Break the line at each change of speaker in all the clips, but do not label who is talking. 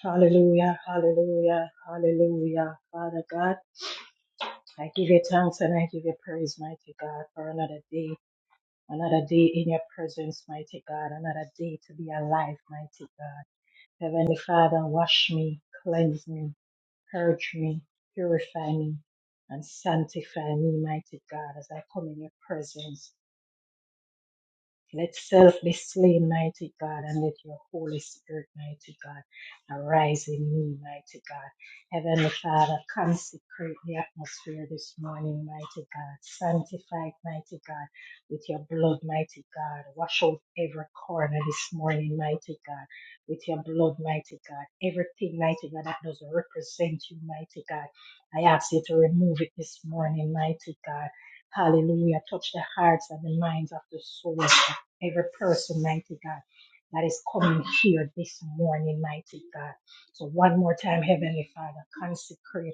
Hallelujah, hallelujah, hallelujah. Father God, I give you thanks and I give you praise, mighty God, for another day, another day in your presence, mighty God, another day to be alive, mighty God. Heavenly Father, wash me, cleanse me, purge me, purify me, and sanctify me, mighty God, as I come in your presence. Let self be slain, mighty God, and let your Holy Spirit, mighty God, arise in me, mighty God. Heavenly Father, consecrate the atmosphere this morning, mighty God. Sanctify, it, mighty God, with your blood, mighty God. Wash out every corner this morning, mighty God, with your blood, mighty God. Everything, mighty God, that doesn't represent you, mighty God. I ask you to remove it this morning, mighty God. Hallelujah. Touch the hearts and the minds of the souls every person, mighty God, that is coming here this morning, mighty God. So one more time, Heavenly Father, consecrate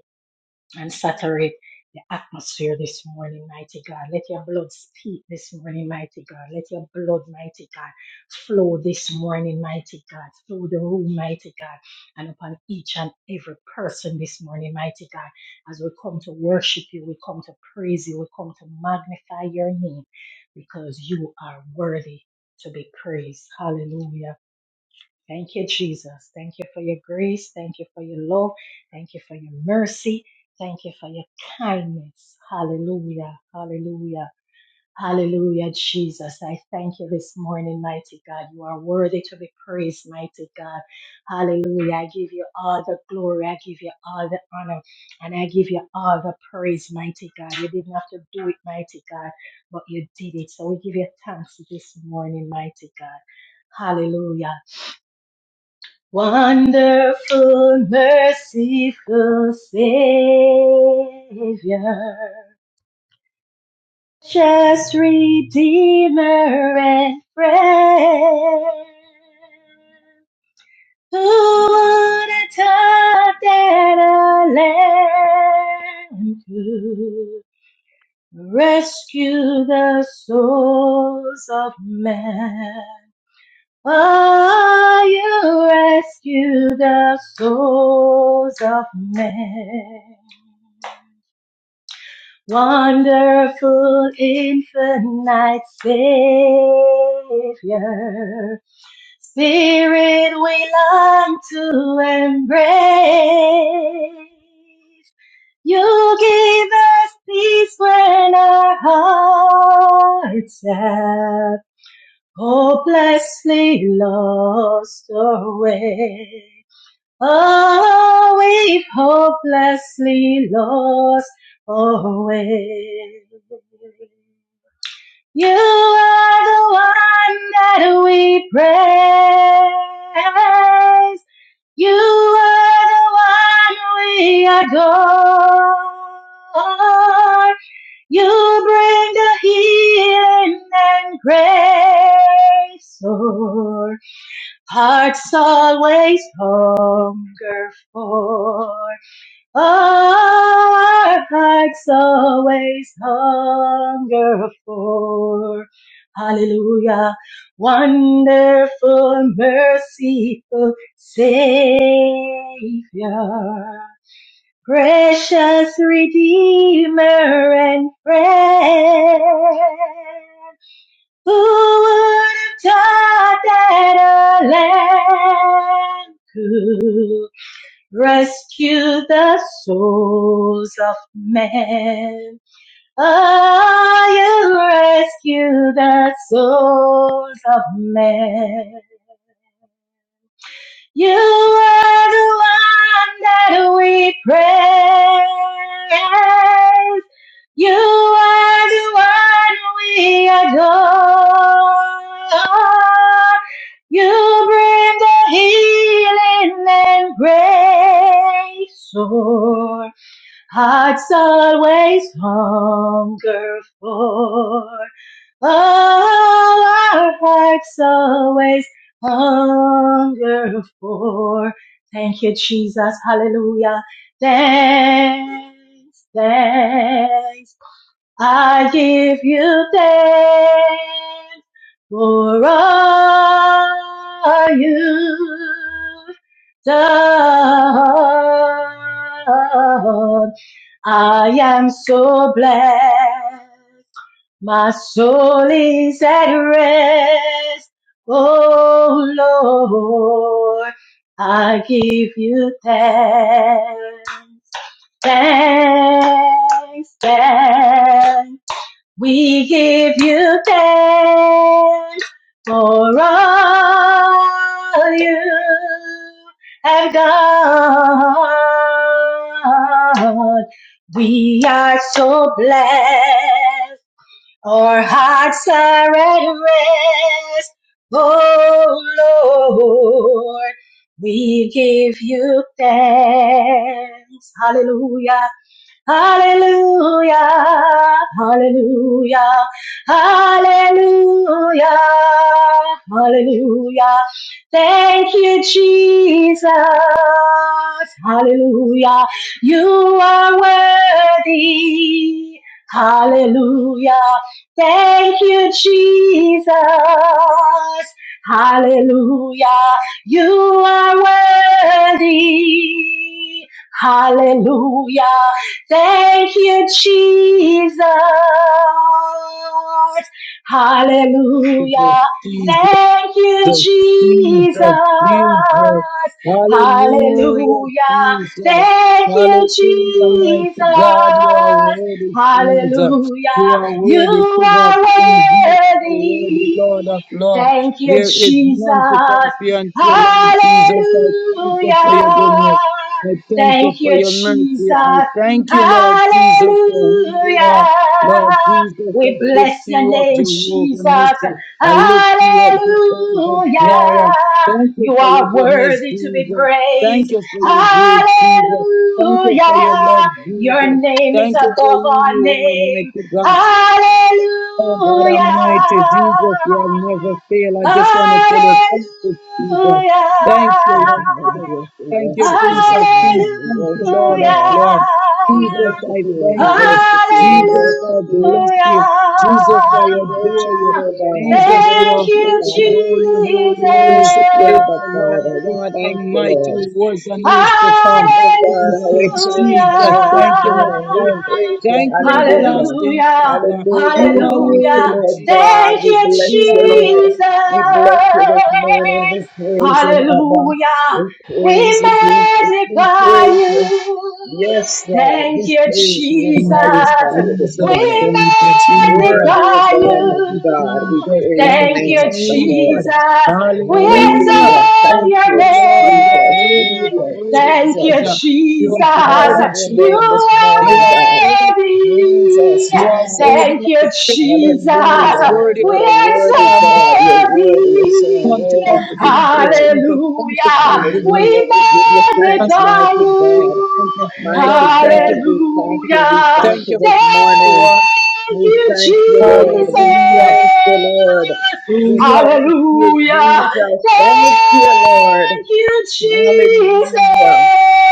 and saturate the atmosphere this morning, mighty God. Let your blood speak this morning, mighty God. Let your blood, mighty God, flow this morning, mighty God, through the room, mighty God, and upon each and every person this morning, mighty God. As we come to worship you, we come to praise you, we come to magnify your name because you are worthy to be praised. Hallelujah. Thank you, Jesus. Thank you for your grace. Thank you for your love. Thank you for your mercy. Thank you for your kindness. Hallelujah. Hallelujah. Hallelujah, Jesus. I thank you this morning, mighty God. You are worthy to be praised, mighty God. Hallelujah. I give you all the glory. I give you all the honor. And I give you all the praise, mighty God. You didn't have to do it, mighty God, but you did it. So we give you thanks this morning, mighty God. Hallelujah. Wonderful, merciful Savior, just Redeemer and friend. Who would have thought that a lamb could rescue the souls of men? Why you rescue the souls of men? Wonderful infinite Savior, Spirit we long to embrace. You give us peace when our hearts have Oh, bless me, lost away. Oh, we've hopelessly lost away. You are the one that we praise. You are the one we adore. You bring the healing and grace, Lord. Hearts always hunger for. Our hearts always hunger for. Hallelujah. Wonderful, merciful Savior. Precious Redeemer and friend, who would have thought that a lamb could rescue the souls of men? Oh, you rescue the souls of men. You are the one that we praise. You are the one we adore. You bring the healing and grace. Our hearts always hunger for. Oh, our hearts always hunger for. Thank you, Jesus. Hallelujah. Thanks, thanks. I give you thanks for all you've done. I am so blessed my soul is at rest, oh Lord. I give you thanks, thanks, thanks. We give you thanks for all you have done. We are so blessed. Our hearts are at rest, oh Lord. We give you thanks. Hallelujah. Hallelujah, hallelujah, hallelujah, hallelujah. Thank you, Jesus. Hallelujah. You are worthy. Hallelujah. Thank you, Jesus. Hallelujah. You are worthy. Hallelujah. Thank you, Jesus.
Jesus,
Hallelujah.
Jesus,
Thank you, Jesus.
Jesus, Jesus. Hallelujah,
Hallelujah.
Jesus.
Thank you,
Hallelujah, mighty
Jesus.
God, you are worthy, Jesus.
Hallelujah.
You are worthy,
You
King of
are
Kings. You are worthy,
worthy.
Lord of Lords.
Thank you,
There is none to
Jesus.
compare unto you, Lord Jesus. I thank you
Hallelujah.
for your goodness. I thank you
Thank
for
you,
your mercy. I
Jesus.
thank you, Lord Jesus,
Hallelujah.
for who you are. Lord Jesus, I
We
lift
bless your
you up,
name,
Jehovah
Jesus.
Nissi. I lift you up,
Hallelujah.
Jehovah Jireh. Thank you
You
for your
are
goodness,
worthy to be
Jesus.
praised.
Thank you for your
Hallelujah.
grace, Jesus. Thank you for your love,
Your
Jesus.
name is
Thank you
above
for who
all
you are,
name.
mighty God. Oh God
Hallelujah.
Almighty, Jesus, you will never fail. I just want to
Hallelujah.
tell you, thank you, Jesus. Thank
Yes,
you, Lord. Jesus.
we
Thank you,
worship you
Prince
Hallelujah.
this
of Peace.
morning. We
Thank you,
worship
Lord
you,
of
Lord.
Lord.
We
Jesus,
worship
I
you.
thank
We
you.
worship you. We
Jesus,
Hallelujah.
worship
I
you.
bless you. Jesus, I
We
adore
worship you,
you.
Lord God. We
Jesus, you
Thank
worship
are
you,
you,
holy,
Father.
holy, holy,
Jesus.
We
holy.
worship you,
Is
Abba
the Lord
Father. We
God
thank you,
Almighty who
Lord.
was and who is to
Hallelujah.
come.
Oh God,
Thank
how
you,
excellent is your
Jesus.
name this
Thank you,
morning. We
Messiah.
praise you.
Thank you,
Hallelujah.
everlasting
Hallelujah.
Father.
Hallelujah.
You
We
are
thank
Hallelujah.
you,
worthy,
Lord
Jesus.
God.
Thank
We
you,
bless
You
you,
are the
Lord.
Jesus.
We bless you this morning. We praise you, Abba.
Hallelujah.
We
We
praise you, Jesus. We
magnify
praise you.
you.
Yes, God,
Thank
we
you,
praise you and
Jesus.
Thank you,
magnify you this
We
Jesus.
morning.
Thank
Worthy is
magnify
the Lamb of
you,
you.
God. We
Jesus. Thank you, Jesus.
praise
Thank
the
Thank
you,
name
you,
of the Lord.
Jesus.
Jesus. We
Hallelujah.
Hallelujah.
exalt
Thank
Thank
your
you,
you,
Lord. You are
Jesus,
worthy. You
name.
are
Jesus,
worthy,
Thank
Jesus.
you,
Jesus. You are
We
Jesus.
worthy,
call on your
Jesus.
You
name this
You
morning,
are
God.
worthy.
are worthy.
Jesus,
You are
Jesus.
worthy,
Thank
Lord.
you,
You are
Jesus.
Hallelujah.
worthy,
We
What a
God,
worthy
I'm
God. You're
exalt
worthy. You're so
come to
thee.
worthy
come
to
to
be
and
praised.
Jesus. Thank you for
Hallelujah.
your goodness.
We
Hallelujah. We give you thanks,
Thank you
magnify
mighty God.
you.
for your grace. Thank you for your love.
Mighty
Hallelujah.
Thank
God,
you for
we thank you. We thank
Thank
you
you for
this
your
morning.
word.
Thank
We
you,
thank you, Lord.
Jesus.
We
Hallelujah.
thank you, Lord. We
Hallelujah.
thank you,
Hallelujah.
Jesus. Thank you, Lord.
Thank you, Jesus.
Hallelujah.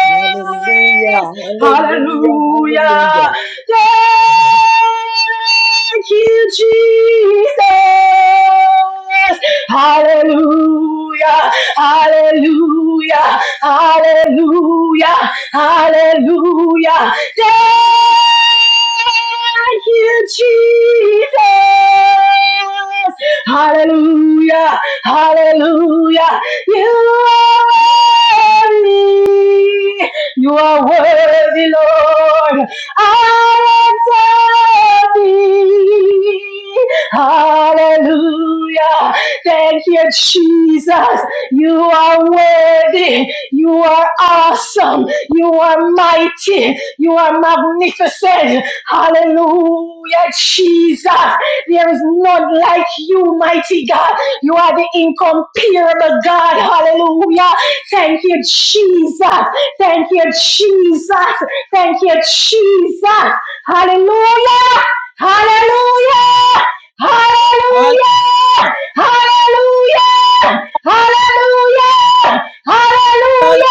Hallelujah. Hallelujah.
Hallelujah.
Hallelujah.
Thank you, Jesus. Hallelujah. Hallelujah. Hallelujah. Hallelujah. Thank you, Jesus. Hallelujah. Hallelujah. You are worthy. You are worthy, Lord. I am worthy. Hallelujah. Thank you, Jesus. You are worthy. You are awesome. You are mighty. You are magnificent. Hallelujah, Jesus. There is none like you, mighty God. You are the incomparable God. Hallelujah. Thank you, Jesus. Thank you, Jesus. Thank you, Jesus. Hallelujah. Hallelujah.
Hallelujah.
Hallelujah. Hallelujah. Hallelujah! Hallelujah!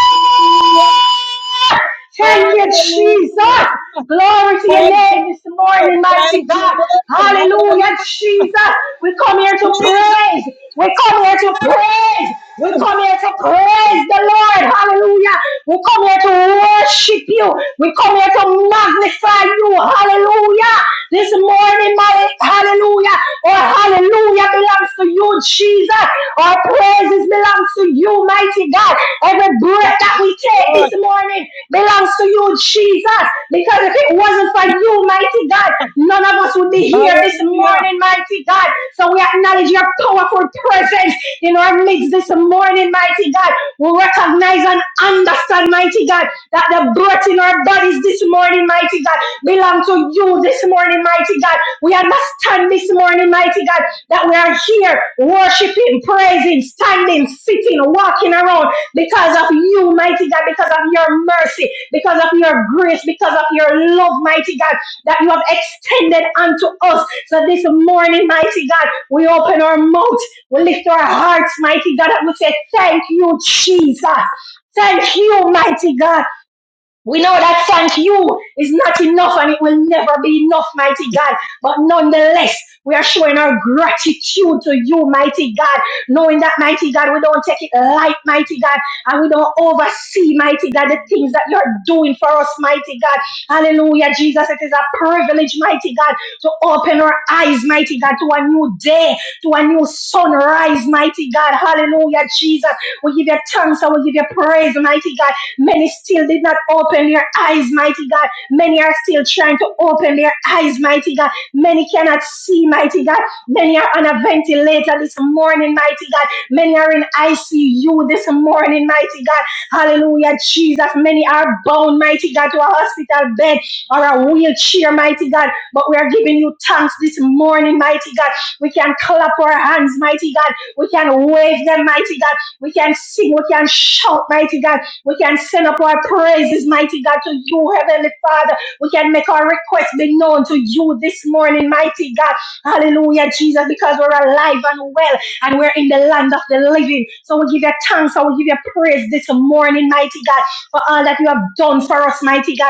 Thank you,
Hallelujah.
Jesus. Glory to your
Thank you,
name this
Lord.
morning, mighty
Thank you,
God.
Lord.
Hallelujah,
Hallelujah.
Jesus. We come here to
Jesus.
praise. We come here to praise. We come here to praise the Lord. Hallelujah. We come here to worship you. We come here to magnify you. Hallelujah. This morning, my hallelujah or hallelujah belongs to you, Jesus. Our praise blessings belongs to you, mighty God. Every breath that we take
Lord.
this morning belongs to you, Jesus. Because if it wasn't for you, mighty God, none of us would be here this
Hallelujah.
morning, mighty God. So we acknowledge your powerful presence in our midst this morning, mighty God. We recognize and understand, mighty God, that the breath in our bodies this morning, mighty God belong to you this morning, mighty God. We understand this morning, mighty God, that we are here worshiping, praising, standing, sitting, walking around because of you, mighty God, because of your mercy, because of your grace, because of your love, mighty God, that you have extended unto us. So this morning, mighty God, we open our mouth, we lift our hearts, mighty God, and we say, Thank you, Jesus. Thank you, mighty God. We know that thank you is not enough and it will never be enough, mighty God. But nonetheless, we are showing our gratitude to you, mighty God, knowing that, mighty God, we don't take it light, mighty God, and we don't oversee, mighty God, the things that you're doing for us, mighty God. Hallelujah, Jesus. It is a privilege, mighty God, to open our eyes, mighty God, to a new day, to a new sunrise, mighty God. Hallelujah, Jesus. We give you thanks and we give you praise, mighty God. Many still did not open their eyes, mighty God. Many are still trying to open their eyes, mighty God. Many cannot see, mighty God. Many are on a ventilator this morning, mighty God. Many are in ICU this morning, mighty God. Hallelujah, Jesus. Many are bound, mighty God, to a hospital bed or a wheelchair, mighty God. But we are giving you thanks this morning, mighty God. We can clap our hands, mighty God. We can wave them, mighty God. We can sing, we can shout, mighty God we can send up our praises, mighty God, to you, Heavenly Father. We can make our request be known to you this morning, mighty God. Hallelujah, Jesus, because we're alive and well and we're in the land of the living. So we give you thanks. I will give you praise this morning, mighty God, for all that you have done for us, mighty God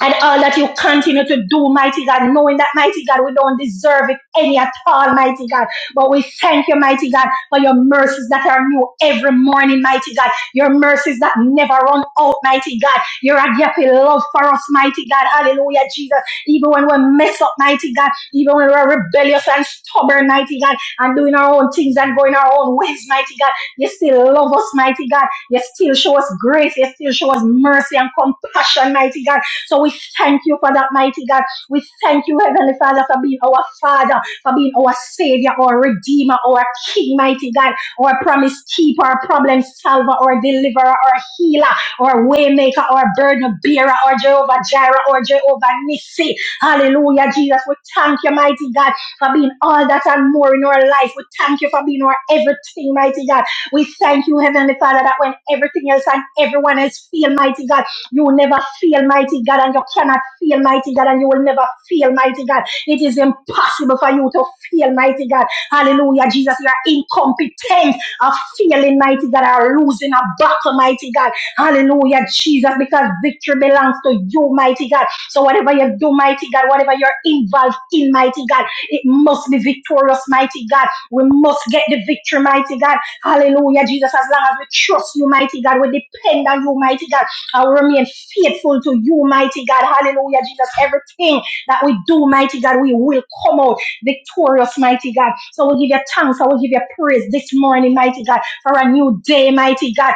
and all that you continue to do, mighty God, knowing that, mighty God, we don't deserve it any at all, mighty God. But we thank you, mighty God, for your mercies that are new every morning, mighty God. Your mercies that never run out, mighty God. Your agape love for us, mighty God. Hallelujah, Jesus. Even when we mess up, mighty God, even when we're rebellious and stubborn, mighty God, and doing our own things and going our own ways, mighty God, you still love us, mighty God. You still show us grace. You still show us mercy and compassion, mighty God so we thank you for that, mighty God. We thank you, Heavenly Father, for being our Father, for being our Savior, our Redeemer, our King, mighty God, our promise keeper, our problem solver, our deliverer, our healer, our waymaker, our burden bearer, our Jehovah Jireh, or Jehovah Nissi. Hallelujah, Jesus. We thank you, mighty God, for being all that and more in our life. We thank you for being our everything, mighty God. We thank you, Heavenly Father, that when everything else and everyone else feel, mighty God, you will never fail, mighty God, and you cannot fail, mighty God, and you will never fail, mighty God. It is impossible for you to fail, mighty God. Hallelujah, Jesus. You are incompetent of failing, mighty God, or losing a battle, mighty God. Hallelujah, Jesus, because victory belongs to you, mighty God. So whatever you do, mighty God, whatever you're involved in, mighty God, it must be victorious, mighty God. We must get the victory, mighty God. Hallelujah, Jesus. As long as we trust you, mighty God, we depend on you, mighty God. I will remain faithful to you, mighty God. Hallelujah, Jesus. Everything that we do, mighty God, we will come out victorious, mighty God. So we give you thanks. I will give you praise this morning, mighty God, for a new day, mighty God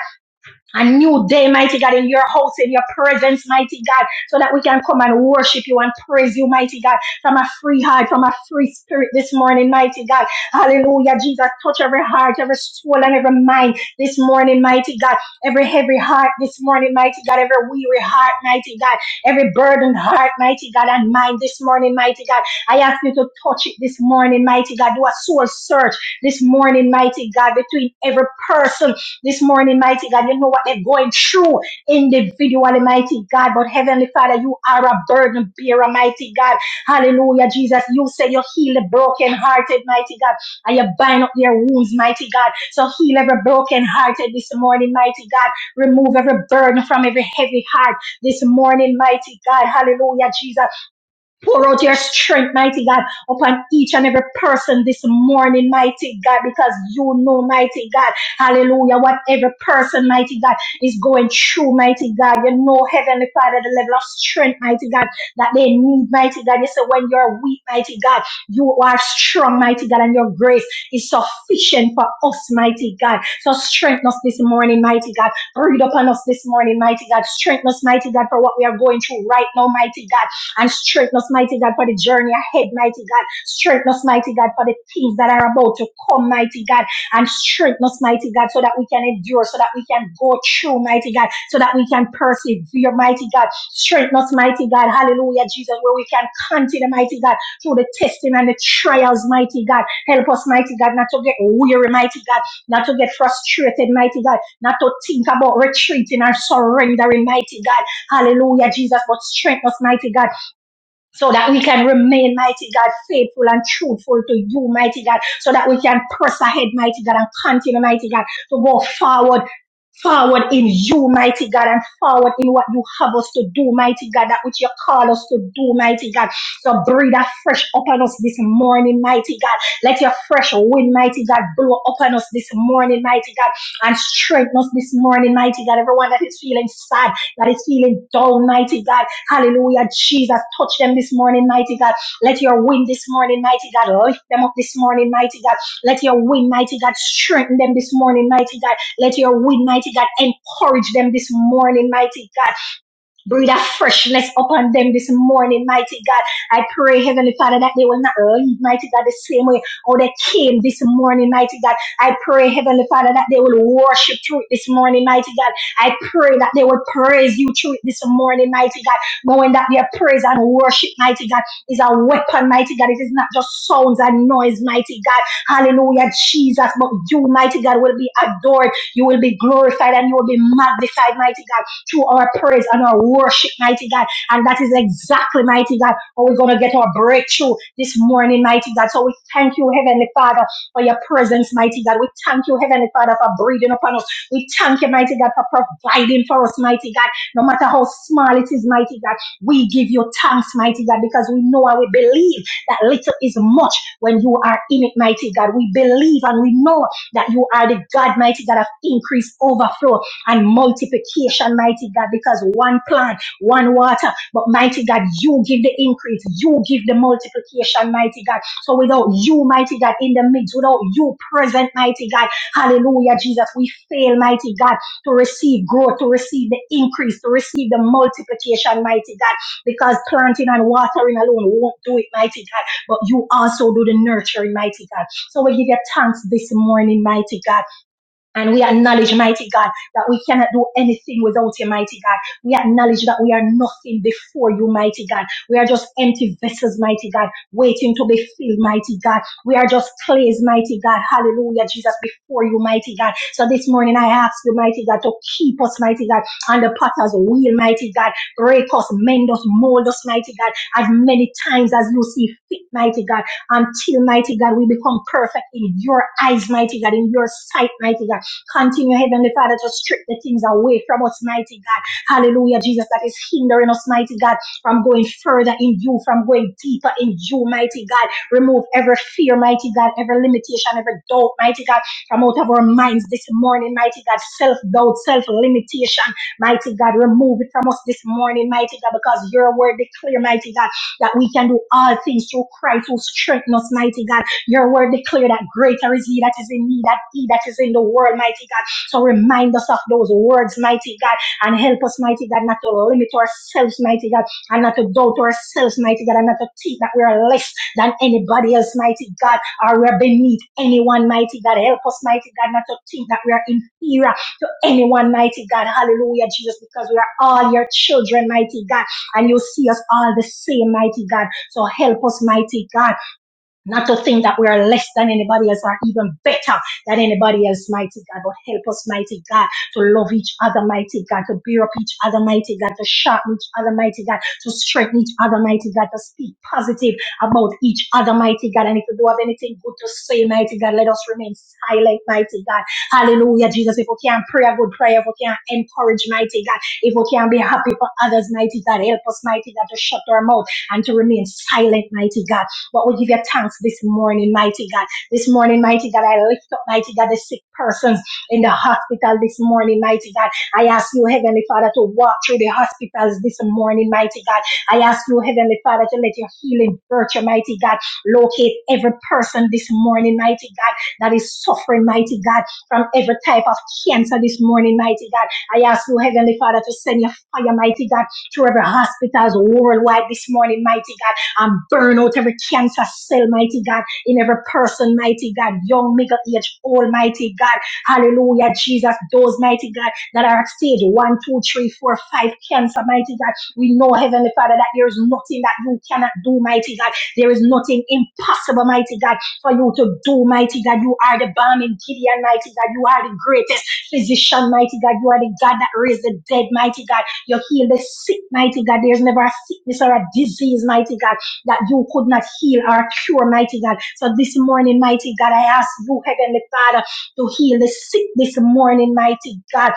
a new day, mighty God, in your house, in your presence, mighty God, so that we can come and worship you and praise you, mighty God, from a free heart, from a free spirit this morning, mighty God. Hallelujah, Jesus, touch every heart, every soul, and every mind this morning, mighty God. Every heavy heart this morning, mighty God, every weary heart, mighty God, every burdened heart, mighty God, and mind this morning, mighty God. I ask you to touch it this morning, mighty God. Do a soul search this morning, mighty God, between every person this morning, mighty God. You know what they're going through individually, mighty God. But Heavenly Father, you are a burden bearer, mighty God. Hallelujah, Jesus. You say you heal the brokenhearted, mighty God, and you bind up their wounds, mighty God. So heal every brokenhearted this morning, mighty God. Remove every burden from every heavy heart this morning, mighty God. Hallelujah, Jesus. Pour out your strength, mighty God, upon each and every person this morning, mighty God, because you know, mighty God, hallelujah, what every person, mighty God, is going through, mighty God. You know, Heavenly Father, the level of strength, mighty God, that they need, mighty God. You say, when you're weak, mighty God, you are strong, mighty God, and your grace is sufficient for us, mighty God. So strengthen us this morning, mighty God. Breathe upon us this morning, mighty God. Strengthen us, mighty God, for what we are going through right now, mighty God and strengthen us, mighty God, for the journey ahead, mighty God. Strengthen us, mighty God, for the things that are about to come, mighty God, and strengthen us, mighty God, so that we can endure, so that we can go through, mighty God, so that we can persevere, mighty God. Strengthen us, mighty God, hallelujah, Jesus, where we can continue, mighty God, through the testing and the trials, mighty God. Help us, mighty God, not to get weary, mighty God, not to get frustrated, mighty God, not to think about retreating or surrendering, mighty God. Hallelujah, Jesus, but strengthen us, mighty God so that we can remain, mighty God, faithful and truthful to you, mighty God, so that we can press ahead, mighty God, and continue, mighty God, to go forward. Forward in you, mighty God, and forward in what you have us to do, mighty God, that which you call us to do, mighty God. So breathe a fresh upon us this morning, mighty God. Let your fresh wind, mighty God, blow upon us this morning, mighty God, and strengthen us this morning, mighty God. Everyone that is feeling sad that is feeling dull, mighty God. Hallelujah. Jesus, touch them this morning, mighty God. Let your wind this morning, mighty God. Lift them up this morning, mighty God. Let your wind, mighty God, strengthen them this morning, mighty God. Let your wind, mighty God, encourage them this morning, mighty God. Breathe a freshness upon them this morning, mighty God. I pray, Heavenly Father, that they will not leave, mighty God, the same way how they came this morning, mighty God. I pray, Heavenly Father, that they will worship through it this morning, mighty God. I pray that they will praise you through it this morning, mighty God. Knowing that their praise and worship, mighty God, is a weapon, mighty God. It is not just sounds and noise, mighty God. Hallelujah, Jesus. But you, mighty God, will be adored. You will be glorified and you will be magnified, mighty God through our praise and our worship, mighty God. And that is exactly, mighty God, how we're going to get our breakthrough this morning, mighty God. So we thank you, Heavenly Father, for your presence, mighty God. We thank you, Heavenly Father, for breathing upon us. We thank you, mighty God, for providing for us, mighty God. No matter how small it is, mighty God, we give you thanks, mighty God, because we know and we believe that little is much when you are in it, mighty God. We believe and we know that you are the God, mighty God, of increase, overflow and multiplication, mighty God, because one plant, one water, but mighty God, you give the increase, you give the multiplication, mighty God. So without you, mighty God, in the midst, without you present, mighty God, hallelujah, Jesus, we fail, mighty God, to receive growth, to receive the increase, to receive the multiplication, mighty God, because planting and watering alone won't do it, mighty God, but you also do the nurturing, mighty God. So we give you thanks this morning, mighty God. And we acknowledge, mighty God, that we cannot do anything without you, mighty God. We acknowledge that we are nothing before you, mighty God. We are just empty vessels, mighty God, waiting to be filled, mighty God. We are just clays, mighty God. Hallelujah, Jesus, before you, mighty God. So this morning I ask you, mighty God, to keep us, mighty God, on the potter's wheel, mighty God. Break us, mend us, mold us, mighty God, as many times as you see fit, mighty God until mighty God we become perfect in your eyes, mighty God, in your sight, mighty God. Continue, Heavenly Father, to strip the things away from us, mighty God. Hallelujah, Jesus, that is hindering us, mighty God, from going further in you, from going deeper in you, mighty God. Remove every fear, mighty God, every limitation, every doubt, mighty God, from out of our minds this morning, mighty God. Self doubt, self limitation, mighty God, remove it from us this morning, mighty God, because your word declare, mighty God, that we can do all things through Christ who strengthens us, mighty God. Your word declare that greater is he that is in me, that he that is in the world, mighty God. So remind us of those words, mighty God, and help us, mighty God, not to limit ourselves, mighty God, and not to doubt ourselves, mighty God, and not to think that we are less than anybody else, mighty God, or we're beneath anyone, mighty God. Help us, mighty God, not to think that we are inferior to anyone, mighty God. Hallelujah, Jesus, because we are all your children, mighty God, and you see us all the same, mighty God. So help us, mighty God not to think that we are less than anybody else or even better than anybody else, mighty God. But help us, mighty God, to love each other, mighty God, to bear up each other, mighty God, to sharpen each other, mighty God, to strengthen each other, mighty God, to speak positive about each other, mighty God. And if you do have anything good to say, mighty God, let us remain silent, mighty God. Hallelujah, Jesus. If we can pray a good prayer, if we can encourage, mighty God, if we can be happy for others, mighty God, help us, mighty God, to shut our mouth and to remain silent, mighty God but we give you thanks this morning, mighty God. This morning, mighty God, I lift up, mighty God, the sick persons in the hospital this morning, mighty God. I ask you, Heavenly Father, to walk through the hospitals this morning, mighty God. I ask you, Heavenly Father, to let your healing virtue, mighty God, locate every person this morning, mighty God, that is suffering, mighty God, from every type of cancer this morning, mighty God. I ask you, Heavenly Father, to send your fire, mighty God, to every hospitals worldwide this morning, mighty God and burn out every cancer cell, mighty God, in every person, mighty God, young, middle age, old, mighty God. Hallelujah, Jesus, those mighty God that are at stage one, two, three, four, five cancer, mighty God. We know, Heavenly Father, that there is nothing that you cannot do, mighty God. There is nothing impossible, mighty God, for you to do, mighty God. You are the balm in Gideon, mighty God. You are the greatest physician, mighty God. You are the God that raised the dead, mighty God. You heal the sick, mighty God. There's never a sickness or a disease, mighty God that you could not heal or cure, mighty God. So this morning, mighty God, I ask you, Heavenly Father, to heal the sick this morning, mighty God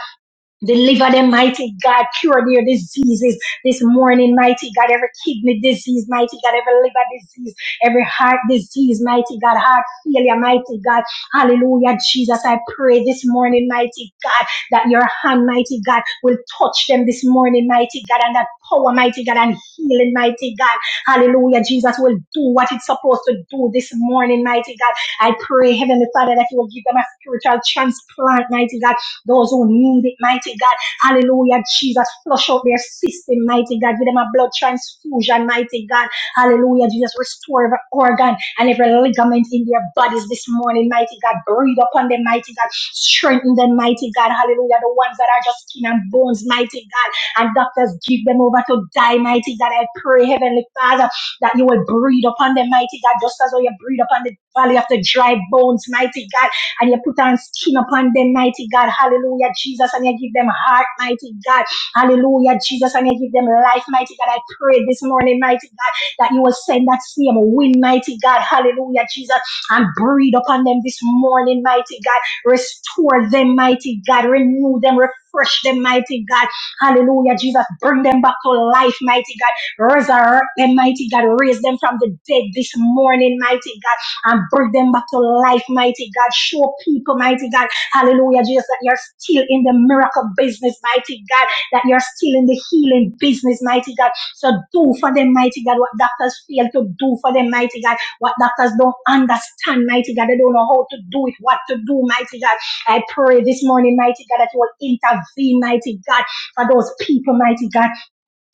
Deliver them, mighty God. Cure their diseases this morning, mighty God. Every kidney disease, mighty God. Every liver disease, every heart disease, mighty God. Heart failure, mighty God. Hallelujah, Jesus. I pray this morning, mighty God, that your hand, mighty God, will touch them this morning, mighty God, and that power, mighty God, and healing, mighty God. Hallelujah, Jesus will do what it's supposed to do this morning, mighty God. I pray, Heavenly Father, that you will give them a spiritual transplant, mighty God those who need it, mighty God. Hallelujah, Jesus. Flush out their system, mighty God. Give them a blood transfusion, mighty God. Hallelujah, Jesus. Restore every organ and every ligament in their bodies this morning, mighty God. Breathe upon them, mighty God. Strengthen them, mighty God. Hallelujah. The ones that are just skin and bones, mighty God. And doctors give them over to die, mighty God. I pray, Heavenly Father, that you will breathe upon them, mighty God, just as how you breathe upon the valley of the dry bones, mighty God and you put on skin upon them, mighty God. Hallelujah, Jesus. And you give them heart, mighty God. Hallelujah, Jesus. And you give them life, mighty God. I pray this morning, mighty God, that you will send that same wind, mighty God. Hallelujah, Jesus. And breathe upon them this morning, mighty God. Restore them, mighty God. Renew them, refresh them, mighty God. Hallelujah, Jesus. Bring them back to life, mighty God. Resurrect them, mighty God. Raise them from the dead this morning, mighty God and bring them back to life, mighty God. Show people, mighty God, hallelujah, Jesus, that you're still in the miracle business, mighty God, that you're still in the healing business, mighty God. So do for them, mighty God, what doctors fail to do for them, mighty God, what doctors don't understand, mighty God. They don't know how to do it, what to do, mighty God. I pray this morning, mighty God, that you will intervene, mighty God, for those people, mighty God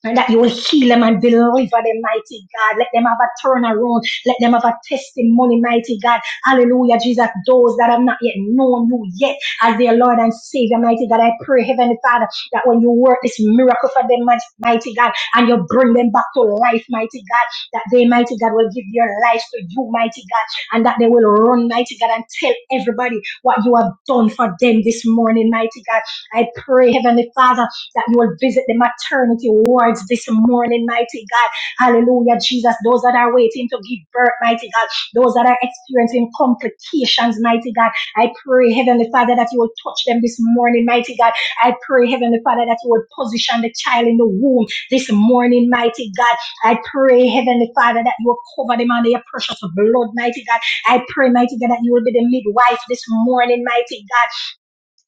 and that you will heal them and deliver them, mighty God. Let them have a turnaround. Let them have a testimony, mighty God. Hallelujah, Jesus. Those that have not yet known you yet as their Lord and Savior, mighty God. I pray, Heavenly Father, that when you work this miracle for them, mighty God, and you bring them back to life, mighty God, that they, mighty God, will give their lives to you, mighty God, and that they will run, mighty God, and tell everybody what you have done for them this morning, mighty God. I pray, Heavenly Father that you will visit the maternity wards this morning, mighty God. Hallelujah, Jesus. Those that are waiting to give birth, mighty God. Those that are experiencing complications, mighty God. I pray, Heavenly Father, that you will touch them this morning, mighty God. I pray, Heavenly Father, that you will position the child in the womb this morning, mighty God. I pray, Heavenly Father, that you will cover them under your precious blood, mighty God. I pray, mighty God, that you will be the midwife this morning, mighty God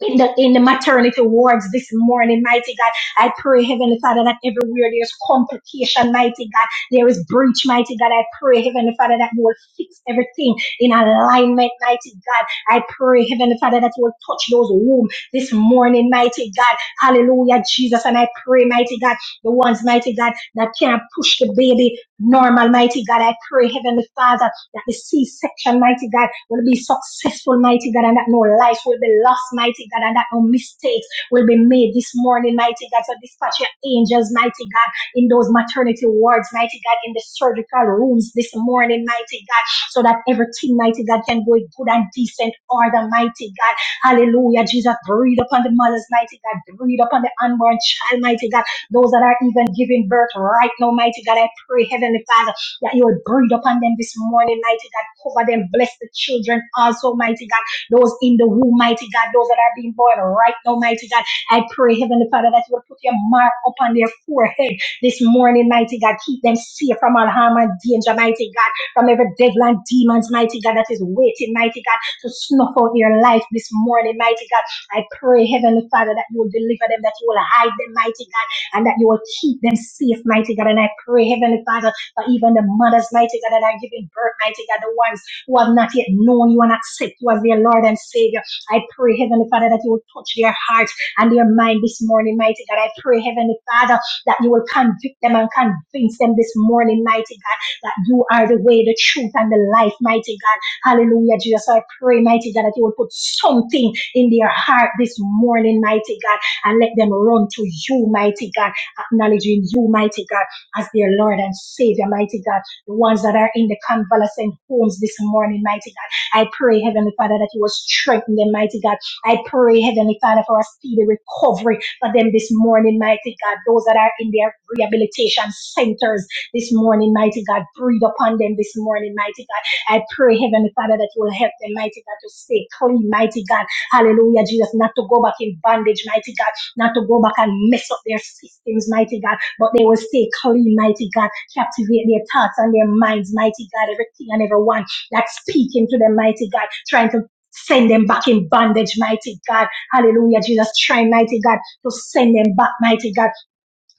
in the in the maternity wards this morning, mighty God. I pray, Heavenly Father, that everywhere there's complication, mighty God, there is breach, mighty God. I pray, Heavenly Father, that you will fix everything in alignment, mighty God. I pray, Heavenly Father, that you will touch those womb this morning, mighty God. Hallelujah, Jesus. And I pray, mighty God, the ones, mighty God, that can't push the baby normal, mighty God. I pray, Heavenly Father that the C-section, mighty God, will be successful, mighty God, and that no life will be lost, mighty God, and that no mistakes will be made this morning, mighty God. So dispatch your angels, mighty God, in those maternity wards, mighty God, in the surgical rooms this morning, mighty God, so that everything, mighty God, can go in good and decent order, mighty God. Hallelujah. Jesus, breathe upon the mothers, mighty God. Breathe upon the unborn child, mighty God. Those that are even giving birth right now, mighty God. I pray, Heavenly Father that you would breathe upon them this morning, mighty God. Cover them, bless the children also, mighty God. Those in the womb, mighty God, those that are being born right now, mighty God. I pray, Heavenly Father, that you would put your mark upon their forehead this morning, mighty God. Keep them safe from all harm and danger, mighty God. From every devil and demons, mighty God, that is waiting, mighty God, to snuff out their life this morning, mighty God. I pray, Heavenly Father, that you will deliver them, that you will hide them, mighty God, and that you will keep them safe, mighty God. And I pray, Heavenly Father, but even the mothers, mighty God, that are giving birth, mighty God, the ones who have not yet known you and accept you as their Lord and Savior. I pray, Heavenly Father, that you will touch their heart and their mind this morning, mighty God. I pray, Heavenly Father, that you will convict them and convince them this morning, mighty God, that you are the way, the truth, and the life, mighty God. Hallelujah, Jesus. I pray, mighty God, that you will put something in their heart this morning, mighty God, and let them run to you, mighty God, acknowledging you, mighty God as their Lord and Savior, mighty God. The ones that are in the convalescent homes this morning, mighty God. I pray, Heavenly Father, that you will strengthen them, mighty God. I pray, Heavenly Father, for a speedy recovery for them this morning, mighty God. Those that are in their rehabilitation centers this morning, mighty God. Breathe upon them this morning, mighty God. I pray, Heavenly Father, that you will help them, mighty God, to stay clean, mighty God. Hallelujah, Jesus, not to go back in bondage, mighty God, not to go back and mess up their systems, mighty God. But they will stay clean, mighty God. Captivate their thoughts and their minds, mighty God. Everything and everyone that's speaking to them, mighty God, trying to send them back in bondage, mighty God. Hallelujah, Jesus. Try, mighty God, to send them back, mighty God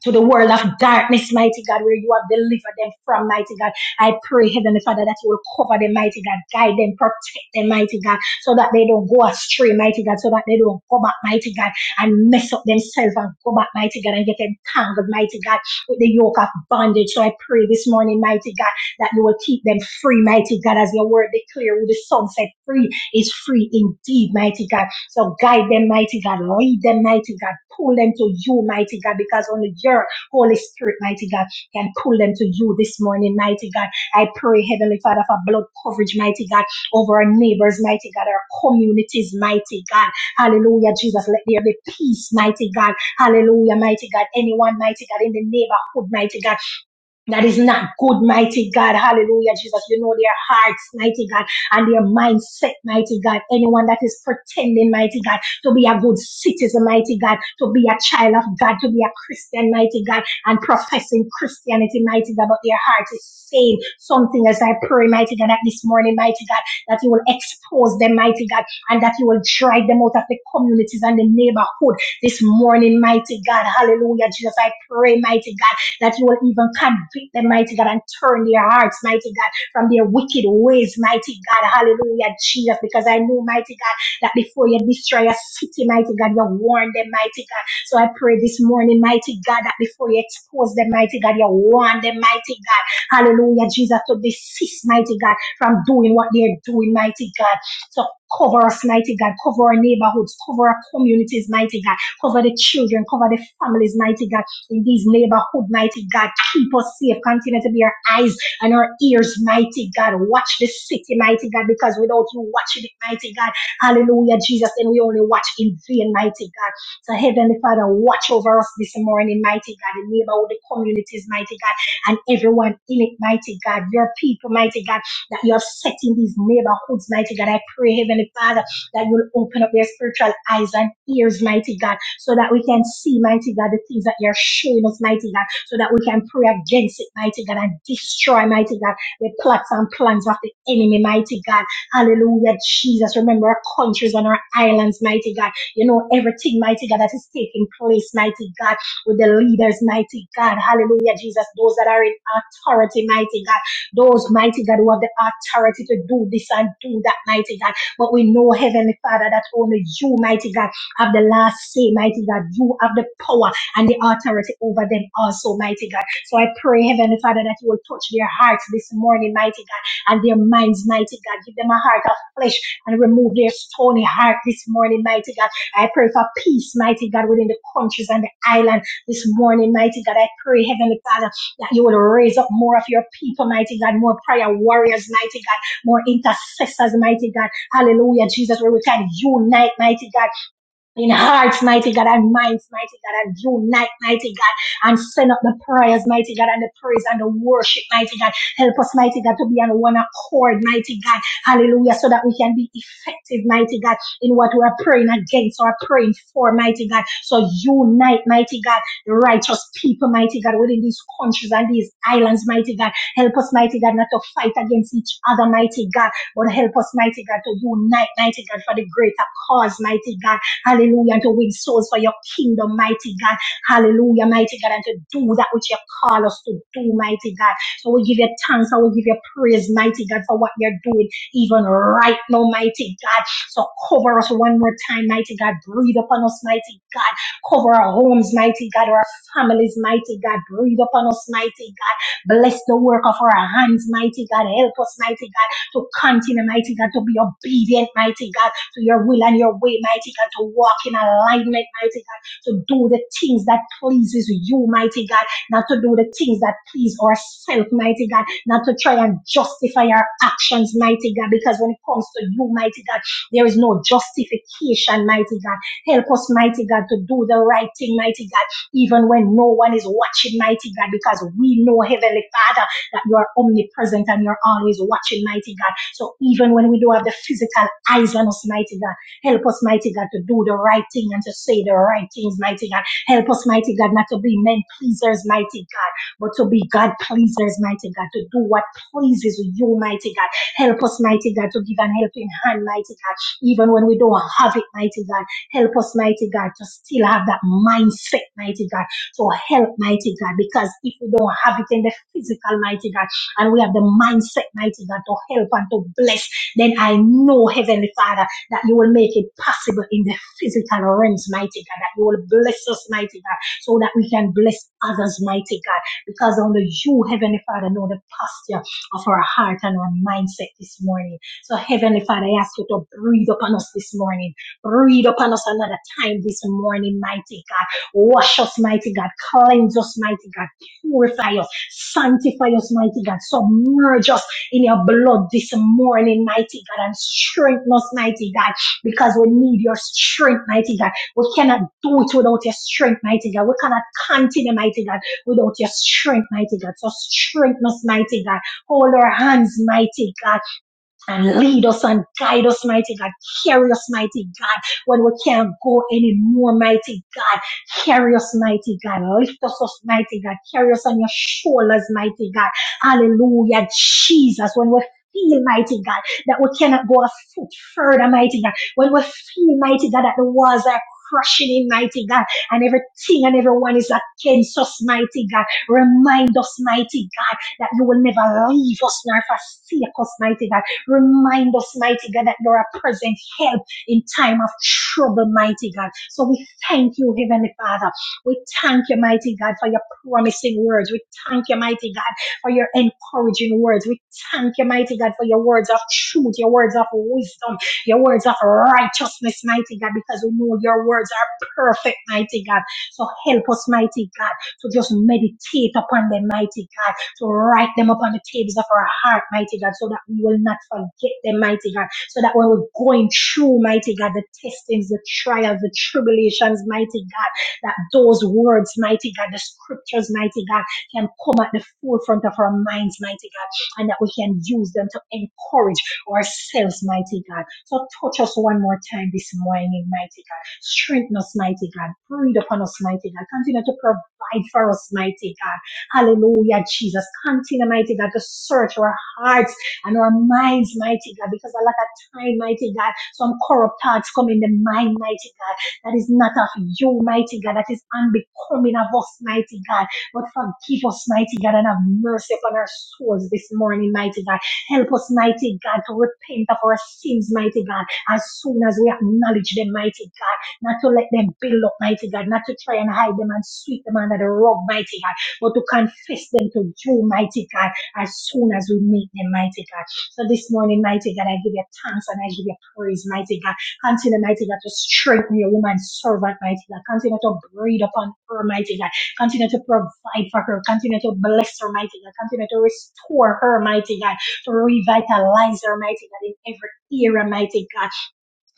to the world of darkness, mighty God, where you have delivered them from, mighty God. I pray, Heavenly Father, that you will cover them, mighty God, guide them, protect them, mighty God, so that they don't go astray, mighty God, so that they don't go back, mighty God, and mess up themselves and go back, mighty God, and get entangled, mighty God, with the yoke of bondage. So I pray this morning, mighty God, that you will keep them free, mighty God, as your word declares. who the sun set free is free indeed, mighty God. So guide them, mighty God. Lead them, mighty God. Pull them to you, mighty God, because only your Holy Spirit, mighty God, can pull them to you this morning, mighty God. I pray, Heavenly Father, for blood coverage, mighty God, over our neighbors, mighty God, our communities, mighty God. Hallelujah, Jesus. Let there be peace, mighty God. Hallelujah, mighty God. Anyone, mighty God, in the neighborhood, mighty God that is not good, mighty God. Hallelujah, Jesus. You know their hearts, mighty God, and their mindset, mighty God. Anyone that is pretending, mighty God, to be a good citizen, mighty God, to be a child of God, to be a Christian, mighty God, and professing Christianity, mighty God, but their heart is saying something as I pray, mighty God, that this morning, mighty God, that you will expose them, mighty God, and that you will drive them out of the communities and the neighborhood this morning, mighty God. Hallelujah, Jesus. I pray, mighty God that you will even convict them, mighty God, and turn their hearts, mighty God, from their wicked ways, mighty God. Hallelujah, Jesus, because I know, mighty God, that before you destroy a city, mighty God, you warn them, mighty God. So I pray this morning, mighty God, that before you expose them, mighty God, you warn them, mighty God. Hallelujah, Jesus, to desist, mighty God, from doing what they're doing, mighty God. So cover us, mighty God. Cover our neighborhoods, cover our communities, mighty God. Cover the children, cover the families, mighty God in these neighborhood, mighty God. Keep us safe. Continue to be our eyes and our ears, mighty God. Watch the city, mighty God, because without you watching it, mighty God, hallelujah, Jesus, and we only watch in vain, mighty God. So, Heavenly Father, watch over us this morning, mighty God, the neighborhood, the communities, mighty God, and everyone in it, mighty God, your people, mighty God, that you have set in these neighborhoods, mighty God. I pray, Heavenly Father that you'll open up their spiritual eyes and ears, mighty God, so that we can see, mighty God, the things that you're showing us, mighty God, so that we can pray against it, mighty God, and destroy, mighty God, the plots and plans of the enemy, mighty God. Hallelujah, Jesus. Remember our countries and our islands, mighty God. You know everything, mighty God, that is taking place, mighty God, with the leaders, mighty God. Hallelujah, Jesus. Those that are in authority, mighty God. Those, mighty God, who have the authority to do this and do that, mighty God. But we know, Heavenly Father, that only you, mighty God, have the last say, mighty God. You have the power and the authority over them also, mighty God. So I pray, Heavenly Father, that you will touch their hearts this morning, mighty God, and their minds, mighty God. Give them a heart of flesh and remove their stony heart this morning, mighty God. I pray for peace, mighty God, within the countries and the island this morning, mighty God. I pray, Heavenly Father, that you will raise up more of your people, mighty God, more prayer warriors, mighty God, more intercessors, mighty God Hallelujah, Jesus, where we can unite, mighty God, in hearts, mighty God, and minds, mighty God, and unite, mighty God, and send up the prayers, mighty God, and the praise and the worship, mighty God. Help us, mighty God, to be on one accord, mighty God. Hallelujah, so that we can be effective, mighty God, in what we are praying against or praying for, mighty God. So unite, mighty God, the righteous people, mighty God, within these countries and these islands, mighty God. Help us, mighty God, not to fight against each other, mighty God, but help us, mighty God, to unite, mighty God, for the greater cause, mighty God. Hallelujah. And to win souls for your kingdom, mighty God. Hallelujah, mighty God. And to do that which you call us to do, mighty God. So we give you thanks. I will give you praise, mighty God, for what you're doing, even right now, mighty God. So cover us one more time, mighty God. Breathe upon us, mighty God. Cover our homes, mighty God, our families, mighty God. Breathe upon us, mighty God. Bless the work of our hands, mighty God. Help us, mighty God, to continue, mighty God, to be obedient, mighty God to your will and your way, mighty God, to walk in alignment, mighty God, to do the things that pleases you, mighty God, not to do the things that please ourselves, mighty God, not to try and justify our actions, mighty God, because when it comes to you, mighty God, there is no justification, mighty God. Help us, mighty God, to do the right thing, mighty God, even when no one is watching, mighty God, because we know, Heavenly Father that you are omnipresent and you're always watching, mighty God. So even when we do have the physical eyes on us, mighty God, help us, mighty God, to do the right thing and to say the right things, mighty God. Help us, mighty God, not to be men pleasers, mighty God, but to be God pleasers, mighty God, to do what pleases you, mighty God. Help us, mighty God, to give an helping hand, mighty God, even when we don't have it, mighty God. Help us, mighty God, to still have that mindset, mighty God so help, mighty God, because if we don't have it in the physical, mighty God, and we have the mindset, mighty God, to help and to bless, then I know, Heavenly Father, that you will make it possible in the physical realms, mighty God, that you will bless us, mighty God, so that we can bless others, mighty God, because only you, Heavenly Father, know the posture of our heart and our mindset this morning. So, Heavenly Father, I ask you to breathe upon us this morning. Breathe upon us another time this morning, mighty God. Wash us, mighty God. Cleanse us, mighty God. Purify us. Sanctify us, mighty God. Submerge us in your blood this morning, mighty God. And strengthen us, mighty God. Because we need your strength, mighty God. We cannot do it without your strength, mighty God. We cannot continue, mighty God, without your strength, mighty God. So strengthen us, mighty God. Hold our hands, mighty God and lead us and guide us, mighty God. Carry us, mighty God, when we can't go anymore, mighty God. Carry us, mighty God. Lift us up, mighty God. Carry us on your shoulders, mighty God. Hallelujah, Jesus. When we feel, mighty God, that we cannot go a foot further, mighty God. When we feel, mighty God, that the walls are crushing in, mighty God, and everything and everyone is against us, mighty God. Remind us, mighty God that you will never leave us nor forsake us, mighty God. Remind us, mighty God, that you're a present help in time of trouble, mighty God. So we thank you, Heavenly Father. We thank you, mighty God, for your promising words. We thank you, mighty God, for your encouraging words. We thank you, mighty God, for your words of truth, your words of wisdom, your words of righteousness, mighty God, because we know your words are perfect, mighty God. So help us, mighty God, to just meditate upon them, mighty God to write them upon the tables of our heart, mighty God, so that we will not forget them, mighty God, so that when we're going through, mighty God, the testings, the trials, the tribulations, mighty God, that those words, mighty God, the scriptures, mighty God, can come at the forefront of our minds, mighty God, and that we can use them to encourage ourselves, mighty God. So touch us one more time this morning, mighty God. Strengthen us, mighty God. Breathe upon us, mighty God. Continue to provide for us, mighty God. Hallelujah, Jesus. Continue, mighty God, to search our hearts and our minds, mighty God, because a lot of time, mighty God, some corrupt thoughts come in the mind, mighty God, that is not of you, mighty God, that is unbecoming of us, mighty God. But forgive us, mighty God, and have mercy upon our souls this morning, mighty God. Help us, mighty God, to repent of our sins, mighty God, as soon as we acknowledge them, mighty God, not to let them build up, mighty God, not to try and hide them and sweep them under the rug, mighty God but to confess them to you, mighty God, as soon as we meet them, mighty God. So this morning, mighty God, I give you thanks and I give you praise, mighty God. Continue, mighty God, to strengthen your woman servant, mighty God. Continue to breathe upon her, mighty God. Continue to provide for her. Continue to bless her, mighty God. Continue to restore her, mighty God. To revitalize her, mighty God, in every era, mighty God.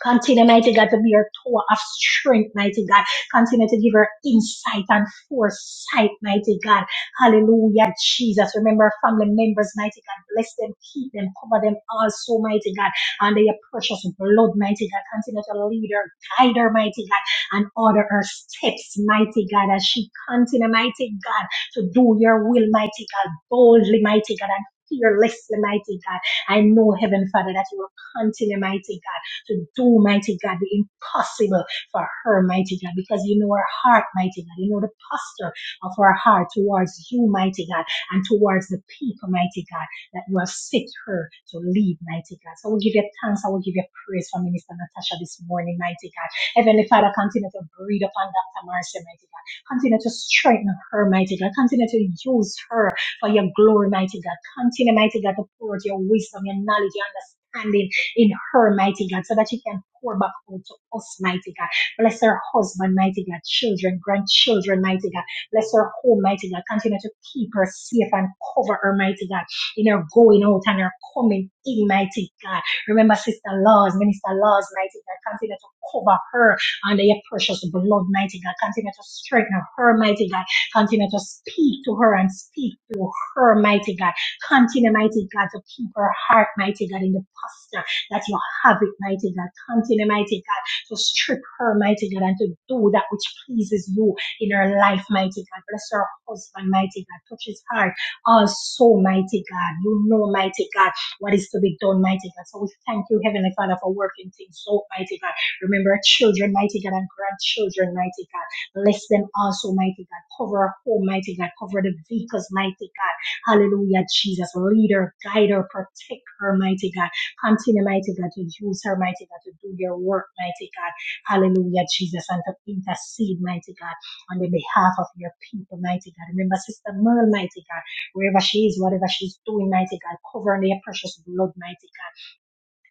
Continue, mighty God, to be her tower of strength, mighty God. Continue to give her insight and foresight, mighty God. Hallelujah, Jesus. Remember our family members, mighty God. Bless them, keep them, cover them also, mighty God. Under your precious blood, mighty God. Continue to lead her, guide her, mighty God, and order her steps, mighty God, as she continue, mighty God, to do your will, mighty God, boldly, mighty God, and fearlessly, mighty God. I know, Heaven Father, that you will continue, mighty God to do, mighty God, the impossible for her, mighty God, because you know her heart, mighty God. You know the posture of her heart towards you, mighty God, and towards the people, mighty God, that you have set her to lead, mighty God. So I will give you thanks. I will give you praise for Minister Natasha this morning, mighty God. Heavenly Father, continue to breathe upon Dr. Marcia, mighty God. Continue to strengthen her, mighty God. Continue to use her for your glory, mighty God. Continue, mighty God, to pour out your wisdom, your knowledge, your understanding in her, mighty God, so that you can pour back out to us, mighty God. Bless her husband, mighty God, children, grandchildren, mighty God. Bless her home, mighty God. Continue to keep her safe and cover her, mighty God, in her going out and her coming in, mighty God. Remember, Sister Laws, Minister Laws, mighty God. Continue to cover her under your precious blood, mighty God. Continue to strengthen her, mighty God. Continue to speak to her and speak to her, mighty God. Continue, mighty God, to keep her heart, mighty God, in the posture that you have it, mighty God. Continue, mighty God, to strip her, mighty God, and to do that which pleases you in her life, mighty God. Bless her husband, mighty God. Touch his heart. Also, mighty God, you know, mighty God, what is to be done, mighty God. So we thank you, Heavenly Father, for working things out, mighty God. Remember our children, mighty God, and grandchildren, mighty God. Bless them also, mighty God. Cover our home, mighty God. Cover the vehicles, mighty God. Hallelujah, Jesus. Lead her, guide her, protect her, mighty God Continue, mighty God, to use her, mighty God, to do your work, mighty God. Hallelujah, Jesus, and to intercede, mighty God, on the behalf of your people, mighty God. Remember, Sister Merle, mighty God, wherever she is, whatever she's doing, mighty God, cover her in your precious blood, mighty God.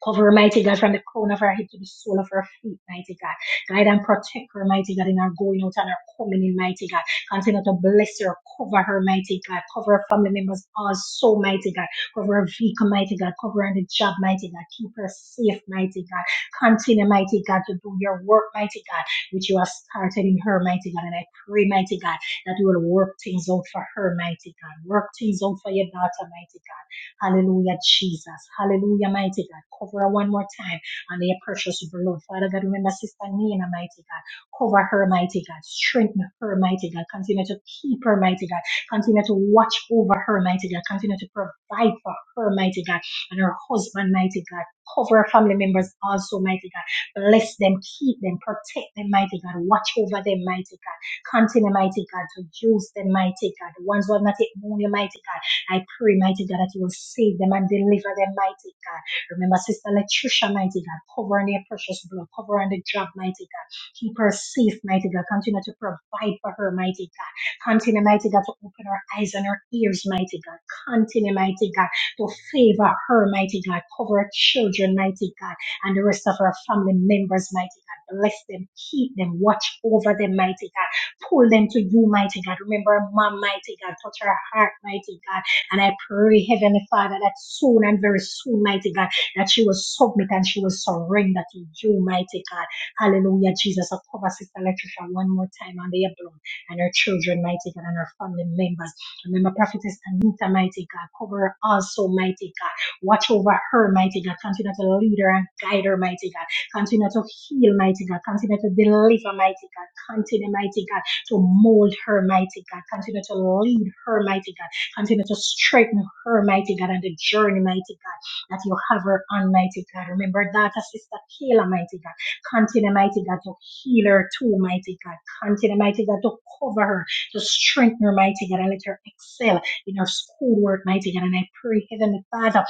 Cover her, mighty God, from the crown of her head to the sole of her feet, mighty God. Guide and protect her, mighty God, in her going out and her coming in, mighty God. Continue to bless her, cover her, mighty God. Cover her family members also, mighty God. Cover her vehicle, mighty God. Cover her on the job, mighty God. Keep her safe, mighty God. Continue, mighty God, to do your work, mighty God, which you have started in her, mighty God. And I pray, mighty God, that you will work things out for her, mighty God. Work things out for your daughter, mighty God. Hallelujah, Jesus. Hallelujah, mighty God. Cover her one more time under your precious blood. Father God, remember Sister Nina, mighty God. Cover her, mighty God. Strengthen her, mighty God. Continue to keep her, mighty God. Continue to watch over her, mighty God. Continue to provide for her, mighty God. And her husband, mighty God. Cover her family members also, mighty God. Bless them, keep them, protect them, mighty God. Watch over them, mighty God. Continue, mighty God, to use them, mighty God. The ones who have not yet known you, mighty God. I pray, mighty God, that you will save them and deliver them, mighty God. Remember, Sister Latricia, mighty God, cover her in precious blood, cover on the job, mighty God. Keep her safe, mighty God. Continue to provide for her, mighty God. Continue, mighty God, to open her eyes and her ears, mighty God. Continue, mighty God, to favor her, mighty God. Cover her children, mighty God, and the rest of her family members, mighty God. Bless them, keep them, watch over them, mighty God. Pull them to you, mighty God. Remember, her mom, mighty God. Touch her heart, mighty God and I pray, Heavenly Father, that soon and very soon, mighty God, that she will submit and she will surrender to you, mighty God. Hallelujah, Jesus. I cover Sister Latricia one more time on the blood and her children, mighty God, and her family members. Remember, Prophetess Anita, mighty God, cover her also, mighty God. Watch over her, mighty God. Continue to lead her and guide her, mighty God. Continue to heal, mighty God. Continue to deliver, mighty God. Continue, mighty God, to mold her, mighty God. Continue to lead her, mighty God Continue to strengthen her, mighty God, and the journey, mighty God, that you have her on, mighty God. Remember that, uh, Sister Kayla, mighty God. Continue, mighty God, to heal her too, mighty God. Continue, mighty God, to cover her, to strengthen her, mighty God, and let her excel in her schoolwork, mighty God. And I pray, Heavenly Father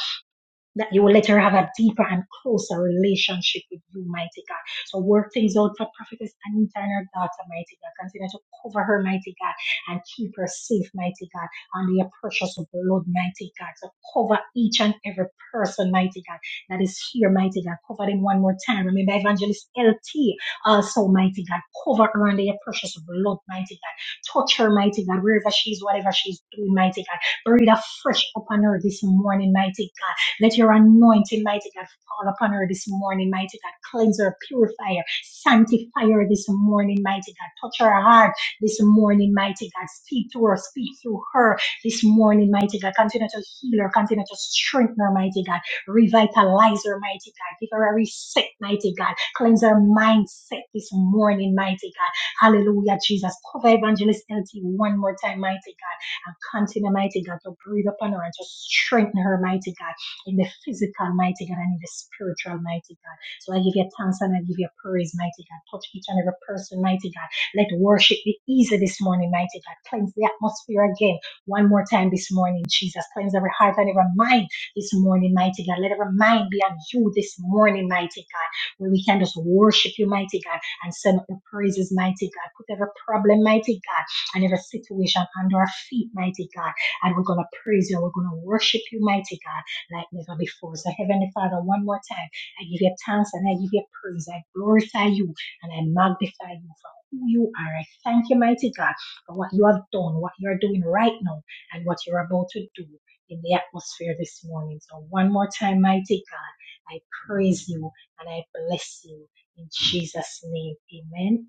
that you will later have a deeper and closer relationship with you, mighty God. So work things out for Prophetess Anita and her daughter, mighty God. Continue to cover her, mighty God, and keep her safe, mighty God, under your precious blood, mighty God. So cover each and every person, mighty God, that is here, mighty God. Cover them one more time. Remember Evangelist LT also, mighty God. Cover her under your precious blood, mighty God. Touch her, mighty God, wherever she is, whatever she is doing, mighty God. Breathe afresh upon her this morning, mighty God let your anointing, mighty God, fall upon her this morning, mighty God. Cleanse her, purify her, sanctify her this morning, mighty God. Touch her heart this morning, mighty God. Speak to her, speak through her this morning, mighty God. Continue to heal her, continue to strengthen her, mighty God. Revitalize her, mighty God. Give her a reset, mighty God. Cleanse her mindset this morning, mighty God. Hallelujah, Jesus. Cover Evangelist LT one more time, mighty God. And continue, mighty God, to breathe upon her and to strengthen her, mighty God in the physical, mighty God, and in the spiritual, mighty God. So I give you thanks and I give you praise, mighty God. Touch each and every person, mighty God. Let worship be easy this morning, mighty God. Cleanse the atmosphere again one more time this morning, Jesus. Cleanse every heart and every mind this morning, mighty God. Let every mind be on you this morning, mighty God, where we can just worship you, mighty God, and send up the praises, mighty God. Put every problem, mighty God, and every situation under our feet, mighty God. And we're going to praise you. We're going to worship you, mighty God like never before. So, Heavenly Father, one more time, I give you thanks and I give you praise. I glorify you and I magnify you for who you are. I thank you, mighty God, for what you have done, what you're doing right now, and what you're about to do in the atmosphere this morning. So, one more time, mighty God, I praise you and I bless you in Jesus' name. Amen.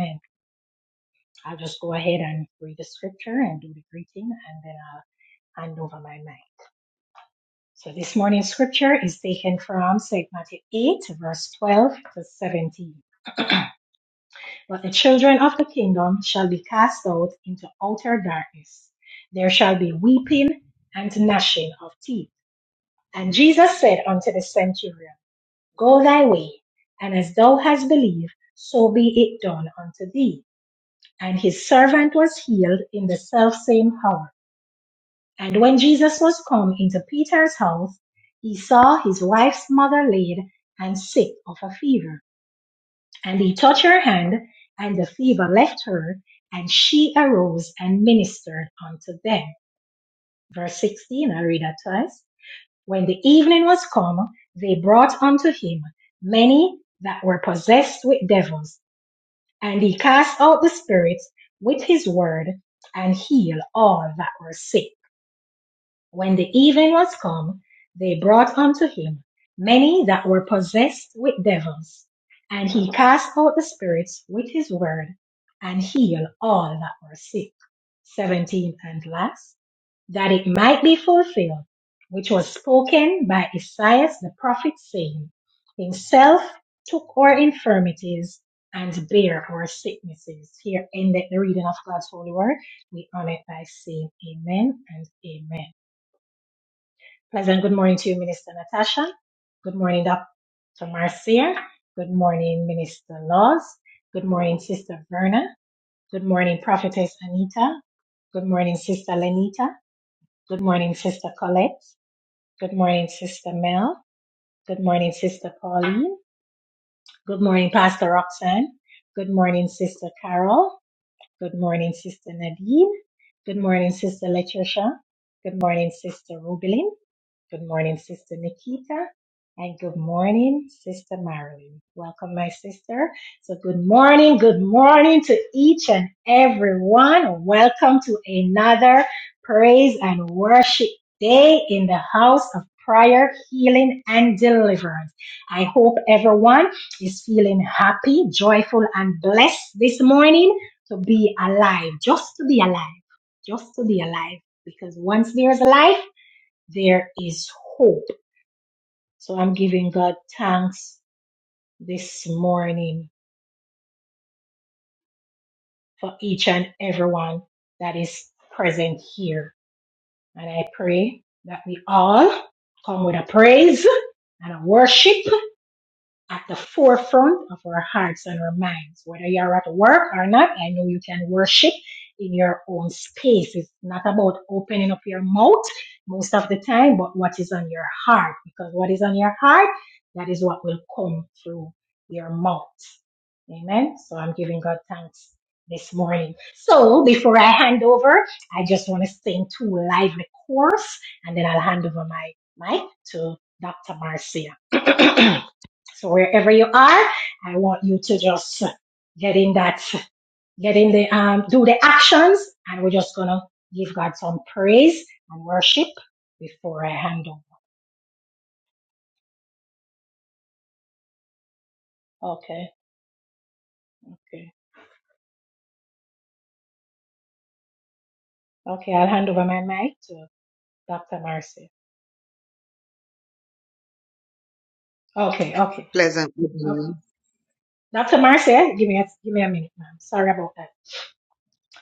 Amen. I'll just go ahead and read the scripture and do the greeting, and then I'll hand over my mic. So this morning's scripture is taken from St. Matthew 8, verse 12 to 17. But the children of the kingdom shall be cast out into outer darkness. There shall be weeping and gnashing of teeth. And Jesus said unto the centurion, Go thy way, and as thou hast believed, so be it done unto thee. And his servant was healed in the selfsame hour. And when Jesus was come into Peter's house, he saw his wife's mother laid and sick of a fever. And he touched her hand, and the fever left her, and she arose and ministered unto them. Verse 16, I read that twice. When the evening was come, they brought unto him many that were possessed with devils, and he cast out the spirits with his word, and healed all that were sick When the even was come, they brought unto him many that were possessed with devils, and he cast out the spirits with his word, and healed all that were sick. 17 and last, that it might be fulfilled, which was spoken by Isaiah the prophet, saying, Himself took our infirmities and bare our sicknesses. Here ended the reading of God's holy word. We honor it by saying amen and amen. Pleasant good morning to you, Minister Natasha. Good morning, Dr. Marcia. Good morning, Minister Laws. Good morning, Sister Verna. Good morning, Prophetess Anita. Good morning, Sister Lenita. Good morning, Sister Colette. Good morning, Sister Mel. Good morning, Sister Pauline. Good morning, Pastor Roxanne. Good morning, Sister Carol. Good morning, Sister Nadine. Good morning, Sister Letitia. Good morning, Sister Rubelin. Good morning, Sister Nikita, and good morning, Sister Marilyn. Welcome, my sister. So, good morning, good morning to each and every one. Welcome to another praise and worship day in the house of prayer, healing, and deliverance. I hope everyone is feeling happy, joyful, and blessed this morning to be alive, just to be alive, just to be alive. Because once there's life, there is hope. So I'm giving God thanks this morning for each and everyone that is present here. And I pray that we all come with a praise and a worship at the forefront of our hearts and our minds. Whether you're at work or not, I know you can worship in your own space. It's not about opening up your mouth most of the time, but what is on your heart. Because what is on your heart, that is what will come through your mouth. Amen. So I'm giving God thanks this morning. So before I hand over, I just want to sing two lively chorus and then I'll hand over my mic to Dr. Marcia. So wherever you are, I want you to just get in that, get in the, um, do the actions and we're just gonna give God some praise and worship before I hand over. Okay. Okay. Okay. I'll hand over my mic to Dr. Marcy. Okay. Okay.
Good
okay.
morning.
Dr. Marcy, give me a, give me a minute, ma'am. Sorry about that.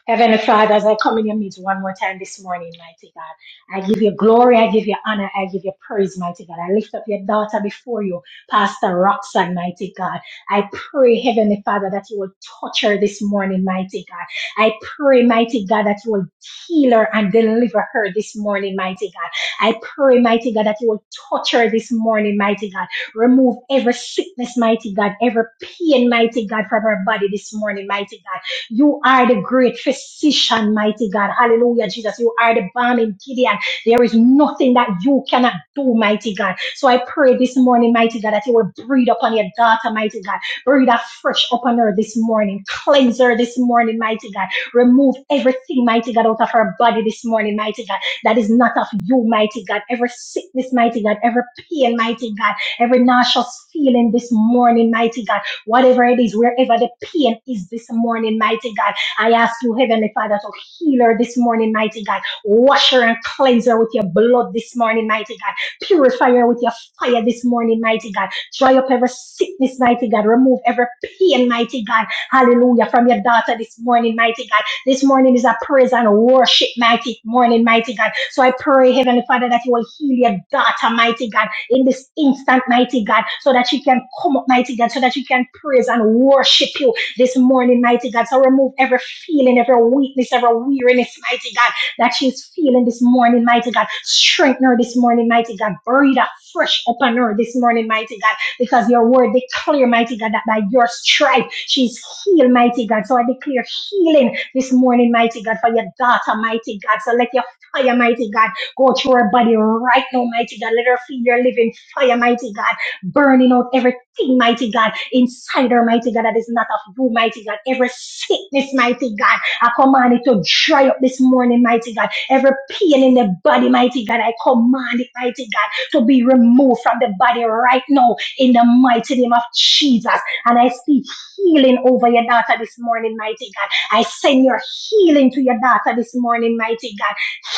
Heavenly Father, as I come in your midst one more time this morning, mighty God, I give you glory, I give you honor, I give you praise, mighty God. I lift up your daughter before you, Pastor Roxanne, mighty God. I pray, Heavenly Father, that you will touch her this morning, mighty God. I pray, mighty God, that you will heal her and deliver her this morning, mighty God. I pray, mighty God, that you will touch her this morning, mighty God. Remove every sickness, mighty God, every pain, mighty God, from her body this morning, mighty God. You are the great physician, mighty God. Hallelujah, Jesus. You are the balm in Gideon. There is nothing that you cannot do, mighty God. So I pray this morning, mighty God, that you will breathe upon your daughter, mighty God. Breathe afresh upon her this morning. Cleanse her this morning, mighty God. Remove everything, mighty God, out of her body this morning, mighty God. That is not of you, mighty God. Every sickness, mighty God. Every pain, mighty God. Every nauseous feeling this morning, mighty God whatever it is, wherever the pain is this morning, mighty God. I ask you, Heavenly Father, to heal her this morning, mighty God. Wash her and cleanse her with your blood this morning, mighty God. Purify her with your fire this morning, mighty God. Dry up every sickness, mighty God. Remove every pain, mighty God. Hallelujah. From your daughter this morning, mighty God. This morning is a praise and worship, mighty morning, mighty God. So I pray, Heavenly Father, that you will heal your daughter, mighty God in this instant, mighty God, so that she can come up, mighty God, so that she can praise and worship you this morning, mighty God. So remove every feeling, every weakness, every weariness, mighty God, that she's feeling this morning, mighty God. Strengthen her this morning, mighty God. Breathe a fresh upon her this morning, mighty God, because your word declare, mighty God, that by your stripe she's healed, mighty God. So I declare healing this morning, mighty God, for your daughter, mighty God. So let your fire, mighty God. Go through her body right now, mighty God. Let her feel your living fire, mighty God. Burning out everything, mighty God. Inside her, mighty God, that is not of you, mighty God. Every sickness, mighty God. I command it to dry up this morning, mighty God. Every pain in the body, mighty God. I command it, mighty God, to be removed from the body right now in the mighty name of Jesus. And I speak healing over your daughter this morning, mighty God. I send your healing to your daughter this morning, mighty God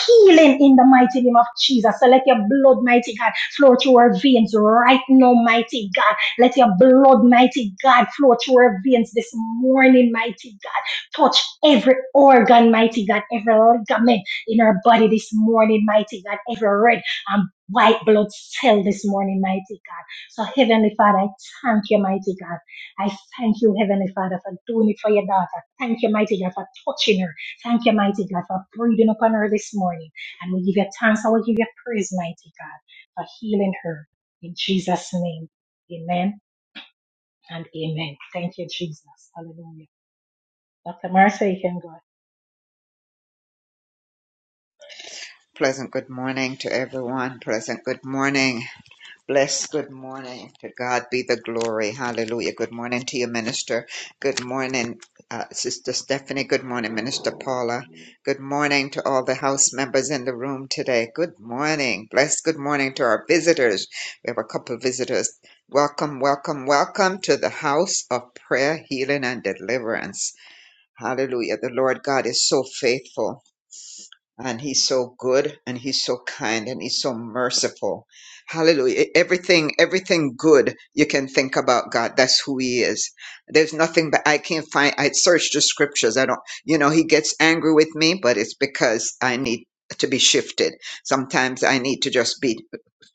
healing in the mighty name of Jesus. So let your blood, mighty God, flow through our veins right now, mighty God. Let your blood, mighty God, flow through our veins this morning, mighty God. Touch every organ, mighty God, every ligament in our body this morning, mighty God, every red and white blood cell this morning, mighty God. So, Heavenly Father, I thank you, mighty God. I thank you, Heavenly Father, for doing it for your daughter. Thank you, mighty God, for touching her. Thank you, mighty God, for breathing upon her this morning. And we give you thanks and we give you praise, mighty God, for healing her. In Jesus' name, amen and amen. Thank you, Jesus. Hallelujah. Dr. Marcia, you can go.
Pleasant good morning to everyone. Pleasant good morning. Bless. Good morning. To God be the glory. Hallelujah. Good morning to you, Minister. Good morning, uh, Sister Stephanie. Good morning, Minister Paula. Good morning to all the house members in the room today. Good morning. Bless. Good morning to our visitors. We have a couple of visitors. Welcome, welcome, welcome to the house of prayer, healing, and deliverance. Hallelujah. The Lord God is so faithful. And he's so good and he's so kind and he's so merciful. Hallelujah. E- Everything, everything good you can think about God. That's who he is. There's nothing but I can't find. I searched the scriptures. I don't, you know, he gets angry with me, but it's because I need to be shifted. Sometimes I need to just be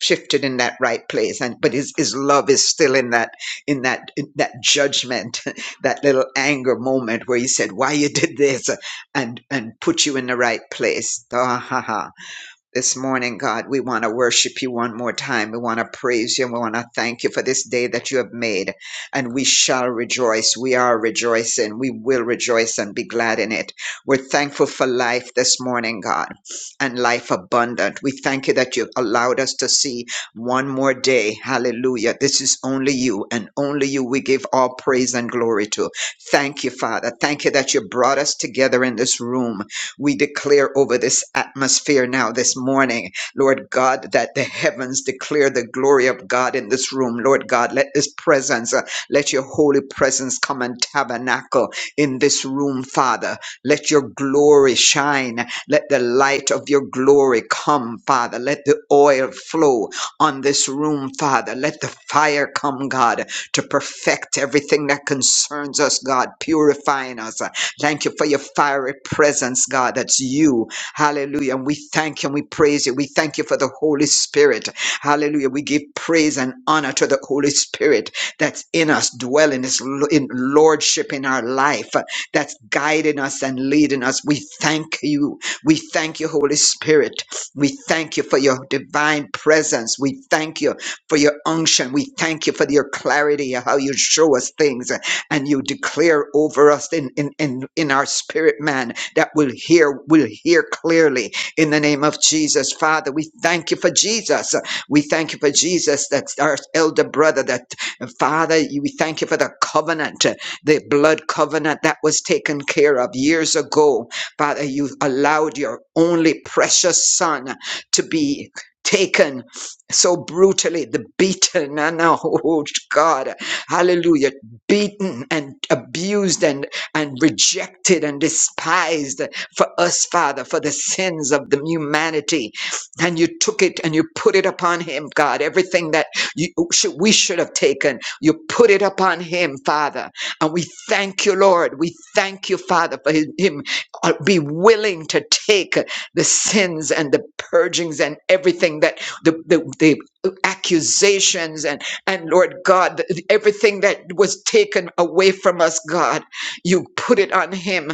shifted in that right place. And, but his, his love is still in that, in that, in that judgment, that little anger moment where he said, why you did this? and and put you in the right place. Ah, ha, ha. This morning, God, we want to worship you one more time. We want to praise you. and We want to thank you for this day that you have made. And we shall rejoice. We are rejoicing. We will rejoice and be glad in it. We're thankful for life this morning, God, and life abundant. We thank you that you've allowed us to see one more day. Hallelujah. This is only you and only you we give all praise and glory to. Thank you, Father. Thank you that you brought us together in this room we declare over this atmosphere now this morning, Lord God, that the heavens declare the glory of God in this room. Lord God, let this presence, uh, let your holy presence come and tabernacle in this room, Father. Let your glory shine. Let the light of your glory come, Father. Let the oil flow on this room, Father. Let the fire come, God, to perfect everything that concerns us, God, purifying us. uh, Thank you for your fiery presence, God. That's you. Hallelujah. And we thank you and we praise you. We thank you for the Holy Spirit. Hallelujah. We give praise and honor to the Holy Spirit that's in us, dwelling is lo- in lordship in our life, uh, that's guiding us and leading us. We thank you. We thank you, Holy Spirit. We thank you for your divine presence. We thank you for your unction. We thank you for your clarity, uh, how you show us things and you declare over us in, in, in, in our spirit man that we'll hear, we'll hear clearly in the name of Jesus. Father, we thank you for Jesus. We thank you for Jesus, that's our elder brother, that Father, you- we thank you for the covenant, uh, the blood covenant that was taken care of years ago. Father, you allowed your only precious son to be taken so brutally, the beaten, and oh God, hallelujah beaten and abused and, and rejected and despised for us, Father, for the sins of the humanity. And you took it and you put it upon him, God. Everything that you, should, we should have taken, you put it upon him, Father. And we thank you, Lord. We thank you, Father, for his, him uh, be willing to take the sins and the purgings and everything that the, the, the accusations and and Lord God, th- th- everything that was taken away from us, God, you put it on him.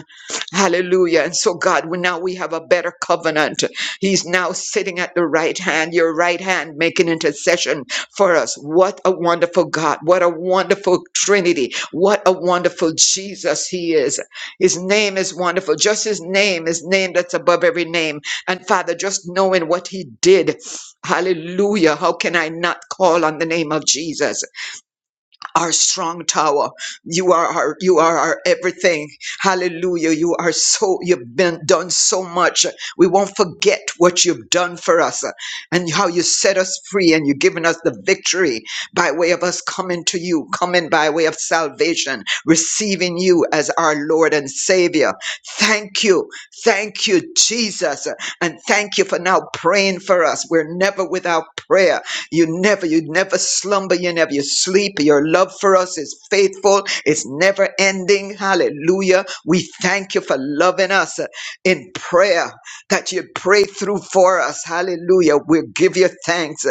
Hallelujah. And so, God, we, now we have a better covenant. He's now sitting at the right hand, your right hand, making intercession for us. What a wonderful God. What a wonderful Trinity. What a wonderful Jesus he is. His name is wonderful. Just his name, his name that's above every name. And Father, just knowing what he did Hallelujah. How can I not call on the name of Jesus? our strong tower. You are our, you are our everything. Hallelujah. You are so, you've been done so much. We won't forget what you've done for us uh, and how you set us free and you've given us the victory by way of us coming to you, coming by way of salvation, receiving you as our Lord and Savior. Thank you. Thank you, Jesus. And thank you for now praying for us. We're never without prayer. You never, you never slumber, you never you sleep. Your love for us is faithful, it's never ending. Hallelujah. We thank you for loving us uh, in prayer that you pray through for us. Hallelujah. We give you thanks.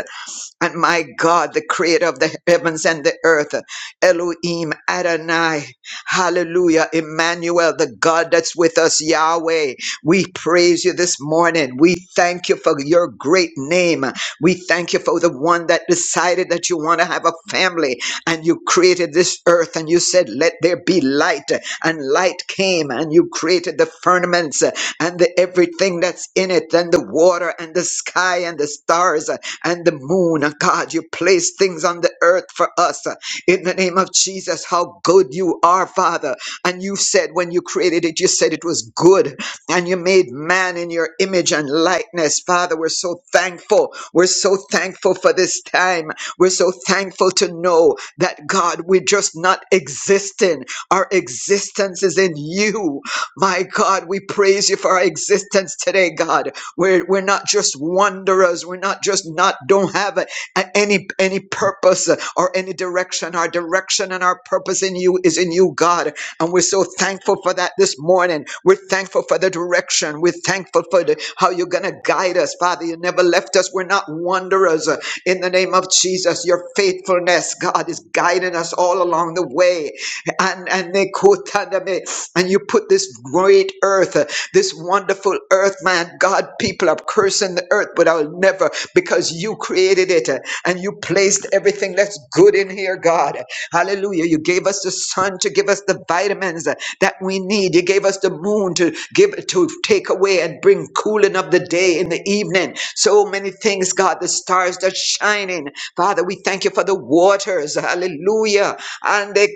And my God, the creator of the heavens and the earth, Elohim, Adonai, hallelujah, Emmanuel, the God that's with us, Yahweh. We praise you this morning. We thank you for your great name. We thank you for the one that decided that you want to have a family and you created this earth and you said, Let there be light. And light came and you created the firmaments uh, and the everything that's in it and the water and the sky and the stars uh, and the moon. And God, you placed things on the earth for us. Uh, In the name of Jesus, how good you are, Father. And you said when you created it, you said it was good and you made man in your image and likeness. Father, we're so thankful. We're so thankful for this time. We're so thankful to know that God, we're just not existing. Our existence is in you. My God, we praise you for our existence today, God. We're, we're not just wanderers. We're not just not, don't have a, a- any, any purpose or any direction. Our direction and our purpose in you is in you, God. And we're so thankful for that this morning. We're thankful for the direction. We're thankful for the, how you're going to guide us, Father. You never left us. We're not wanderers. Uh, In the name of Jesus, your faithfulness, God, is guiding us all along the way. And, and, they quote under me, and you put this great earth, uh, this wonderful earth, man. God, people are cursing the earth, but I'll never because you created it uh, and you placed everything that's good in here, God. Hallelujah. You gave us the sun to give us the vitamins uh, that we need. You gave us the moon to give to take away and bring cooling of the day in the evening. So many things, God, the stars that shining. Father, we thank you for the waters. Hallelujah. And the,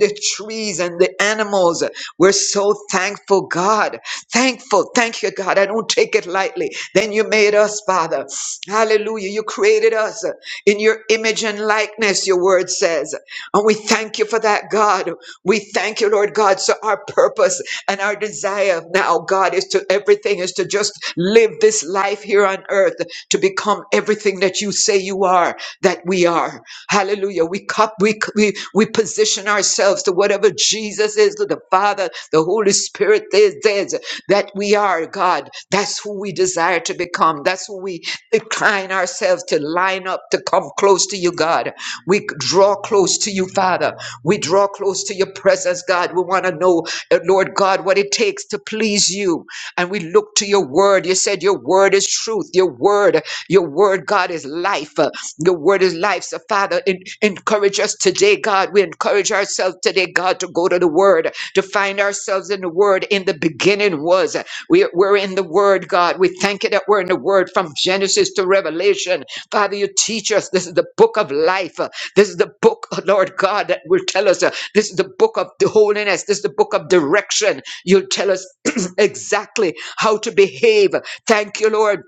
the trees and the animals. We're so thankful, God. Thankful. Thank you, God. I don't take it lightly. Then you made us, Father. Hallelujah. You created us in your image and likeness, your word says. And we thank you for that, God. We thank you, Lord God. So our purpose and our desire now, God, is to everything is to just live this life here on earth, to become everything that you say you are, that we are. Hallelujah. We cup, we, we, we position ourselves to whatever Jesus is, to the Father, the Holy Spirit is, is that we are, God. That's who we desire to become. That's who we incline ourselves to line up, to come close to you, God. We draw close to you, Father. We draw close to your presence, God. We want to know, uh, Lord God, what it takes to please you. And we look to your word. You said your word is truth. Your word, your word, God, is life. Uh, Your word is life. So, Father, en- encourage us today, God. We encourage ourselves today, God, to go to the word, to find ourselves in the word. In the beginning was. We, we're in the word, God. We thank you that we're in the word from Genesis to Revelation. Father, you teach us. This is the book of life. Uh, This is the book, uh, Lord God, that will tell us. uh, This is the book of the holiness. This is the book of direction. You'll tell us exactly how to behave. Thank you, Lord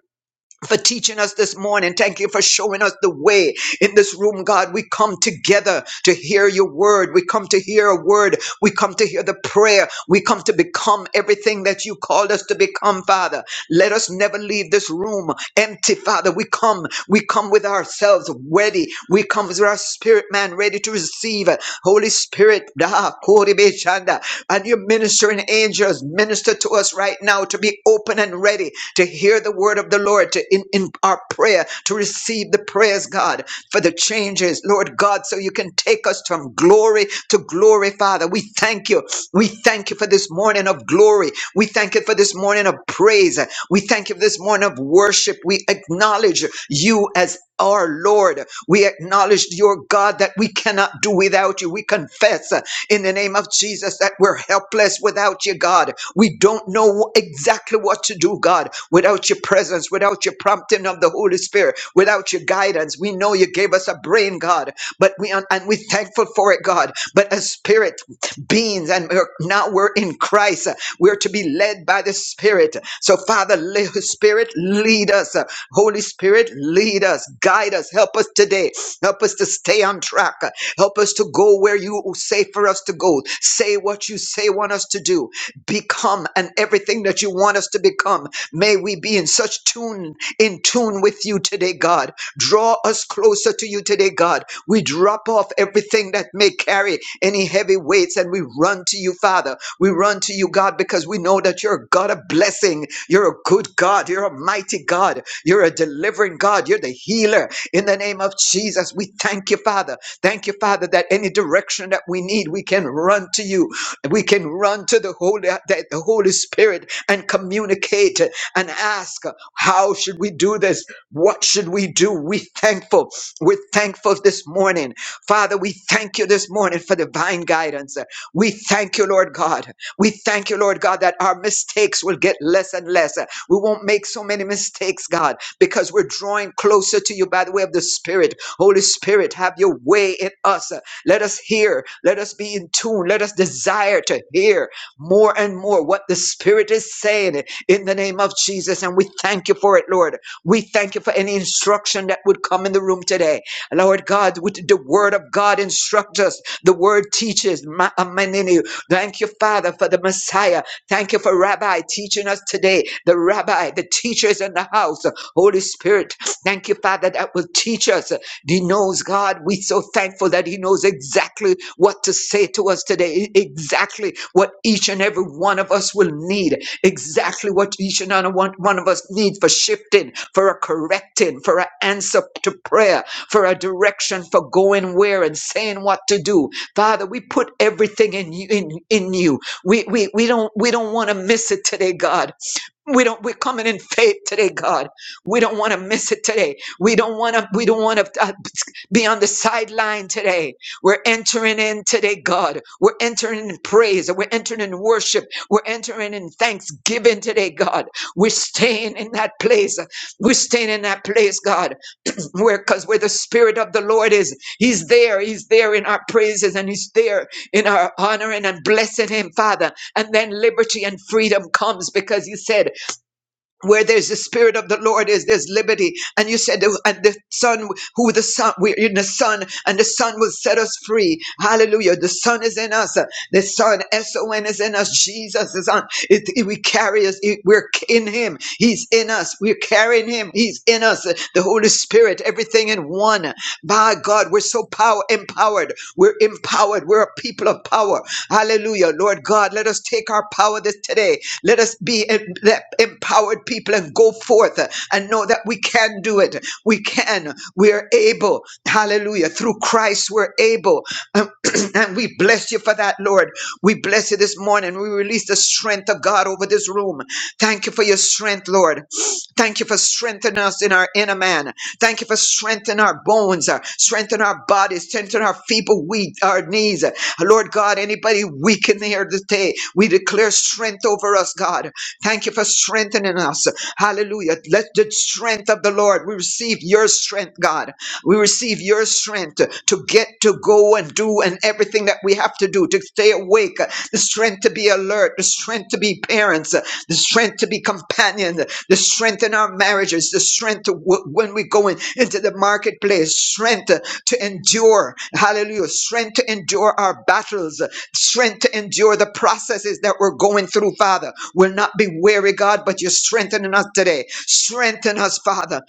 for teaching us this morning. Thank you for showing us the way in this room, God. We come together to hear your word. We come to hear a word. We come to hear the prayer. We come to become everything that you called us to become, Father. Let us never leave this room empty, Father. We come, we come with ourselves ready. We come with ourselves our spirit man ready to receive. Holy Spirit, da, koribe shanda. and your ministering angels minister to us right now to be open and ready to hear the word of the Lord to in, in our prayer, to receive the prayers, God, for the changes, Lord God, so you can take us from glory to glory, Father. We thank you. We thank you for this morning of glory. We thank you for this morning of praise. We thank you for this morning of worship. We acknowledge you as our Lord. We acknowledge, your God, that we cannot do without you. We confess uh, in the name of Jesus that we're helpless without you, God. We don't know exactly what to do, God, without your presence, without your prompting of the Holy Spirit, without your guidance. We know you gave us a brain, God, but we and and we're thankful for it, God. But as spirit beings, and we're, now we're in Christ. We're to be led by the Spirit. So, Father, le- Spirit, lead us. Holy Spirit, lead us, guide us, help us today. Help us to stay on track. Help us to go where you say for us to go. Say what you say want us to do. Become and everything that you want us to become. May we be in such tune, in tune with you today, God. Draw us closer to you today, God. We drop off everything that may carry any heavy weights and we run to you, Father. We run to you, God, because we know that you're a God of blessing. You're a good God. You're a mighty God. You're a delivering God. You're the healer. In the name of Jesus, we thank you, Father. Thank you, Father, that any direction that we need, we can run to you. We can run to the Holy, the the Holy Spirit and communicate and ask, how should we do this? What should we do? We thankful. We're thankful this morning. Father, we thank you this morning for divine guidance. We thank you, Lord God. We thank you, Lord God, that our mistakes will get less and less. We won't make so many mistakes, God, because we're drawing closer to you by the way of the Spirit. Holy Spirit, have your way in us. Let us hear. Let us be in tune. Let us desire to hear more and more what the Spirit is saying in the name of Jesus. And we thank you for it, Lord. We thank you for any instruction that would come in the room today. Lord God, with the word of God instruct us. The word teaches. Ma- Amaninu. Thank you, Father, for the Messiah. Thank you for Rabbi teaching us today. The Rabbi, the teachers in the house. Holy Spirit, thank you, Father, that will teach us. He knows, God, we're so thankful that He knows exactly what to say to us today, E, exactly what each and every one of us will need, exactly what each and every one one of us need for shifting, for a correcting, for an answer to prayer, for a direction for going where and saying what to do. Father, we put everything in you, in, in you. We, we, we don't we don't want to miss it today, God. We don't we're coming in faith today, God. We don't want to miss it today. We don't want to we don't want to uh, be on the sideline today. We're entering in today, God. We're entering in praise. We're entering in worship. We're entering in thanksgiving today, God. We're staying in that place. We're staying in that place, God where because where the spirit of the Lord is, He's there. He's there in our praises and He's there in our honoring and blessing Him, Father. And then liberty and freedom comes because you said where there's the spirit of the Lord is there's liberty. And you said, and the Son, who the Son, we're in the Son, and the Son will set us free. Hallelujah! The Son is in us. The Son, S O N, is in us. Jesus is on. It, it- we carry us. it- we're in Him. He's in us. We're carrying Him. He's in us. The Holy Spirit, everything in one. By God, we're so power empowered. We're empowered. We're a people of power. Hallelujah, Lord God, let us take our power this today let us be em- that empowered people and go forth uh, and know that we can do it. We can. We're able. Hallelujah. Through Christ, we're able. Um, and we bless you for that, Lord. We bless you this morning. We release the strength of God over this room. Thank you for your strength, Lord. Thank you for strengthening us in our inner man. Thank you for strengthening our bones, uh, strengthen our bodies, strengthen our feeble weak, our knees. Uh, Lord God, anybody weak in here today, we declare strength over us, God. Thank you for strengthening us. Hallelujah. Let the strength of the Lord, we receive your strength, God. We receive your strength to get, to go and do and everything that we have to do, to stay awake, the strength to be alert, the strength to be parents, the strength to be companioned, the strength in our marriages, the strength to w- when we go in, into the marketplace, strength uh, to endure, hallelujah, strength to endure our battles, uh, strength to endure the processes that we're going through, Father. We'll not be weary, God, but you're strengthening us today. Strengthen us, Father.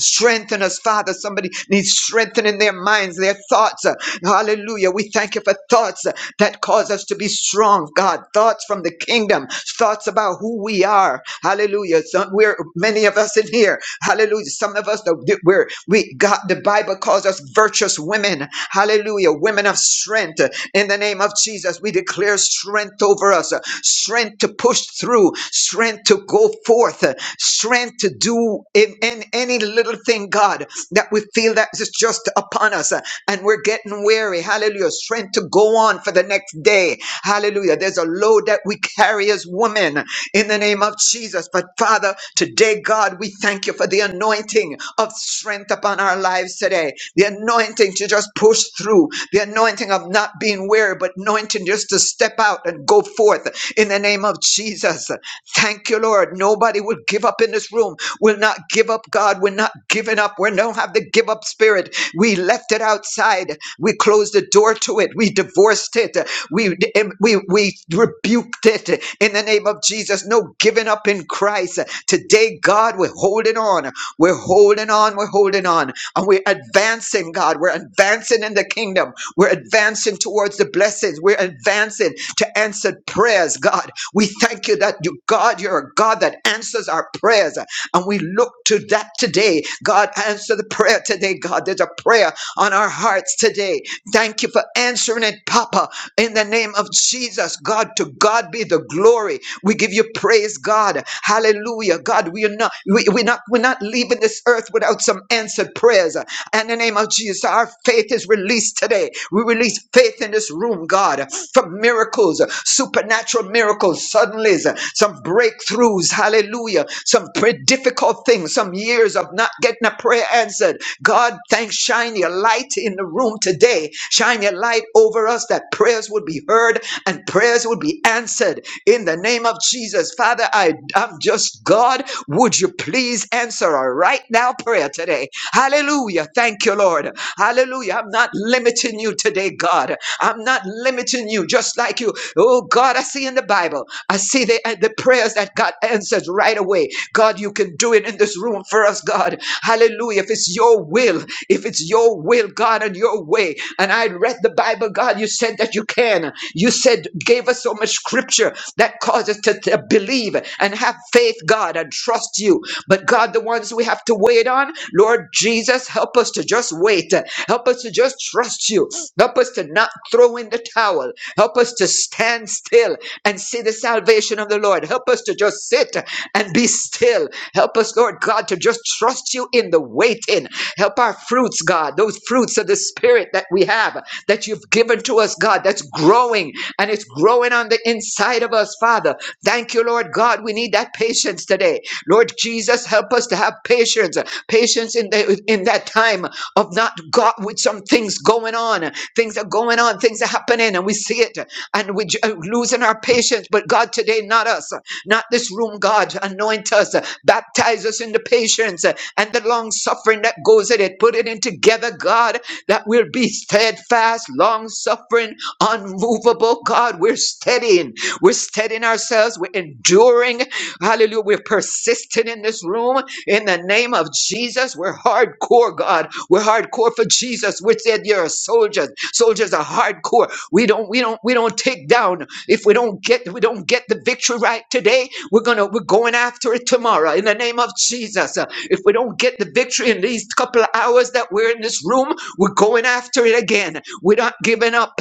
Strengthen us, Father. Somebody needs strengthening their minds, their thoughts. Uh, Hallelujah. We thank you for thoughts uh, that cause us to be strong, God. Thoughts from the kingdom, thoughts about who we are. Hallelujah. Some, we're many of us in here. Hallelujah. Some of us we're we God. The Bible calls us virtuous women. Hallelujah. Women of strength. In the name of Jesus, we declare strength over us. uh, Strength to push through. Strength to go forth uh, strength to do in, in any little thing, God, that we feel that is just upon us uh, and we're getting weary. Hallelujah. Strength to go on for the next day. Hallelujah. There's a load that we carry as women in the name of Jesus. But Father, today, God, we thank you for the anointing of strength upon our lives today. The anointing to just push through, the anointing of not being weary, but anointing just to step out and go forth in the name of Jesus. Thank you, Lord. Nobody will give up in this room. We'll not give up, God. We're not giving up. We don't have the give up spirit. We left it outside. We closed the door to it. We divorced it. We, we, we rebuked it in the name of Jesus. No giving up in Christ. Today, God, we're holding on. We're holding on. We're holding on. And we're advancing, God. We're advancing in the kingdom. We're advancing towards the blessings. We're advancing to answered prayers, God. We thank you that you, God, you're a God that answers our prayers. And we look to that today. God, answer the prayer today, God. There's a prayer on our hearts today. Thank you for answering it, Papa. In the name of Jesus, God, to God be the glory. We give you praise, God. Hallelujah. God, we are not, we, we're not, we're not leaving this earth without some answered prayers. In the name of Jesus, our faith is released today. We release faith in this room, God, for miracles, supernatural miracles, suddenlies, some breakthroughs. Hallelujah. Some pre- difficult things, some some years of not getting a prayer answered. God, thanks, shine your light in the room today. Shine your light over us that prayers would be heard and prayers would be answered in the name of Jesus. Father, I, I'm just God. Would you please answer a right now prayer today? Hallelujah. Thank you, Lord. Hallelujah. I'm not limiting you today, God. I'm not limiting you in you, just like you. Oh God, I see in the Bible, I see the, uh, the prayers that God answers right away. God, you can do it in this room for us, God. Hallelujah. If it's your will, if it's your will, God, and your way. And I read the Bible, God, you said that you can. You said, gave us so much scripture that causes us to, to believe and have faith, God, and trust you. But God, the ones we have have to wait on. Lord Jesus, help us to just wait. Help us to just trust you. Help us to not throw in the towel. Help us to stand still and see the salvation of the Lord. Help us to just sit and be still. Help us, Lord God, to just trust you in the waiting. Help our fruits, God, those fruits of the Spirit that we have, that you've given to us, God, that's growing and it's growing on the inside of us, Father. Thank you, Lord God. We need that patience today. Lord Jesus, help us to have patience, patience in, the, in that time of not God with some things going on, things are going on, things are happening, and we see it, and we're losing our patience. But God, today, not us, not this room, God, anoint us, baptize us in the patience and the long suffering that goes in it. Put it in together, God, that we'll be steadfast, long suffering, unmovable. God, we're steadying, we're steadying ourselves, we're enduring Hallelujah. We're persistent in this room in the name of Jesus. We're hardcore, God. We're hardcore for Jesus. We said you're a soldier. Soldiers are hardcore. We don't, we don't, we don't take down. If we don't get, we don't get the victory right today, we're gonna, we're going after it tomorrow in the name of Jesus. Uh, If we don't get the victory in these couple of hours that we're in this room, we're going after it again. We're not giving up.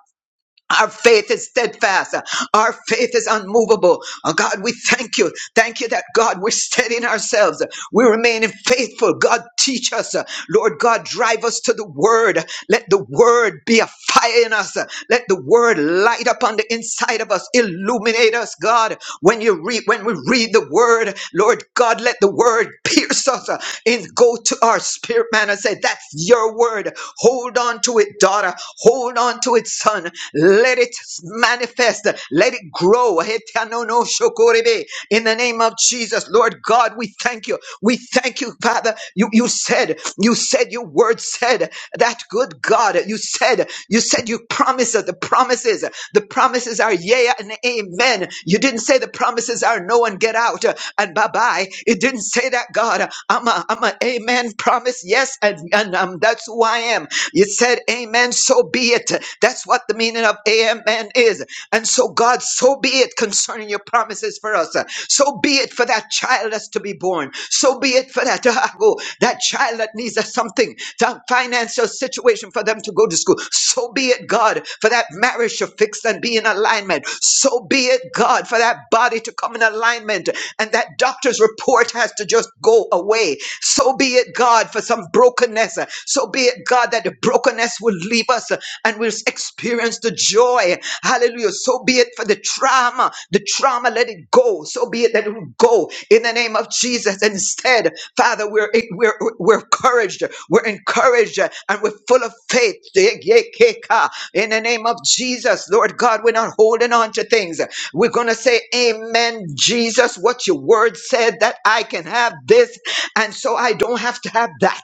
Our faith is steadfast. Our faith is unmovable. Oh, God, we thank you. Thank you that God, we're steadying ourselves. We remain faithful. God, teach us. Lord God, drive us to the word. Let the word be a fire in us. Let the word light up on the inside of us. Illuminate us, God. When you read, when we read the word, Lord God, let the word pierce us and go to our spirit man and say, that's your word. Hold on to it, daughter. Hold on to it, son. Let it manifest. Let it grow. Hetanono shokorebe. In the name of Jesus, Lord God, we thank you. We thank you, Father. You, you said, you said, your word said that good God, you said, you said, you promised us the promises. The promises are yea and amen. You didn't say the promises are no and get out uh, and bye bye. It didn't say that, God. I'm a, I'm a amen promise. Yes. And, and um, that's who I am. You said amen, so be it. That's what the meaning of amen is. And so, God, so be it concerning your promises for us. So be it for that child that's to be born. So be it for that, oh, that child that needs a something, that financial situation for them to go to school. So be it, God, for that marriage to fix and be in alignment. So be it, God, for that body to come in alignment and that doctor's report has to just go away. So be it, God, for some brokenness. So be be it, God, that the brokenness will leave us and we'll experience the joy. Hallelujah. So be it for the trauma. The trauma, let it go. So be it that it will go in the name of Jesus. Instead, Father, we're we're we're encouraged. We're encouraged and we're full of faith. In the name of Jesus, Lord God, we're not holding on to things. We're gonna say, Amen, Jesus. What your word said that I can have this. And so I don't have to have that.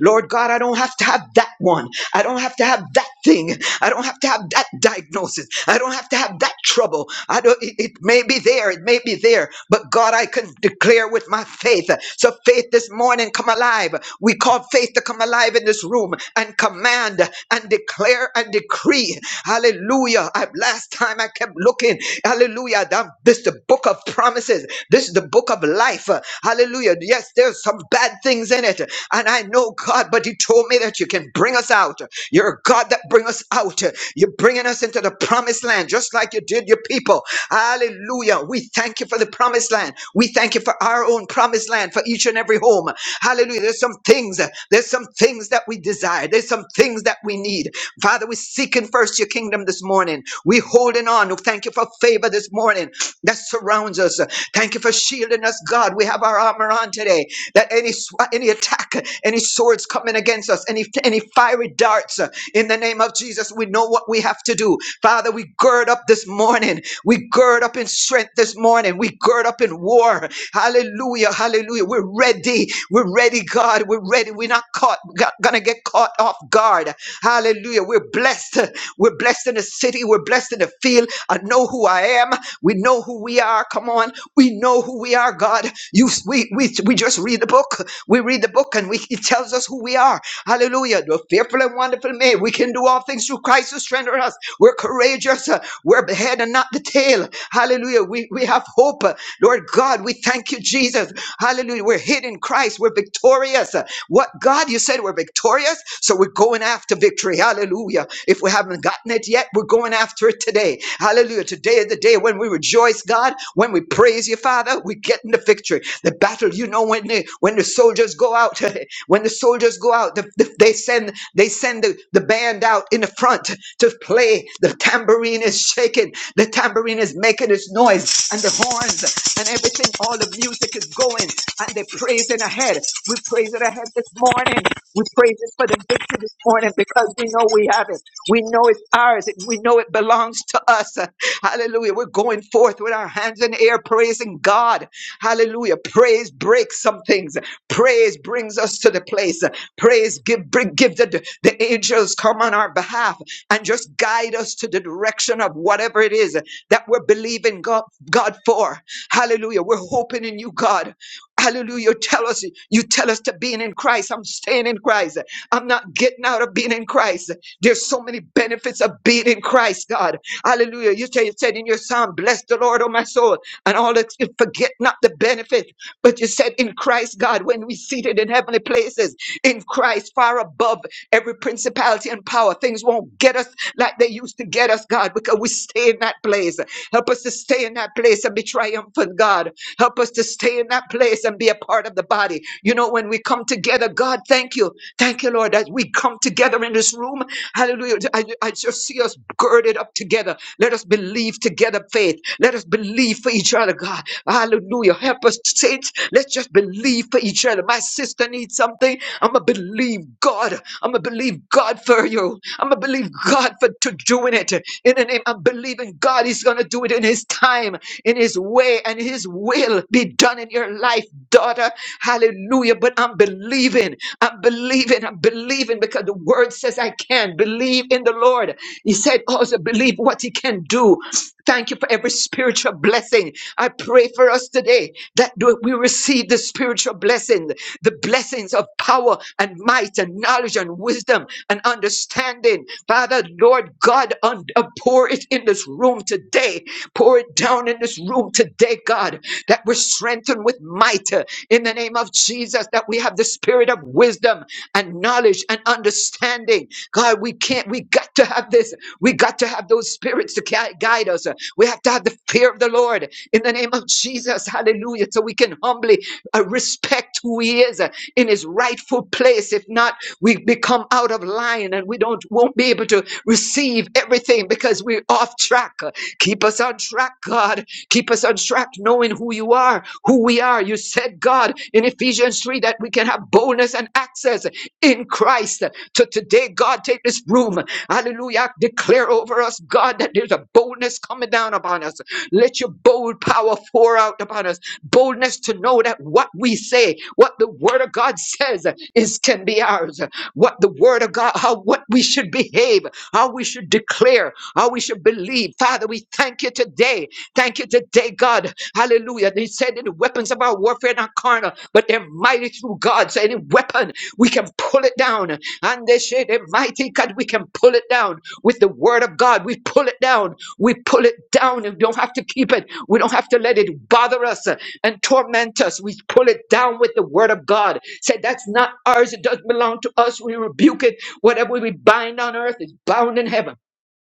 Lord God, I don't have to have that one. I don't have to have that thing. I don't have to have that diagnosis. I don't have to have that trouble. I don't it, it may be there, it may be there, but God, I can declare with my faith. So faith this morning come alive. We call faith to come alive in this room and command and declare and decree Hallelujah. I, last time I kept looking. Hallelujah. That, this is the book of promises. This is the book of life. Uh, Hallelujah. Yes, there's some bad things in it. And I know God, but He told me that you can bring us out. You're a God that bring us out. You're bringing us into the promised land, just like you did your people. Hallelujah. We thank you for the promised land. We thank you for our own promised land for each and every home. Hallelujah. There's some things, there's some things that we desire. There's some things that we need. Father, we're seeking first your kingdom this morning. We're holding on. Thank you for favor this morning that surrounds us. Thank you for shielding us, God. We have our armor on today. That any sw- any attack, any swords coming against us, any any fiery darts, uh, in the name of Jesus, we know what we have to do. Father, we gird up this morning. We gird up in strength this morning. We gird up in war. Hallelujah. Hallelujah. We're ready. We're ready, God. We're ready. We're not caught. We're not gonna get caught off guard. Hallelujah. We're blessed. We're blessed in the city. We're blessed in the field. I know who I am. We know who we are. Come on. We know who we are, God. You we we, we just read the book. We read the book and we it tells us who we are. Hallelujah. The fearful and wonderful made. We can do all things through Christ who strengthens us. We're courageous. Uh, We're the head and not the tail. Hallelujah. We we have hope. Uh, Lord God, we thank you, Jesus. Hallelujah. We're hid in Christ. We're victorious. What God, you said we're victorious, so we're going after victory. Hallelujah. If we haven't gotten it yet, we're going after it today. Hallelujah. Today is the day when we rejoice, God, when we praise you, Father, we get in the victory. The battle, you know, when the when the soldiers go out, when the soldiers go out, the, the- they send. They send the, the band out in the front to play. The tambourine is shaking. The tambourine is making its noise and the horns and everything. All the music is going and they're praising ahead. We praise it ahead this morning. We praise it for the victory this morning because we know we have it. We know it's ours. We know it belongs to us. Hallelujah. We're going forth with our hands in the air praising God. Hallelujah. Praise breaks some things. Praise brings us to the place. Praise give bring, give the the angels come on our behalf and just guide us to the direction of whatever it is that we're believing God God for. Hallelujah. We're hoping in you, God. Hallelujah. You Tell us you tell us to being in Christ. I'm staying in Christ. I'm not getting out of being in Christ. There's so many benefits of being in Christ, God. Hallelujah. You say you said in your psalm, bless the Lord, O my soul, and all that forget not the benefit. But you said in Christ, God, when we seated in heavenly places, in Christ, far above every principality and power, things won't get us like they used to get us, God, because we stay in that place. Help us to stay in that place and be triumphant, God. Help us to stay in that place and be a part of the body. You know, when we come together, God, thank you. Thank you, Lord, that we come together in this room. Hallelujah. God, just see us girded up together. Let us believe together faith. Let us believe for each other, God. Hallelujah. Help us, saints. Let's just believe for each other. My sister needs something. I'm going to believe God. I'm going to believe God for you. I'm going to believe God for to doing it. In the name, I'm believing God is going to do it in His time, in His way, and His will be done in your life life, daughter. Hallelujah. But I'm believing. I'm believing. I'm believing because the word says I can believe in the Lord. He said also believe what he can do. Thank you for every spiritual blessing. I pray for us today that do- we receive the spiritual blessings, the blessings of power and might and knowledge and wisdom and understanding. Father, Lord. Lord God, un- uh, pour it in this room today. Pour it down in this room today, God, that we're strengthened with might uh, in the name of Jesus, that we have the spirit of wisdom and knowledge and understanding. God, we can't, we got to have this. We got to have those spirits to gui- guide us. We have to have the fear of the Lord in the name of Jesus. Hallelujah. So we can humbly uh, respect who he is uh, in his rightful place. If not, we become out of line and we don't won't be able to receive everything because we're off track. Uh, Keep us on track, God. Keep us on track, knowing who you are, who we are. You said, God, in Ephesians 3 that we can have boldness and access in Christ. So today, God, take this room. Hallelujah. Declare over us, God, that there's a boldness coming down upon us. Let your bold power pour out upon us boldness to know that what we say, what the word of God says is can be ours. What the word of God, how what we should behave, how we should declare, how we should believe. Father, we thank you today Thank you today, God. Hallelujah. He said that the weapons of our warfare are not carnal, but they're mighty through God. So any weapon, we can pull it down. And they say the mighty God, we can pull it down with the word of God. We pull it down. We pull it down and we don't have to keep it. We don't have to let it bother us uh, and torment us. We pull it down with the word of God. Say that's not ours. It doesn't belong to us. We rebuke it. Whatever we bind on earth is bound in heaven.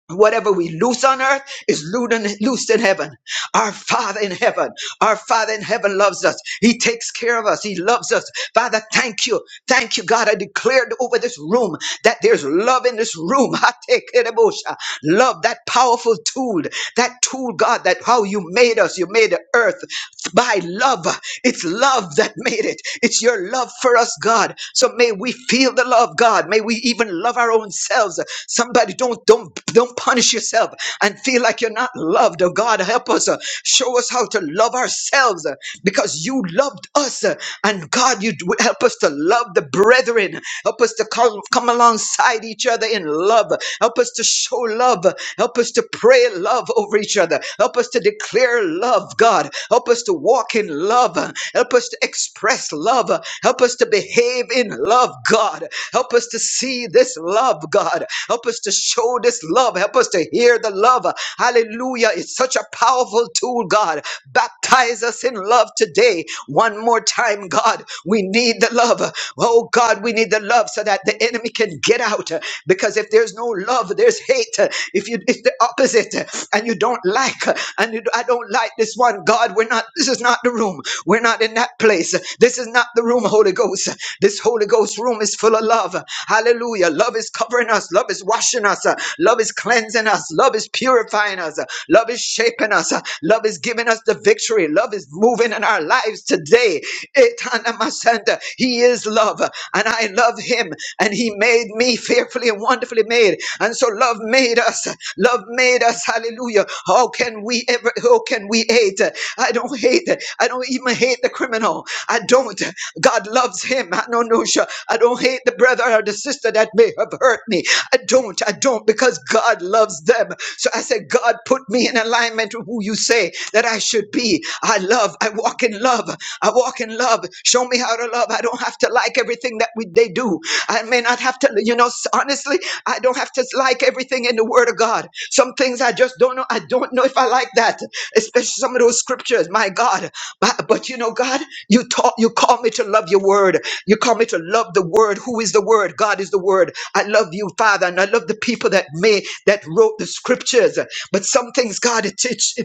Whatever we loose on earth is loo- loosed in heaven. Our Father in heaven, our Father in heaven loves us. He takes care of us. He loves us. Father, thank you. Thank you, God. I declared over this room that there's love in this room. I take it, Ebosha. Love, that powerful tool, that tool, God, that how you made us. You made the earth by love. It's love that made it. It's your love for us, God. So may we feel the love, God. May we even love our own selves. Somebody don't don't don't punish yourself and feel like you're not loved. Oh God, help us. uh, Show us how to love ourselves uh, because you loved us. uh, And God, you d- help us to love the brethren. Help us to come, come alongside each other in love. Help us to show love. Help us to pray love over each other. Help us to declare love, God. Help us to walk in love. Help us to express love. Help us to behave in love, God. Help us to see this love, God. Help us to show this love. Help us to hear the love. Hallelujah. It's such a powerful tool, God. Baptize us in love today. One more time, God. We need the love. Oh, God, we need the love so that the enemy can get out. Because if there's no love, there's hate. If you, it's the opposite, and you don't like, and you, I don't like this one, God, we're not, this is not the room. We're not in that place. This is not the room, Holy Ghost. This Holy Ghost room is full of love. Hallelujah. Love is covering us. Love is washing us. Love is cleansing us. Love is purifying us. Love is shaping us. Love is giving us the victory. Love is moving in our lives today. Etanamasanda. He is love love, and I love him, and he made me fearfully and wonderfully made. And so love made us. Love made us. Hallelujah. How can we ever how can we hate? I don't hate. I don't even hate the criminal. I don't. God loves him. I don't know. no, sure. I don't hate the brother or the sister that may have hurt me. I don't. I don't because God loves them. So I said, God, put me in alignment with who you say that I should be. I love. I walk in love. I walk in love. Show me how to love. I don't have to like everything that we, they do. I may not have to, you know, s- honestly, I don't have to like everything in the Word of God. Some things I just don't know. I don't know if I like that, especially some of those scriptures. My God. But, but you know, God, you taught, you call me to love your Word. You call me to love the Word. Who is the Word? God is the Word. I love you, Father, and I love the people that may, that wrote the scriptures. But some things, God, it teach.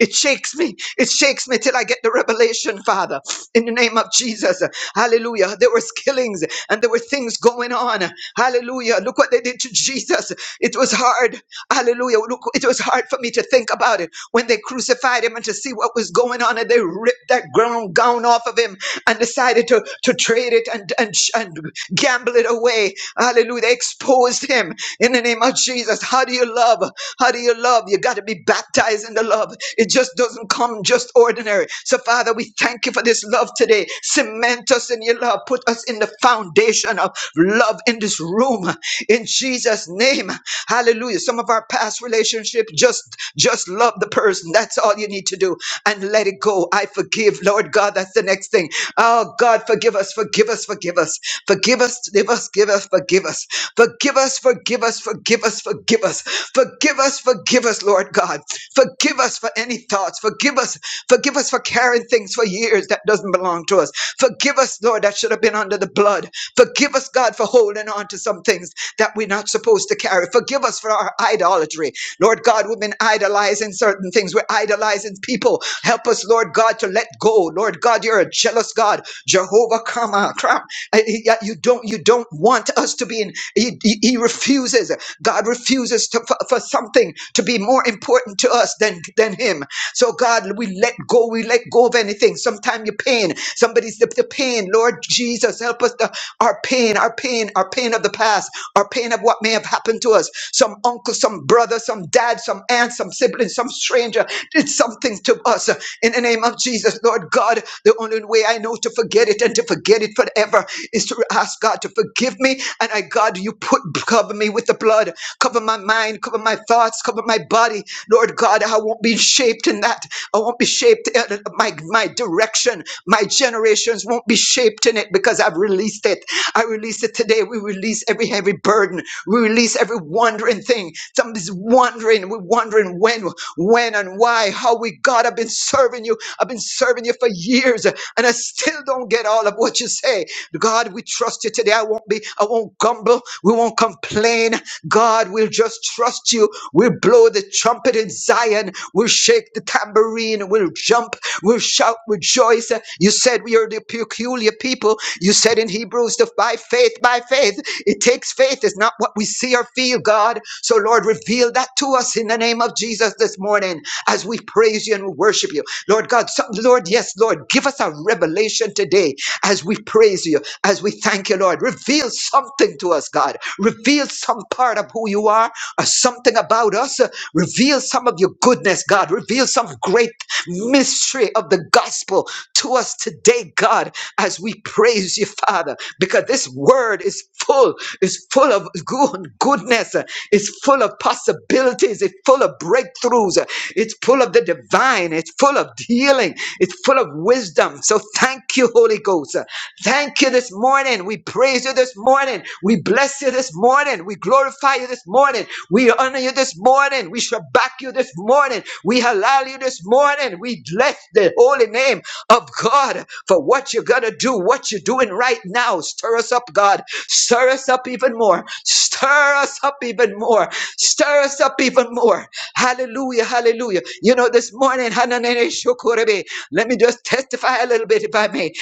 It shakes me. It shakes me till I get the revelation, Father. In the name of Jesus. Hallelujah. There was killings and there were things going on. Hallelujah. Look what they did to Jesus. It was hard. Hallelujah. Look, it was hard for me to think about it when they crucified him and to see what was going on. And they ripped that grown gown off of him and decided to, to trade it and, and, and gamble it away. Hallelujah. They exposed him in the name of Jesus. How do you love? How do you love? You got to be baptized in the love. It just doesn't come just ordinary. So, Father, we thank you for this love today. Cement us in your love. Put us in the foundation of love in this room. In Jesus' name. Hallelujah. Some of our past relationships just just just love the person. That's all you need to do and let it go. I forgive, Lord God. That's the next thing. Oh God, forgive us, forgive us, forgive us, forgive us, forgive us, give us, forgive us, forgive us, forgive us, forgive us, forgive us, forgive us, forgive us, Lord God. Forgive us for any thoughts. Forgive us, forgive us for carrying things for years that doesn't belong to us. Forgive us, Lord, that should have been under the blood. Forgive us, God, for holding on to some things that we're not supposed to carry. Forgive us for our idolatry. Lord God, we've been idolizing certain things. We're idolizing people. Help us, Lord God, to let go. Lord God, you're a jealous God. Jehovah, come on, come. Uh, he- uh, You don't, you don't want us to be in. He, he he refuses. God refuses to, for, for something to be more important to us than than Him. So God, we let go. We let go of anything. Sometimes your pain. Somebody's the, the pain. Lord Jesus, help us. Our pain, our pain, our pain of the past, our pain of what may have happened to us. Some uncle, some brother, some dad, some aunt, some sibling, some stranger did something to us. In the name of Jesus, Lord God, the only way I know to forget it and to forget it forever is to ask God to forgive me. And I, God, you put cover me with the blood, cover my mind, cover my thoughts, cover my body. Lord God, I won't be shaped in that. I won't be shaped. uh, uh, My my direction, my generations won't be shaped in it because I've released it. I release it today. We release every heavy burden. We release every wandering thing. Somebody's wondering. We're wondering when, when, and why. How we God, I've been serving you. I've been serving you for years, and I still don't get all of what you say. God, we trust you today. I won't be, I won't grumble. We won't complain. God, we'll just trust you. We'll blow the trumpet in Zion. We'll shake the tambourine. We'll jump. We'll shout, rejoice. You said we are the peculiar people. You said in Hebrews, the by faith, by faith. It takes faith. It's not what we see or feel, God. So Lord, reveal that to us in the name of Jesus this morning as we praise you and we worship you. Lord God, some, Lord, yes, Lord, give us a revelation today as we praise you, as we thank you, Lord. Reveal something to us, God. Reveal some part of who you are or something about us uh, Reveal some of your goodness, God. Reveal some great mystery of the gospel to us today, God, as we praise you, Father, because this word is full, is full of good goodness, uh, it's full of possibilities, it's full of breakthroughs, uh, it's full of the divine, it's full of healing, it's full of wisdom. So thank you, Holy Ghost. uh, Thank you this morning. We praise you this morning. We bless you this morning. We glorify you this morning. We honor you this morning. We shall back you this morning. We halal you this morning. We bless the holy name of God for what you're going to do, what you're doing right now. Stir us up, God. Stir us up even more. Stir us up even more. Stir us up even more. Hallelujah. Hallelujah. You know, this morning, Hananene Shokorebe, let me just testify a little bit if I may.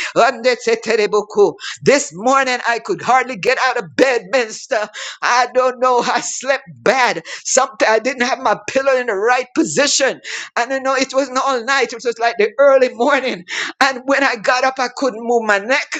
This morning I could hardly get out of bed, minister. I don't know. I slept bad. Sometimes I didn't have my pillow in the right position. I don't know. It wasn't all night. It was like the early morning. And when I got up, I couldn't move my neck.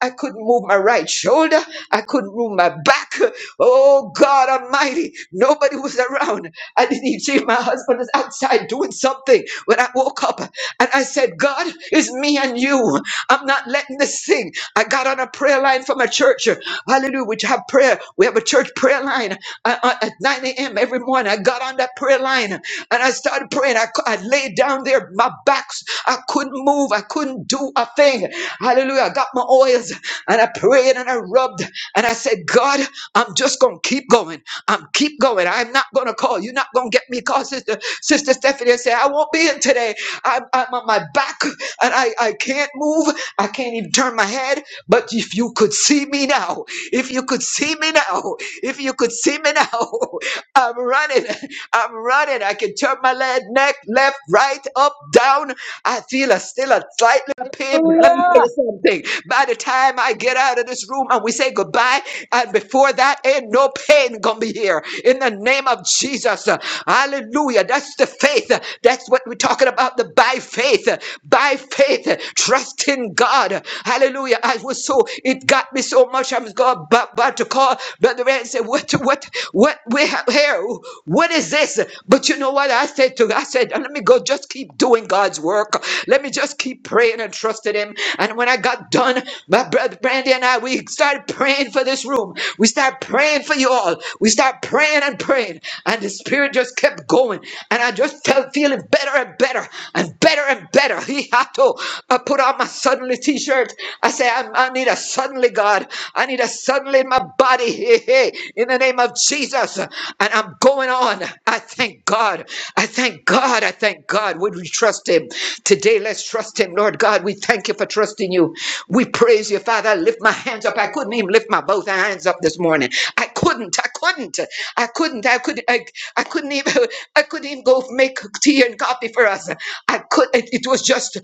I couldn't move my right shoulder. I couldn't move my back. Oh God Almighty. Nobody was around. I didn't even see my husband was outside doing something when I woke up. And I said, God, it's me and you. I'm not letting this thing. I got on a prayer line from a church. uh, Hallelujah. We have prayer. We have a church prayer line uh, uh, at 9 a.m. every morning. I got on that prayer line uh, and I started praying. I, cou- I laid down there, my backs. I couldn't move. I couldn't do a thing. Hallelujah. I got my oils and I prayed and I rubbed and I said, God, I'm just going to keep going. I'm keep going. I'm not going to call. You're not going to get me call sister, sister Stephanie said I won't be in today. I'm, I'm on my back and I, I can't can't move. I can't even turn my head. But if you could see me now, if you could see me now, if you could see me now, I'm running. I'm running. I can turn my leg, neck, left, right, up, down. I feel a still a slight little pain. but Let me tell
Hallelujah.
you something. By the time I get out of this room and we say goodbye, and before that, ain't no pain gonna be here. In the name of Jesus, hallelujah. That's the faith. That's what we're talking about. The Bible by faith, by faith, trust in God. Hallelujah. I was so, it got me so much. I was God, but about to call Brother Red and say, What, what, what, we have here, what is this? But you know what I said to, I said, Let me go, just keep doing God's work. Let me just keep praying and trusting Him. And when I got done, my brother Brandy and I, we started praying for this room. We started praying for you all. We started praying and praying. And the Spirit just kept going. And I just just felt feeling better and better and better and better. He had to. I put on my suddenly t-shirt. I say, I, I need a suddenly God. I need a suddenly in my body. Hey, hey, in the name of Jesus. And I'm going on. I thank God. I thank God. I thank God. Would we trust him? Today, let's trust him. Lord God, we thank you for trusting you. We praise you, Father. I lift my hands up. I couldn't even lift my both hands up this morning. I couldn't. I couldn't. I couldn't. I could I, I couldn't even. I couldn't even go make tea and coffee for us. I could. It, it was just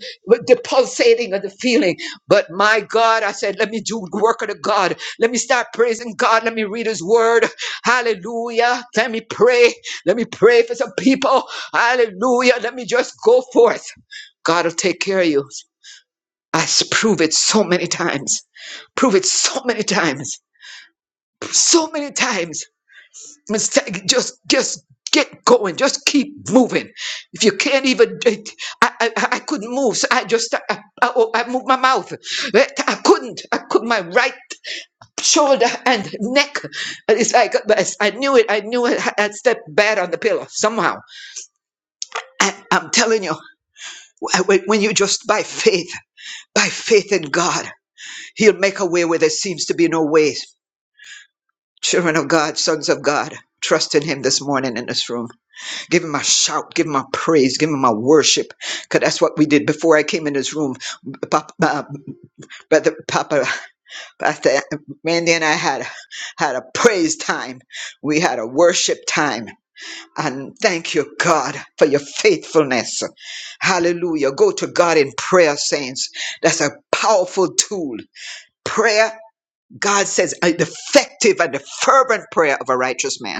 the pulsating of the feeling. But my God, I said, let me do the work of the God. Let me start praising God. Let me read His Word. Hallelujah. Let me pray. Let me pray for some people. Hallelujah. Let me just go forth. God will take care of you. I s- prove it so many times. Prove it so many times. So many times. It's just just get going. Just keep moving. If you can't even, I I, I couldn't move. So I just I, I, oh, I moved my mouth. Eh, I couldn't. I could my right shoulder and neck. And It's like but it's- I knew it. I knew it. I I stepped bad on the pillow somehow. And I'm telling you, when when you just by faith, by faith in God, He'll make a way where there seems to be no way. Children of God, sons of God, trust in Him this morning in this room. Give him my shout. Give him my praise. Give him my worship. Because that's what we did before I came in this room. Papa, uh, Brother Papa, Pastor Randy and I had, had a praise time. We had a worship time. And thank you, God, for your faithfulness. Hallelujah. Go to God in prayer, saints. That's a powerful tool. Prayer, God says, uh, the effective and the fervent prayer of a righteous man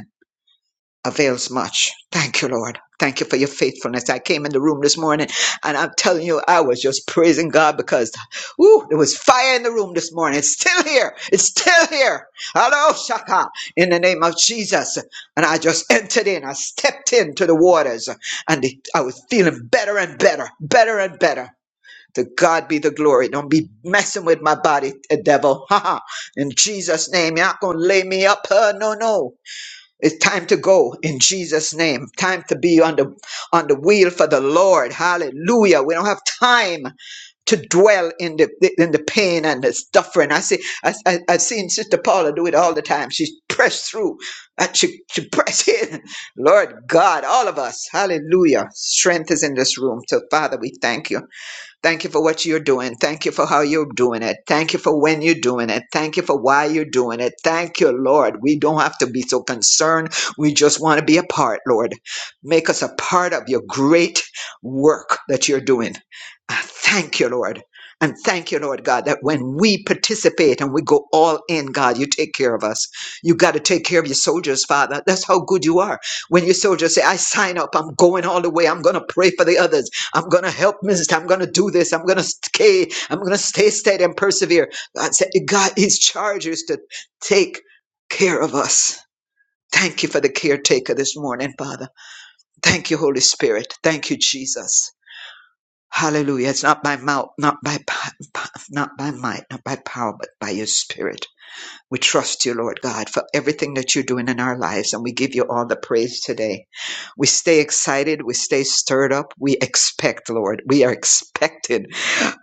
avails much. Thank you, Lord. Thank you for your faithfulness. I came in the room this morning and I'm telling you, I was just praising God because woo, there was fire in the room this morning. It's still here. It's still here. Hello, Shaka, in the name of Jesus. And I just entered in. I stepped into the waters and it- I was feeling better and better, better and better. To God be the glory. Don't be messing with my body, uh, devil. Ha ha. In Jesus' name, you're not going to lay me up. Uh, no, no. It's time to go in Jesus' name. Time to be on the on the wheel for the Lord. Hallelujah. We don't have time to dwell in the in the pain and the suffering. I see I, I I've seen Sister Paula do it all the time. She's pressed through and she, she pressed in. Lord God, all of us. Hallelujah. Strength is in this room. So Father, we thank you. Thank you for what you're doing. Thank you for how you're doing it. Thank you for when you're doing it. Thank you for why you're doing it. Thank you, Lord. We don't have to be so concerned. We just want to be a part, Lord. Make us a part of your great work that you're doing. I Thank you, Lord. And thank you, Lord God, that when we participate and we go all in, God, you take care of us. You got to take care of your soldiers, Father. That's how good you are. When your soldiers say, I sign up, I'm going all the way, I'm going to pray for the others. I'm going to help minister. I'm going to do this. I'm going to stay. I'm going to stay steady and persevere. God said, God, his charge is to take care of us. Thank you for the caretaker this morning, Father. Thank you, Holy Spirit. Thank you, Jesus. Hallelujah. It's not by mouth, not by, pa- pa- not by might, not by power, but by your spirit. We trust you, Lord God, for everything that you're doing in our lives. And we give you all the praise today. We stay excited. We stay stirred up. We expect, Lord. We are expected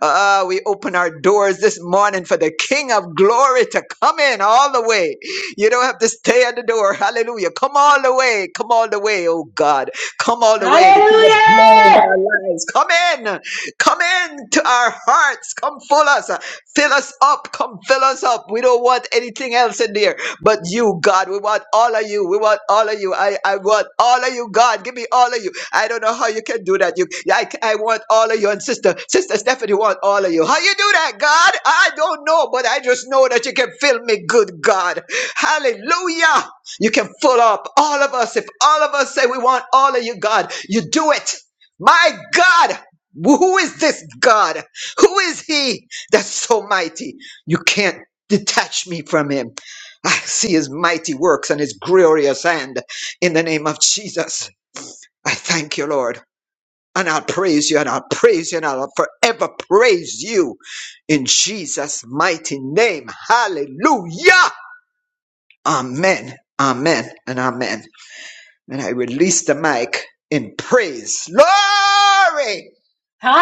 Ah, we open our doors this morning for the King of Glory to come in all the way. You don't have to stay at the door. Hallelujah. Come all the way. Come all the way, oh God. Come all the way. The King of Glory in
Hallelujah!
our lives. Come in. Come in to our hearts. Come full us. Fill us up. Come fill us up. We don't want anything else in there but you, God. We want all of you. We want all of you. I, I want all of you, God. Give me all of you. I don't know how you can do that. You, I, I want all of you and sister, sister Stephanie want all of you. How you do that, God? I don't know, but I just know that you can fill me good, God. Hallelujah. You can fill up all of us. If all of us say we want all of you, God, you do it. My God. Who is this God? Who is he that's so mighty? You can't detach me from him. I see his mighty works and his glorious hand in the name of Jesus. I thank you, Lord. And I'll praise you and I'll praise you and I'll forever praise you in Jesus' mighty name. Hallelujah. Amen. Amen and amen. And I release the mic in praise. Glory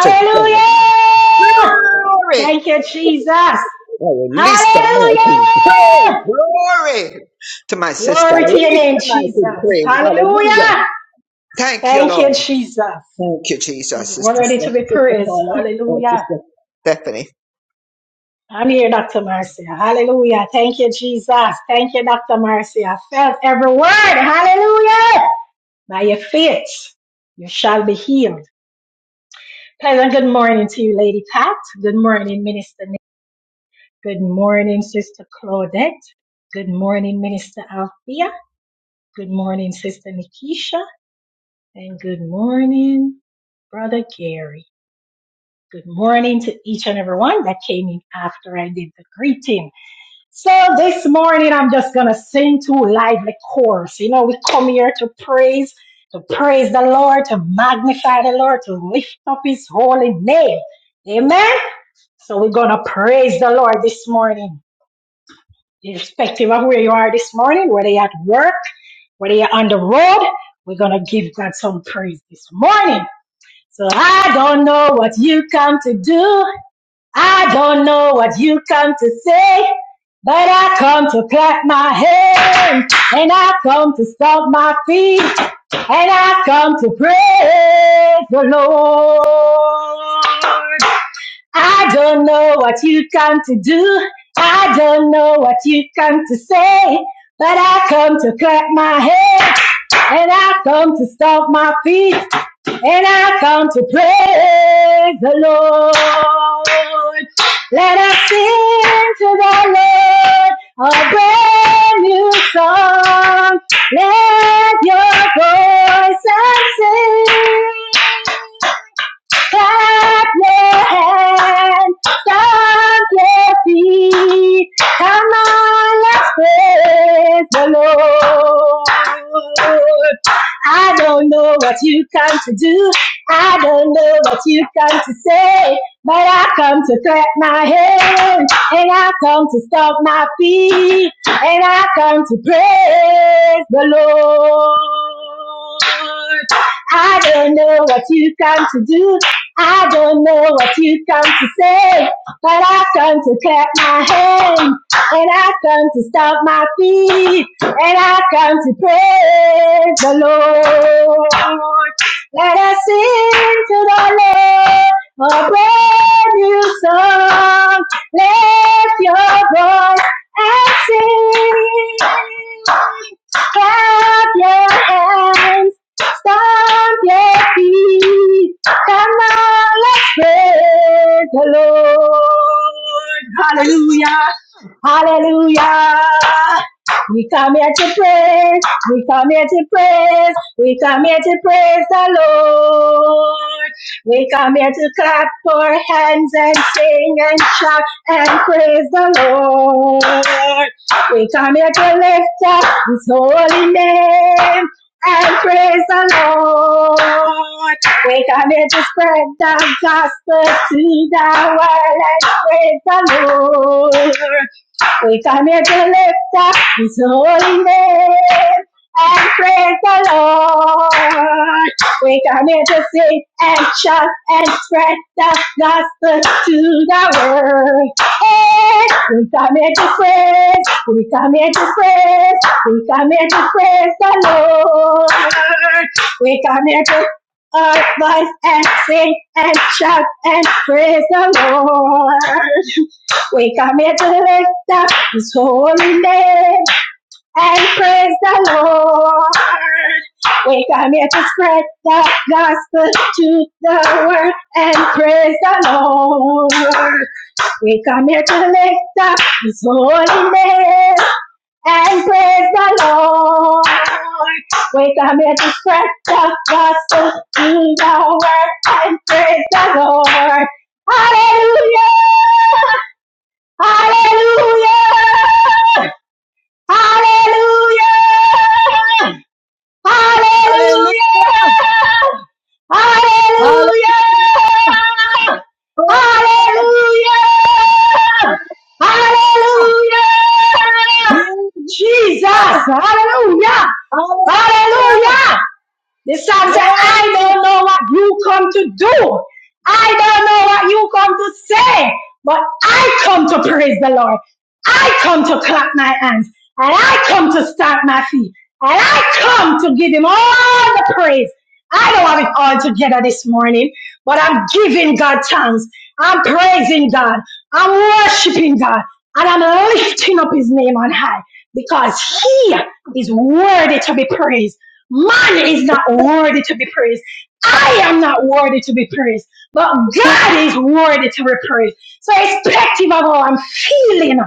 to God. Glory.
Thank you, Jesus.
I release the mic in praise.
Hallelujah!
Glory to my sister. I
Glory to your
release
name,
the mic
Jesus.
in praise. Hallelujah.
Hallelujah!
Thank you,
Thank you,
Lord.
Jesus.
Thank you, Jesus.
He's
Sister,
worthy to be
Sister
praised.
Paula or
Hallelujah.
Sister Stephanie.
I'm here, Dr. Marcia. Hallelujah. Thank you, Jesus. Thank you, Dr. Marcia. I felt every word. Hallelujah. By your faith, you shall be healed. Pleasant good morning to you, Lady Pat. Good morning, Minister Nick. Good morning, Sister Claudette. Good morning, Minister Althea. Good morning, Sister Nikisha. And good morning, Brother Gary. Good morning to each and every one that came in after I did the greeting. So this morning, I'm just going to sing two lively chorus. You know, we come here to praise, to praise the Lord, to magnify the Lord, to lift up his holy name. Amen. So we're going to praise the Lord this morning, irrespective of where you are this morning, whether you're at work, whether you're on the road, we're going to give God some praise this morning. So I don't know what you come to do. I don't know what you come to say, but I come to clap my hands, and I come to stomp my feet, and I come to praise the Lord. I don't know what you come to do, I don't know what you come to say, but I come to clap my hands, and I come to stomp my feet, and I come to praise the Lord. Let us sing to the Lord a brand new song. Let your voices sing. Clap your hands, stomp your feet. Come on, let's praise the Lord. I don't know what you come to do. I don't know what you come to say. But I come to clap my hands, and I come to stomp my feet, and I come to praise the Lord. I don't know what you come to do. I don't know what you come to say, but I come to clap my hands, and I come to stomp my feet, and I come to praise the Lord. Let us sing to the Lord a brand new song. Lift your voice and sing. Clap your hands Somebody, come on, let's praise the Lord. Hallelujah, hallelujah. We come here to praise, we come here to praise, we come here to praise the Lord. We come here to clap our hands and sing and shout and praise the Lord. We come here to lift up His holy name and praise the Lord. We are coming to spread the gospel to the world and praise the Lord. We come here to lift up His holy name and praise the Lord. We come here to sing and shout and spread the gospel to the world. Hey, we come here to praise. We come here to praise. We come here to praise the Lord. We come here to our voice and sing and shout and praise the Lord. We come here to lift up His holy name and praise the Lord. We come here to spread the gospel to the world and praise the Lord. We come here to lift up His holy name and praise the Lord. We come here to spread the gospel to the world and praise the Lord. Hallelujah! Hallelujah! Hallelujah!
Hallelujah.
Hallelujah!
Hallelujah.
Hallelujah!
Hallelujah.
Hallelujah!
Hallelujah.
Hallelujah! Jesus!
Jesus.
Hallelujah!
Hallelujah.
Hallelujah! The psalm said,
Glory.
I don't know what you come to do. I don't know what you come to say, but I come to praise the Lord. I come to clap my hands and I come to stamp my feet and I come to give him all the praise. I don't have it all together this morning, but I'm giving God thanks. I'm praising God. I'm worshiping God and I'm lifting up his name on high because he is worthy to be praised. Man is not worthy to be praised. I am not worthy to be praised, but God is worthy to be praised. So, irrespective of how I'm feeling,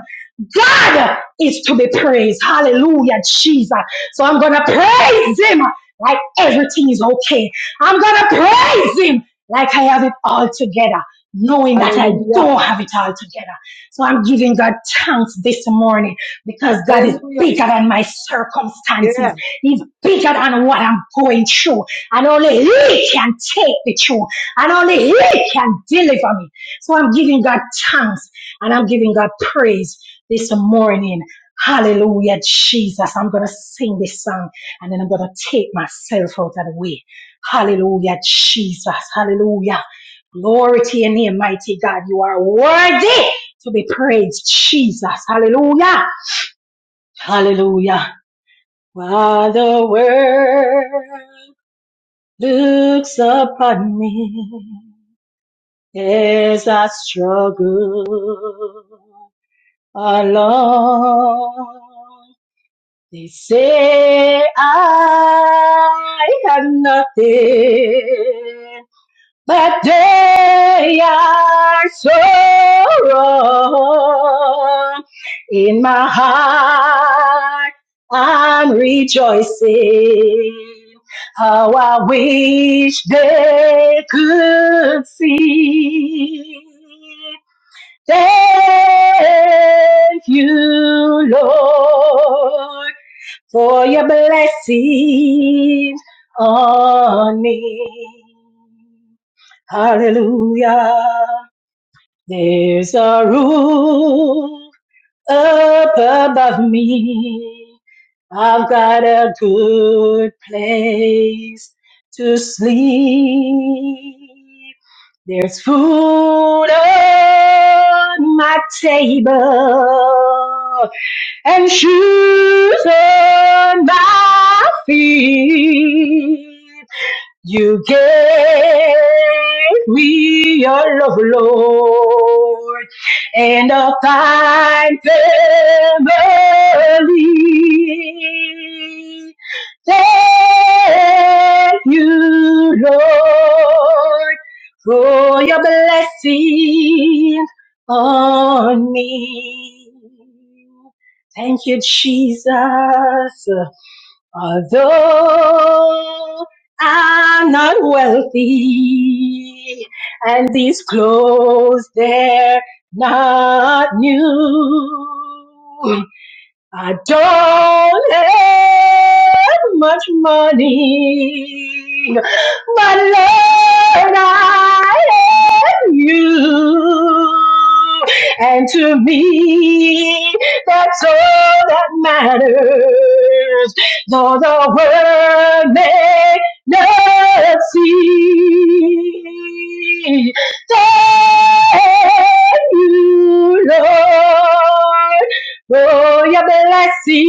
God is to be praised. Hallelujah, Jesus. So I'm going to praise him like everything is okay. I'm going to praise him like I have it all together, knowing that I
Hallelujah.
don't have it all together. So I'm giving God thanks this morning because God is
Hallelujah.
bigger than my circumstances.
Yeah.
He's bigger than what I'm going through. And only he can take me through. And only he can deliver me. So I'm giving God thanks and I'm giving God praise this morning. Hallelujah, Jesus. I'm going to sing this song and then I'm going to take myself out of the way. Hallelujah, Jesus. Hallelujah. Glory to your name, mighty God. You are worthy to be praised, Jesus. Hallelujah. Hallelujah. While the world looks upon me as I struggle alone. They say I have nothing, but they are so wrong. In my heart, I'm rejoicing. How I wish they could see. Thank you, Lord for your blessings on me. Hallelujah. There's a roof up above me. I've got a good place to sleep. There's food on my table and shoes on my feet. You gave me your love, Lord, and a fine family. Thank you, Lord, for your blessing on me. Thank you, Jesus. Although I'm not wealthy and these clothes, they're not new. I don't have much money, but Lord, I have you. And to me, that's all that matters. Though the world may not see, thank you, Lord. Oh, your blessing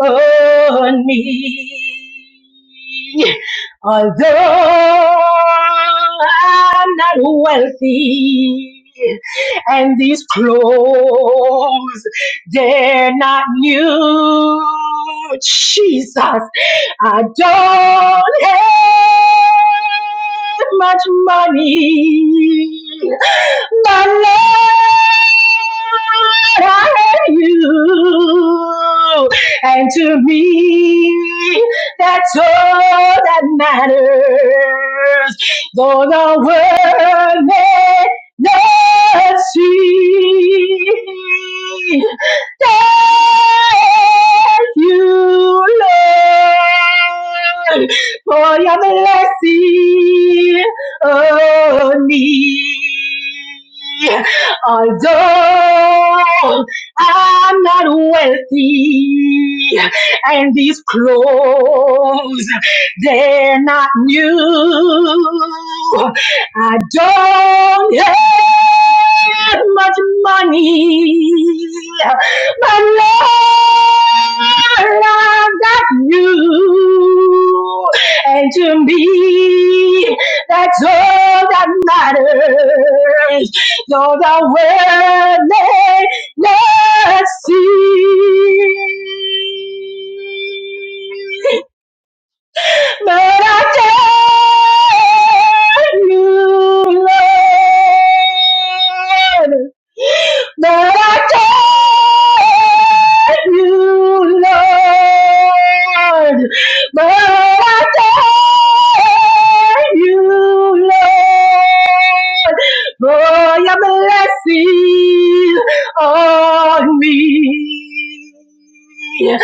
on me. Although I'm not wealthy, and these clothes, they're not new. Jesus, I don't have much money. My Lord, I have you. And to me, that's all that matters. Though the world may not see, thank you, Lord, for your blessing money. Although I'm not wealthy, and these clothes, they're not new. I don't have much money, but Lord, I've got you. And to me, that's all that matters. You're the world may not see. But I thank you, Lord. But I thank you, Lord. But I thank you, Lord, for your blessing on me. Thank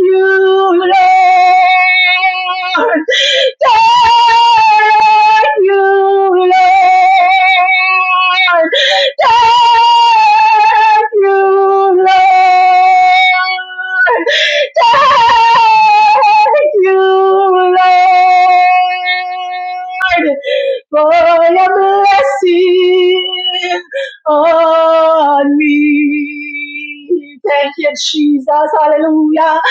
you, Lord. Thank you, Lord. Thank you, Lord. Thank you, Lord, for your blessing on me. Thank you, Jesus. Hallelujah.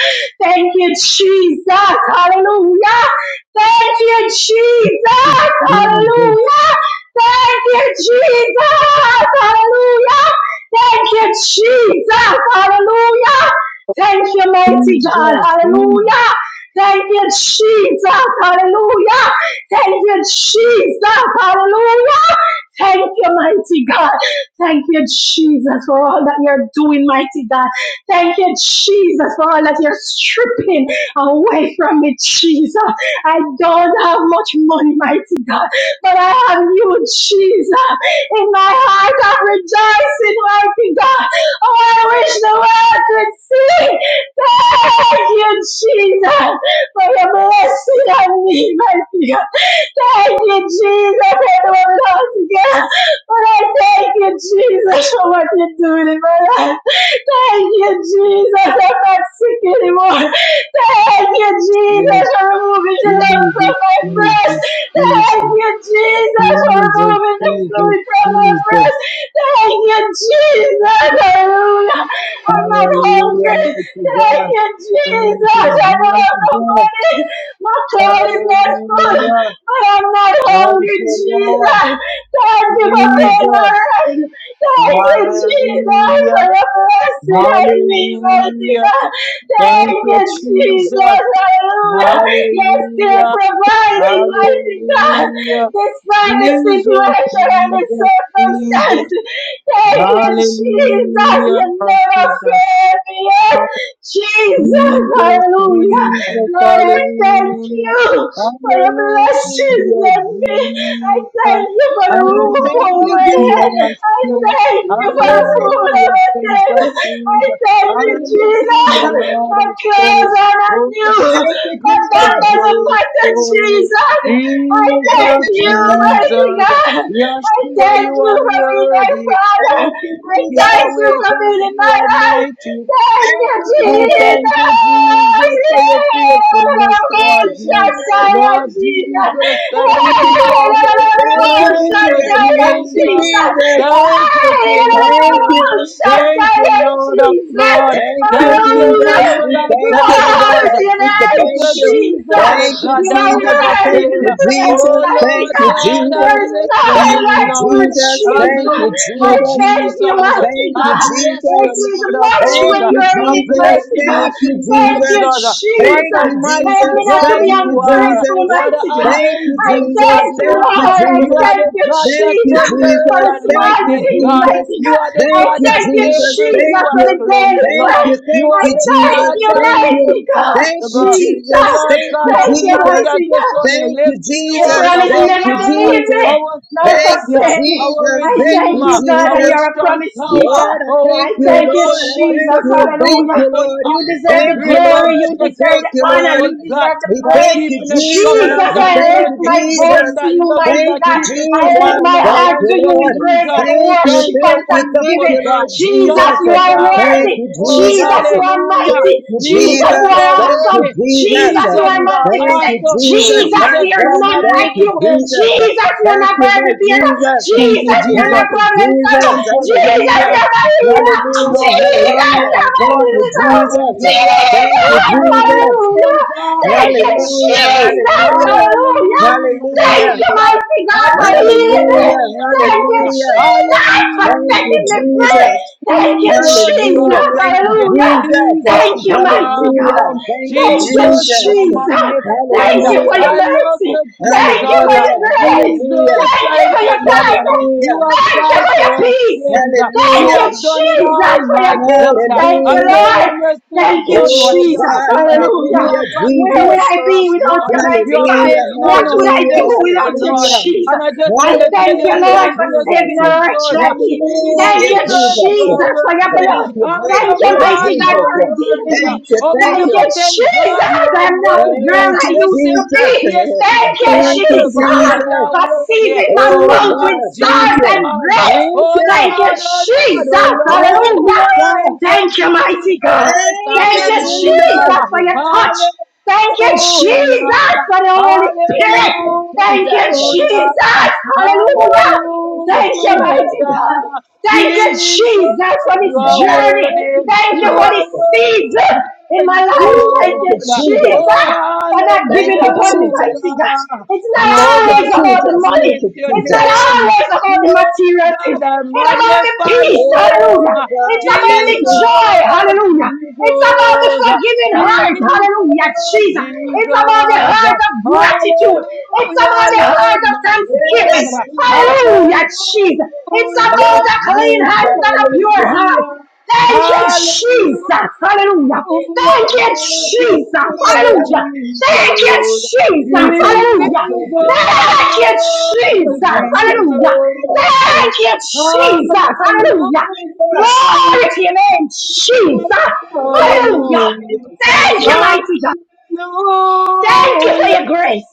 Thank you, Jesus. Hallelujah. Thank you, Jesus.
Jesus,
Hallelujah. Thank you, Jesus. Hallelujah. Thank you, Jesus. Hallelujah. Thank you, mighty God.
Jesus, Jesus,
Hallelujah. Thank you, Jesus. Hallelujah. Thank you, Jesus. Hallelujah. Thank you, mighty God. Thank you, Jesus, for all that you're doing, mighty God. Thank you, Jesus, for all that you're stripping away from me, Jesus. I don't have much money, mighty God, but I have you, Jesus. In my heart, I'm rejoicing, mighty God. Oh, I wish the world could see. Thank you, Jesus, for your blessing on me, my dear. Thank you, Jesus. I had to hold it all together. But I thank you, Jesus, for what you're doing in my life. Thank you, Jesus. I'm not sick anymore. Thank you, Jesus, for removing the lump from
Jesus,
my
Jesus,
breast. Thank
Jesus,
you, Jesus, for
Jesus,
removing the
Jesus,
fluid from my
Jesus.
breast. Thank you, Jesus. Hallelujah. I'm not
Hallelujah,
hungry.
mighty
Thank
God.
you,
Thank
Jesus. I
you,
don't have no
Jesus.
money. My cupboard is not full.
Hallelujah.
But I'm not
Thank
hungry,
you, Lord.
Jesus. Thank you for being my
Jesus.
right. Thank you, Jesus,
Hallelujah.
for your blessing on me,
Lord
mighty
Hallelujah.
God.
Thank
Thank
you,
you, Jesus.
Jesus.
Hallelujah. You're still
Hallelujah.
providing, mighty God,
Hallelujah.
despite the
Jesus,
situation and the
Jesus, Jesus.
circumstances. Thank you, Jesus.
Hallelujah.
You never
Jesus,
fail me yet.
Father,
Jesus,
Jesus,
thank
hallelujah.
Jesus.
Jesus,
Lord, I thank
hallelujah,
you for your blessings
hallelujah,
on me. I thank
Jesus,
you for the
Thank
roof
you,
Thank
over
you,
my
hallelujah,
head.
Jesus.
I
Master.
thank you for the
Glory.
Jesus.
food on
hallelujah,
my
Prince of
table. I
Peace,
thank you,
Thank you,
Jesus.
hallelujah,
Jesus.
Lord
My
of
clothes
hosts,
are not
oh,
new,
glory,
Thank you,
but that
glory,
Jesus.
doesn't
glory,
matter,
glory,
Jesus. I
Thank
thank
you,
Jesus,
you,
Jesus.
mighty
Jesus,
God. I
Yeshua,
thank
you
you
are
for being my
worthy,
father.
Thank you,
I thank
Jesus.
you
Yahweh
for
God,
being in
you
my
are
life.
mighty,
Thank
Thank
you,
you,
Oh,
Jesus.
Jesus.
thank you, Jesus, for your faithfulness
Thank you,
towards men.
Jesus.
Lord
Jesus.
Jesus, thank
Thank
you,
you,
Lord.
Jesus. Thank you,
Thank you,
Jesus.
Shakaya,
Thank
Jesus.
you,
Jesus.
Jesus.
Thank you, King of
Thank
Kings.
you.
Thank you, Lord of
Jesus.
Lord.
Thank you,
Thank you,
Jesus.
Hallelujah.
Emmanuel,
We
our
thank
God
you,
with
Lord.
Glory to
us.
God,
your
sister,
Thank
name,
thank
you,
you.
Jesus,
Jesus.
the
Thank you,
God
You
that
are
Jesus.
never
worthy
Thank
to be
you,
fail.
praised,
Jesus.
Oh
mighty
Thank
Lord
God.
you,
God, I
Jesus.
There is
bless your
none
Thank
name,
you,
like you,
Lord.
Jesus.
I
Thank
Jesus.
you,
bless
I
you,
Jesus.
thank
Jesus.
you, mighty
Thank
I
you,
God.
bless you,
Jesus.
It is
Lord of
much
hosts.
Thank
when you
you,
are
I
in it,
Jesus.
bless
mighty
you,
God.
Thank you,
sweet
Thank
Jesus.
you,
Jesus. What
Thank
a
Jesus.
you,
Help
mighty
me
Jesus.
not to
God
be
Thank you,
you are.
ungrateful,
Jesus.
What an
mighty God.
Thank you,
I
amazing
Jesus.
God
thank
you
you,
Thank you,
are.
Lord. I
You
Jesus.
are
thank
the
you,
God
Thank
that
you,
Jesus, for
thundereth
Jesus.
the
and
Thank
small
you,
lightneth,
things,
God.
Jesus.
mighty
You
God.
are the
I
Thank
God
you,
that
thank you,
saves,
Jesus.
Jesus,
renew,
Thank
for
you.
and
the
cleanse,
daily
Thank
bread.
Lord.
you.
You
Thank
I
are
you,
the
thank
Jesus.
God
you,
that
Thank
do the
mighty
you.
impossible.
God,
Thank
So
you,
God,
Jesus.
so
Jesus.
Lord
Thank
God
you,
Thank you,
Almighty,
Jesus.
I
mighty
just
God.
want to
Thank you,
lift you
You
up,
Jesus.
promise
our
Thank
never
you,
to
Father,
leave
Jesus.
me
our
nor
Thank you,
Savior,
forsake me.
our
Jesus.
I
Thank
thank
you,
Redeemer,
you, God, that
Jesus.
our
you're a
strong
promise
Lord,
keeper.
tower,
I
our
I
thank you,
thank you,
faithful,
Lord, I
Jesus.
thank
wonderful,
you, thank
Hallelujah.
you,
beautiful,
Lord,
You deserve
awesome,
thank
the
you,
great
glory.
and
Lord,
You
we
deserve
dreadful,
thank
the
you,
honor.
Lord,
powerful
You
God
deserve the
we
that
praise.
thank you,
keeping his
Jesus,
Jesus,
covenant
we
I
and
thank
lift
you,
mercy
my
to
voice
Jesus,
them
to
that
you,
love him,
mighty
that
thank you,
God.
keep his
I lift
Jesus,
my
commandments.
heart
thank
Thank
you,
to you
you,
in
Lord,
praise
Jesus.
and
thank you,
Thank
worship and
you,
thank you, thank
wonderful
thanksgiving.
you, Lord
God.
Jesus,
Thank
Jesus,
you
you,
are
Yahweh.
thank
worthy.
you,
Oh,
Jesus,
Jesus,
you are
hallelujah.
mighty.
Thank you,
Jesus,
Jesus,
you
Jesus.
are
you're
Thank
awesome.
you,
worthy.
Jesus.
Jesus, you
Jesus,
are
you're
Thank
magnificent.
you,
awesome.
Jesus.
Jesus,
My
Jesus,
there is
you're
God,
none
thank
like
you,
you.
magnificent.
Jesus.
Jesus, you're
Thank
my
you, my
burden bearer.
Jesus.
Thank you,
Jesus, you're my
Thank
Jesus.
you,
problem solver.
Jesus.
Thank you,
Jesus,
Hallelujah.
Jesus.
you're my healer.
Thank you,
Hallelujah.
Lord
Jesus,
God.
Hallelujah.
you're my
You
Thank
are
you,
the
deliverer.
born and
Jesus.
Gilead.
Thank you,
Jesus,
Oh,
Jesus.
wonderful
hallelujah.
God, I
Thank you,
bless
Hallelujah.
you.
Jesus,
Hallelujah.
hallelujah.
Hallelujah,
Hallelujah.
Thank you,
Jesus.
mighty God, for healing me.
Hallelujah.
Hallelujah,
Thank
Lord.
you,
Hallelujah.
Jesus, for
Thank you,
setting me
Hallelujah.
free.
Jesus.
Thank you,
Jesus, you are
Hallelujah.
Jesus,
Thank you,
worthy.
hallelujah.
Jesus.
Thank
Jesus,
you,
you
mighty
are
God.
Hallelujah.
awesome.
Thank you,
Thank you,
Jesus, you are
Jesus.
Jesus.
magnificent.
Thank you for your
Hallelujah.
I love
mercy.
you,
Thank you for your
Jesus.
Hallelujah.
grace.
Hallelujah.
Jesus,
Thank you
thank
for
you,
your
Lord.
kindness.
You
Hallelujah.
have
Thank you
died
for your
for our
peace.
sins.
Thank
You
Hallelujah.
you,
have done it
Jesus,
all,
for
my
your peace.
God.
Thank you,
And
Hallelujah.
no
Lord.
one else could
Thank
have
you,
done what
Oh
you
Jesus.
have
God.
done. You
Hallelujah.
Hallelujah.
have gone
Where would
fierce
Jesus.
I
for
be
us,
without
Lord.
you,
You
mighty
have
God?
Hallelujah.
taken
What
on
would
our
I
Hallelujah.
do
sins, dear
without you,
Lord.
Hallelujah.
Jesus?
And I just
I
want to tell
thank you,
you,
Hallelujah,
Lord,
thank
for saving
Jesus.
a
you,
wretch like
Jesus.
me. Thank
Hallelujah,
you,
Jesus,
Jesus.
you are
Jesus, for your
worthy.
Thank
blood.
you, my
Thank you,
Awesome
God,
God,
mighty
you
God,
are
for
Jesus.
redeeming
worthy.
me.
Thank you, thank
Thank you,
you.
Omnipotent
Jesus.
God, you are
I'm not the
Thank
worthy.
girl I
you,
The
used to
same
Jesus.
God
be.
yesterday,
Thank you,
today, and
Thank you,
Jesus,
forevermore, you
Jesus.
are
for
worthy.
seizing my
Oh
Oh,
mouth with
Lord
God, thank
salt
Jesus.
you.
and
Oh
grace.
Thank
Lord,
you.
Thank you,
oh Lord, oh
Jesus.
Thank
Lord.
Hallelujah.
you.
Thank you,
Thank you, mighty God.
Jesus.
Thank
Thank
you,
you,
Hallelujah.
Jesus, for
Jesus.
your touch.
Hallelujah.
Thank you,
Hallelujah,
Jesus, for the Holy Spirit.
Thank you,
Thank you,
Jesus.
hallelujah,
Jesus. Hallelujah.
Oh, thank you,
Thank you, mighty
Jesus.
hallelujah.
God. Thank you,
Jesus,
Jesus, for
you
this
are
Yes,
journey.
thank
worthy,
you,
Thank you
you
for this
are
Jesus.
season in
worthy,
my life.
Ooh,
Thank
Thank
you,
you,
Lord.
Jesus.
Oh,
Jesus, for not
Thank
giving up
you,
on me,
hallelujah.
mighty
Jesus.
God. It's not
Thank you,
Jehovah
always
God,
about
I
the
Jesus. Thank
bless
money.
you,
your
It's not
Jesus.
name.
always about the
Lord
material thing.
God, I
It's about the
magnify your
peace. Hallelujah.
name.
Oh,
It's
God,
about the
thank you.
joy.
Jesus,
Hallelujah. It's about the
Jesus,
forgiving heart. Hallelujah,
Jesus,
Jesus. It's about the
Jesus.
heart of gratitude. It's about
Hallelujah,
the heart
Lord
of
my
thanksgiving.
Yes,
God.
Jesus.
Hallelujah, Jesus. It's
Hallelujah,
about
Yes,
the clean
Jesus,
hands and a
thank
pure
you.
heart.
hallelujah,
Thank you,
hallelujah.
Jesus. Hallelujah. Thank
Thank
you,
you,
Jesus.
Jesus.
Hallelujah. Thank you,
Jesus,
Jesus.
Jesus, thank you.
Jesus,
Jesus,
Hallelujah. Thank you, Jesus.
thank you.
Jesus,
Hallelujah. Thank you, Jesus. Hallelujah.
hallelujah,
Jesus,
Glory to your name, Jesus.
glory to your
Hallelujah.
hallelujah,
name. Thank
Thank you,
you.
mighty Thank you for
hallelujah,
your grace.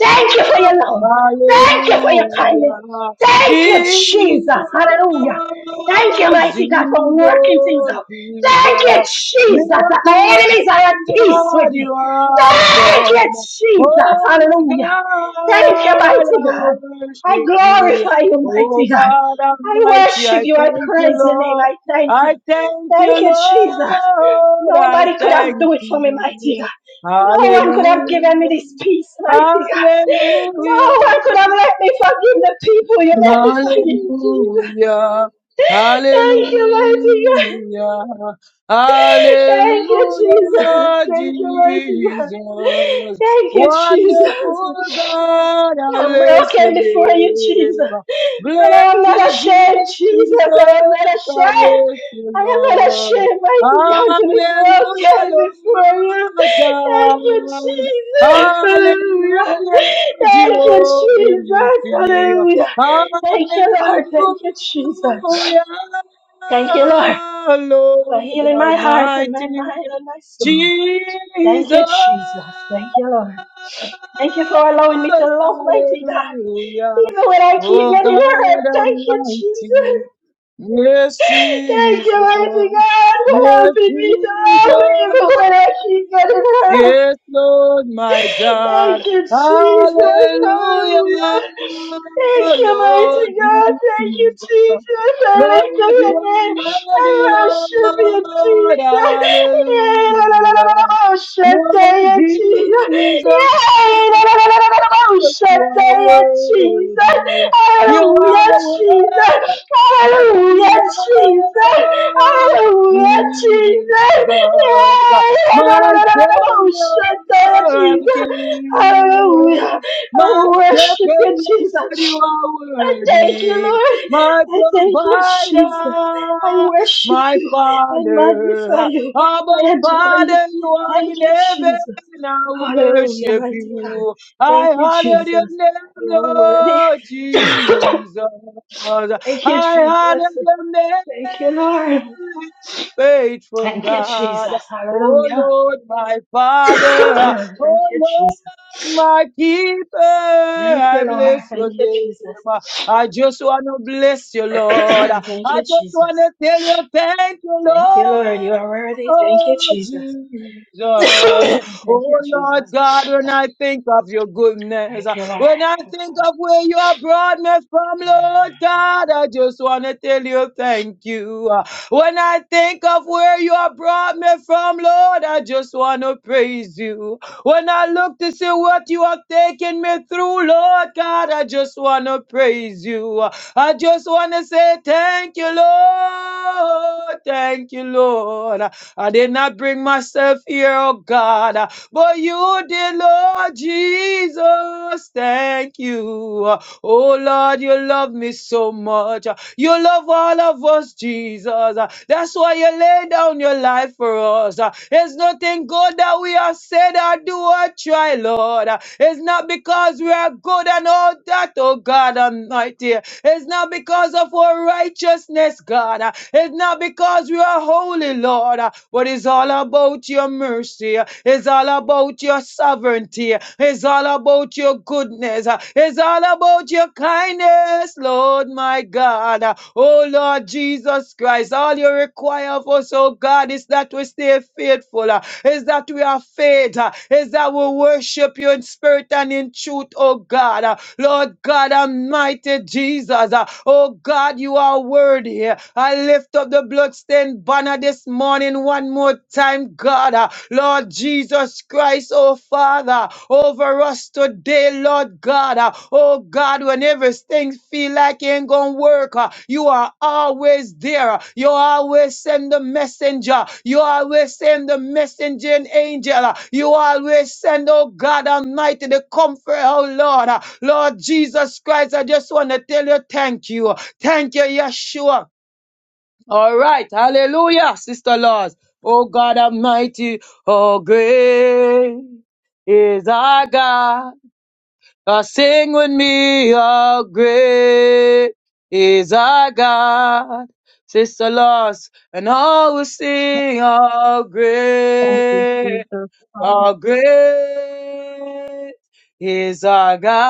Thank you for your love. Thank you for your kindness.
Hallelujah.
Thank you,
Jesus,
Jesus. Hallelujah. Thank you, mighty God, for working things
Jesus,
out. Thank you,
Jesus.
Jesus, that
Miracle
my enemies are at peace with
God,
me.
you are
Thank you,
awesome.
Jesus.
Holy
Hallelujah. Thank you,
God, I
mighty God. I
worship you.
glorify you,
Oh
mighty God.
God
I
Almighty,
worship
I
you. I
thank you,
praise your name.
Lord.
I thank you.
I thank
Thank
you,
you, Jesus.
Lord. I
Nobody could have
thank
done it for me, mighty
you.
God. No one could have
Hallelujah.
given me this peace, mighty God.
Hallelujah.
No one could have let me forgive the people you let me forgive, Jesus.
Hallelujah.
Thank you, mighty God.
Hallelujah.
Thank you, Jesus.
Hallelujah,
Thank you, mighty God.
Jesus.
Thank you, Jesus.
Wonderful God, I
Yeah, I'm
bless
broken
your
before you, Jesus.
name.
But
Bless
I am not
you,
ashamed,
Jesus.
Jesus. I am not
I
ashamed.
bless you,
I am not
Lord.
ashamed, mighty God, to be
Hallelujah,
broken before you.
Lord
Thank you,
God.
Jesus. Hallelujah.
Hallelujah,
Thank you,
Jehovah
Jesus.
Nissi.
Hallelujah. Thank you,
Hallelujah,
Lord. Thank you, Jesus. Thank you, Lord, for
Lord
healing my heart and my
Almighty
mind and my soul. Thank
Jesus.
you, Jesus. Thank you, Lord. Thank you for allowing me to love, mighty God.
Hallelujah,
Even when I keep
oh
getting hurt,
God
thank you, Jesus.
Almighty. Yes,
Thank you,
Jesus.
mighty God, for
Yes,
helping me to love even
Jesus.
when I keep getting hurt.
Yes, Lord, my God.
Thank you, Jesus.
Hallelujah,
Hallelujah. Thank you,
Lord
mighty God. Thank you,
Jesus.
Jesus. I lift up
Lord, you
your
are
name.
worthy,
I worship you,
Lord.
Jesus. Yeah, la, la, la, la, la,
Hallelujah.
la, oh, shut up,
Lord
yeah, Jesus.
Jesus,
Yeah, la, la, la, la, la, la, la, oh, shut
you
up,
are
yeah, Jesus.
worthy. You
Hallelujah,
are
Jesus.
worthy,
Hallelujah, Jesus. Hallelujah, Jesus.
Lord Jesus.
Yeah. No, no, no,
My
no, no, no, no. Shut up,
Savior and
Jesus.
King,
Hallelujah. I
my
worship you,
Shepherd, you
Jesus.
are
I thank you,
worthy,
Lord.
my
I thank you, Jesus. I
Provider,
worship
my
you. I
Father,
magnify you. I
Abba
adore you.
Father, you are
Thank
in
you, Jesus.
heaven, I
Hallelujah,
worship
mighty God.
you,
Thank
I
you,
honor your
Jesus.
name,
You are worthy.
Lord Jesus,
Thank you,
I
Jesus.
honor your
Thank you, Lord.
name, faithful
Thank you,
God.
Jesus.
Oh
Hallelujah.
Lord, my Father, oh
Thank you,
Lord,
Jesus.
my Keeper,
Thank
I
you, Lord.
bless
Thank
your
you,
name.
Jesus.
I just want to bless you, Lord. I
Thank you,
just want to
Jesus.
tell you, thank you,
Thank you, Lord. You
Lord
are worthy. Thank you, Jesus.
Jesus.
Thank
Oh
you,
Lord
Jesus.
God, when I think of your goodness,
Thank you, Lord.
when I think of where you have brought me from, Lord God, I just want to tell you, thank you. When I think of where you have brought me from, Lord, I just want to praise you. When I look to see what you have taken me through, Lord God, I just want to praise you. I just want to say thank you, Lord. Thank you, Lord. I did not bring myself here, oh God, uh, but you did, Lord Jesus. Thank you. Uh, Oh Lord, you love me so much. Uh, You love all of us, Jesus. Uh, That's why you lay down your life for us. Uh, There's nothing good that we have said or do or try, Lord. Uh, It's not because we are good and all that, oh God Almighty. It's not because of our righteousness, God. Uh, It's not because because you are holy, Lord. Uh, But it's all about your mercy. Uh, It's all about your sovereignty. Uh, It's all about your goodness. Uh, It's all about your kindness, Lord, my God. Uh, Oh, Lord Jesus Christ, all you require of us, oh God, is that we stay faithful. Uh, Is that we are faith. Uh, Is that we worship you in spirit and in truth, oh God. Uh, Lord God Almighty Jesus. uh, Oh God, you are worthy here. I lift up the bloodstained banner this morning one more time, God. Uh, Lord Jesus Christ, oh Father, over us today, Lord God. Uh, Oh God, when everything feel like it ain't gonna work, uh, you are always there. Uh, You always send the messenger. You always send the messengering angel. Uh, You always send, oh God Almighty, the comfort, oh Lord. Uh, Lord Jesus Christ, I just want to tell you thank you. Thank you, Yeshua. All right. Hallelujah, Sister Laws. Oh God Almighty, oh great is our God. Uh, sing with me, oh great is our God. Sister Laws, and all will sing, oh
Thank you,
great,
Jesus.
oh great is our God.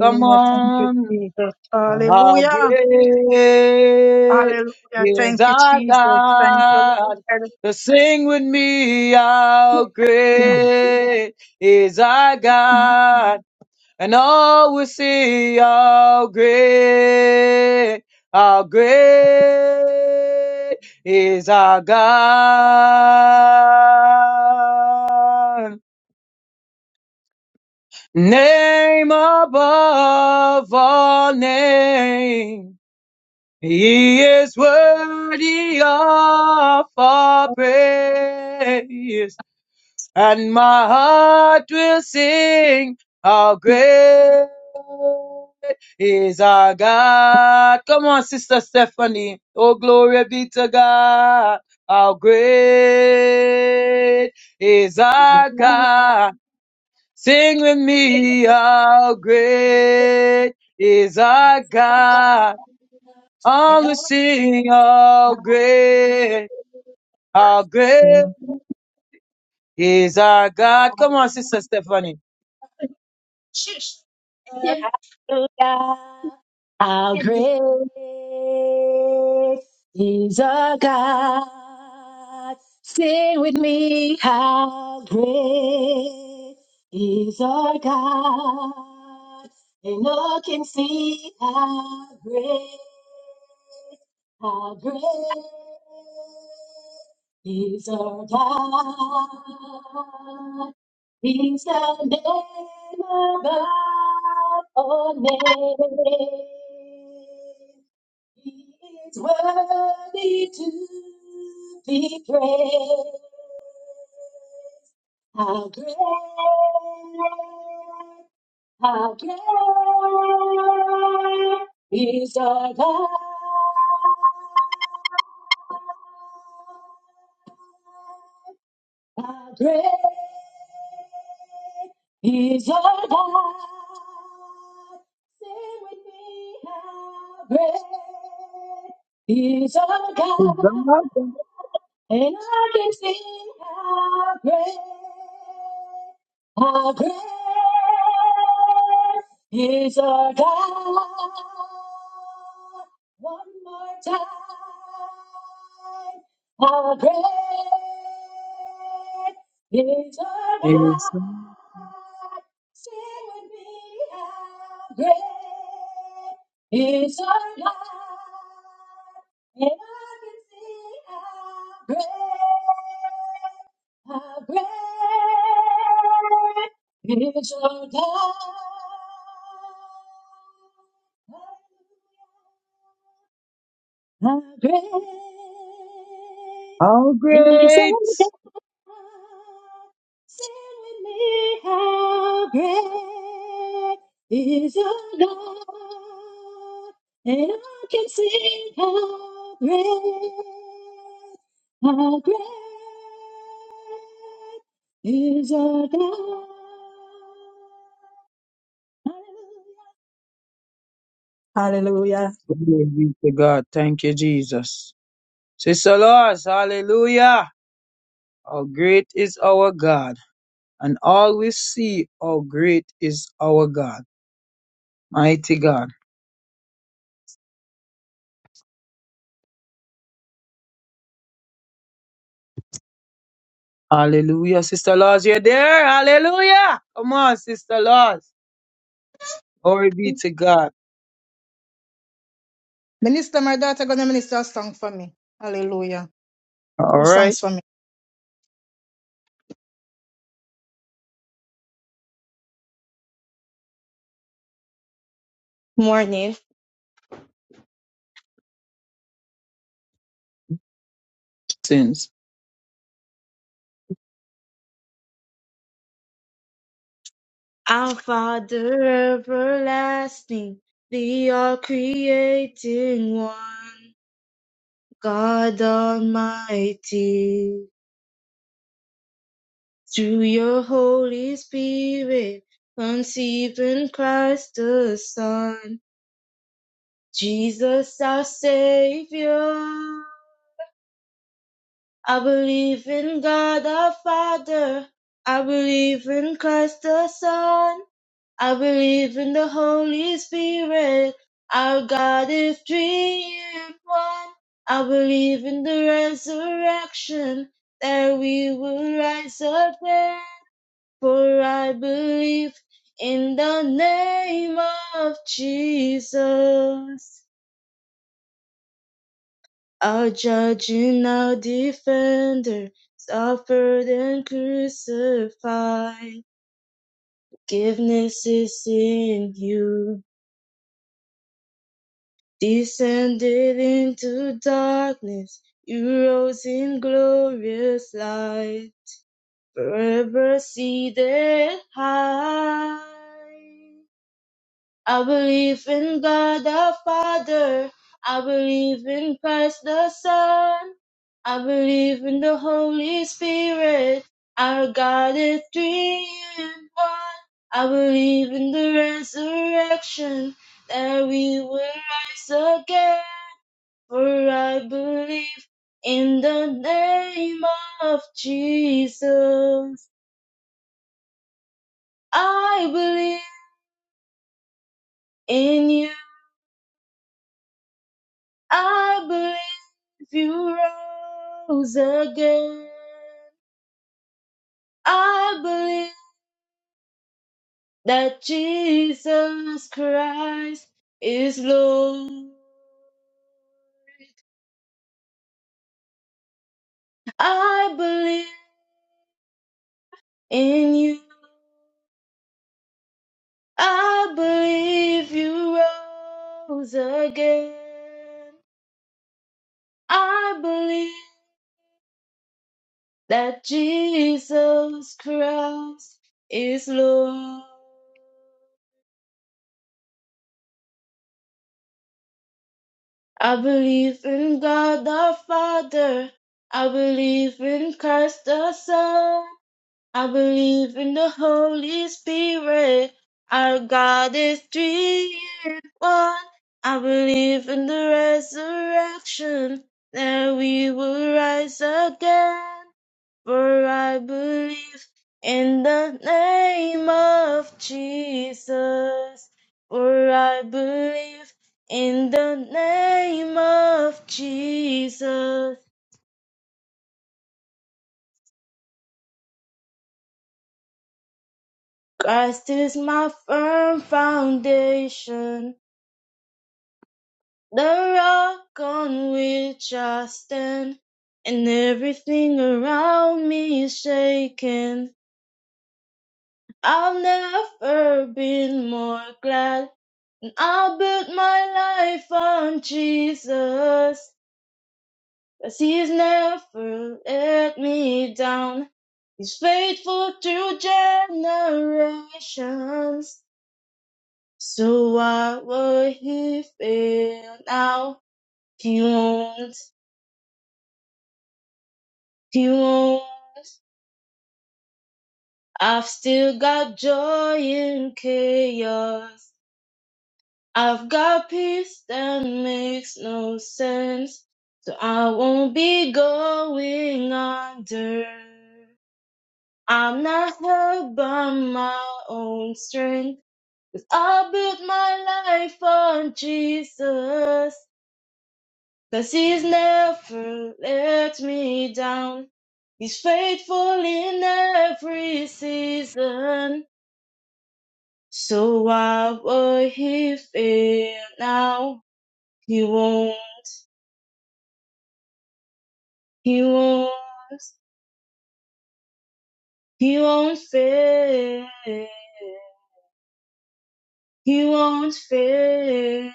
Come
Thank you,
on,
Jesus.
how
Hallelujah.
great
Hallelujah.
is
Thank you,
our
Jesus. Thank you, Lord.
God? So sing with me, how great is our God? And all will see how great, how great is our God. Name above all names He is worthy of our praise, and my heart will sing how great is our God. Come on, Sister Stephanie. Oh, glory be to God. How great is our God. Sing with me, how great is our God all will sing how great, how great is our God. Come on, Sister Stephanie.
Lord, hallelujah. How great is our God. Sing with me, how great is our God. And all can see how great, how great is our God. He's the name above all names. He is worthy to be praised. How great, how great is our God. How great is our God? Sing with me, how great is our
Is
God?
our God-
And I can sing how great, how great is our God. One more time, how great is our
is
God. Sing with me, how great is our God. And I can see how great, how great is your God. How great
how
is your
great
God. Sing with me, how great is your love, and I can sing how great, how great is your God. Hallelujah. Hallelujah.
Glory be to God. Thank you, Jesus. Sister Lois, hallelujah. How great is our God. And all we see how great is our God. Mighty God. Hallelujah. Sister Laws, you're there. Hallelujah. Come on, Sister Laws. Glory be to God.
Minister, my daughter gonna minister a song for me. Hallelujah.
All
Two
right.
songs for me. Morning.
sins.
Our Father everlasting, the all creating one. God Almighty, through your Holy Spirit, conceive in Christ the Son, Jesus our Savior. I believe in God our Father. I believe in Christ the Son. I believe in the Holy Spirit, our God is three in one. I believe in the resurrection, that we will rise again. For I believe in the name of Jesus, our judge and our defender, suffered and crucified. Forgiveness is in you. Descended into darkness, you rose in glorious light, forever seated high. I believe in God the Father, I believe in Christ the Son, I believe in the Holy Spirit, our God is three in one. I believe in the resurrection, that we will rise again. For I believe in the name of Jesus. I believe in you. I believe you rose again. I believe that Jesus Christ is Lord. I believe in you. I believe you rose again. I believe that Jesus Christ is Lord. I believe in God the Father. I believe in Christ the Son. I believe in the Holy Spirit. Our God is three in one. I believe in the resurrection that we will rise again. For I believe in the name of Jesus. For I believe in the name of Jesus. Christ is my firm foundation, the rock on which I stand. And everything around me is shaken. I've never been more glad. I'll build my life on Jesus, 'cause he's never let me down. He's faithful through generations, so why would he fail now? He won't, he won't. I've still got joy in chaos. I've got peace that makes no sense, so I won't be going under. I'm not held by my own strength. I built my life on Jesus, 'cause He's never let me down. He's faithful in every season, so why would He fail now? He won't. He won't, he won't fail. He won't fail.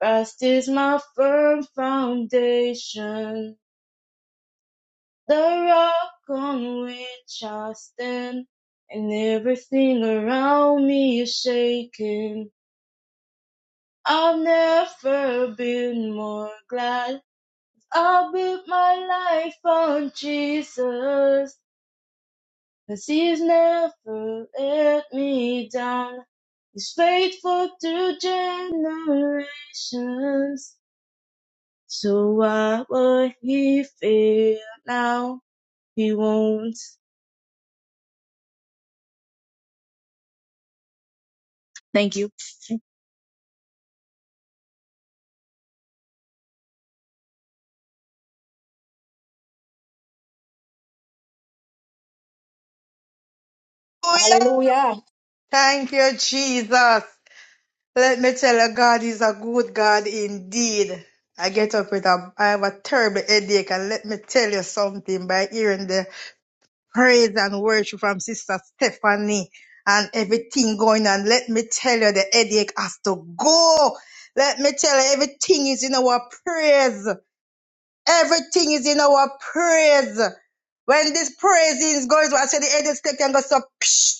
Christ is my firm foundation, the rock on which I stand, and everything around me is shaking. I've never been more glad. I built my life on Jesus. 'Cause he's never let me down. He's faithful to generations. So why would he fail now? He won't. Hallelujah.
Hallelujah.
Thank you, Jesus. Let me tell you, God is a good God indeed. I get up with a, I have a terrible headache, and let me tell you something by hearing the praise and worship from Sister Stephanie and everything going on. Let me tell you, the headache has to go. Let me tell you, everything is in our praise. Everything is in our praise. When this praise is going, I say the headache can go so. Psh,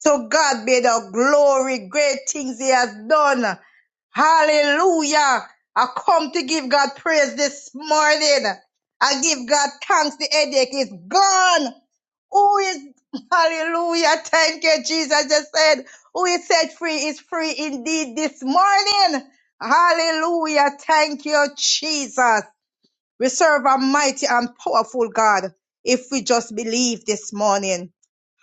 so God be the glory, great things he has done. Hallelujah. I come to give God praise this morning. I give God thanks. The headache is gone. Who is, hallelujah. Thank you, Jesus. Just said, who is set free is free indeed this morning. Hallelujah. Thank you, Jesus. We serve a mighty and powerful God if we just believe this morning.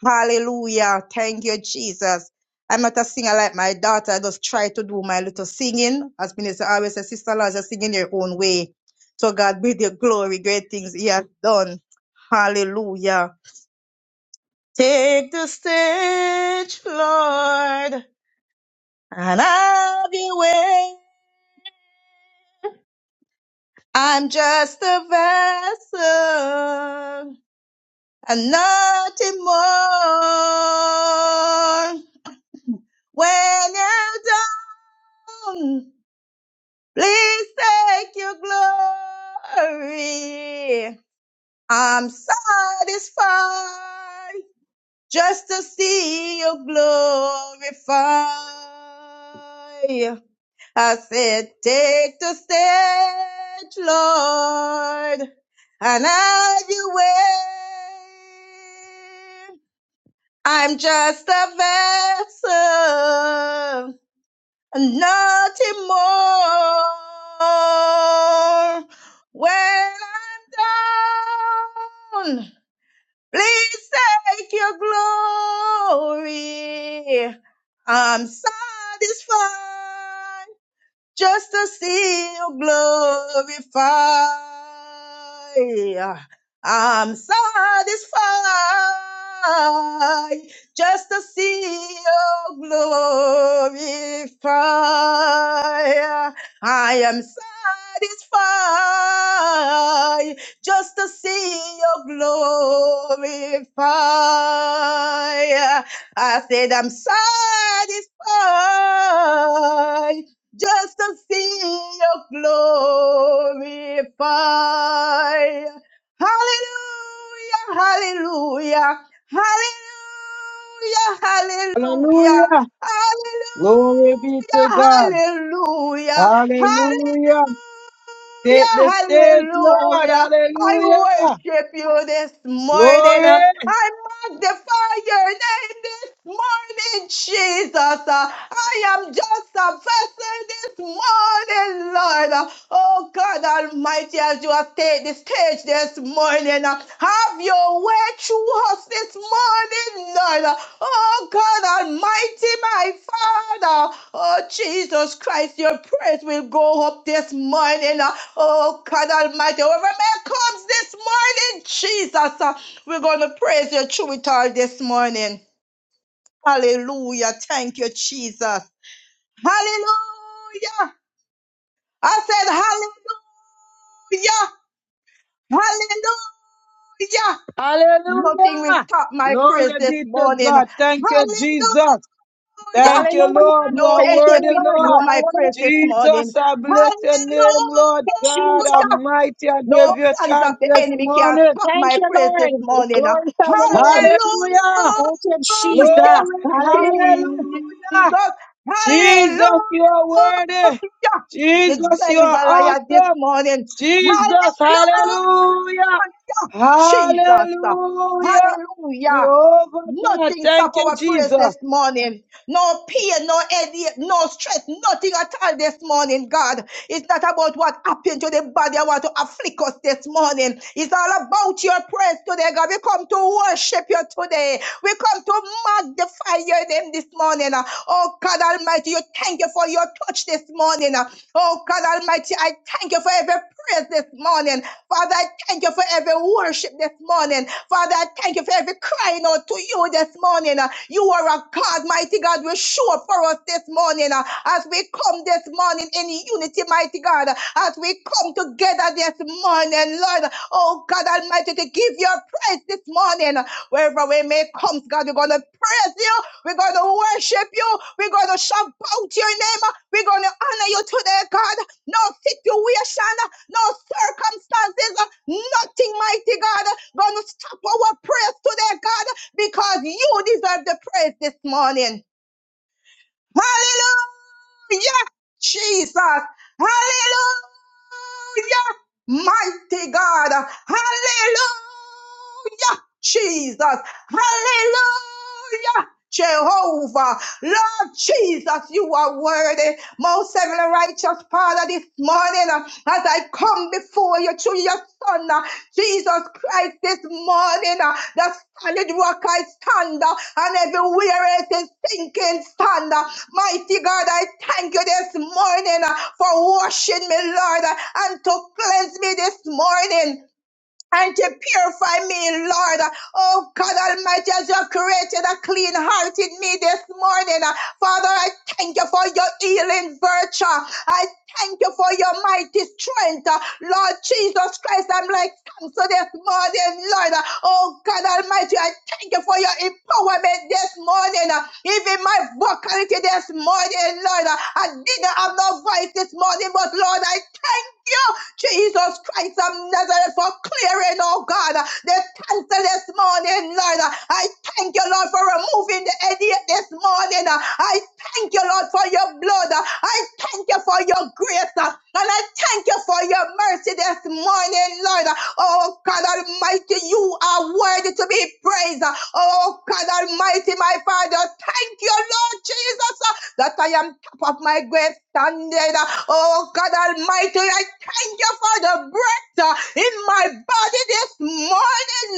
Hallelujah. Thank you, Jesus. I'm not a singer like my daughter. I just try to do my little singing. As Minister always says, Sister Lord, just sing in your own way. So God be the glory, great things He has done. Hallelujah. Take the stage, Lord, and have your way. I'm just a vessel and nothing more. When you're done Please take your glory. I'm satisfied just to see you glorify. I said, take the stage, Lord, and have your way. I'm just a vessel and nothing more. When I'm down, please take your glory. I'm satisfied just to see you glorify. I'm satisfied just to see you glorify. I am satisfied just to see you glorify. I said I'm satisfied just to see your glory fire. Hallelujah, hallelujah, hallelujah, hallelujah.
Hallelujah.
Hallelujah.
Glory be to God.
Hallelujah.
Hallelujah. Take the
Hallelujah.
stage, Lord.
Hallelujah. I
Hallelujah.
worship you this morning.
Glory.
uh, I magnify your name this morning, Jesus. Uh, I am just a vessel this morning, Lord. Father. Oh God Almighty, as you have taken the stage this morning, uh, have your way through us this morning, Lord. Uh, Oh God Almighty, my Father. Oh Jesus Christ, your praise will go up this morning. uh, Oh God Almighty, whoever man comes this morning, Jesus, uh, we're going to praise you through it all this morning. Hallelujah. Thank you, Jesus. Hallelujah. I said, Hallelujah! Hallelujah! Nothing will
Hallelujah.
stop my praise
Glory
this
be to
morning.
God. Thank you,
Hallelujah!
Jesus. Thank you,
Hallelujah.
Lord. You
No
are
Thank you,
headache
worthy,
will
Lord.
stop
You
Lord.
are
my praise this
worthy.
morning.
Jesus, I bless your
Hallelujah!
name, Lord
Jesus.
God Almighty. I
No
give you
plans of
thanks
the
this
enemy can
morning.
stop
Thank
my
you,
praise this
Lord.
morning.
Glorify
Hallelujah,
your name.
Hallelujah.
Thank you, Jesus.
Glory.
Hallelujah.
Hallelujah.
Jesus. Hallelujah.
Jesus, you are worthy.
The
Jesus, you
devil is
are
a liar this
awesome.
morning. Hallelujah,
Jesus, hallelujah.
Jesus.
Hallelujah.
Hallelujah.
Jehovah God,
Nothing stop
thank you,
our praise this
Jesus.
morning no pain, no headache, no stress, nothing at all this morning, God. It's not about what happened to the body. I want to afflict us this morning. It's all about your praise today, God. We come to worship you today. We come to magnify your name this morning. uh. Oh, God Almighty, you thank you for your touch this morning. uh. Oh God Almighty, I thank you for every praise this morning. Father, I thank you for every worship this morning. Father, I thank you for every crying out to you this morning. Uh, You are a God, mighty God, will show up for us this morning uh, as we come this morning in unity, mighty God, uh, as we come together this morning, Lord. Oh God Almighty, to give your praise this morning. Wherever we may come, God, we're going to praise you we're going to worship you. We're going to shout out your name. We're going to honor you today, God. No situation, no circumstances, nothing, mighty God, going to stop our prayers today, God, because you deserve the praise this morning. Hallelujah! Jesus! Hallelujah! Mighty God! Hallelujah! Jesus! Hallelujah! Jehovah, Lord Jesus, you are worthy, most heavenly righteous Father, this morning uh, as I come before you through your Son. uh, Jesus Christ, this morning, uh, the solid rock I stand, uh, and everywhere it is sinking stand. uh, Mighty God, I thank you this morning uh, for washing me, Lord, uh, and to cleanse me this morning and to purify me, Lord. Oh God Almighty, as you have created a clean heart in me this morning. Father, I thank you for your healing virtue. I thank you for your mighty strength. Lord Jesus Christ, I'm like cancer this morning, Lord. Oh God Almighty, I thank you for your empowerment this morning. uh, Even my vocality this morning, Lord. uh, I didn't have no voice this morning, but Lord, I thank you, Jesus Christ of Nazareth, for clearing, oh God, uh, the cancer this morning, Lord. uh, I thank you, Lord, for removing the idiot this morning. uh, I thank you, Lord, for your blood. I thank you for your grace. And I thank you for your mercy this morning, Lord. Oh, God Almighty, you are worthy to be praised. Oh, God Almighty, my Father, thank you, Lord Jesus, that I am top of my grave standard. Oh, God Almighty, I thank you for the breath in my body this morning.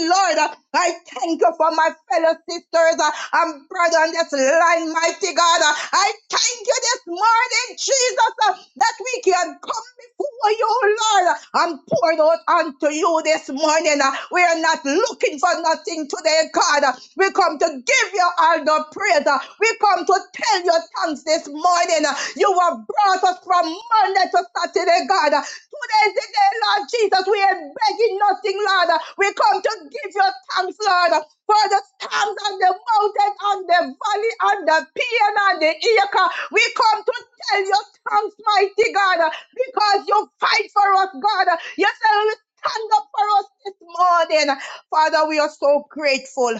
Lord. I thank you for my fellow sisters uh, and brothers on this line, mighty God. Uh, I thank you this morning, Jesus, uh, that we can come before you, Lord, uh, and pour it out unto you this morning. Uh, We are not looking for nothing today, God. Uh, We come to give you all the praise. Uh, We come to tell you thanks this morning. You have brought us from Monday to Saturday, God. Today is the day, Lord Jesus. We ain't begging nothing, Lord. We come to give you thanks, Lord, for the storms and the mountains and the valley, and the pain and the acre. We come to tell you thanks, mighty God, because you fight for us, God. You say you stand up for us this morning. Father, we are so grateful.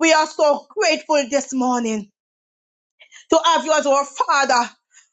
We are so grateful this morning to have you as our Father.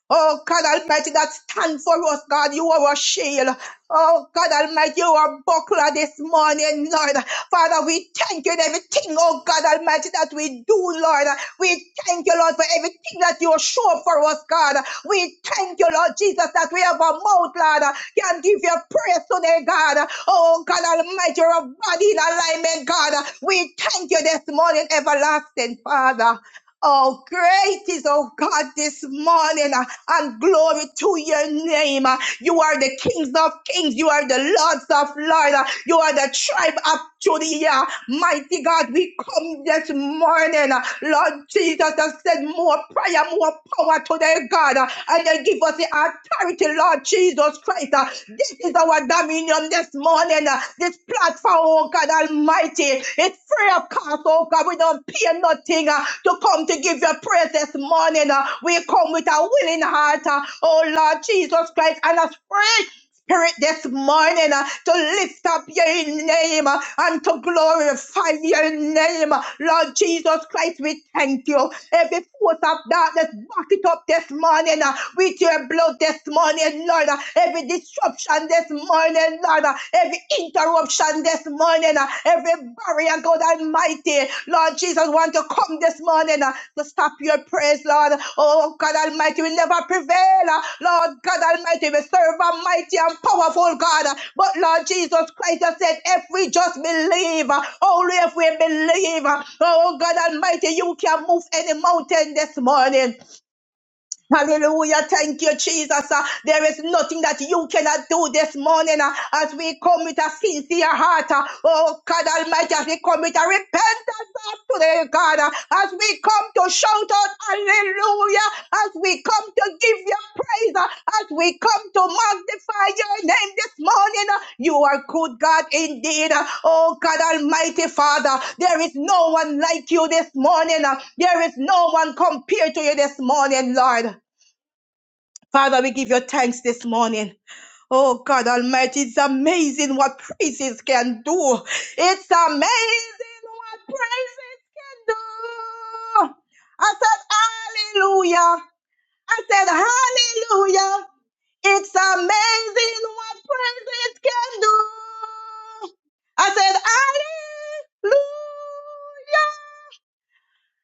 Oh God Almighty, that stand for us, God. You are our shield. Oh God Almighty, you are buckler this morning, Lord. Father, we thank you in everything, oh God Almighty, that we do, Lord. We thank you, Lord, for everything that you show for us, God. We thank you, Lord Jesus, that we have a mouth, Lord, can give you praise today, God. Oh God Almighty, your body in alignment, God. We thank you this morning, everlasting Father. Oh, great is, oh God, this morning, uh, and glory to your name. uh, You are the kings of kings. You are the lords of lords. uh, You are the tribe of Judah. Mighty God, we come this morning, uh, Lord Jesus, has said more prayer, more power today, God. God, uh, and then give us the authority, Lord Jesus Christ. uh, This is our dominion this morning. uh, This platform, oh God Almighty, it's free of cost, oh God. We don't pay nothing uh, to come to give your praise this morning. uh, We come with a willing heart, uh, oh Lord Jesus Christ, and a spirit this morning uh, to lift up your name uh, and to glorify your name. Lord Jesus Christ, we thank you. Every force of darkness, back it up this morning uh, with your blood this morning, Lord. Uh, Every disruption this morning, Lord. Uh, Every interruption this morning, uh, every barrier fire, God Almighty. Lord Jesus, want to come this morning uh, to stop your praise, Lord. Oh, God Almighty, we never prevail. uh, Lord God Almighty, we serve a mighty and powerful God. uh, But Lord Jesus Christ has said, if we just believe, uh, only if we believe, uh, oh God Almighty, you can move any mountain this morning. Hallelujah. Thank you, Jesus. Uh, there is nothing that you cannot do this morning uh, as we come with a sincere heart. uh, oh, God Almighty, as we come with a repentance heart today, God, uh, as we come to shout out hallelujah, as we come to give you praise, uh, as we come to magnify your name this morning. uh, you are good, God, indeed. Uh, oh, God Almighty, Father, there is no one like you this morning. uh, there is no one compared to you this morning, Lord. Father, we give you thanks this morning. Oh God Almighty, it's amazing what praises can do. It's amazing what praises can do. I said, Hallelujah. I said, Hallelujah. It's amazing what praises can do. I said, Hallelujah.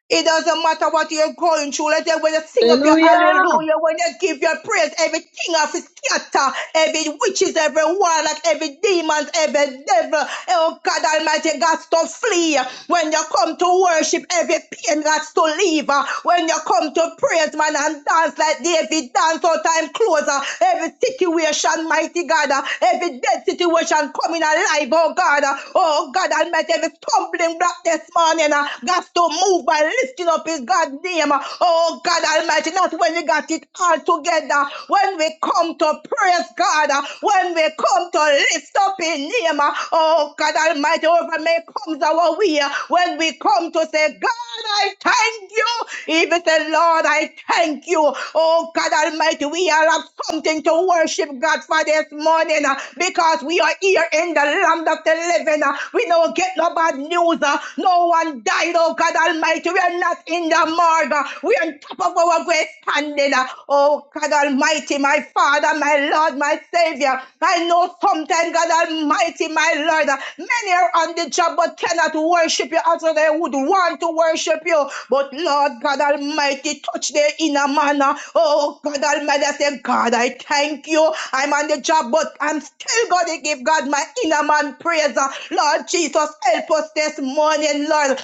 It doesn't matter what you're going through. Let them when you sing up your
Hallelujah.
hallelujah, when you give your praise, every king of his scatter, every witches, every warlock, every demons, every devil, oh God Almighty, God's to flee. When you come to worship, every pain God's to leave. When you come to praise, man, and dance like David, dance all time closer. Every situation, mighty God, uh, every dead situation coming alive, oh God, uh, oh God Almighty, every stumbling block this morning, uh, God's to move move by lifting up his God name. Oh God Almighty, not when we got it all together. When we come to praise God, when we come to lift up his name. Oh God Almighty, over may comes our way, when we come to say, God, I thank you. Even say, Lord, I thank you. Oh God Almighty, we all have something to worship God for this morning uh, because we are here in the land of the living. uh. We don't get no bad news. uh. No one died oh, oh God Almighty. We are not in the morgue. We are on top of our great standing. Oh God Almighty, my Father, my Lord, my Savior. I know sometimes, God Almighty, my Lord, many are on the job but cannot worship you as they would want to worship you. But Lord God Almighty, touch their inner manner. Oh God Almighty, I say, God, I thank you. I'm on the job, but I'm still going to give God my inner man praise. Lord Jesus, help us this morning, Lord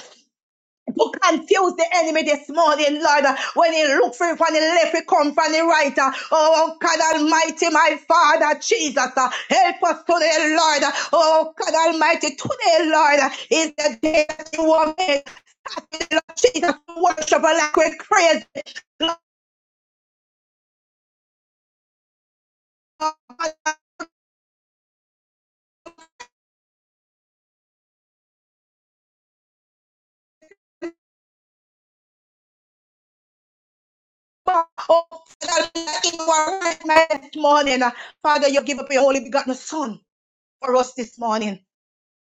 to confuse the enemy this morning, Lord. When he look for it from the left, he come from the right. Oh, oh, God Almighty, my Father, Jesus, uh, help us today, Lord. Oh, oh, God Almighty, today, Lord, is the day that you will make, Lord Jesus, worship like we're crazy. Lord, oh, God, in our right mind this morning, Father, you give up your only begotten Son for us this morning.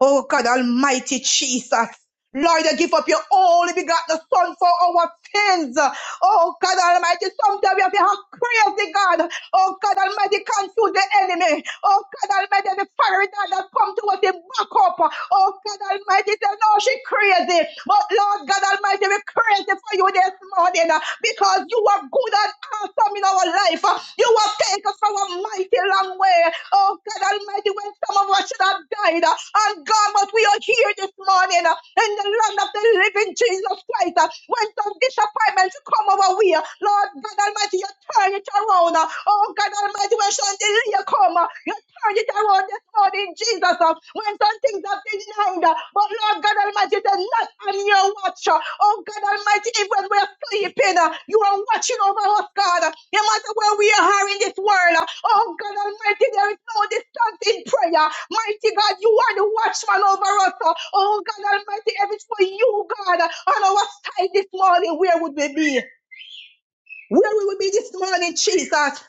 Oh God Almighty Jesus. Lord, you give up your only begotten Son for our sins. Oh God Almighty, someday we have to have crazy God. Oh God Almighty, confuse the enemy. Oh God Almighty, the fiery God that come to us, they back up. Oh God Almighty, tell know she crazy. But Lord God Almighty, we are crazy for you this morning uh, because you are good and awesome in our life. uh. You have taken us from a mighty long way. Oh God Almighty, when some of us should have died uh, and gone, but we are here this morning uh, in the land of the living Jesus Christ. uh, When some disappointments come our way, uh, Lord God Almighty, you turn it around. uh. Oh God Almighty, when some delay come. uh, You turn it around this morning, Jesus. uh, When some things have been denied, uh, but Lord God Almighty, they're not on your watch. uh, Oh God Almighty, even when we're sleeping, uh, you are watching over us, God. uh, No matter where we are in this world, uh, oh God Almighty, there is no distance in prayer. Mighty God, you are the watchman over us. uh, Oh God Almighty, if it's for you, God, uh, on our side this morning, where would we be? Where will we be this morning, Jesus?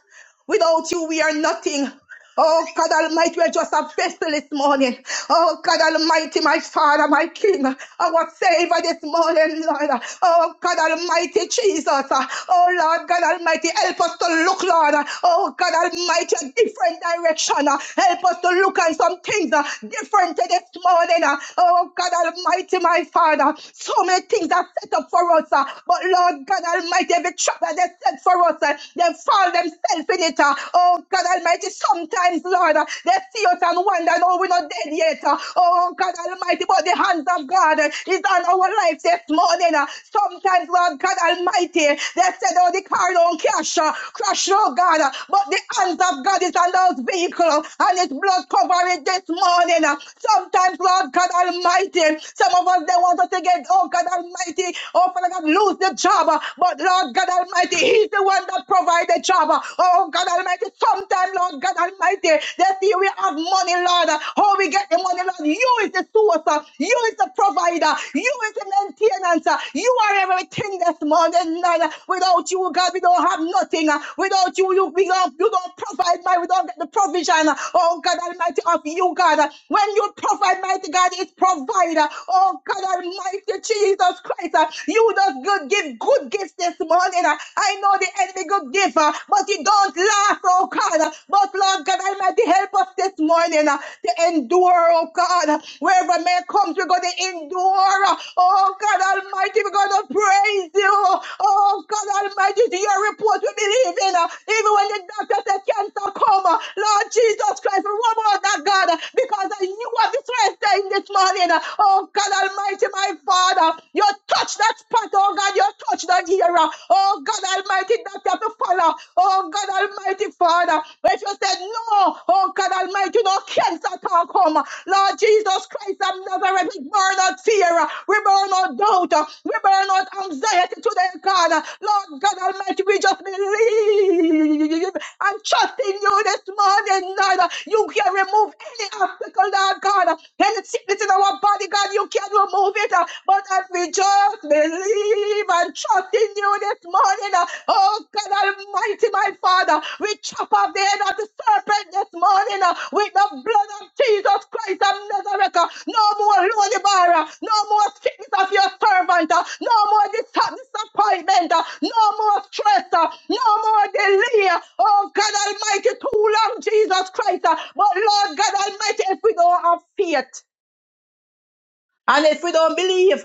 Without you, we are nothing. Oh God Almighty, we're just a vessel this morning. Oh God Almighty, my Father, my King, our Savior this morning, Lord. Oh God Almighty, Jesus. Oh Lord God Almighty, help us to look, Lord. Oh God Almighty, a different direction. Help us to look at some things uh, different this morning. uh. Oh God Almighty, my Father, so many things are set up for us. uh, But Lord God Almighty, every trap that they set for us, uh, they fall themselves in it it. uh, Oh God Almighty, sometimes, Lord, uh, they see us and wonder, no, we're not dead yet. uh, Oh God Almighty, but the hands of God uh, is on our life this morning. uh, Sometimes, Lord God Almighty, they said, oh, the car don't crash, uh, crash, oh God, uh, but the hands of God is on those vehicles and it's blood covered this morning. uh, Sometimes, Lord God Almighty, some of us, they want us to get, oh God Almighty, oh Father God, lose the job, uh, but Lord God Almighty, He's the one one that provide a job. Oh God Almighty, sometime, Lord God Almighty, they see we have money, Lord. How we get the money, Lord? You is the source. You is the provider. You is the maintenance. You are everything this morning, Lord. Without you, God, we don't have nothing. Without you, you we don't, you don't provide my we don't get the provision. Oh God Almighty of you, God. When you provide, mighty God, it's provider. Oh God Almighty Jesus Christ. You does good give good gifts this morning. Uh, I know the enemy good gift, uh, but it don't last, oh God. Uh, But Lord God Almighty, help us this morning uh, to endure, oh God. Uh, Wherever man comes, we're going to endure. Uh, Oh God Almighty, we're going to praise you. Oh God Almighty, to your report we believe in. uh, Even when the doctor said cancer come, uh, Lord Jesus Christ, we one more that God, uh, because I knew what the Christ saying this morning. uh, Oh God Almighty, my Father, you touch touch that spot, oh God, you touch that era. Oh God Almighty, that you have to follow. Oh God Almighty Father. If you said no, oh God Almighty, no cancer talk home. Lord Jesus Christ of Nazareth, we burn out fear, we burn out doubt, we burn out anxiety today, God. Lord God Almighty, we just believe and trust in you this morning, Lord. You can remove any obstacle, Lord God. Any sickness in our body, God, you can move it, uh, but as we just believe and trust in you this morning, uh, oh God Almighty, my Father, we chop off the head of the serpent this morning uh, with the blood of Jesus Christ of Nazareth. uh, No more lonely barra, no more sickness of your servant, uh, no more dis- disappointment, uh, no more stress, uh, no more delay. uh, Oh God Almighty, too long, Jesus Christ. uh, But Lord God Almighty, if we don't have faith and if we don't believe,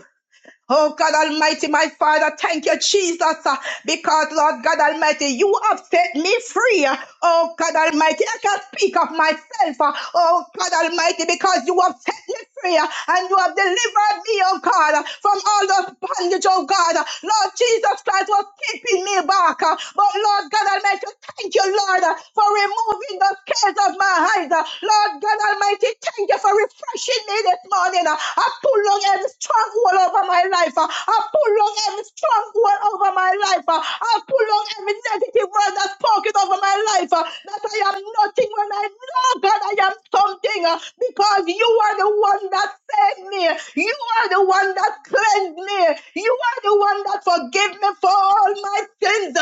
Oh God Almighty, my Father, thank you, Jesus, uh, because Lord God Almighty, you have set me free. uh, Oh God Almighty, I can speak of myself. uh, Oh God Almighty, because you have set me free uh, and you have delivered me, oh God, uh, from all those bondage, oh God. Uh, Lord Jesus Christ was keeping me back. uh, But Lord God Almighty, thank you, Lord, uh, for removing the scales of my eyes. uh, Lord God Almighty, we thank you for refreshing me this morning. Uh, I pull on every stronghold over my life. Uh, I pull on every stronghold over my life. Uh, I pull on every negative word that's spoken over my life. uh, That I am nothing when I know, God, I am something. uh, Because you are the one that saved me. You are the one that cleansed me. You are the one that forgive me for all my sins.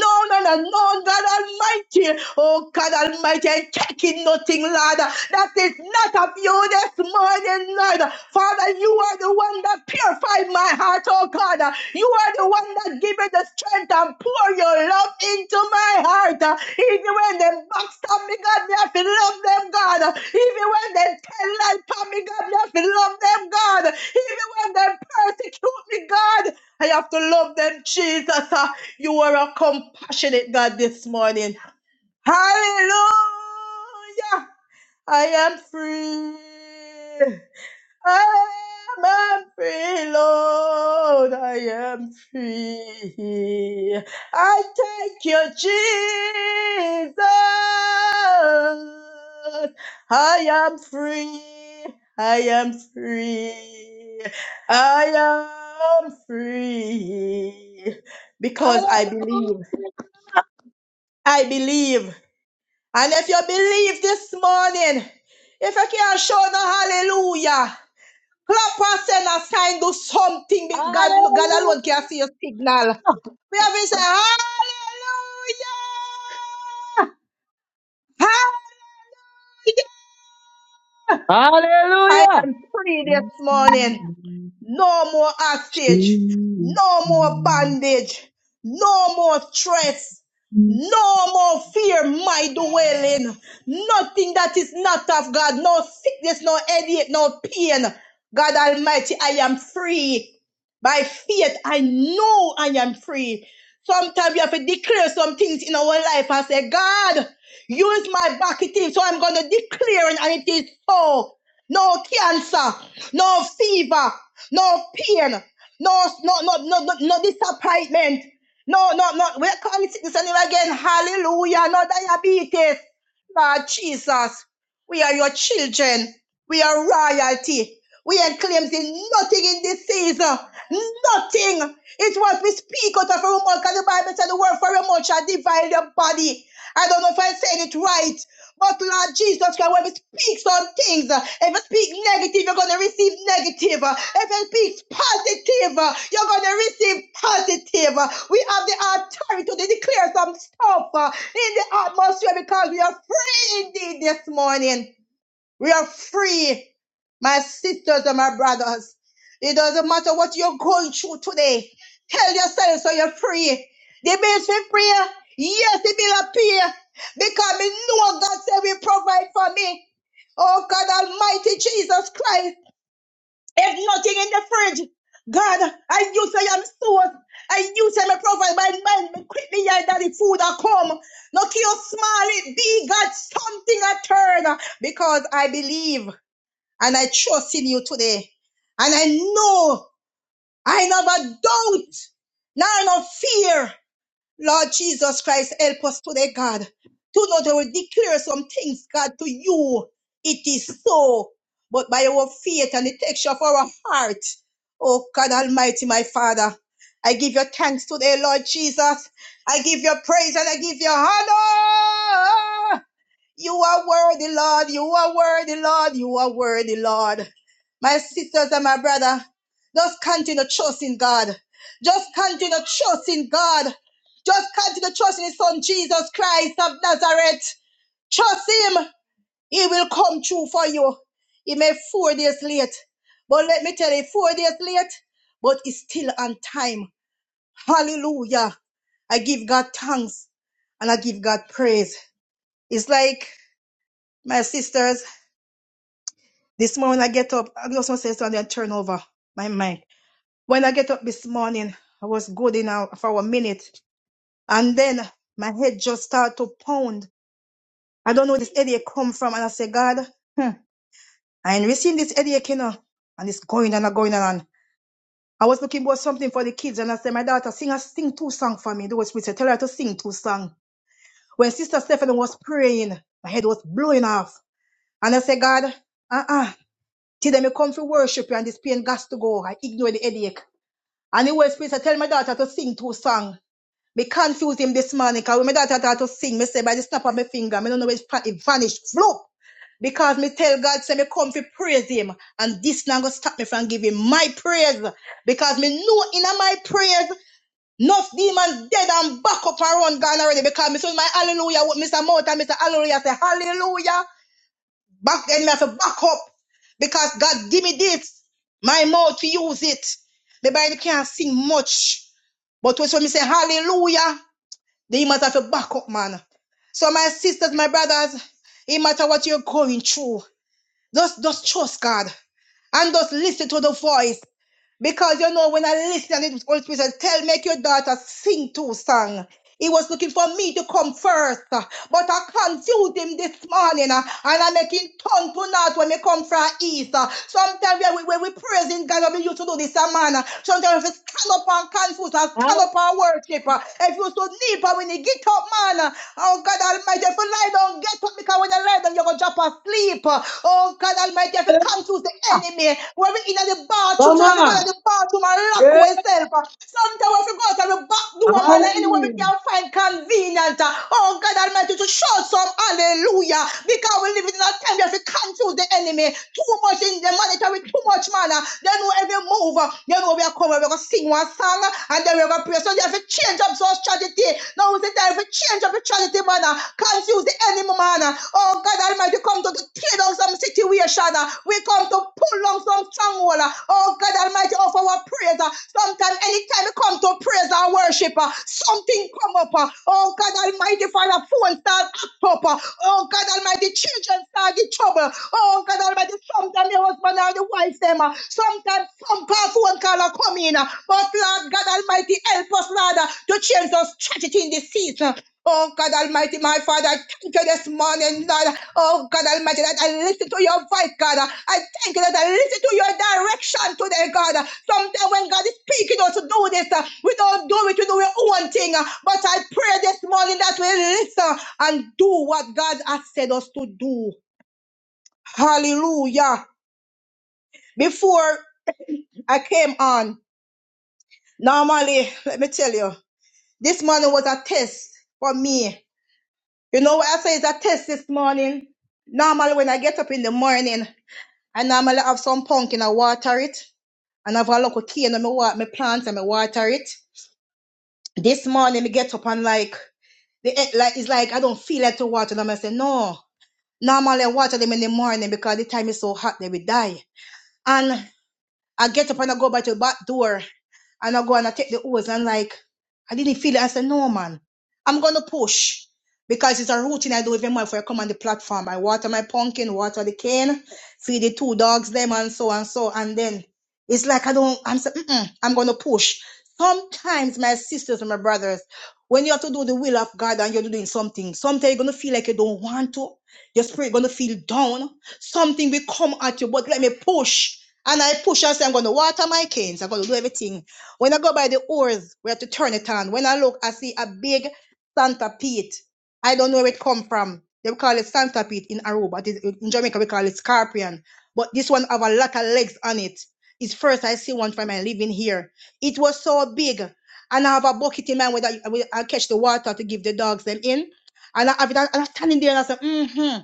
No, no, no, no, God, God Almighty. Oh God Almighty, and taking nothing, Lord, that is not of you this morning, Lord. Father, you are the one that purified my heart, oh God. You are the one that give me the strength and pour your love into my heart. Even when they backstab me, God, me have to love them, God. Even when they tell lies upon me, God, me have to love them, God. Even when they persecute me, God, I have to love them, Jesus. Uh, you are a compassionate God this morning. Hallelujah! I am free. I am free, Lord. I am free. I thank you, Jesus. I am free. I am free. I am free because I
Hallelujah.
believe. I believe. And if you believe this morning, if you can't show no hallelujah, clap and send a sign, do something.
Hallelujah.
God, God alone can see your signal. We have to say, hallelujah! I
Hallelujah.
am free this morning. No more hostage. No more bondage. No more stress. No more fear, my dwelling. Nothing that is not of God. No sickness, no headache, no pain. God Almighty, I am free. By faith, I know I am free. Sometimes we have to declare some things in our life and say, God, use my back, it is so I'm going to declare and it is so no cancer, no fever, no pain, no no no no no, no disappointment. No, no, no. We're coming sickness and again. Hallelujah. No diabetes. Lord Jesus. We are your children. We are royalty. We ain't claiming nothing in this season. Nothing. It's what we speak out of our mouth. Because the Bible said the word for your mouth shall divide your body. I don't know if I'm saying it right. But Lord Jesus Christ, when we speak some things, uh, if you speak negative, you're going to receive negative. Uh, If you speak positive, uh, you're going to receive positive. Uh, We have the authority to declare some stuff uh, in the atmosphere because we are free indeed this morning. We are free, my sisters and my brothers. It doesn't matter what you're going through today. Tell yourself so you're free. The bills will free. Yes, it will appear. Because we know God said will provide for me. Oh God Almighty Jesus Christ. If nothing in the fridge, God, I you say I'm source. I you say me provide my mind. Quit me here that the food I come. Not your small it be God something I turn. Because I believe. And I trust in you today. And I know I never doubt, nor no fear. Lord Jesus Christ, help us today, God. To know that we declare some things, God, to you. It is so. But by our faith and the texture of our heart, oh God Almighty, my Father, I give you thanks today, Lord Jesus. I give you praise and I give you honor. You are worthy, Lord. You are worthy, Lord. You are worthy, Lord. My sisters and my brother, just continue trusting God. Just continue trusting God. Just continue trusting His Son, Jesus Christ of Nazareth. Trust Him. He will come true for you. He may four days late. But let me tell you, four days late, but it's still on time. Hallelujah. I give God thanks and I give God praise. It's like, my sisters, This morning I get up, I just want to say something and turn over my mic. When I get up this morning, I was good in a, for a minute. And then my head just started to pound. I don't know where this headache come from. And I say, God, hmm, I ain't receiving this headache, you know. And it's going and going on. I was looking for something for the kids. And I said, my daughter, sing a sing two song for me. They was with her, tell her to sing two song. When Sister Stephanie was praying, my head was blowing off. And I said, God, uh-uh. Till them you come for worship you and this pain got to go. I ignore the headache. And the Holy Spirit said, tell my daughter to sing two songs. Me confuse him this morning because when my daughter thought to sing, me say by the snap of my finger, I don't know where it's pa- it vanished. Floop! Because me tell God, say me come to praise him. And this not gonna stop me from giving my praise. Because me know in my praise, enough demons dead and back up around gone already. Because me say my hallelujah, what Mr. Mouth and Mr. Hallelujah say hallelujah. Back then, me have to back up because God give me this, my mouth to use it. The Bible can't sing much, but when me say hallelujah, then you must have to back up, man. So my sisters, my brothers, it matter what you're going through, just just trust God and just listen to the voice. Because you know, when I listen and it was Holy Spirit says, Tell make your daughter sing two songs. He was looking for me to come first. uh, But I confused him this morning. uh, And I'm making tongue to not when we come from east. uh. Sometimes when we, when we praising God, we used to do this, uh, man. uh, Sometimes if we stand up and confuse us. stand up and worship. uh, If you so deep uh, when you get up, man. uh, Oh God Almighty, if you lie down, get up because when you lie down, you're gonna drop a asleep. Oh God Almighty, I have to confuse the enemy. When we're in the bathroom,
Come
so you have to go to
on.
the bathroom and lock
Yeah.
yourself. Sometimes we have to go out the back door, man, and anywhere we
Hallelujah.
can find convenient. Oh God Almighty, to show some hallelujah. Because we live in a time we have to confuse the enemy. Too much in the monetary, too much manner. They know every move. They know we are coming, we're gonna sing one song, and then we're gonna pray. So you have to change up those strategy. Now is the time for change of neutrality, man. uh, Confuse the enemy, man. uh. Oh, God Almighty, come to tear down some situation. uh. We come to pull down some stronghold. uh. Oh, God Almighty, of our praise. uh. Sometimes, anytime we come to praise and worship, uh, something come up. uh. Oh, God Almighty, Father, phone start act up. uh. Oh, God Almighty, children start in trouble. Oh, God Almighty, sometimes the husband and the wife, them. uh. Sometimes, something per phone call or come in. uh, But Lord God Almighty, help us, Lord, uh, to change those strategy in this season. Oh God Almighty, my Father, I thank you this morning, Lord. Oh God Almighty, that I listen to your voice, God. I thank you that I listen to your direction today, God. Sometimes when God is speaking us to do this, uh, we don't do it, we do our own thing. uh, But I pray this morning that we listen and do what God has said us to do. Hallelujah. Before I came on, Normally, let me tell you, this morning was a test for me. You know what I say is a test this morning? Normally, when I get up in the morning, I normally have some pumpkin, I water it, and I have a local key and I water my plants and I water it. This morning, I get up and like, the, eh, like it's like I don't feel like to water them. I say, no. Normally, I water them in the morning because the time is so hot, they will die. And I get up and I go by to the back door and I go and I take the hose and like I didn't feel it. I said, no man, I'm gonna push because it's a routine I do every month when I come on the platform. I water my pumpkin, water the cane, feed the two dogs them and so and so and then it's like I don't. I'm saying Mm-mm, I'm gonna push. Sometimes my sisters and my brothers, when you have to do the will of God and you're doing something, sometimes you're gonna feel like you don't want to. Your spirit gonna feel down Something will come at you, but let me push. And I push and say, I'm going to water my canes. I'm going to do everything. When I go by the oars, we have to turn it on. When I look, I see a big centipede. I don't know where it come from. They call it centipede in Aruba. It is- In Jamaica, we call it scorpion. But this one have a lot of legs on it. It's first I see one from my living here. It was so big. And I have a bucket in mind where I, where I catch the water to give the dogs them in. And I have it, and i standing there and I say, mm-hmm.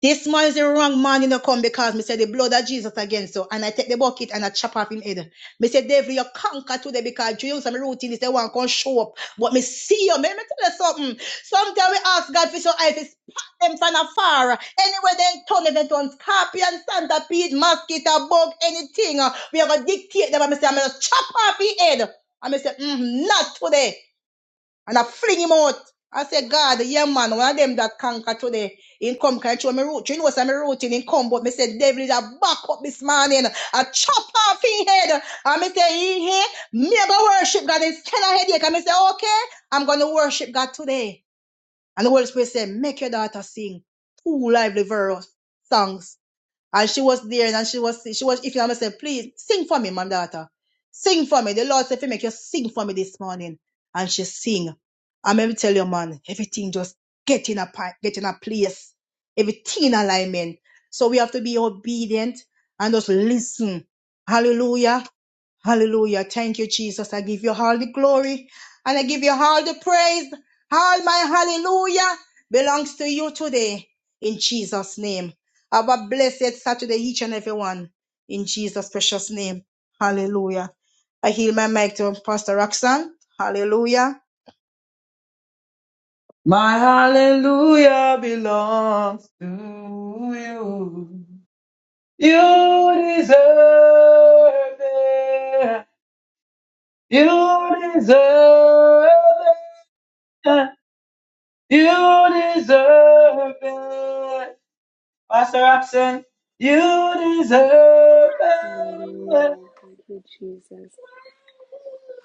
This man is the wrong man, you know, come because me said the blood of Jesus against you. And I take the bucket and I chop off him head. Me say, devil, you conquer today because you dreams some routine is the one can show up. But me see you, man. Me tell you something. Sometimes we ask God for your eyes, it's pat them from afar. Anyway, then turn them on scorpion, centipede, mosquito, bug, anything. uh, We are going to dictate them. And me say, I'm going to chop off his head. And me say, mm, not today. And I fling him out. I say, God, yeah, man, one of them that conquer today, in come can show me root. You know, say me rooting in come, but me say, devil is a back up this morning. I chop off his head. And me say, he here, me a go worship God instead of headache. And me say, okay, I'm going to worship God today. And the Holy Spirit say, make your daughter sing two lively verse songs. And she was there and she was she was if you mama said, please sing for me, mom daughter. Sing for me. The Lord said, if you make you sing for me this morning. And she sing. And let me tell you, man, everything just get in a pi- get in a place. Everything in alignment. So we have to be obedient and just listen. Hallelujah. Hallelujah. Thank you, Jesus. I give you all the glory and I give you all the praise. All my hallelujah belongs to you today in Jesus' name. Have a blessed Saturday, each and every one. In Jesus' precious name. Hallelujah. I heal my mic to Pastor Roxanne. Hallelujah.
My hallelujah belongs to you. You deserve it. You deserve it. You deserve it. Pastor Robson, you deserve
Hallelujah.
it.
Thank you, Jesus.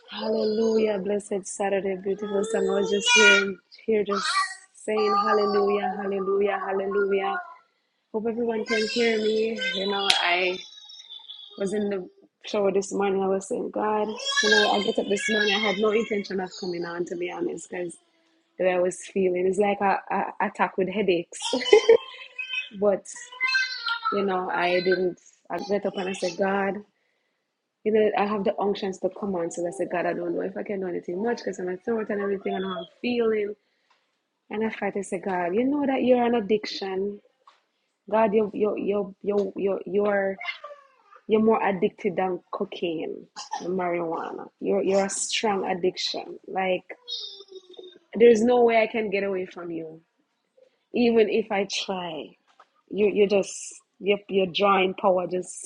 Hallelujah. Blessed Saturday, beautiful song. I was just here, here just saying hallelujah, hallelujah, hallelujah. Hope everyone can hear me. You know, I was in the shower this morning. I was saying, God, you know, I get up this morning. I had no intention of coming on, to be honest, because the way I was feeling, it's like a, a attack with headaches. but, you know, I didn't. I get up and I said, God. you know, I have the unctions to come on. So I say, God, I don't know if I can do anything much because I'm a throat and everything and how I'm feeling. And I fight and say, God, you know that you're an addiction. God, you're you are you are you are you are you're you're more addicted than cocaine, than marijuana. You're you're a strong addiction. Like there's no way I can get away from you, even if I try. You you just your your drawing power just.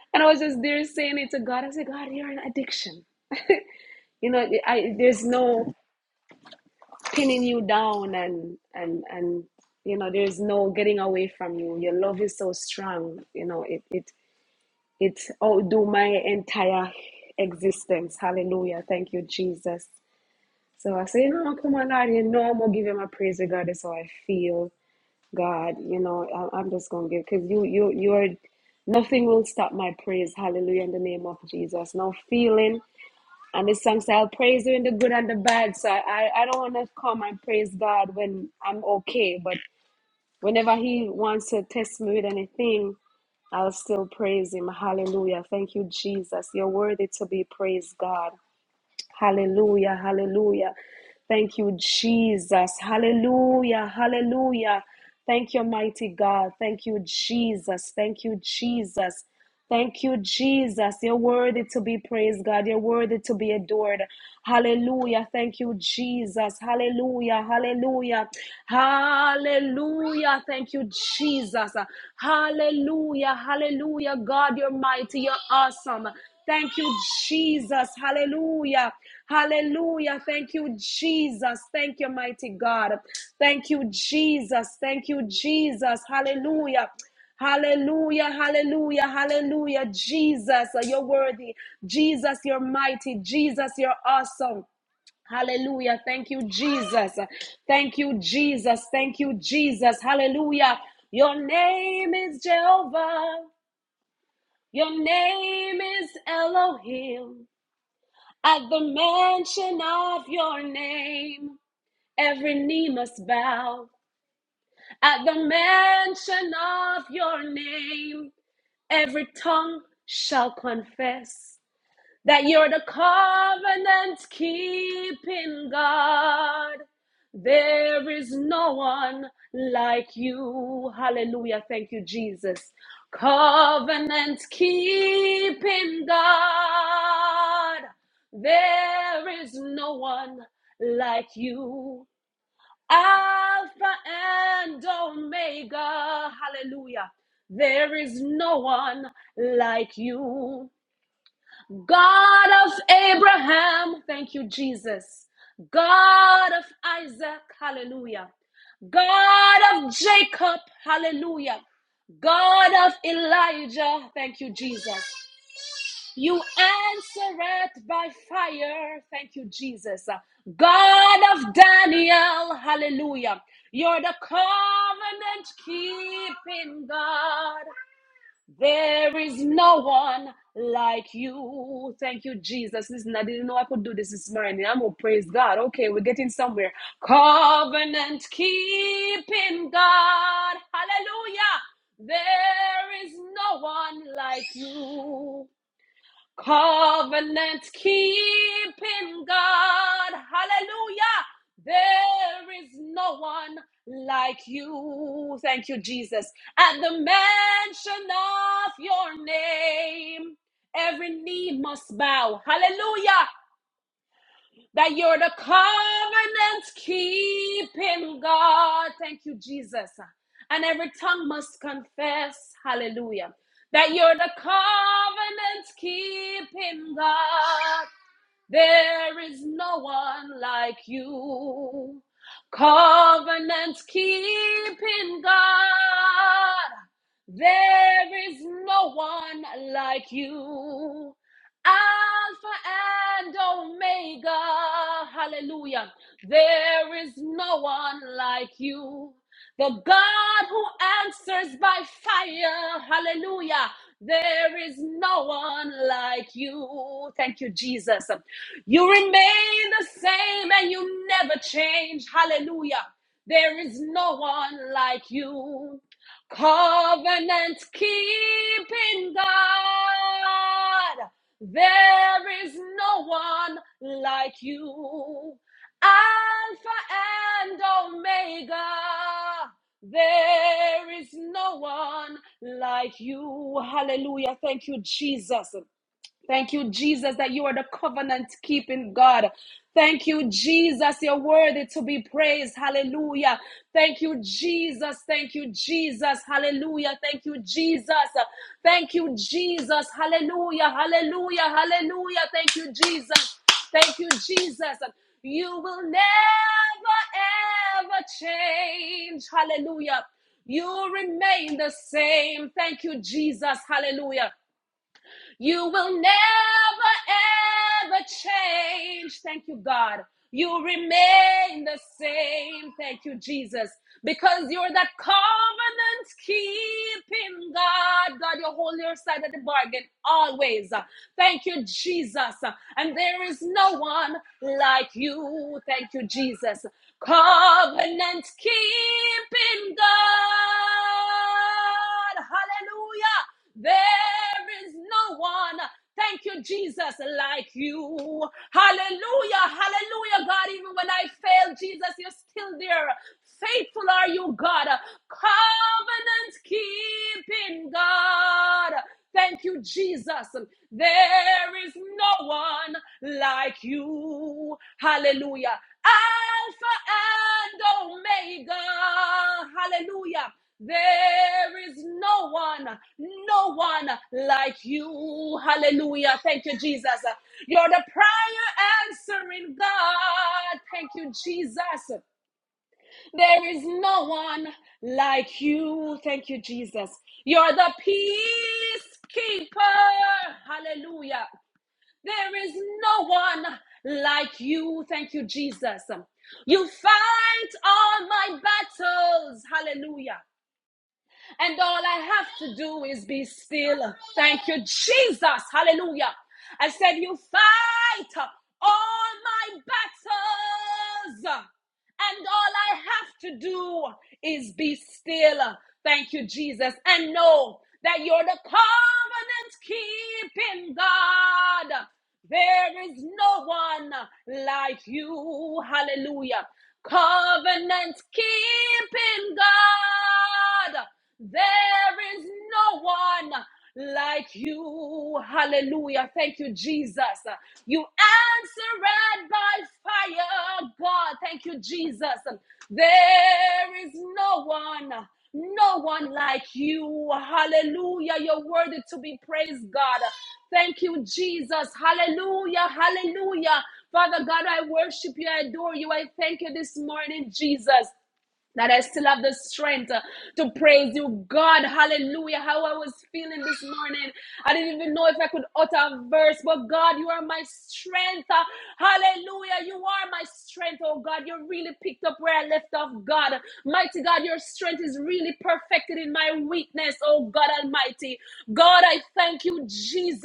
and I was just there saying it to God. I said, God, you're an addiction. You know, I there's no pinning you down and and and you know there's no getting away from you your love is so strong you know it it it outdo my entire existence hallelujah thank you jesus so i say no come on lord you know i'm gonna give him a praise regardless how i feel god you know I- i'm just gonna give because you you you're nothing will stop my praise hallelujah in the name of jesus no feeling and the song say, I'll praise you in the good and the bad. So I, I, I don't want to come and praise God when I'm okay. But whenever He wants to test me with anything, I'll still praise Him. Hallelujah. Thank you, Jesus. You're worthy to be praised, God. Hallelujah. Hallelujah. Thank you, Jesus. Hallelujah. Hallelujah. Thank you, mighty God. Thank you, Jesus. Thank you, Jesus. Thank you, Jesus. You're worthy to be praised, God. You're worthy to be adored. Hallelujah. Thank you, Jesus. Hallelujah. Hallelujah. Hallelujah. Thank you, Jesus. Hallelujah. Hallelujah. God, you're mighty. You're awesome. Thank you, Jesus. Hallelujah. Hallelujah. Thank you, Jesus. Thank you, mighty God. Thank you, Jesus. Thank you, Jesus. Hallelujah. Hallelujah, hallelujah, hallelujah. Jesus, you're worthy. Jesus, you're mighty. Jesus, you're awesome. Hallelujah. Thank you, Jesus. Thank you, Jesus. Thank you, Jesus. Hallelujah. Your name is Jehovah. Your name is Elohim. At the mention of your name, every knee must bow. At the mention of your name, every tongue shall confess that you're the covenant keeping God. There is no one like you. Hallelujah. Thank you, Jesus. Covenant keeping God. There is no one like you. Alpha and Omega. Hallelujah. There is no one like you. God of Abraham, thank you, Jesus. God of Isaac, hallelujah. God of Jacob, hallelujah. God of Elijah, thank you, Jesus. You answer it by fire, thank you, Jesus. God of Daniel, hallelujah. You're the covenant keeping God, there is no one like you. Thank you, Jesus. Listen, I didn't know I could do this this morning. I'm going to praise God. Okay, we're getting somewhere. Covenant keeping God. Hallelujah. There is no one like you. Covenant keeping God. Hallelujah. There is no one like you. Thank you, Jesus. At the mention of your name, every knee must bow. Hallelujah that you're the covenant keeping God. Thank you, Jesus. And every tongue must confess, hallelujah, that you're the covenant keeping God. There is no one like you. Covenant keeping God. There is no one like you. Alpha and Omega. Hallelujah. There is no one like you. The God who answers by fire. Hallelujah. There is no one like you. Thank you, Jesus. You remain the same and you never change. Hallelujah. There is no one like you. Covenant keeping God. There is no one like you. Alpha and Omega. There is no one like you. Hallelujah. Thank you, Jesus. Thank you, Jesus, that you are the covenant keeping God. Thank you, Jesus. You're worthy to be praised. Hallelujah. Thank you, Jesus. Thank you, Jesus. Hallelujah. Thank you, Jesus. Thank you, Jesus. Hallelujah. Hallelujah. Hallelujah. Thank you, Jesus. Thank you, Jesus. You will never, ever change. Hallelujah. You remain the same. Thank you, Jesus. Hallelujah. You will never ever change. Thank you, God. You remain the same. Thank you, Jesus. Because you're that covenant keeping God. God, you hold your side of the bargain always. Thank you, Jesus. And there is no one like you. Thank you, Jesus. Covenant keeping God. Hallelujah. There is no one. Thank you, Jesus, like you. Hallelujah. Hallelujah, God. Even when I fail, Jesus, you're still there. Faithful are you, God. Covenant keeping God. Thank you, Jesus. There is no one like you. Hallelujah. Alpha and Omega. Hallelujah. There is no one, no one like you. Hallelujah. Thank you, Jesus. You're the prior answering God. Thank you, Jesus. There is no one like you. Thank you, Jesus. You're the peacekeeper. Hallelujah. There is no one like you. Thank you, Jesus. You fight all my battles. Hallelujah. And all I have to do is be still. Thank you, Jesus. Hallelujah. I said, You fight all my battles and all I have to do is be still. Thank you, Jesus, and know that you're the covenant keeping God. There is no one like you. Hallelujah. Covenant keeping God. There is no one like you. Hallelujah. Thank you, Jesus. You answered by fire, God. Thank you, Jesus. There is no one. No one like you. Hallelujah. You're worthy to be praised, God. Thank you, Jesus. Hallelujah. Hallelujah. Father God, I worship you. I adore you. I thank you this morning, Jesus that I still have the strength uh, to praise you, God. Hallelujah. How I was feeling this morning. I didn't even know if I could utter a verse, but God, you are my strength. Uh, Hallelujah. You are my strength, oh God. You really picked up where I left off, God. Mighty God, your strength is really perfected in my weakness, oh God Almighty. God, I thank you, Jesus.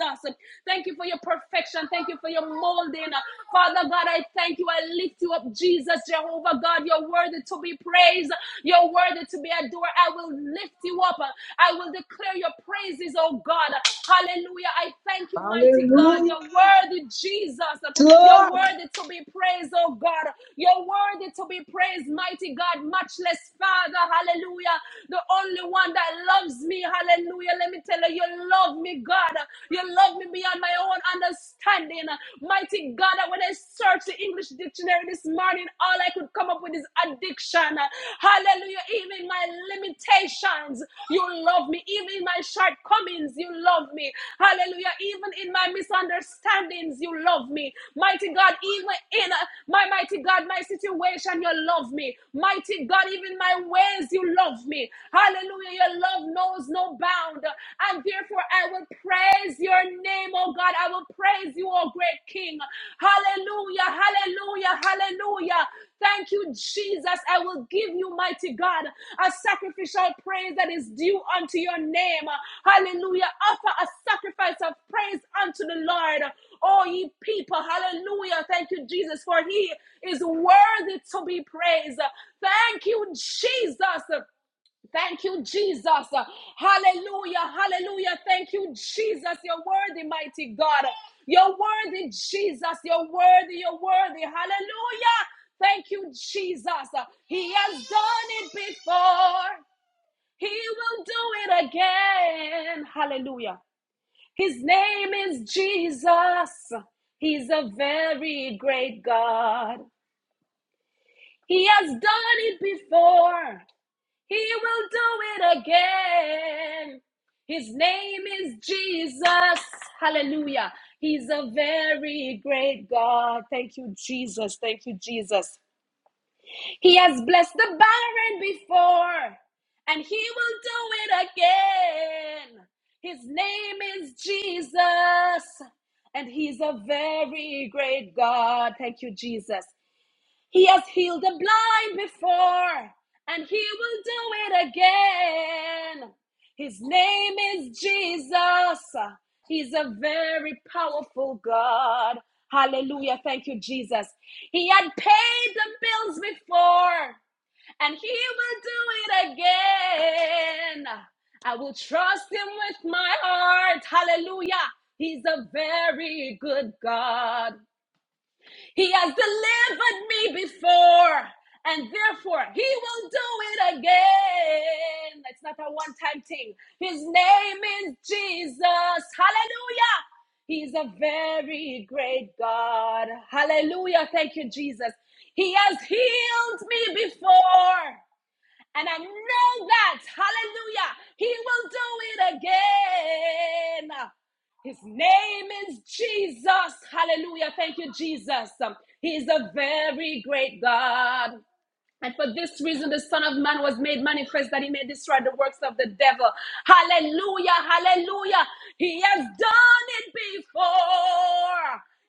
Thank you for your perfection. Thank you for your molding. Father God, I thank you. I I lift you up, Jesus, Jehovah God. You're worthy to be praised. You're worthy to be adored. I will lift you up. I will declare your praises, oh God. Hallelujah. I thank you, mighty God.
Hallelujah,
You're worthy, Jesus. You're
Lord.
worthy to be praised, oh God. You're worthy to be praised, mighty God, matchless Father. Hallelujah. The only one that loves me. Hallelujah. Let me tell you, you love me, God. You love me beyond my own understanding understanding. uh, Mighty God, that when I searched the English dictionary this morning, all I could come up with is addiction. Hallelujah. Even my limitations, you love me. Even in my shortcomings, you love me. Hallelujah. Even in my misunderstandings, you love me. Mighty God, even in uh, my mighty God, my situation, you love me. Mighty God, even my ways, you love me. Hallelujah. Your love knows no bound. And therefore, I will praise your name, oh God. I will praise you, oh great King. Hallelujah, hallelujah, hallelujah. Thank you, Jesus. I will give you, mighty God, a sacrificial praise that is due unto your name. Hallelujah. Offer a sacrifice of praise unto the Lord. Oh, ye people, hallelujah. Thank you, Jesus, for he is worthy to be praised. Thank you, Jesus. Thank you, Jesus. Hallelujah. Hallelujah. Thank you, Jesus. You're worthy, mighty God. You're worthy, Jesus. You're worthy. You're worthy. Hallelujah. Thank you, Jesus. He has done it before. He will do it again. Hallelujah. His name is Jesus. He's a very great God. He has done it before. He will do it again. His name is Jesus. Hallelujah. He's a very great God. Thank you, Jesus. Thank you, Jesus. He has blessed the barren before, and he will do it again. His name is Jesus, and he's a very great God. Thank you, Jesus. He has healed the blind before, and he will do it again. His name is Jesus. He's a very powerful God. Hallelujah. Thank you, Jesus. He had paid the bills before, and he will do it again. I will trust him with my heart. Hallelujah. He's a very good God. He has delivered me before, and therefore he will do it again. It's not a one time thing. His name is Jesus. Hallelujah. He's a very great God. Hallelujah. Thank you, Jesus. He has healed me before. And I know that, hallelujah, he will do it again. His name is Jesus. Hallelujah. Thank you, Jesus. Um, He's a very great God. And for this reason, the Son of Man was made manifest that he may destroy the works of the devil. Hallelujah, hallelujah. He has done it before.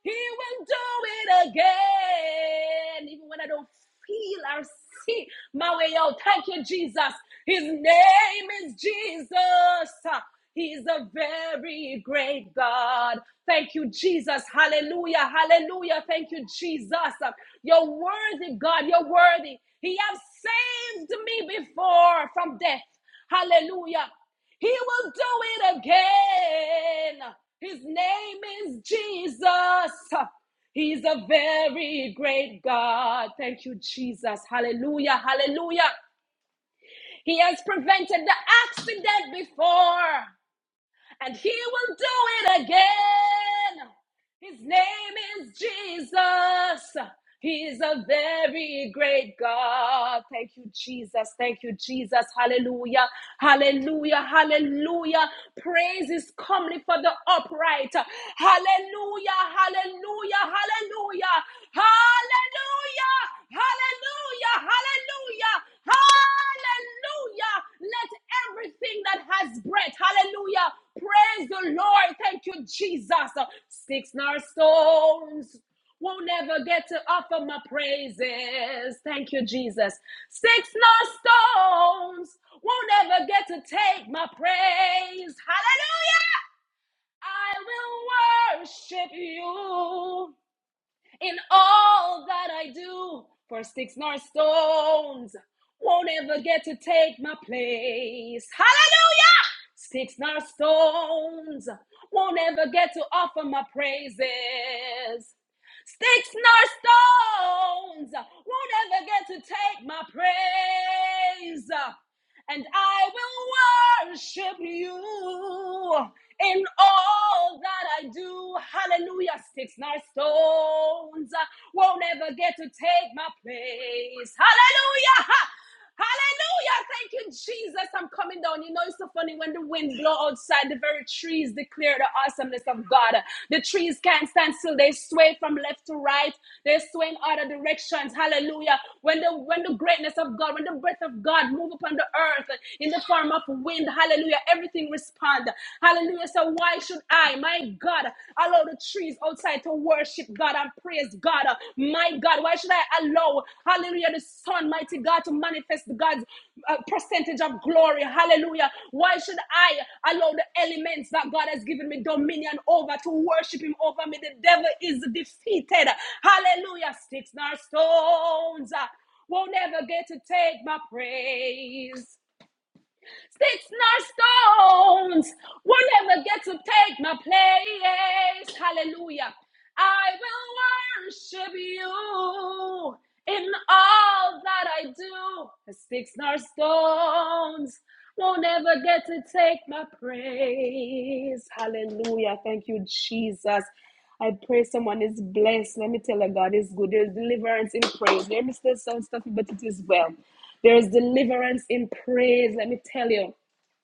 He will do it again. Even when I don't feel or see my way out. Thank you, Jesus. His name is Jesus. He's a very great God. Thank you, Jesus. Hallelujah. Hallelujah. Thank you, Jesus. You're worthy, God. You're worthy. He has saved me before from death. Hallelujah. He will do it again. His name is Jesus. He's a very great God. Thank you, Jesus. Hallelujah. Hallelujah. He has prevented the accident before and he will do it again. His name is Jesus. He's a very great God. Thank you, Jesus. Thank you, Jesus. Hallelujah. Hallelujah. Hallelujah. Praise is comely for the upright. Hallelujah, hallelujah, hallelujah, hallelujah, hallelujah, hallelujah, hallelujah. Let everything that has breath, hallelujah, praise the Lord. Thank you, Jesus. Sticks nor stones will never get to offer my praises. Thank you, Jesus. Sticks nor stones won't ever get to take my praise. Hallelujah. I will worship you in all that I do. For sticks nor stones won't ever get to take my place. Hallelujah! Sticks nor stones won't ever get to offer my praises. Sticks nor stones won't ever get to take my praise. And I will worship you in all that I do. Hallelujah. Sticks and stones uh, won't ever get to take my place. Hallelujah. Hallelujah. Thank you, Jesus. I'm coming down. You know, it's so funny when the wind blows outside, the very trees declare the awesomeness of God. The trees can't stand still. They sway from left to right. They sway in other directions. Hallelujah. When the when the greatness of God, when the breath of God move upon the earth in the form of wind, hallelujah. Hallelujah. Everything respond. Hallelujah. So why should I, my God, allow the trees outside to worship God and praise God? My God, why should I allow, hallelujah, the sun, mighty God, to manifest God's uh, percentage of glory? Hallelujah. Why should I allow the elements that God has given me dominion over to worship Him over me? The devil is defeated. Hallelujah. Sticks nor stones uh, won't ever get to take my praise. Sticks nor stones will never get to take my place. Hallelujah. I will worship you in all that I do. Sticks nor stones won't ever get to take my praise. Hallelujah. Thank you, Jesus. I pray someone is blessed. Let me tell you, God is good. There's deliverance in praise. There may still some stuff, but it is well. There is deliverance in praise. Let me tell you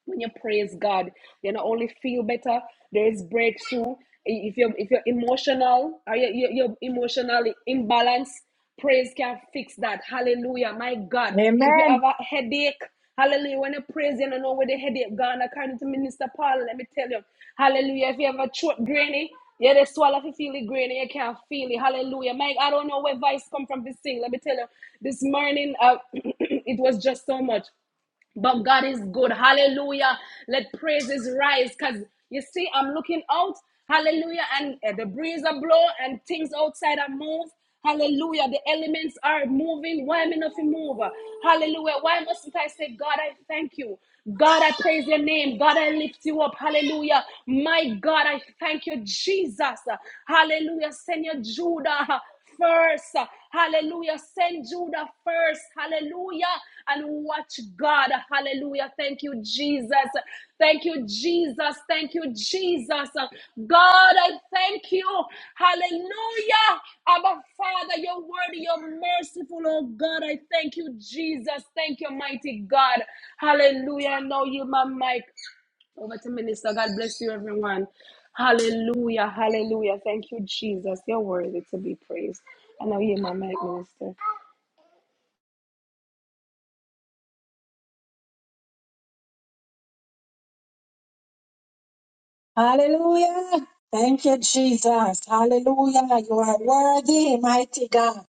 when you praise God, you not only feel better, there is breakthrough. If you're if you're emotional or you you- you're emotionally imbalanced, praise can fix that. Hallelujah. My God. If you have
Amen.
a headache, hallelujah. When you praise, you don't know where the headache gone. According to Minister Paul, let me tell you. Hallelujah. If you have a throat grainy, yeah, they swallow if you feel it grainy, you can't feel it. Hallelujah. Mike, I don't know where vice come from this thing. Let me tell you. This morning, uh, it was just so much. But God is good. Hallelujah. Let praises rise. Because you see, I'm looking out. Hallelujah. And uh, the breeze are blow and things outside are move. Hallelujah. The elements are moving. Why am I not to move? Hallelujah. Why mustn't I say, God, I thank you? God, I praise your name. God, I lift you up. Hallelujah. My God, I thank you, Jesus. Hallelujah. Send your Judah first. Hallelujah. Send Judah first. Hallelujah. And watch God. Hallelujah. Thank you, Jesus. Jesus. Thank you, Jesus. Thank you, Jesus. God, I thank you. Hallelujah. Abba, Father, you're worthy, you're merciful. Oh, God, I thank you, Jesus. Thank you, mighty God. Hallelujah. Now you, my mic. Over to Minister. God bless you, everyone. Hallelujah. Hallelujah. Thank you, Jesus. You're worthy to be praised. I know you, my mic, Minister.
Hallelujah. Thank you, Jesus. Hallelujah. You are worthy, mighty God.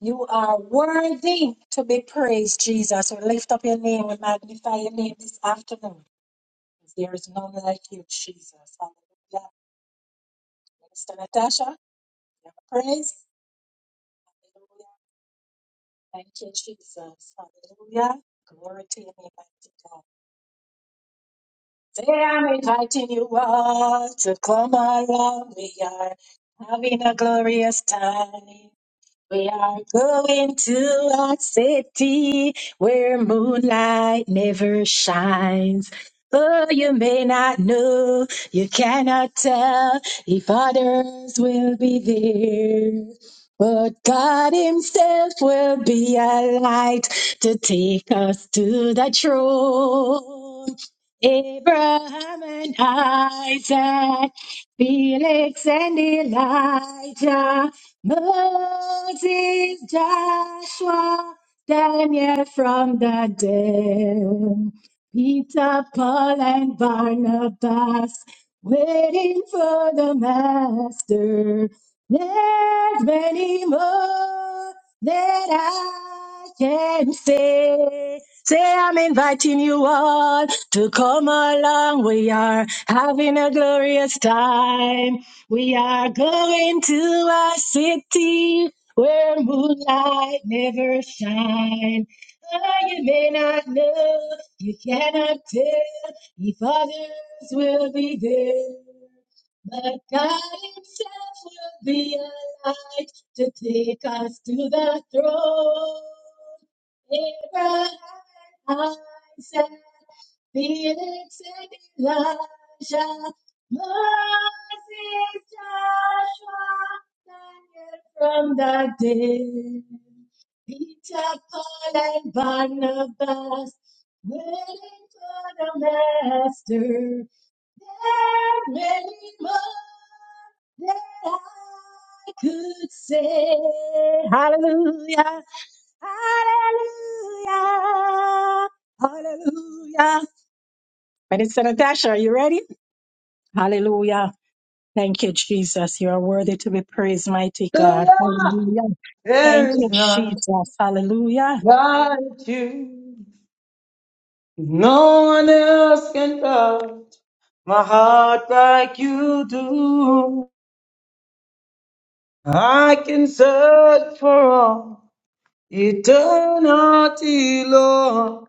You are worthy to be praised, Jesus. We lift up your name. We magnify your name this afternoon. There is none like you, Jesus. Hallelujah. Minister Natasha, you have praise. Hallelujah. Thank you, Jesus. Hallelujah. Glory to your name, mighty God. Today I'm inviting you all to come around. We are having a glorious time. We are going to a city where moonlight never shines. Oh, you may not know, you cannot tell if others will be there. But God Himself will be a light to take us to the throne. Abraham and Isaac, Felix and Elijah. Moses, Joshua, Daniel from the dead, Peter, Paul, and Barnabas, waiting for the master. There's many more that I can say. Say, I'm inviting you all to come along. We are having a glorious time. We are going to a city where moonlight never shine. Oh, you may not know, you cannot tell if others will be there. But God Himself will be a light to take us to the throne. Abraham, Isaac, Felix, and Elijah. Moses, Joshua, Daniel from the dead, Peter, Paul, and Barnabas, waiting for the Master. There's many more that I could say. Hallelujah, hallelujah, hallelujah. Minister Natasha, are you ready? Hallelujah. Thank you, Jesus. You are worthy to be praised, mighty God.
Hallelujah.
Hallelujah. Thank
There is
you,
none
Jesus. Hallelujah.
like you. No one else can come. My heart like you do. I can search for all eternity, Lord,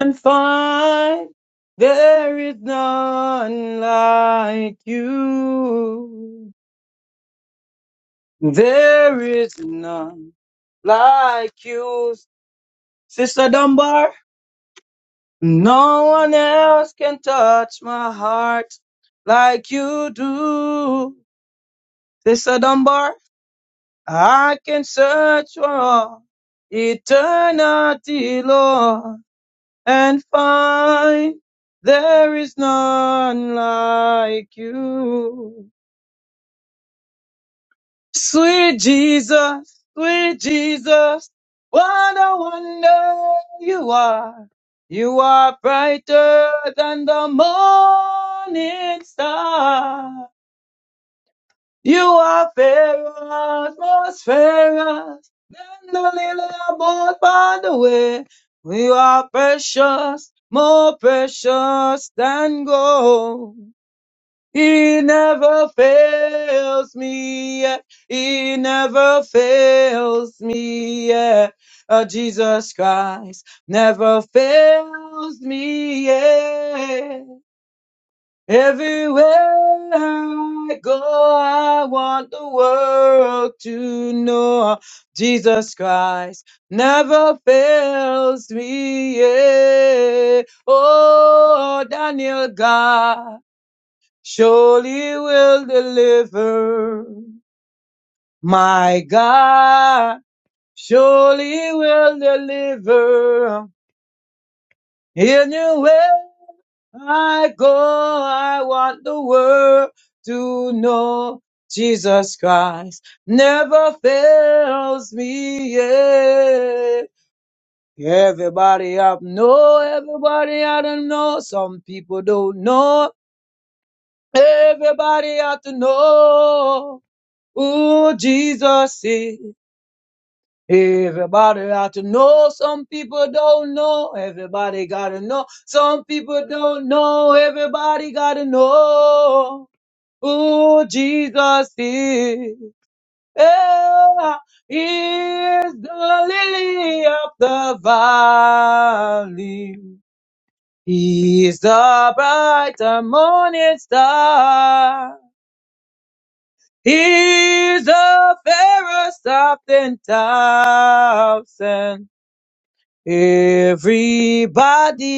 and find there is none like you. There is none like you. Sister Dunbar, no one else can touch my heart like you do. Sister Dunbar, I can search for all eternity, Lord, and find there is none like you. Sweet Jesus, sweet Jesus, what a wonder you are. You are brighter than the morning star. You are fairer, most fairer than the lily above by the way. You are precious, more precious than gold. He never fails me yet. He never fails me yet. Uh, Jesus Christ never fails me yet. Everywhere I go, I want the world to know Jesus Christ never fails me. Yeah. Oh, Daniel God, surely will deliver. My God, surely will deliver. In your way. I go, I want the world to know Jesus Christ never fails me yet. Everybody I know, everybody I don't know. Some people don't know. Everybody ought to know who Jesus is. Everybody ought to know. Some people don't know. Everybody gotta know. Some people don't know. Everybody gotta know who Jesus is. Yeah, he is the lily of the valley. He is the bright and morning star. He is the fairest of ten thousand. Everybody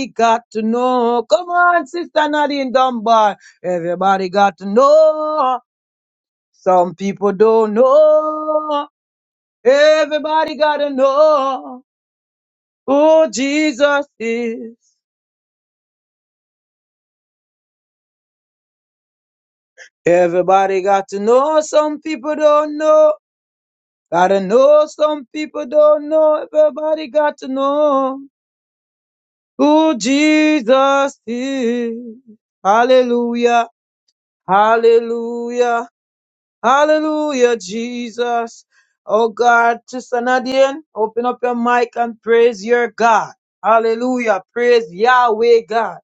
got to know. Come on, Sister Nadine Dunbar. Everybody got to know. Some people don't know. Everybody got to know who Jesus is. Everybody got to know. Some people don't know. Gotta know. Some people don't know. Everybody got to know who Jesus is. Hallelujah. Hallelujah. Hallelujah, Jesus. Oh God, Sister Nadine, open up your mic and praise your God. Hallelujah. Praise Yahweh God.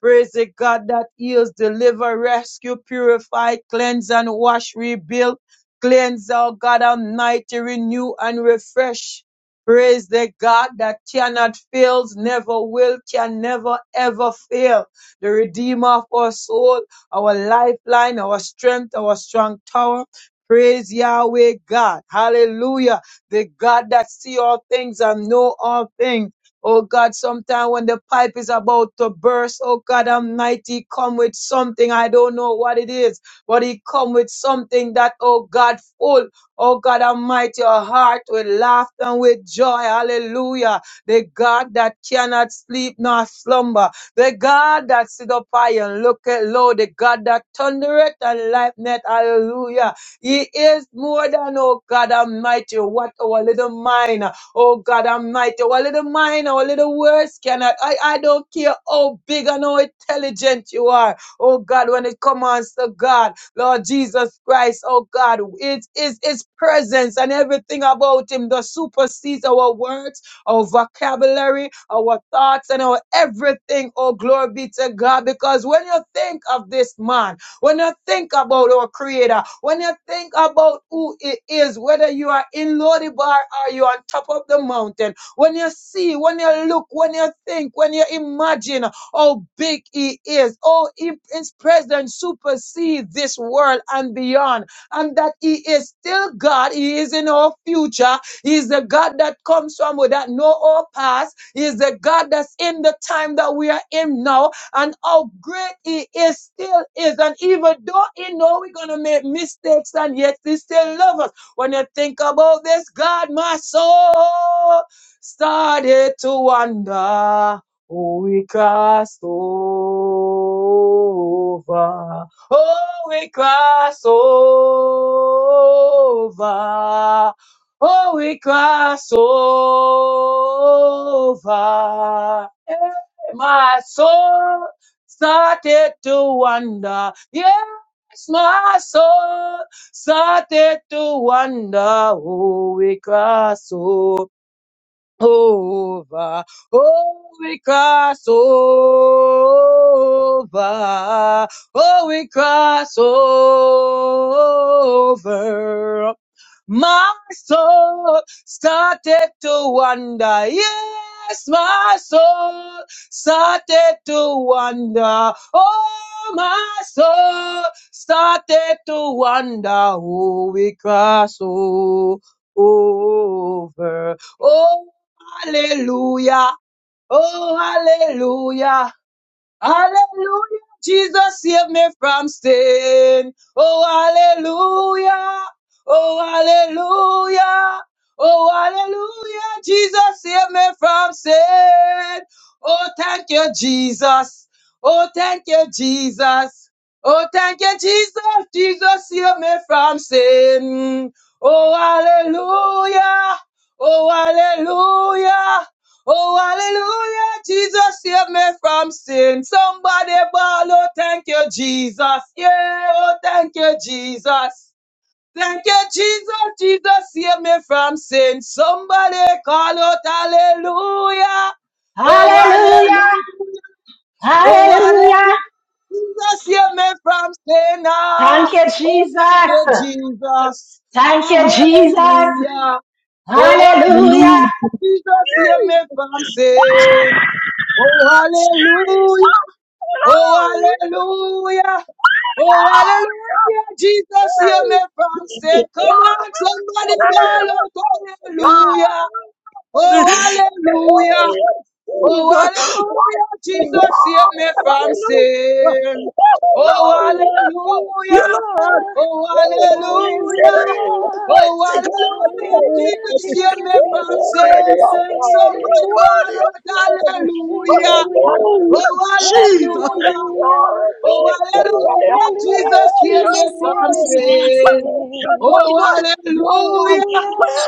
Praise the God that heals, deliver, rescue, purify, cleanse and wash, rebuild, cleanse, oh God Almighty, renew and refresh. Praise the God that cannot fail, never will, can never ever fail. The Redeemer of our soul, our lifeline, our strength, our strong tower. Praise Yahweh God. Hallelujah. The God that see all things and know all things. Oh God, sometimes when the pipe is about to burst, oh God Almighty, come with something. I don't know what it is, but He come with something that, oh God, full, oh God Almighty, your heart with laughter and with joy. Hallelujah. The God that cannot sleep nor slumber, the God that sit up high and look at low, the God that thundereth and lightneth. Hallelujah. He is more than, oh God Almighty, what our little mind. Oh God Almighty, our little mind, our little words cannot. I, I don't care how big and how intelligent you are. Oh God, when it comes to God, Lord Jesus Christ, oh God, it is His presence and everything about Him that supersedes our words, our vocabulary, our thoughts, and our everything. Oh, glory be to God. Because when you think of this man, when you think about our Creator, when you think about who it is, whether you are in Lodi Bar or you are on top of the mountain, when you see, when you look, when you think, when you imagine how big He is, oh, His presence supersedes this world and beyond, and that He is still God, He is in our future, He is the God that comes from without no our past, He is the God that's in the time that we are in now, and how great He is still is. And even though He know we're gonna make mistakes, and yet He still loves us. When you think about this, God, my soul started to wonder who we crossed over. Oh, we cross over. Oh, we cross over. My soul started to wonder. Yes, my soul started to wonder who we cross over. Oh, we cross over. Oh, we cross over. My soul started to wander. Yes, my soul started to wander. Oh, my soul started to wander. Oh, we cross over. oh. Hallelujah. Oh, hallelujah. Hallelujah. Jesus saved me from sin. Oh, hallelujah. Oh, hallelujah. Oh, hallelujah. Jesus saved me from sin. Oh, thank you, Jesus. Oh, thank you, Jesus. Oh, thank you, Jesus. Jesus saved me from sin. Oh, hallelujah. Oh, hallelujah. Oh, hallelujah, Jesus, save me from sin. Somebody ball, oh, thank you, Jesus. Yeah, oh, thank you, Jesus. Thank you, Jesus, Jesus, save me from sin. Somebody call out, hallelujah. Oh,
Hallelujah!
hallelujah, Oh, hallelujah.
Hallelujah!
Jesus, you made from sinner.
Thank you,
Oh, thank you,
Jesus!
Jesus.
Thank
Ah,
you, Jesus!
hallelujah. Oh,
Hallelujah!
hallelujah.
Hallelujah.
Jesus, you made from sin. Oh, hallelujah. Oh, hallelujah. Oh, hallelujah. Jesus, you made from sin. Come on, somebody, ball out. Hallelujah. Oh, hallelujah. Oh, hallelujah, Jesus saved me from sin. Oh, hallelujah.
Hallelujah.
Oh,
Oh,
hallelujah.
What
hallelujah.
Oh,
to
hallelujah.
God?
Hallelujah,
Jesus
Jesus,
saved me
save
from
me
sin.
from
Somebody
sin.
ball out, hallelujah.
Hallelujah.
Hallelujah,
Oh,
Oh,
Jesus.
hallelujah.
hallelujah.
Glory
Oh,
be to the
hallelujah.
Lamb.
Hallelujah,
Jesus
Hallelujah,
saved me
Jesus, save
from
me
Jesus,
from
sin.
Lord.
sin.
Oh,
Almighty
hallelujah.
Hallelujah.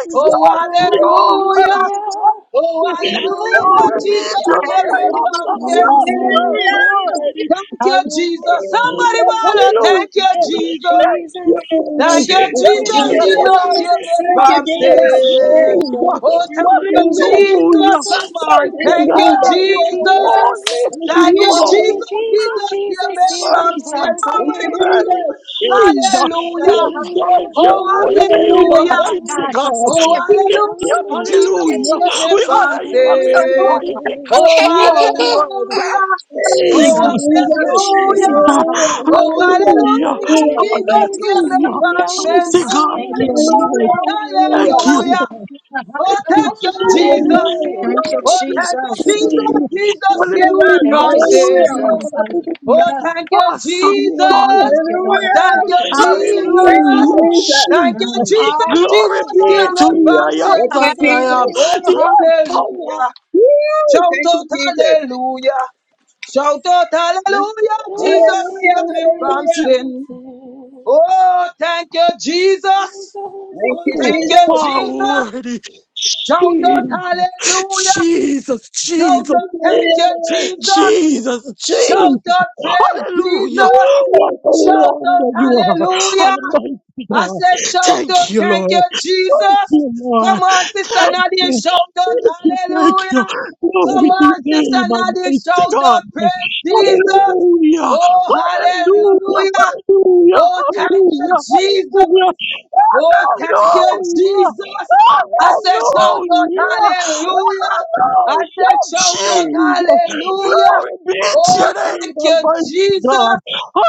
Oh,
Oh, hallelujah.
hallelujah.
Oh,
Oh,
hallelujah,
hallelujah,
Jesus,
I
hear
Jesus,
me
save me
am
something.
from sin.
Yeah.
Thank you, Jesus. Somebody
Hallelujah.
wanna
Hallelujah.
thank you,
Thank
Oh,
you.
Jesus.
Jesus.
Thank
Thank you,
Thank
Thank
you,
you,
Jesus,
you,
Jesus.
Jesus,
Jesus,
Lord.
hear me
Jesus, save
Thank
me
you,
from
Thank
from
you,
Jesus.
sin.
sin.
Oh,
Jesus.
Thank
thank
you,
you,
Thank
Jesus. Thank you,
you,
Jesus.
Jesus.
Hallelujah.
Come
Jesus.
on,
Thank
Mighty
you,
thank you,
Thank
God, you
you,
are
Jesus.
Jesus.
holy.
Thank you,
Jesus.
Thank you,
You
Jesus,
Jesus.
Jesus, hear
Jesus
me
is
are
it
from sin.
for us
Thank
Somebody
you,
here.
worthy,
Jesus.
Jesus.
Hallelujah.
We exalt
Hallelujah.
your
Oh,
holy name,
hallelujah.
Hallelujah.
Hallelujah.
Almighty
God, for
Thank
God.
you,
sin,
Oh,
Jesus.
We lift
for
you up,
hallelujah,
Hallelujah,
Jesus, hear
hallelujah.
Jesus
Jesus.
me
We
is me
from
honor you
for
and
us
we
Dear
adore
sin.
you
Lord,
because
Oh,
here.
you are worthy.
hallelujah.
thank you,
Thank
Oh,
you,
Jesus. Thank you,
Jesus.
hallelujah.
Jesus.
Jesus.
Hallelujah,
Hallelujah.
Oh,
Hallelujah.
Hallelujah.
Hallelujah.
Glory to
hallelujah,
Hallelujah.
your
hallelujah,
name,
Jesus,
mighty
hear
Jesus,
God.
me
Hallelujah.
save
Thank you,
me
from sin.
from
Mighty
Jesus.
God,
Thank you,
Somebody
your
Hallelujah,
sin.
call
Lord.
Jesus.
out
Thank
hallelujah,
you,
hallelujah.
Lord.
Hallelujah.
Oh,
Thank you,
thank
Oh,
you,
Hallelujah.
Jesus.
Jesus.
hallelujah.
hallelujah,
Thank you,
Glory
Oh,
be
thank you,
to
Jesus.
Jesus.
you.
Jesus, hear me
Jesus,
Hallelujah.
Thank
from
you,
Mighty
hallelujah,
sin.
Jesus.
God. Hallelujah.
Oh,
Hallelujah.
thank you,
Awesome Lord.
Thank
Jesus.
you, Lord.
Thank
hallelujah.
Thank
you,
you,
thank you,
Jesus.
Thank
Hallelujah.
you,
Jesus.
Hallelujah.
Jesus.
Jesus.
Thank you,
Mm.
Jesus.
Jesus.
Glory
Jesus, hear
Hallelujah.
be
me
to
Jesus, save
you.
from
me
I
Hallelujah.
sin.
am
Thank
from
Thank
you,
that
you,
I am.
Jesus.
Oh,
sin.
Jesus.
The power.
hallelujah.
Woo,
Shout
thank you,
out
Jesus.
hallelujah. Shout out hallelujah.
Hallelujah,
Jesus
Hallelujah,
saved
Jesus,
me
save
from
me
hallelujah.
You
from
sin.
sin.
Oh, thank you, Jesus.
Jesus.
Thank
Oh,
you,
thank you,
Jesus.
are
Jesus.
worthy.
Shout out
Jesus,
hallelujah.
Jesus,
Shout out
Jesus.
thank you,
Hallelujah.
Jesus.
Jesus,
Shout
Jesus,
out, praise
hallelujah.
Jesus.
What a
Woo,
Shout out,
wonder you are,
hallelujah.
Almighty
I
God.
said, shout out,
Thank you,
thank you,
Lord.
Jesus.
Dear Lord,
Come on, Sister Nadine,
thank
shout out,
you, thank
hallelujah.
you.
Come
Glory to
on,
your
Sister
name,
Nadine,
Almighty
shout
God.
out, praise Jesus.
Hallelujah,
Oh,
hallelujah,
hallelujah.
hallelujah,
Oh, thank you, Jesus.
hallelujah,
Oh, thank you,
hallelujah,
Jesus. I say,
hallelujah,
shout out
hallelujah.
hallelujah. I
Oh,
say,
Jesus.
shout out hallelujah.
Glory be to
Oh,
your name,
thank you,
Almighty God.
Jesus.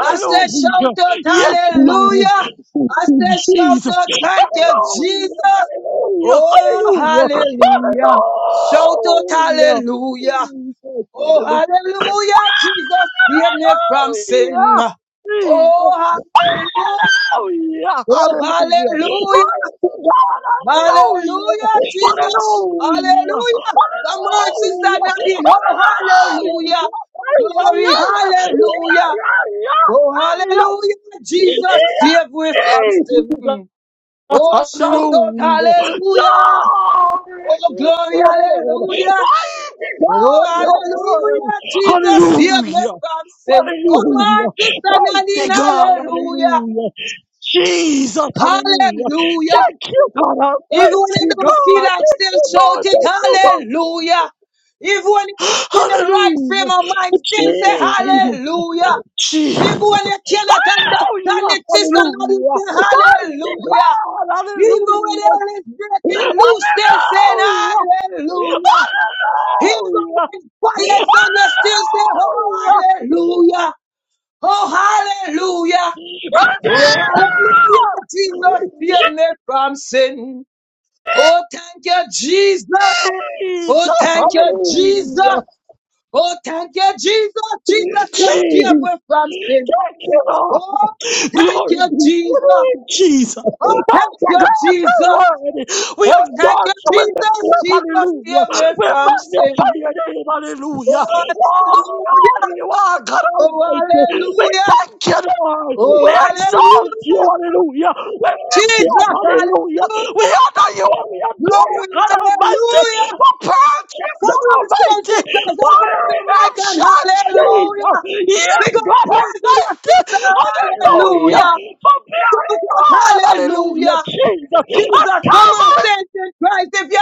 I say, shout out
Yes, Lord.
hallelujah.
Thank
I
you,
say, shout
Jesus.
out, thank you,
Hallelujah.
Jesus.
Hallelujah.
Oh,
Hallelujah.
hallelujah. Shout out
Hallelujah.
hallelujah.
Jesus.
Oh,
Hallelujah.
hallelujah. Jesus, save me from sin.
Hallelujah.
Oh, hallelujah.
Hallelujah.
Oh,
Hallelujah. Praise
hallelujah.
God. Hallelujah.
Hallelujah, Jesus.
Hallelujah.
Hallelujah. Come on, Sister
Hallelujah.
Nadine. Oh,
Hallelujah.
hallelujah.
Ay, ay,
Glory,
ay,
hallelujah.
ay.
Oh,
Ay,
hallelujah. Jesus,
ay,
save we
ay,
from
ay.
sin.
Hallelujah.
Oh, shout out,
Glory
hallelujah. Oh,
to the
glory, hallelujah.
Mighty
Oh,
God, your word.
hallelujah. Jesus, save me
Hallelujah.
from sin. Come on,
Hallelujah.
Sister Nadine.
Mighty God,
Hallelujah.
hallelujah. Jesus, hallelujah.
Hallelujah.
Thank you, God,
Even when you
almighty
don't feel
God.
like
Thank
still
you,
shout
Lord.
it,
Thank you, Lord.
hallelujah. Even when you're not in the right frame
Hallelujah.
of mind, still say
Jesus.
hallelujah. Even
Jesus.
when you cannot
Oh,
understand
yes,
it, sister, not
hallelujah.
say
Mighty
hallelujah.
God,
Even when
hallelujah.
hell is breaking
Hallelujah!
loose, still saying hallelujah. Even
Hallelujah!
when fire is on you, still say, oh, hallelujah. Oh, hallelujah.
Hallelujah!
Oh, hallelujah. Jesus, save me from sin. Oh, thank you, Jesus. Oh,
Jesus!
thank you, Jesus.
Hallelujah!
Oh, thank you, Jesus. Jesus, you steer
Jesus!
away from sin.
Thank you, Lord!
Oh, thank
Glory be
you,
to
Jesus.
you, Jesus.
Oh, thank
Thank you,
you,
God, your
Jesus.
word. We
Oh, thank you,
exalt you in the
Jesus.
up,
Jesus,
hallelujah.
save me
We
from
magnify
sin.
your name, hallelujah.
Oh,
Oh,
hallelujah.
holy you are, God
Oh,
Almighty. We
hallelujah.
thank you, Lord. We
Oh,
exalt you,
hallelujah.
hallelujah. We lift you up,
Jesus,
hallelujah. We
hallelujah.
honor you and we adore you,
Glory,
God Almighty.
hallelujah.
For purchase,
Come
God
on, saints
Almighty
in Christ, open up
fiery
your mic and
option,
hallelujah.
Jesus. Yes,
We're going to
God
praise you, our
Almighty.
sister,
Hallelujah.
hallelujah.
For
Shout
bearing
out
all, hallelujah,
hallelujah.
Jesus.
Jesus, come
I'm
on, saints in Christ. If you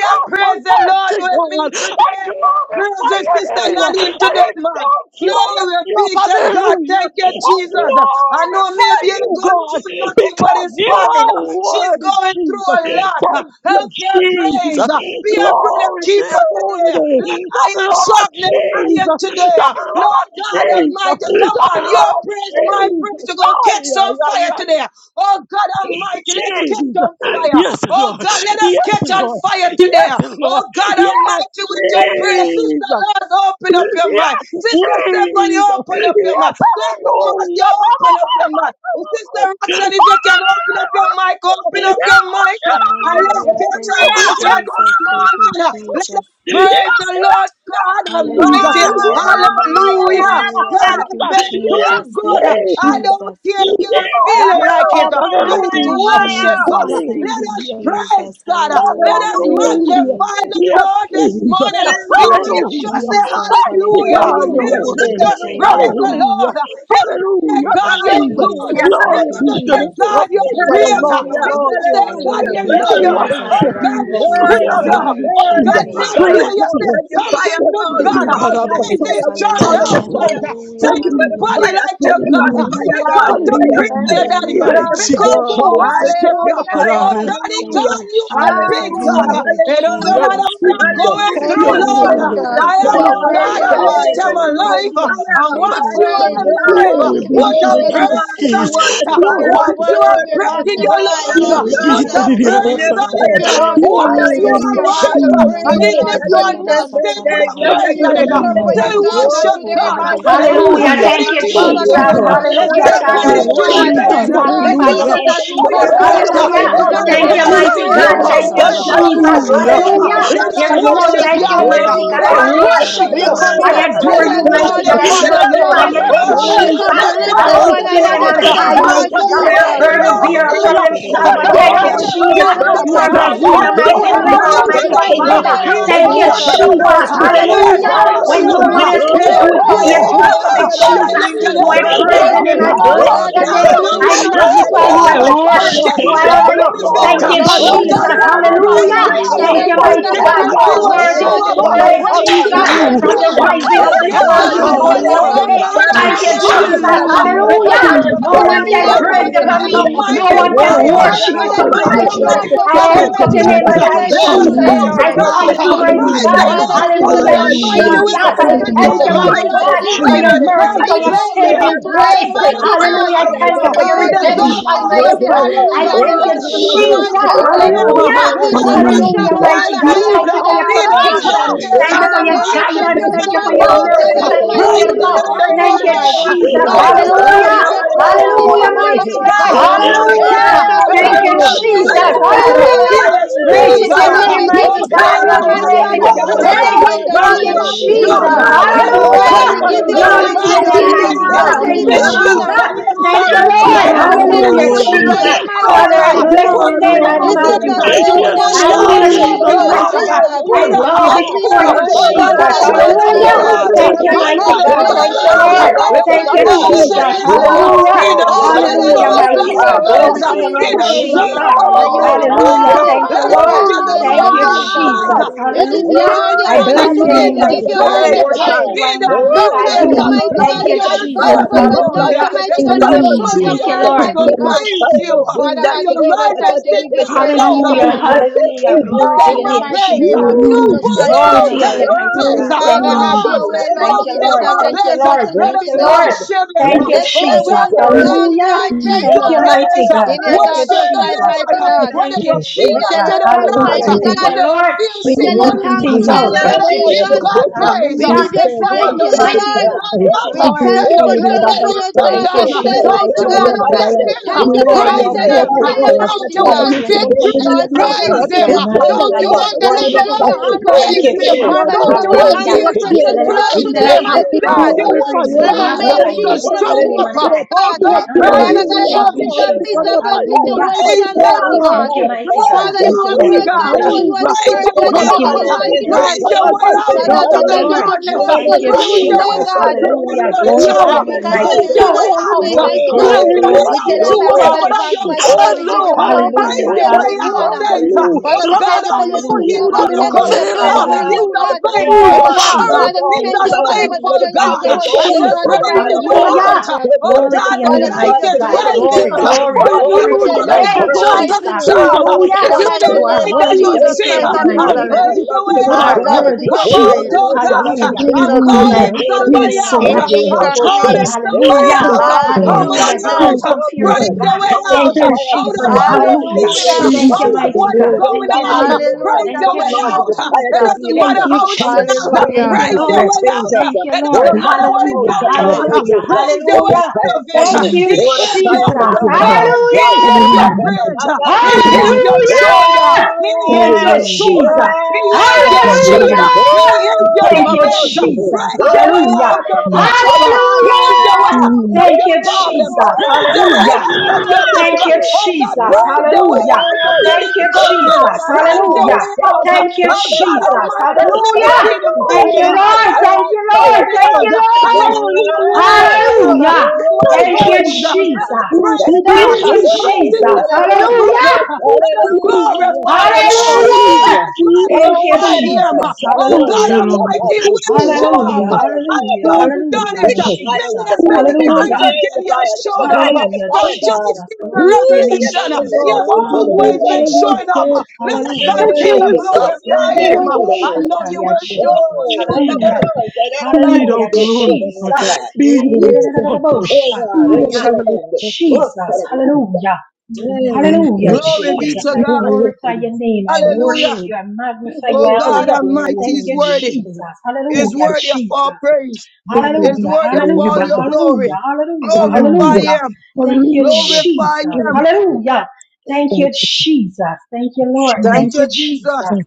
God
praise the Lord
Almighty
with me
God, I
today. Praise
glorify
your
your
sister
name.
Nadine
I
today, man.
exalt you. I lift
Glory
you up.
be to God.
Hallelujah.
Thank you,
I
Jesus. I know
glorify
maybe you're
you,
going
God,
through nothing, but
because
it's
you
fine.
are
She's
worthy,
going through
Jesus.
a lot.
Thank you,
Help her praise.
Jesus.
Be a brother
Glory to
keeper
your holy
today.
name.
Let
The
iron
blood of
sharpen iron
Jesus.
today.
The blood
Lord
of
God
Jesus.
Almighty, come
The
on.
blood
Your
of
praise, my praise,
Jesus.
you're going to catch
Ay,
some
ay, ay,
fire
ay.
today. Oh God Almighty, let's catch
Jesus.
on fire.
Yes,
Oh
Lord.
God, let us
Yes,
catch on
Lord.
fire today.
Yes,
Oh
Lord.
God
Yes,
Almighty, with your prayer, Sister
Jesus.
Lord, open up your mind.
Yes,
Sister Stephanie,
Jesus.
open up your
Yes,
mind. Dr. Marcia,
hallelujah. Baba,
open up
baba,
your mind.
baba,
Oh, Sister
baba. Baba,
Roxanne, if you can
baba,
open up your mic,
baba.
open up
Yes,
your mic. uh, And let's
Hallelujah.
catch
Thank
hallelujah.
on
you,
fire this
Jesus. Thank you,
morning. uh. Let us
Jesus.
yes, Jesus.
Praise
Yes,
the Lord God Almighty.
Hallelujah.
Oh,
Hallelujah.
fire,
Hallelujah.
fire,
Hallelujah.
God
fire.
Thank
has
you,
been too
Jesus.
good.
Thank you,
I
Jesus.
don't
Jesus.
care if
You
you're
are
feeling
Fire,
like it.
fire,
God.
fire,
Let
Thank
us
you,
fire,
Hallelujah.
worship
fire.
God.
Jesus. Thank
Let
you,
us
Hallelujah.
praise
Jesus.
God. Let
Hallelujah.
us
Thank you,
Hallelujah.
Hallelujah.
magnify
Jesus.
the
Yes,
Lord this
Jesus.
morning.
Thank
Even
you,
to
Hallelujah.
just
Hallelujah.
say
Jesus.
Thank you,
hallelujah.
Hallelujah.
God,
You're
your
Hallelujah.
worthy
Even
to
to
word.
be
just
praised,
Hallelujah.
praise
oh
the
God.
Hallelujah.
Lord. Even to say,
Hallelujah.
Thank
God,
you,
you're
Jesus.
good.
Hallelujah,
Jesus.
Glory
Thank
Even
you,
be
to
to
say,
hallelujah,
the King
Jesus.
God,
of
Thank
you're
Kings
you,
and the
great.
Lord
Jesus.
of
hallelujah,
Even to
Lords. Your
say, God,
hallelujah.
we
word.
Thank
Hallelujah,
you,
love
mighty
We
you.
Burn,
God,
Jesus.
Oh,
Father
God.
worship
God,
Thank
we
God,
you,
you.
we
bless your
We
Burn,
name,
Jesus.
praise
we
you.
honor
God.
Thank
you,
you,
magnify
Oh,
Burn.
your
God,
Let
Jesus.
Jesus.
the
may I
name,
We
do
fire
lift
you
come.
you. up.
Let
say
the
something
fire
We honor
to
fall. We
Thank
God.
you,
you,
call
God
down
Almighty.
Save
Jesus.
this
fire. We
church,
call in
Thank
oh
the
Hallelujah.
you. Lord.
fire.
Father.
Hallelujah.
Thank
Save
you
your
for the
Hallelujah.
body
Hallelujah.
fire.
like
Set
your
us on
God. We
fire,
Hallelujah.
God.
come to
Hallelujah.
Fire,
praise
Hallelujah.
Thank
you,
fire.
you,
Hallelujah.
Daddy.
Let
Hallelujah.
the
Jesus.
We
Mighty
Thank you,
come
fire
to
God.
come. We
Jesus.
worship
call
you.
the fire.
Oh,
Hallelujah.
Hallelujah.
Daddy
Thank
Hallelujah.
God,
you,
you are big
Jesus.
Hallelujah.
God.
Hallelujah.
Thank you,
It doesn't
Hallelujah.
Your
Jesus.
matter what
Thank
I'm
you,
Jesus,
going
mighty
Thank
through,
your
Hallelujah.
God.
you,
You're
Lord.
worthy
word.
to
Jesus.
Hallelujah.
I
be
You
am,
And I
praised,
are
oh
Fire.
oh God.
pray,
God,
worthy,
You're
Fire
worthy to
in
Almighty,
Lord.
be
I'm
this
You
adored.
room.
are
alive.
Fire,
And
worthy to
Thank
be
once
you,
you
fire,
praised.
are
You
Jesus.
are
God.
alive,
worthy
Thank
Glory
to
you,
be
be to
put a
the
Oh,
lifted
King
up.
Jesus.
of
God,
praise
Thank
we
on
you,
Kings.
want the
it.
mighty
You
Glory
fire.
God.
are
be
Once
to
you
worthy
the
are
to
Burn
Lord.
be
in
of
breath
us,
in
magnified,
Lords.
your
burn in us,
Lord
lungs,
Glory be
put
God.
Hallelujah,
to
a
Jesus.
the High of
Ne
praise
hallelujah,
the
on
Lord.
give
fire
your
it.
hallelujah,
goes,
heart the
Your
Kata,
Once
glory.
you
We
word.
yes,
Jesus.
give
are
your
Kata,
heart the
right,
is
goes,
and
praise,
oh,
even
Lebrandushka
Lord
if you
yada,
are
tarababa
ne, ne,
not
Jesus.
ne,
still
ne,
put a
yeah,
satarabahai.
Lord
yeah,
praise on
yeah,
Jesus,
it.
yeah,
pray for
Lebrada
your
Say
holy.
yeah.
daughter
basheke
Oh,
worship
today,
God.
God, we
mighty
It's
torobobosha.
want the
God.
not
Hallelujah.
Hallelujah.
fire.
Thank
according
you,
to
Oh,
your
Father
Lebamba
God,
Mighty
Jesus.
give
feelings.
God.
dababa
her
the
the
It's not
Hallelujah.
sheke
fire,
strength,
Thank
Father,
God,
I
you,
according
mighty
the
to your
torobobosha
worship
God.
fire.
you.
namama
I
Jesus.
pain.
Lord
We
It's
magnify
go
not
your
sandarabahai.
Hallelujah.
Jesus,
name,
for
as
the
according
we
to
Jesus.
your
come
fire, God,
together,
pressure.
and
Glory be
then
to
Hallelujah.
mighty
It's
God.
let's
God,
not
you
Lebranda
turn
Thank
say
you,
up.
Almighty,
more
according
the
to
mighty
babashko
we
praise,
you.
want
God.
more,
Thank you,
more
But
righteousness.
it's
torababa
power,
all
Jesus.
more
shete
about
the fire.
Hallelujah.
Him.
praise,
Oh,
Hallelujah.
oh
God,
Let
God,
God
us
There
rebiandorobobosa.
is none
Almighty,
worship
like you,
today,
Yahweh.
mighty God.
Let
I
Jesus.
us
Mandorobobokusha
worship
worship
God,
We
God,
you.
tarababa
come in
Yeshua.
I
your
God,
seka
Let
adore
us
you,
presence,
mighty
Lord
God.
torobobosha
God,
I
magnify
ta.
the
Jesus,
you, God. Thank
Lord.
God,
magnify
Lord.
your
Oh,
name,
we
We
let
Jesus.
you,
us
are
come
Lebrandoshka
to
that
for
the
taya
lift
I
up
magnify
fire,
covering
one
the
lift your
fire,
name
another
us.
on
Lord.
fire.
masatarababa
today,
high,
sa.
Thank
Lord
you,
mighty God.
Magnify
Fire,
Jesus
the
Ke
burn
Jesus.
Burden
it
baba
up,
Lord
ba
bearer,
burn
with
Hallelujah.
it
shete
problem
up,
me.
rebe
For
God.
solver.
give
your
yando
Burn
your
Oh,
up
Thank
robo
the
you,
heart
let
bo
the
us
miracle,
Jesus.
wickedness,
glory.
give
shata
We
burn
baba
up
give
You
ba
the
Lord.
your
are
thanks
my
heart
seta.
the
problems,
healer,
Thank
praise.
unto
you
my
burn
We
up
for
the
his
ask for
deliverer,
doubt,
your
Kepa
my
mighty
burn
Almighty.
up the
strength
name.
patoro
For
Uh,
provider.
worry,
today,
bobo
He
bo
Lord
is
burn
Thank
up
you,
the
miracles,
setara
Jesus.
fear,
baba
Jesus.
wonderful.
God.
Uh,
Almighty.
basana
Father
Burn
He
it
God,
up,
mamando
is
we
Hallelujah.
robo
burn
ask
it
bo
for
up.
When
your
Hallelujah.
no
awesome.
sheteya
one
Uh,
mighty
else
baba
He
couldn't
You
Oh,
strength
is
do
the
it for
have
today,
me,
fire,
yida
you
the
do
Lord
baba
it
greater
won
for
fire,
me,
uh,
burn
the
shata
it
Jesus.
up,
than
mama
Jesus.
battle.
you can
Jesus.
So
sandara
I
ever
Burn it
You
bahai
praise your
up.
Without
have
imagine.
name.
you,
I
Uh,
won
Lord
the
Oh
Oh,
bless
God, we
lebrada
your
take
name.
God,
baba
it,
cannot
when
do
Lord.
I
you
That,
victory. You
that,
nothing
kushotai
praise
that,
have
magnify
today,
that,
you.
God,
won
that,
I
uh,
the
the
Lord
lebrandoshka
battle.
fire
worship
Jesus.
forget
you.
come
not
and
namasanda
burn
I
the
Lord,
honor
we
you.
it
benefit.
Thank
up.
lebranda
Uh,
you,
glorify
Lord
you
Oh
Jesus
this
God,
Jesus
Jesus.
I
when
said,
thank
morning.
you
Awesome
Hallelujah.
Great
Hallelujah.
shall
God
be
Fire
you're
Hallelujah.
God,
burn
worthy
Thank
given,
up
to
you,
For
be
the
Peter
you
mighty
we
forget
fire,
are
praised
God.
shall
oh
not
You
you
find,
God
are
God
God,
will
burn
oh
thank
and
worthy
you
show
there
up
to
God.
is
be
the
no
up
fire,
like
We
praised,
when
Jesus
are
your
unto
knocking
Jesus.
at
Thank
the
great
your
you,
From
door
you.
the
So
God,
today,
rising
kind
of
Jesus.
of
the
Thank
forget
you,
sun
God,
just
to
you
the
pray
are
not,
for
going
Jesus.
your
down
oh
Thank
word.
you,
same.
daughter
God
right now,
Thank you,
Almighty,
Jesus.
Lord
who
Thank
Jesus.
you,
Jesus.
is,
Hallelujah,
monster,
Jesus.
because
Hallelujah.
Father,
they
the
will
stop in
No
Jesus.
come
on
fire,
one can
behalf,
Hallelujah.
fire,
praise
down
oh
Thank
you
God.
you,
for
like
me.
a
Hallelujah.
hallelujah.
Jesus.
No
mighty
You're
one
Thank you,
can
worthy to
Oh
fire.
God.
be
Father
worship you
God,
God,
praised,
I
for
Lord
Thank
oh
me,
pray
fire
God
you,
to
to
God.
mighty
show
burn
God.
up
up,
Lord.
the
Almighty,
oh God
come
I
sickness,
lift
Thank
on,
up
Almighty,
your
in our
you,
name on
Lord.
fire
Thank
to
high,
says,
you,
burn
let
up
situation
the
us
Jesus.
today,
doubt,
Jesus.
the
I
Lord.
Hallelujah.
Thank
worry, the
praise
you,
thank
God.
you, mighty
unbelief,
Praise
Jesus.
the
God.
Hallelujah.
fire,
Father,
Lord
we give you
God
Thank
Hallelujah,
fire,
thanks
you,
today.
Almighty
Hallelujah.
We
God,
Jesus.
to
give
with
you
get
Jesus.
me
rid
I
of
praise. We
Thank
this
give
you,
thank
you
trouble,
today.
you,
Hallelujah.
honor,
fire
mighty
on
Lord
Oh
Jesus.
it,
God,
God,
Thank
for
He
fire
Jesus.
you,
your
on
Jesus.
it,
deserves
mercy,
We
the
for
fire.
your
Jesus.
thank you
glory.
Fire,
saving
for
He
God,
today,
grace.
fire,
deserves
Thank
mighty
all
you,
fire,
the
God.
Hallelujah. I
fire,
thank
Jesus.
let
you
honor.
for
them
your
He
Thank
Lord
fire.
God
you,
deserves
redemption,
Oh, oh, oh, oh,
Almighty,
all
Jesus.
the
mighty
every
God.
Thank you,
praise.
I
oh,
hallelujah
thank
Jesus.
you,
Let
belongs
us
to
Thank
you,
you,
oh,
Lord
mighty
fire,
Jesus.
magnify
God.
Jesus.
Thank
Him.
you,
Hallelujah.
As we
Let
Jesus.
us
come to shout
Hallelujah,
one
Hallelujah.
magnify
mighty
the
fire,
another
God.
higher
Jesus.
Lord.
Thank you for
Ah,
today,
your
He
Lord
Thank you,
Jesus.
protection.
ah.
deserves it.
Thank
Jesus.
you for
Father, we
Thank
your
you,
Praise
lift up
guidance.
your
in
Thank
Jesus.
you
the
for
You're
Glory
your
daughter, oh
worthy to
God
morning.
mercy.
be
Thank you
praised,
for your
Almighty,
oh
Praise
to
Him
God.
love.
your
in
Thank
the
hands,
you,
oh
Thank you,
Lord.
noonday.
Jesus. Thank
Jesus.
you,
Lord
Praise Him
mighty
Jesus,
in
we
the
God.
Hallelujah.
give you
midnight
praise, we give you
Hallelujah,
power.
honor,
Oh
mighty
Lord
Thank
God.
you,
God
God.
Jesus.
Almighty,
Hallelujah.
Every
Thank
uh,
you,
shackles
if you
Thank
are
you,
Jesus.
don't
You're
broken
Jesus.
pray,
worthy,
this day,
mighty
God, uh,
God.
God.
He
Hallelujah.
Thank you,
is
Great
Oh
still
Jesus.
is
God
your
God. Uh,
name,
Almighty, every
Oh
mighty God,
God
and you are
stronghold,
fire,
Almighty,
mighty
great.
as
God,
Let
fire,
they
you
Hallelujah,
be
catch
pull
well,
us
uh,
it
on
praised.
down
you
in
fire,
hallelujah,
the
Thank
praise
God.
you,
name
Him
of
We
hallelujah,
and
want to
done.
Jesus.
Jesus.
Uh,
burn for
Let
hallelujah,
you,
us
Father,
Glory
Hallelujah.
we
praise
to
for
the
give
you,
your
hallelujah,
you
Lord
God.
Glory
name,
thanks
to
God
and
your
Fire!
we
name,
give you
mighty
Almighty.
Jesus.
God.
Uh,
praise, we
Thank
give
hallelujah,
you,
you
Build
Hallelujah.
Oh,
up
honor.
Jesus.
on
hallelujah,
your
Thank you,
hallelujah!
Lord.
Mighty
sacrifice.
Father,
Uh,
we
Fire!
Jesus,
God, you're
thank you
Hallelujah,
Build
for
up
Jesus,
worthy.
Jesus.
on
Hallelujah!
today,
your
mighty
Father,
Fire!
I
God.
Mighty
altar.
bless
matchless
Put
your
God,
the
name.
God,
I
you're
you're
This
Hallelujah!
is
offering
worthy.
the
uh,
worthy,
magnify you.
day
Yes,
upon
that
the
Jesus,
Lord,
I
you have
fire!
altar
Jesus,
hallelujah,
worship
of
made,
I
the
you,
your
Cover
Lord
the
great
mighty
heart.
I
Uh,
love
God.
fire
Jesus.
am.
Put
here,
I
you.
the
you
bow
As
God.
we
offering
before
I
uh,
you,
come
Fire,
Thank
together
upon
you,
the
Jesus.
surrender,
today,
God.
I
throne
Lord
Jesus.
of
We
your
Hallelujah.
Jesus,
bow
heart.
Fire,
Uh,
down
Thank
surrender,
you,
and
we
Unto
mighty
come
the
I
worship
God.
you,
together,
Lord
Thank
surrender
you,
Lord
God, uh,
Lord.
Jesus.
Jesus
let us
all,
Thank
fire,
Christ
you,
of
Jesus.
Thank you,
worship
Jesus.
Nazareth,
Him.
Lord.
Jesus.
Hallelujah.
He
Thank you,
Oh
All to
God
deserves
Hallelujah,
you,
Jesus.
our
I
Almighty,
Thank
mighty
you
best
you,
God.
are
fire,
praise.
Glory
worthy
to
to
Jesus.
your
be
He
name,
surrender,
deserves
praised.
Jesus.
Jesus.
Hallelujah,
fire.
our
And you
Oh,
are
best
hallelujah,
worthy
praise.
Hallelujah.
to
God,
be
Thank you,
Let us
Lord.
magnified
give
today,
him
Oh,
hallelujah.
Thank
Lord
our
you,
best
hallelujah,
Jesus.
praise.
Jesus.
God.
We
hallelujah.
Let
give
Thank
us
you
Hallelujah.
give
all
him
the
Oh,
I
honor
bless
it.
yabo,
your
He
today.
name,
We
kete
give
mighty
you
God. I
all
deserves
the
get
it.
worship
thank
praise.
you,
kete.
you.
He
I
Oh,
Jesus.
We
deserves
magnify
thank
it.
ay,
you,
you.
Hallelujah,
mighty
Thank
ahora,
Thank
God,
you,
Lord,
you,
in
catch
you
on
Jesus.
advance
Jesus.
deserve
fire,
for
the
catch
your
on
glory.
hallelujah,
Thank
fire,
daughter,
Hallelujah.
you,
catch
You
hallelujah,
mighty
on
God,
said if
for
fire
the
Jesus.
for
man
showing up
hallelujah.
Thank
for
Jesus.
you,
her,
The
refuses
Lord.
to
mighty
Catch
blood of
on
God.
praise
fire
you,
Jesus,
for
Father
then
Jesus.
God,
you
we
Oh,
give you
rise
that
up
de, de, that
thanks, we give
sticks
you
and
praise, we
stone.
give
de,
you
the
de,
Hallelujah.
blood
No
of
honor.
that de,
sticks
Hallelujah.
ain't
de,
Jesus.
gonna
Glory to
take
In
your
that
the
my
name,
mighty
Woo!
place.
Jesus.
name
You
of
No
Jesus
bone
Christ
are
ain't
of
Glory to
gonna
Oh,
your
take
Nazareth.
name,
my
mighty
oh,
place.
God. Thank
Father,
No
you,
have your
stone
Jesus.
oh,
way,
ain't
let
Lord
Thank
us,
gonna
you,
Jesus,
take
Lord.
my
and
Shalom.
let
Thank
your
you,
place.
Lord.
precious
Let
Yes,
will
Thank
be
us
you, Lord.
done.
God,
worship him.
let
Thank you,
the
Let
Oh
your
fire
Jesus.
God,
will be
don't let
burn.
done,
Hallelujah.
nothing
Lord
take
Let
Thank
your
the
Jesus,
you,
fire
mighty
place.
burn,
Uh,
let
God.
in your
Thank
the
you,
Worship
daughter's
fire
the
burn,
Jesus.
life,
burn,
Lord.
mighty
Uh,
God.
burn.
Whether
Thank
you
you,
Oh,
feel
We tell
like
Jesus.
you
it or
let
thanks,
it
Hallelujah.
not, uh,
mighty
burn,
Thank
God.
Shalom.
you,
whether you
Lord,
feel
We
for
sick
tell you
or
working
thanks
not,
things
uh,
No,
today,
out.
no,
Lord
let
Thank
no,
us
you,
no,
give
so
Jesus.
Jesus.
God
close up.
praise. Uh,
We
Hallelujah.
give you
It said
No,
praise
when
Thank
the
you,
today,
good,
mighty
praises
Lord.
good,
God.
rise
Thank
up,
you,
good.
uh,
We
Lord.
thank
then
you
the
Oh,
for showing up
God,
blessing
for
we
will
your
come
praise
Thank you,
daughter
in
down.
the
Uh,
today,
fire.
Jesus.
We
Don't
mighty
you
praise in the
God.
want a
fire
Hallelujah.
today.
blessing?
We
Uh,
Thank you
Glory
for
praise
to your
in the
the
name,
Praise
answering
fire,
our
mighty
them.
God.
apostle
Uh,
We
God.
prayer,
praise
God.
in
Don't
the
mighty
you
Father,
Glory
fire.
God.
want
to
you
your
We
give us
name,
praise in
victory?
the
hallelujah,
Lord
Jesus.
the
I
fire,
Jesus,
bless
God.
Praise
we
authority
you.
give
them.
to
I
you
We
Uh,
praise
trample
glory, we
on
the
Don't
magnify
you
give
you.
all
you
I
want
serpents
praise,
and
we
worship
consuming
give
you.
you
honor.
deliverance?
fire. We
honor.
praise
Father,
Thank
in
you
Praise
you,
it
give us
them.
today.
Uh,
the
Jesus.
Father, we
We
Don't you
cover
authority
her
to
want
praise in
under
Hallelujah.
it
your
crush
healing?
You
the
today.
said,
precious
let
enemy
blood
We
everything
Praise
that
serpent.
today,
has
Him.
praise in
And
breath
it
mighty
we
Don't
now.
praise
God.
you.
you
I
want
glorify
praise you.
your
Hallelujah.
I
Wherever
name,
may
God
magnify you.
she's
to
I
Almighty
Hallelujah.
lift
going
up
God,
show
your
we
to,
name on
up?
Hallelujah.
mighty
high.
lift,
Oh
God.
we
I
God,
honor
adore
you.
you,
Father
praise
we
God, show
Hallelujah.
Thank
up
you,
in
Him.
exalt
the
you,
Jesus.
God
midst of
Hallelujah.
that
Almighty,
Fire.
Hallelujah.
because
Praise
you
situation,
are
mighty
Fire.
Him.
God.
Thank you,
worthy.
Fire.
mighty
Fire.
God.
Thank
Praise
Father,
you,
Thank
your
you
you,
have
Lord.
way,
Yes.
Christ
Jesus,
Thank you,
God.
control.
Son.
You are
Jesus.
hallelujah.
the
Praise
first,
Thank
your
you
you
Sunday.
are
for
the
way
God
Thank you,
out.
beginning,
Almighty,
Lord.
we
Kananene.
mighty
can
Thank
God.
you,
Praise
come,
your
Shokana.
way
Jesus.
Mase.
Almighty
out,
Father,
Thank
as
God,
out of
we
you,
Kado.
the
can do
Lord.
to
hallelujah,
darkness.
trust
Yunene.
Thank
in
you,
you
Praise
Shokana.
your
hallelujah,
today,
way
Jesus.
because
out
God.
Masate.
you are in
Hallelujah.
out of the
liberty,
Glory
Yore.
to
all
trouble.
your
As
to
we
name,
Mananene.
continue
mighty
to
Praise
exalt
your
lean
your
God.
on
way
Shoya.
you
holy
out.
today,
Oh. Oh. Oh.
name.
Glory,
mighty
You
Oh.
are
God,
glory,
Praise
yes,
in
your
glory
way
yes,
we
to
liberty,
out
tell
your
you
to
yes,
all
name.
God
thanks in
yes.
Thank
whatever
you,
that
advance,
Almighty,
you're
Jesus.
mighty
going
God.
and
Oh.
We give
Lord
through.
you
God
glory, we give you
Almighty,
Praise
Hallelujah.
we
your
praise, we
can
way
give you
pour
out
Hallelujah.
out
honor.
to
things.
you,
Uh,
Hallelujah.
Father,
Oh
we
God
God
thank you for
Almighty,
your
Almighty,
for
doing,
you
Hallelujah,
He's
oh
to
God. We
do
gonna
a
thank you
Let
for
the
hallelujah,
come
your
filling,
through.
fire,
Uh,
miracle work,
God,
hallelujah.
He's
oh
a
let
hallelujah,
the
God.
Thank
faithful
you,
fire,
Jesus, I
Everlasting
let
Father.
it
Jesus.
Father, we
fall,
He's
let
Thank
thank
the
a
you,
you,
oh God,
fire
Lord.
that
come,
the
faithful
let the
turning
fire
things
Thank you,
God. Uh,
take
around for
I
over,
your
rejoice,
said,
take
Jesus.
daughter
over,
praise
right
fire,
your
now,
way
take
Lord
over,
out.
Hallelujah.
Uh,
Jesus.
take
Oh
over,
Glory
let the
to
God,
your
the
fire
Father,
of
name,
we give
light
God
you
mighty
is
take
God.
over
thanks
right
this
today,
Almighty,
Glory,
room,
there. Uh,
fire
Lord.
of
glory,
for
Oh
God take
God,
glory
We
over
you
to
this
tell
to
your
you
follow
room,
make
that
name,
us
thanks
all
burn,
Jesus.
that
shining
in
mightily
burn
star.
Jesus.
in
Uh,
We
our
in
Hallelujah.
give
the
you
cities,
Follow
mighty
You
the
thanks,
are
burn,
name
light
of
that
worthy
you
to
burn
be
Jesus
Jesus.
in
see.
our
Christ
Uh,
As
praised,
of
hearts,
we
mighty
And
burn
lay
in
the
God.
Nazareth.
our
praise
promises
love
your
for
way
You
that
you,
are
Lord
out.
are
God,
Uh,
God,
we
worthy,
give
made
you
Come
to
burn Oh
Jesus.
out,
praise
God,
oh God. Uh,
in
Hallelujah.
I'm
Jesus'
Father,
Hallelujah.
I
calling
name.
lift up your
We
somebody
name on
out.
In
salute
Uh,
high,
the
Jesus.
I'm
Jesus'
calling
name.
Jesus.
somebody
Hallelujah.
Thank
out. Uh,
you,
come,
Come
Lord.
on
come,
Hallelujah. The
Hallelujah.
come,
out.
Thank
come,
you,
incomparable
Praise
Lord.
Lord.
your
God.
way
Come with your
out
Thank
uh,
you,
Thank
fire,
out
come
you,
of
with
Jesus.
Lord.
your
all your
fire to
Hallelujah.
take
fears,
away
Hallelujah.
uh,
the
Thank you,
out
Jesus,
troubles.
of
the
mighty
what
Come
is
God.
with
Lord.
your
Thank
going
you,
fire
on.
to
Hallelujah.
Jesus.
deliver us.
Praise
Hallelujah.
Thank
your
Come,
you,
way
Thank
Lord,
you,
with
Jesus.
out.
your
uh,
fire
It
to
Jesus.
doesn't
heal us.
matter
Thank you,
how it
Come with your
Jesus.
smells. uh,
fire,
Thank
Hallelujah.
Praise
Lord
you,
the
Praise
God,
your
to
Lord.
Lord.
way
change
out.
us.
uh,
Thank you,
It
Oh,
Lord.
doesn't matter what is
Sadababo,
Hallelujah.
going on. uh,
Hallelujah.
Satabedebusa.
Praise your
Let
way
your
Hallelujah.
out
fire
of it.
come.
uh,
Thank
He
you,
Jesus.
Lord, a
is your
fire of
Thank
the
Jesus.
you,
God,
anchor.
fire of
He
God,
God.
is
fire
Hallelujah.
from
your
heaven. Fire,
Hallelujah.
bridge. Uh, He is your
Hallelujah.
shoulder.
Hallelujah.
He is
Thank you,
your
Hallelujah.
sword. Uh,
Jesus.
He is your shield.
Hallelujah.
Uh,
Hallelujah.
He is your
Thank you,
defense.
Jesus.
Praise your way
Hallelujah.
out of your trouble.
Hallelujah.
Praise your way out
Mm.
of
Thank
your
you,
problem.
Jesus.
Praise your way
Hallelujah.
out of your
Thank
discord.
you,
Oh God,
Jesus.
praise your way
Hallelujah.
out of your
Thank you,
difficulties.
Jesus.
Praise your
Hallelujah.
way out. Uh,
Thank you,
Oh God
Jesus.
Almighty, I've never
Hallelujah.
seen him
Thank
fail.
you,
Uh,
Hallelujah.
God,
Lord.
I've
Thank you,
never
fire,
Yes,
Lord. Thank
fire.
failed.
you,
God,
and He
Lord.
will
you
never
are
ever
Lord.
fail.
Hallelujah.
So my
Oh,
Thank
Thank
you,
you,
praise, uh,
Lord.
let
hallelujah.
us
Jesus.
You
praise
Thank you,
God.
Thank
believe,
you,
Jesus.
My
Jesus.
you
sisters and my
believe,
Hallelujah.
Hallelujah.
brothers, uh,
you
let us
believe.
glorify the
Hallelujah.
Lord. Let
Jesus,
Hallelujah.
Hallelujah.
us
Thank
Jesus,
Oh,
you,
magnify
yeah,
Jesus.
that
Him.
is
Jesus.
so
Oh
cool.
Thank
God
you,
Hallelujah.
It's
Almighty,
Lord.
about
He
to do.
will
so.
Thank
show
you,
Oh,
up.
Hallelujah.
Lord.
fire,
I've
fire,
Hallelujah.
saw
Thank
fire.
Him
you,
done
Hallelujah.
it
Take us
Lord.
higher
many
with the
and
Jesus.
fire.
many
We
Take us
times
Hallelujah.
magnify
higher in
again.
the
He
fire.
has
Take us
showed up
higher in the
Hallelujah,
from
fire, God.
Genesis
Jesus.
to
Woo!
Glory to your name,
Yeah, but
Revelation.
the
let
He
it
has
Jesus.
go.
Lord.
So
We
let
Hallelujah,
always been
Jesus.
are
showing up.
exalted.
Let us
Hallelujah,
And
continue
there is
Jesus.
nothing
glorify
it
Him.
that
I
go.
know you
Yenderededeboshataya,
will
I
No,
like.
show up for
Jesus.
you
la, la,
you.
Hallelujah.
today.
la, la, la, la, la, la,
Be
la,
thou
Hallelujah,
so cool and like
glorified,
Jesus.
that.
be thou
Woo!
exalted,
Oh God,
be
oh
thou
Yenderededeboshataya,
shut up on it.
magnified,
Oh
Jesus.
shut up, you people.
Hallelujah.
be thou
Mm,
Hallelujah,
oh,
magnified.
shut
Glory
up
be
Jesus.
on
to
I
Be thou
God.
glorify
worthy, you
your name. I
it.
are
Hallelujah.
worship
worthy,
you. I magnify
you
you.
Oh
I honor
God
you.
are
Almighty
Thank
is
you,
worthy, you are
worthy.
Jesus.
Is
Hallelujah,
worthy of
Jesus.
all praise.
worthy, you are worthy. Thank you.
Is
Glory
Hallelujah,
be
worthy
to the
of
Lamb
all
hallelujah,
of
your
God.
glory.
hallelujah, hallelujah,
Glorify
Hallelujah,
hallelujah.
him.
Thank you,
hallelujah,
Glorify
Jesus.
hallelujah.
him.
Hallelujah. Thank you,
Thank you,
Jesus. Thank you, Lord. Thank
Thank
Jesus.
you,
you,
Jesus.
Jesus.
Thank- you.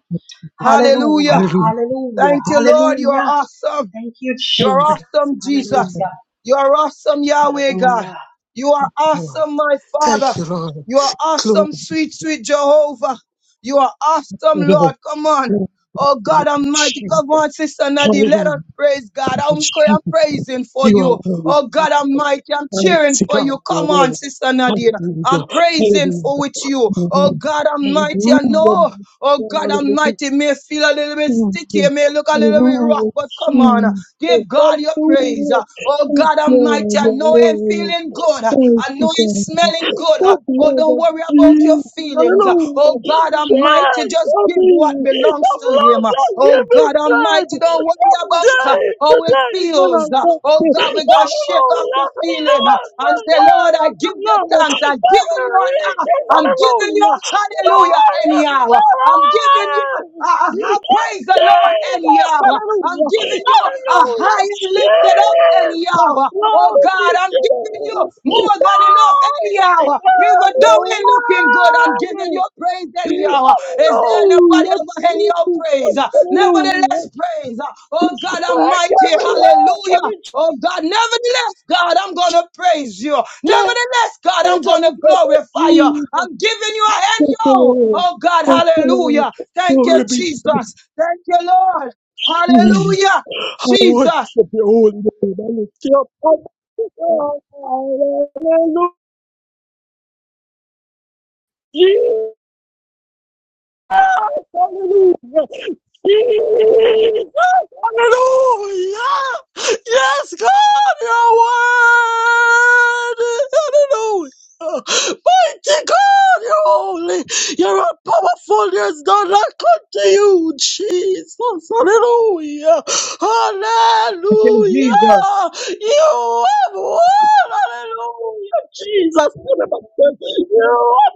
Hallelujah.
Hallelujah,
Hallelujah.
hallelujah,
Thank you, Lord. You are
hallelujah.
awesome.
Thank you,
You are
Jesus.
awesome, Jesus.
Hallelujah,
You are awesome, Yahweh God.
hallelujah,
You are
Lord.
awesome, my Father.
Thank you, Lord.
You are
Glory
awesome, sweet, sweet Jehovah. You are awesome,
to God.
Lord. Come on.
Glory
Oh
to God,
God Almighty,
Jesus.
come on, Sister Nadine. Let us
Hallelujah,
praise God. I'm, I'm
Jesus.
praising for
You are
you.
worthy.
Oh God Almighty, I'm cheering
Mighty
for
God,
you.
your
Come on,
word.
Sister Nadine. I'm
Hallelujah.
praising
Hallelujah.
for with you.
Hallelujah.
Oh God Almighty, I
Hallelujah.
know. Oh God
Hallelujah.
Almighty, may feel a little bit sticky,
Hallelujah.
may look a little bit rough,
Glory to
but come on.
Jesus.
Give God your praise.
Hallelujah.
Uh, Oh
Thank
God
you,
Almighty,
Lord.
I know I'm
Hallelujah.
feeling good. Uh,
Thank
I know
you,
I'm
God.
smelling
The
good. Uh, Oh,
blood
don't
of
worry about your
Jesus.
feelings. Uh,
Hallelujah.
Oh God Almighty,
Shed
just
for
give what
me. The
belongs to
blood
Him. Uh,
that
Oh
you be
God
shed
Almighty, don't worry
from
about uh,
day to
how it
day when I
feels. Uh,
get
Oh
to.
God, we're going to shake off
Hallelujah.
the
The
feeling uh,
blood, the
and say,
blood,
Lord, I
the
give
blood.
you thanks. I give you an I'm
Hallelujah.
giving you
Hallelujah.
a hallelujah
Lord,
any
it's
hour. I'm giving you
mine.
a, a, a-
Yes,
a praise the
Jesus!
Lord any hour. I'm
Hallelujah!
giving you a
Hallelujah!
high and lifted up any
Jesus!
hour. Oh
Glory be
God, I'm
to
giving you
you! Glory
more than enough any
to
hour. Even
God!
though it ain't looking good, I'm
You're
giving you
worthy!
praise praise than Yahweh. Is there anybody
Hallelujah!
over any your praise?
Jesus!
Nevertheless,
Hallelujah!
praise. Oh God
Break
Almighty,
every yoke,
hallelujah.
every
Oh God, nevertheless, God, I'm gonna praise you.
chain,
Nevertheless, God,
every
I'm
yoke
gonna
of
glorify you.
Jesus!
I'm giving you a hand,
Thank you,
yo.
Lord.
Oh God,
Thank you, Lord.
hallelujah. Thank you,
Glory be to
Jesus. Thank you, Lord.
you.
Hallelujah.
I worship
Jesus.
your holy name. I lift you up. Hallelujah. Jesus. Hallelujah. Hallelujah! Yes, God, your word! Hallelujah! Mighty God, you're holy! You're all powerful, there's none like unto you, Jesus! Hallelujah!
Thank you,
Hallelujah!
Jesus.
You have won! Hallelujah! Jesus! You have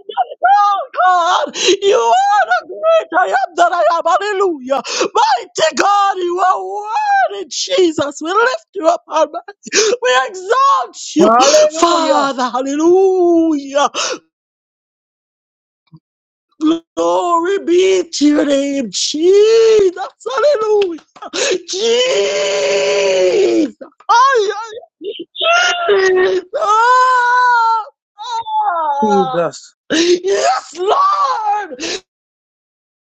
done it all, God! You are the great I am that I am! Hallelujah! Mighty God, you are worthy, Jesus. We lift you up, Almighty. We exalt you,
Hallelujah.
Father. Hallelujah. Glory be to your name, Jesus. Hallelujah. Jesus. Ay, ay, ah, ah.
Jesus.
Yes, Lord.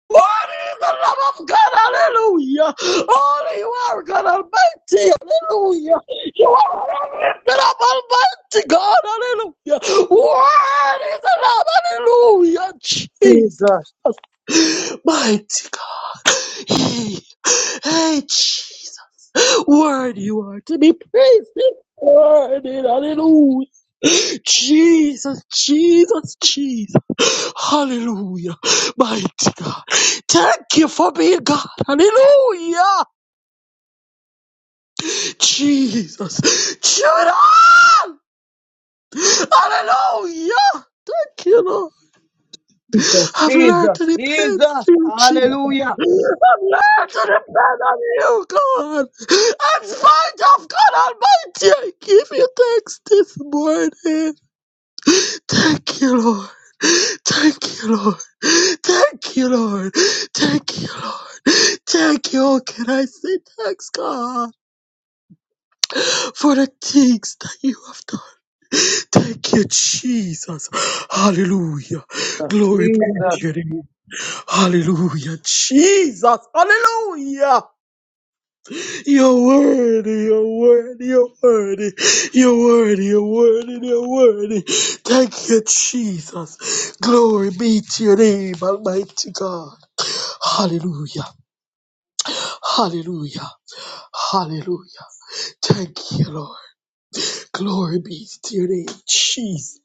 What is the love of God? Hallelujah. Only you are God Almighty. Hallelujah. The love Almighty God. Hallelujah. What is the love? Hallelujah. Jesus.
Jesus.
Mighty God. He. Hey, Jesus. Word you are to be praised. Word hallelujah. Jesus, Jesus, Jesus. Hallelujah. Mighty God. Thank you for being God. Hallelujah. Jesus. Chew it up! Hallelujah! Thank you, Lord.
Jesus.
I've learned to
Jesus.
depend
Jesus.
on you, Jesus.
Hallelujah.
I've learned to depend on you, God. In spite of God Almighty, I give you thanks this morning. Thank you, Lord. Thank you, Lord. Thank you, Lord. Thank you, Lord. Thank you. Oh, can I say thanks, God, for the things that you have done? Thank you, Jesus. Hallelujah. Glory be
Jesus,
to your name. Hallelujah. Jesus. Hallelujah. You're worthy. You're worthy. You're worthy. You're worthy. You're worthy. You're worthy. Thank you, Jesus. Glory be to your name, Almighty God. Hallelujah. Hallelujah. Hallelujah. Thank you, Lord. Glory be to your name, Jesus.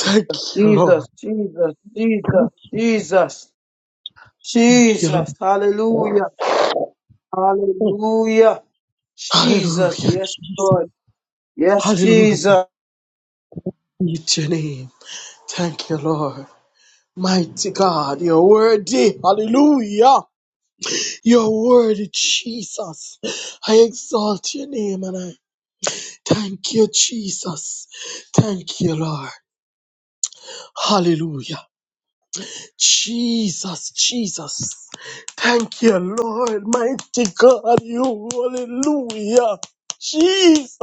Thank you, Lord.
Jesus, Jesus, Jesus, Jesus,
Thank you,
Jesus,
Lord.
hallelujah, hallelujah, Jesus,
Hallelujah,
yes, Lord, yes,
Hallelujah.
Jesus.
Meet your name. Thank you, Lord. Mighty God, you're worthy. Hallelujah. You're worthy, Jesus. I exalt your name and I thank you, Jesus. Thank you, Lord. Hallelujah. Jesus, Jesus. Thank you, Lord. Mighty God, you. Hallelujah. Jesus.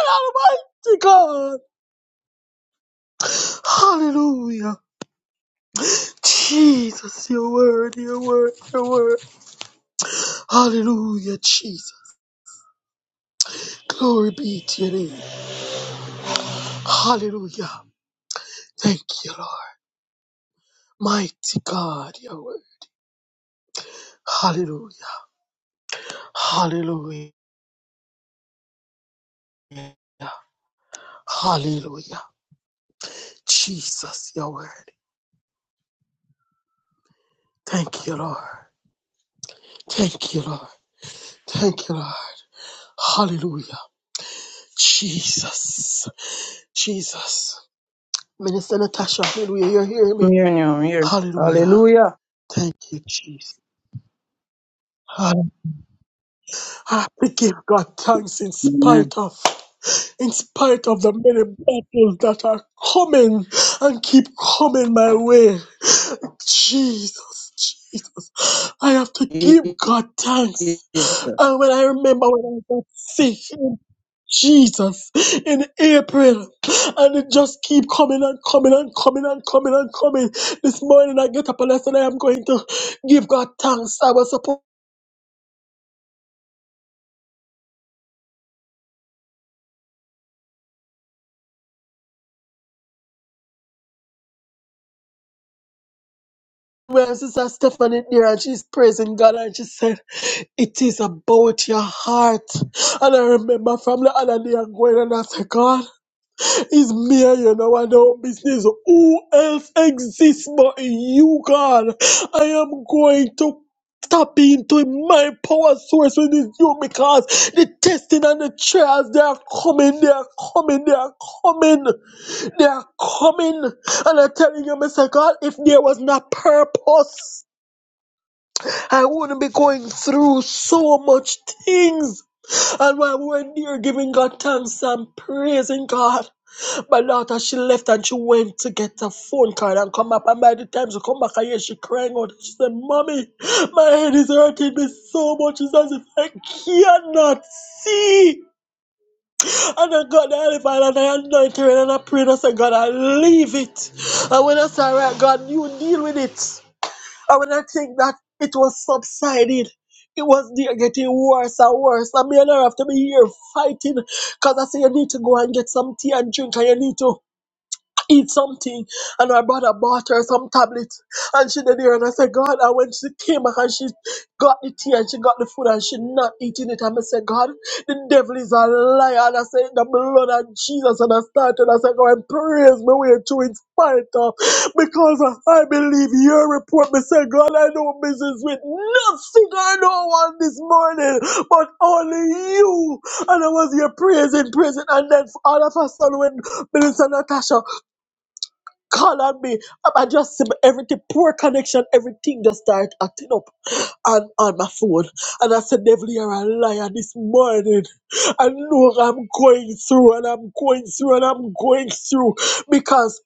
Almighty God. Hallelujah. Jesus, your word, your word, your word. Hallelujah, Jesus. Glory be to your name. Hallelujah. Thank you, Lord. Mighty God, your word. Hallelujah. Hallelujah. Hallelujah. Jesus, your word. Thank you, Lord. Thank you, Lord. Thank you, Lord. Hallelujah. Jesus. Jesus. Minister Natasha, hallelujah. You're hearing me.
Communion here I'm here.
Hallelujah.
Hallelujah,
Thank you, Jesus. Ah, We give God thanks in
amen.
spite of, in spite of the many battles that are coming and keep coming my way. Jesus, Jesus, I have to give
Jesus,
God thanks.
Jesus,
And when I remember when I got sick, in Jesus, in April, and it just keep coming and coming and coming and coming and coming. This morning I get up and I said I am going to give God thanks. I was supposed Well, Sister Stephanie there, and she's praising God, and she said, It is about your heart. And I remember from the other day, I'm going and after God, it's me, you know, I know business. Who else exists but you, God? I am going to tap into my power source with this you because the testing and the trials, they are coming, they are coming, they are coming, they are coming. And I'm telling you, Mr. God, if there was no purpose, I wouldn't be going through so much things. And while we were there giving God thanks and praising God, my daughter she left and she went to get a phone card and come up. And by the time she come back, I hear she crying out. She said, "Mommy, my head is hurting me so much. It's as if I cannot see." And I got the elephant and I anointed her and I prayed. I said, "God, I leave it." And when I said, "All right, God, you deal with it." And when I think that it was subsiding, it was there getting worse and worse. And me and her have to be here fighting because I say you need to go and get some tea and drink and you need to eat something and her brother bought her some tablets and she did here and I said God and when she came back and she got the tea and she got the food and she not eating it and I said God the devil is a liar and I said the blood of Jesus and I started I said God and praise my way through in spite of because I believe your report I said God I know business with nothing I know on this morning but only you and I was here praising praising and then all of a sudden when Minister Natasha call on me. Um, I just everything poor connection, everything just start acting up on, on my phone. And I said, Devil, you're a liar this morning. I know I'm going through and I'm going through and I'm going through because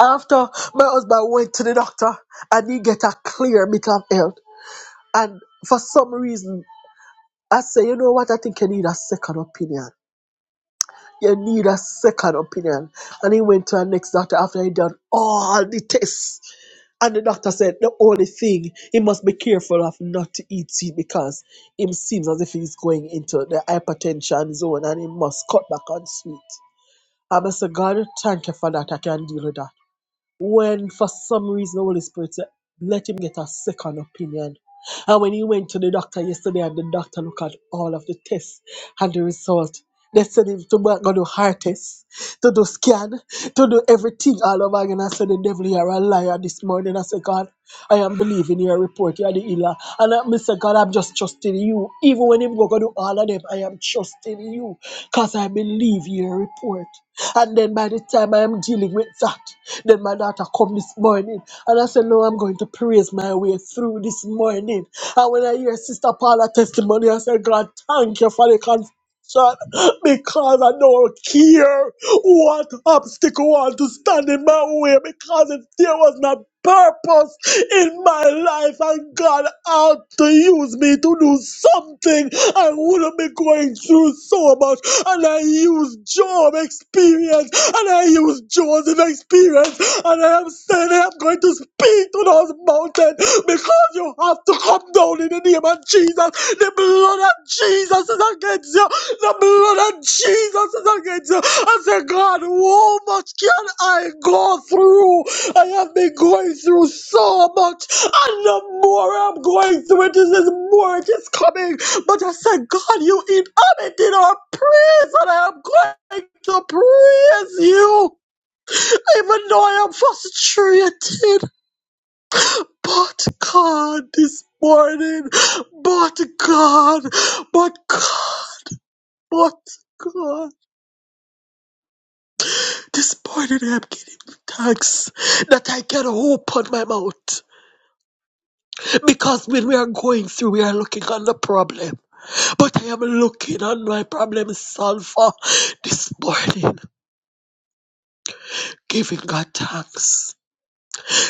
after my husband went to the doctor and he get a clear mental health. And for some reason I say, you know what, I think I need a second opinion. You need a second opinion. And he went to our next doctor after he done all the tests. And the doctor said the only thing he must be careful of not to eat sweet because him seems as if he's going into the hypertension zone and he must cut back on sweet. i must say God, thank you for that. I can deal with that when for some reason the Holy Spirit said, let him get a second opinion. And when he went to the doctor yesterday and the doctor looked at all of the tests and the result, they said him to go do heart test, to do scan, to do everything all over again. I said, the devil, you are a liar this morning. I said, God, I am believing your report. You are the healer healer. And uh, Mr. God, I'm just trusting you. Even when I'm going to do all of them, I am trusting you because I believe your report. And then by the time I am dealing with that, then my daughter come this morning and I said, No, I'm going to praise my way through this morning. And when I hear Sister Paula testimony, I said, God, thank you for the Son, because I don't care what obstacle want to stand in my way, because if there was not purpose in my life and God had to use me to do something, I wouldn't be going through so much. And I use Job experience, and I use Joseph experience, and I am saying I am going to speak to those mountains because you have to come down in the name of Jesus. The blood of Jesus is against you. The blood of Jesus is against you. I say, God, how much can I go through? I have been going through so much, and the more I'm going through it, this is the more it is coming. But I said, God, you inhabited our praise, and I am going to praise you, even though I am frustrated. But God, this morning, but God, but God, but God. Disappointed I am giving thanks that I can open my mouth. Because when we are going through, we are looking on the problem. But I am looking on my problem solver this morning, giving God thanks.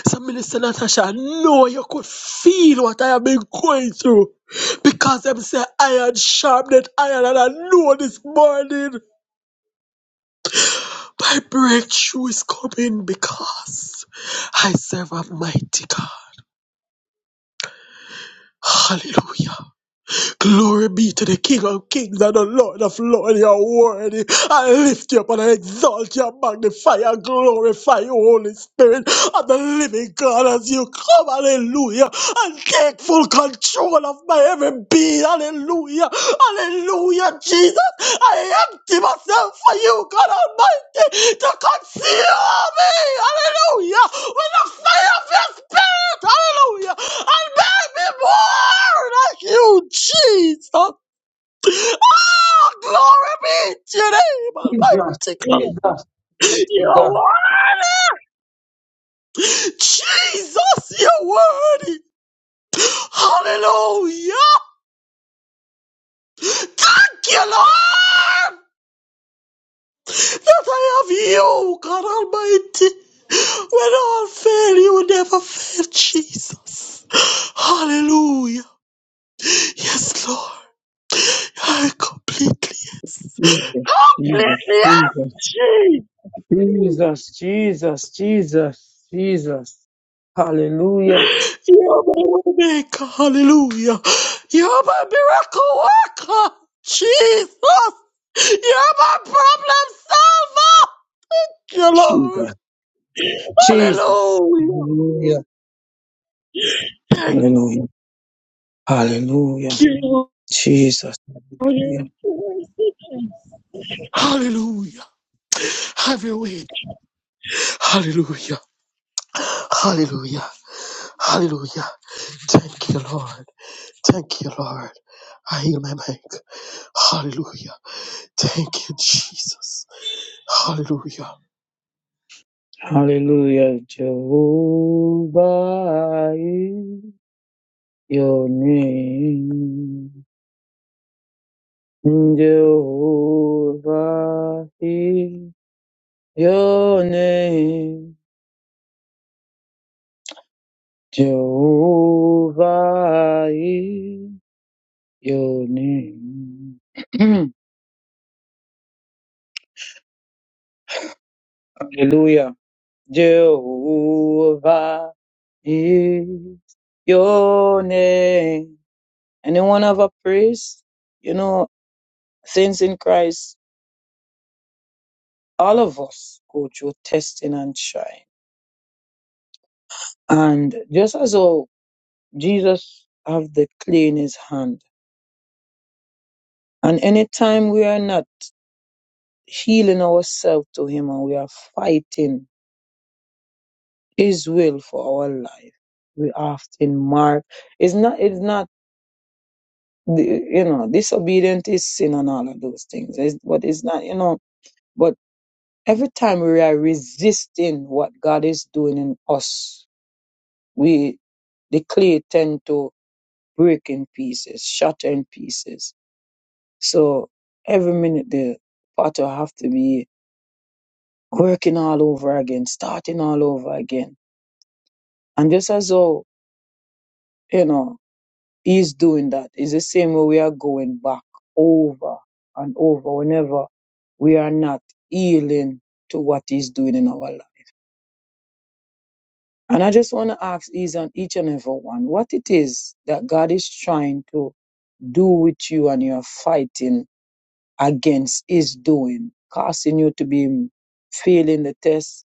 So, Minister Natasha, I know you could feel what I have been going through. Because them say iron sharpened iron, and I know this morning my breakthrough is coming because I serve a mighty God. Hallelujah. Glory be to the King of Kings and the Lord of Lords. You are worthy. I lift you up and I exalt you, and magnify and glorify you, Holy Spirit of the living God, as you come, hallelujah, and take full control of my every being, hallelujah, hallelujah, Jesus. I empty myself for you, God Almighty, to conceal me, hallelujah, with the fire of your spirit, hallelujah, and make me more like you, Jesus. Oh, glory be to your name,
Jesus,
Almighty God.
mighty
You are
God,
worthy, Jesus, you are worthy, hallelujah. Thank you, Lord. That I have you, God Almighty. When all fail, you never fail, Jesus. Hallelujah. Yes, Lord. I completely,
Jesus,
completely
Jesus,
am.
Jesus,
Jesus.
Jesus, Jesus, Jesus, Jesus, hallelujah,
You're my waymaker. Hallelujah. You're my miracle worker. Jesus. You're my problem solver. Thank you, Lord.
Jesus, Jesus.
Hallelujah.
Hallelujah.
Thank
Hallelujah. Hallelujah.
you.
Jesus. Hallelujah.
Hallelujah. Have your way. Hallelujah. Hallelujah. Hallelujah. Thank you, Lord. Thank you, Lord. I heal my mic. Hallelujah. Thank you, Jesus. Hallelujah.
Hallelujah. Jehovah is your name. Jehovah is your name. Jehovah is your name. Hallelujah. Jehovah is your name. Anyone have a praise? You know, saints in Christ, all of us go through testing and trying. And just as how Jesus have the clay in his hand, and anytime we are not healing ourselves to him and we are fighting his will for our life, we often mark it's not it's not the- you know, disobedient is sin and all of those things. It's, but it's not, you know, but Every time we are resisting what God is doing in us, we the clay tend to break in pieces, shatter in pieces. So every minute the potter have to be working all over again, starting all over again. And just as though, you know, he's doing that, it's the same way we are going back over and over whenever we are not yielding to what he's doing in our life. And I just want to ask each and each and every one what it is that God is trying to do with you and you're fighting against is doing, causing you to be failing the test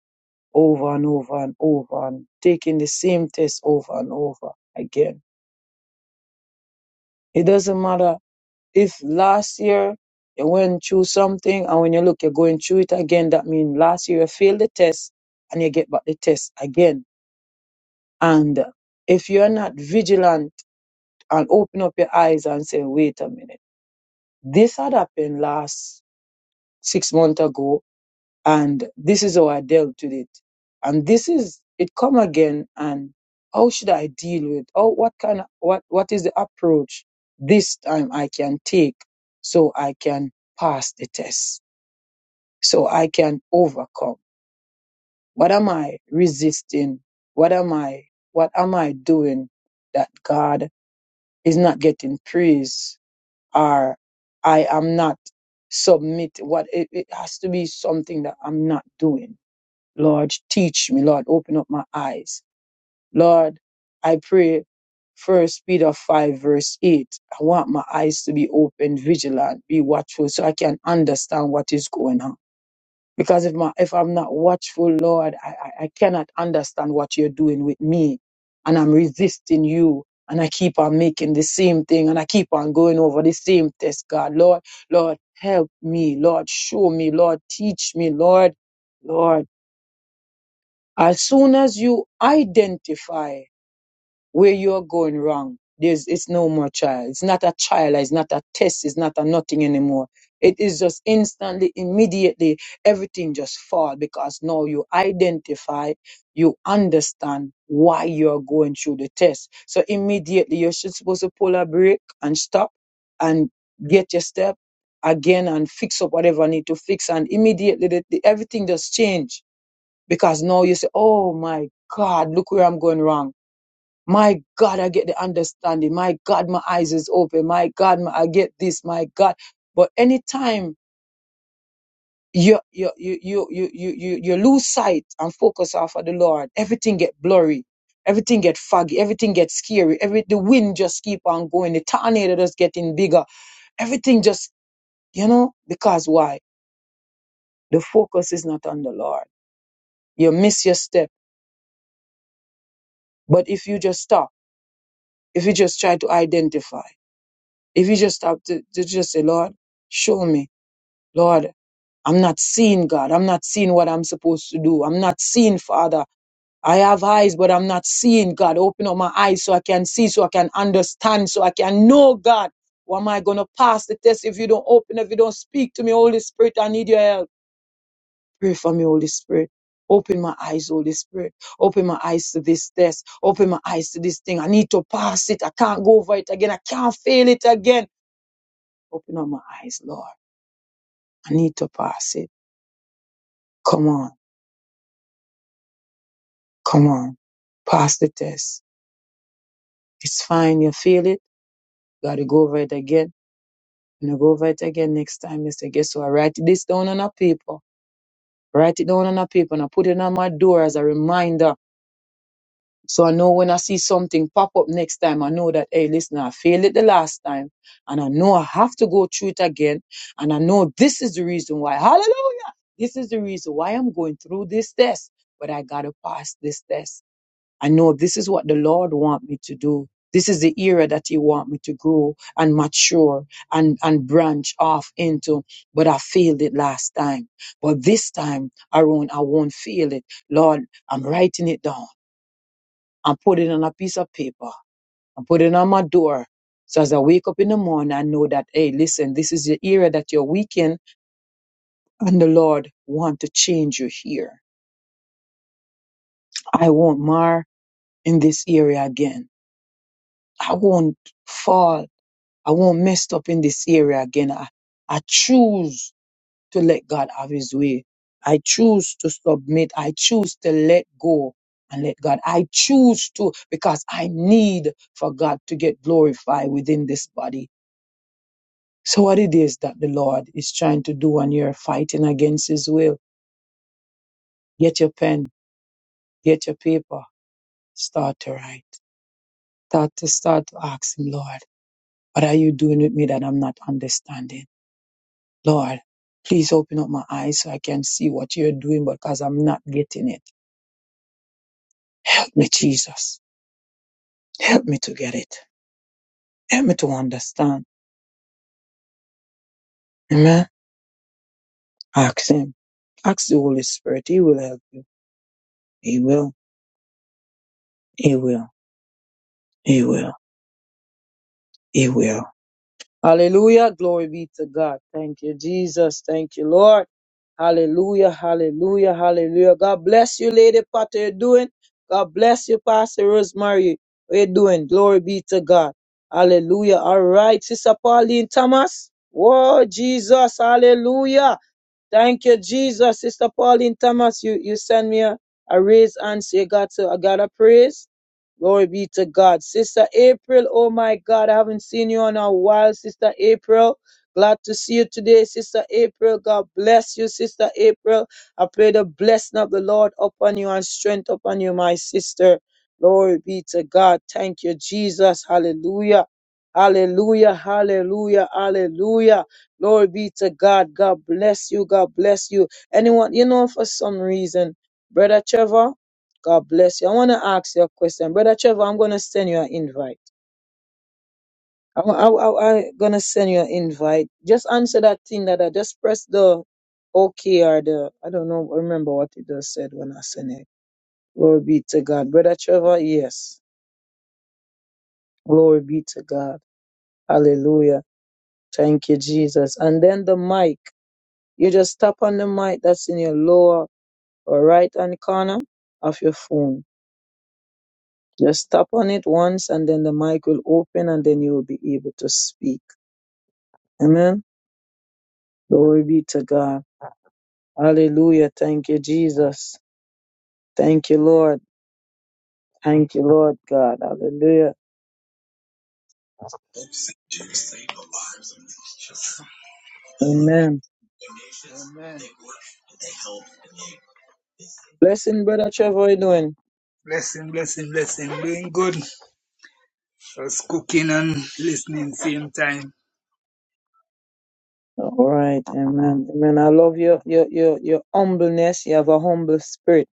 over and over and over and taking the same test over and over again. It doesn't matter if last year you went through something and when you look, you're going through it again. That means last year you failed the test and you get back the test again. And if you're not vigilant, and open up your eyes and say, wait a minute, this had happened last six months ago, and this is how I dealt with it. And this is it come again and how should I deal with oh what kind of, what what is the approach this time I can take so I can pass the test, so I can overcome. What am I resisting? What am I what am I doing that God is not getting praise are I am not submit what it, it has to be something that I'm not doing. Lord, teach me. Lord, open up my eyes. Lord, I pray first Peter five verse eight. I want my eyes to be open, vigilant, be watchful so I can understand what is going on. Because if my if I'm not watchful, Lord, I, I, I cannot understand what you're doing with me. And I'm resisting you. And I keep on making the same thing and I keep on going over the same test, God. Lord, Lord, help me. Lord, show me. Lord, teach me. Lord, Lord. As soon as you identify where you're going wrong. There's it's no more trial. It's not a trial, it's not a test, it's not a nothing anymore. It is just instantly, immediately, everything just fall because now you identify, you understand why you're going through the test. So immediately you're just supposed to pull a break and stop and get your step again and fix up whatever need to fix. And immediately the, the, everything just change because now you say, oh my God, look where I'm going wrong my God, I get the understanding. My God, my eyes is open. My God, my, I get this. My God. But anytime you you you you you you you you lose sight and focus off of the Lord, everything get blurry. Everything get foggy. Everything get scary. Every the wind just keep on going. The tornado just getting bigger. Everything just you know because why? The focus is not on the Lord. You miss your step. But if you just stop, if you just try to identify, if you just stop to, to just say, Lord, show me Lord, I'm not seeing God. I'm not seeing what I'm supposed to do. I'm not seeing Father. I have eyes, but I'm not seeing God. Open up my eyes so I can see, so I can understand, so I can know God. Why am I going to pass the test if you don't open, if you don't speak to me, Holy Spirit? I need your help. Pray for me, Holy Spirit. Open my eyes, Holy Spirit. Open my eyes to this test. Open my eyes to this thing. I need to pass it. I can't go over it again. I can't fail it again. Open up my eyes, Lord. I need to pass it. Come on. Come on, pass the test. It's fine, you feel it. Gotta go over it again. And I go over it again next time. They say, guess what? I write this down on a paper. Write it down on a paper and I put it on my door as a reminder. So I know when I see something pop up next time, I know that, hey, listen, I failed it the last time. And I know I have to go through it again. And I know this is the reason why. Hallelujah! This is the reason why I'm going through this test. But I gotta pass this test. I know this is what the Lord want me to do. This is the era that He want me to grow and mature and, and branch off into. But I failed it last time. But this time around, I won't fail it. Lord, I'm writing it down. I'm putting it on a piece of paper. I'm putting it on my door. So as I wake up in the morning, I know that, hey, listen, this is the era that you're weak in and the Lord want to change you here. I won't mar in this area again. I won't fall I won't mess up in this area again. I, I choose to let God have his way. I choose to submit. I choose to let go and let God. I choose to because I need for God to get glorified within this body. So what it is that the Lord is trying to do and you're fighting against his will. Get your pen, get your paper, start to write. Start to start to ask him, Lord, what are you doing with me that I'm not understanding? Lord, please open up my eyes so I can see what you're doing because I'm not getting it. Help me, Jesus. Help me to get it. Help me to understand. Amen. Ask Him. Ask the Holy Spirit. He will help you. He will. He will. He will. He will. Hallelujah. Glory be to God. Thank you, Jesus. Thank you, Lord. Hallelujah. Hallelujah. Hallelujah. God bless you, Lady Potter. You're doing. God bless you, Pastor Rosemary. We're doing. Glory be to God. Hallelujah. All right, Sister Pauline Thomas. Whoa, Jesus. Hallelujah. Thank you, Jesus. Sister Pauline Thomas, you, you send me a, a raise and say, God, so I got a praise. Glory be to God. Sister April, oh my God, I haven't seen you in a while, Sister April. Glad to see you today, Sister April. God bless you, Sister April. I pray the blessing of the Lord upon you and strength upon you, my sister. Glory be to God. Thank you, Jesus. Hallelujah. Hallelujah. Hallelujah. Hallelujah. Glory be to God. God bless you. God bless you. Anyone, you know, for some reason, Brother Trevor, God bless you. I want to ask you a question. Brother Trevor, I'm going to send you an invite. I'm, I, I, I'm going to send you an invite. Just answer that thing that I just press the OK or the, I don't know, remember what it just said when I sent it. Glory be to God. Brother Trevor, yes. Glory be to God. Hallelujah. Thank you, Jesus. And then the mic. You just tap on the mic that's in your lower or right hand corner of your phone. Just tap on it once and then the mic will open and then you will be able to speak. Amen. Glory be to God. Hallelujah. Thank you, Jesus. Thank you, Lord. Thank you, Lord God. Hallelujah. Amen. Blessing, Brother Trevor, how you doing? All right. Amen. Amen. I love your, your, your, your humbleness. You have a humble spirit.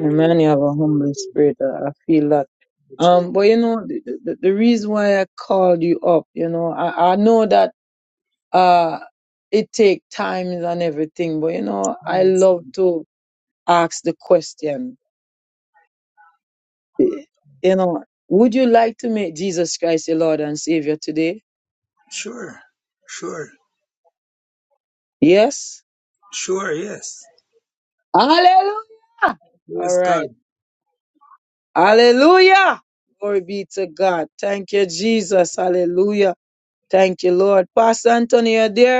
Amen. You have a humble spirit. I I feel that. Um, but you know, the, the, the reason why I called you up, you know, I, I know that uh it take times and everything, but you know, I love to ask the question. eh, You know, would you like to make Jesus Christ your Lord and Savior today? Yes. Hallelujah. All right. Hallelujah. Glory be to God. Thank you, Jesus. Hallelujah. Thank you, Lord. Pastor Anthony, you there?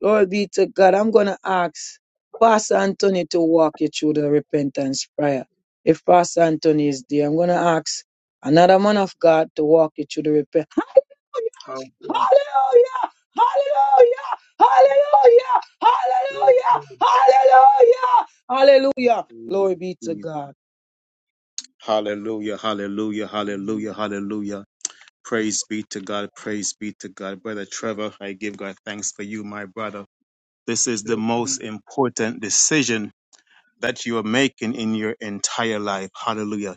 Glory be to God. I'm going to ask Pastor Anthony to walk you through the repentance prayer. If Pastor Anthony is there, I'm going to ask another man of God to walk you through the repentance. Hallelujah! Hallelujah! Hallelujah! Hallelujah! Hallelujah! Hallelujah! Hallelujah! Glory
Mm,
be to
mm.
God.
Hallelujah, hallelujah, hallelujah, hallelujah. Praise be to God, praise be to God. Brother Trevor, I give God thanks for you, my brother. This is the most important decision that you are making in your entire life. Hallelujah.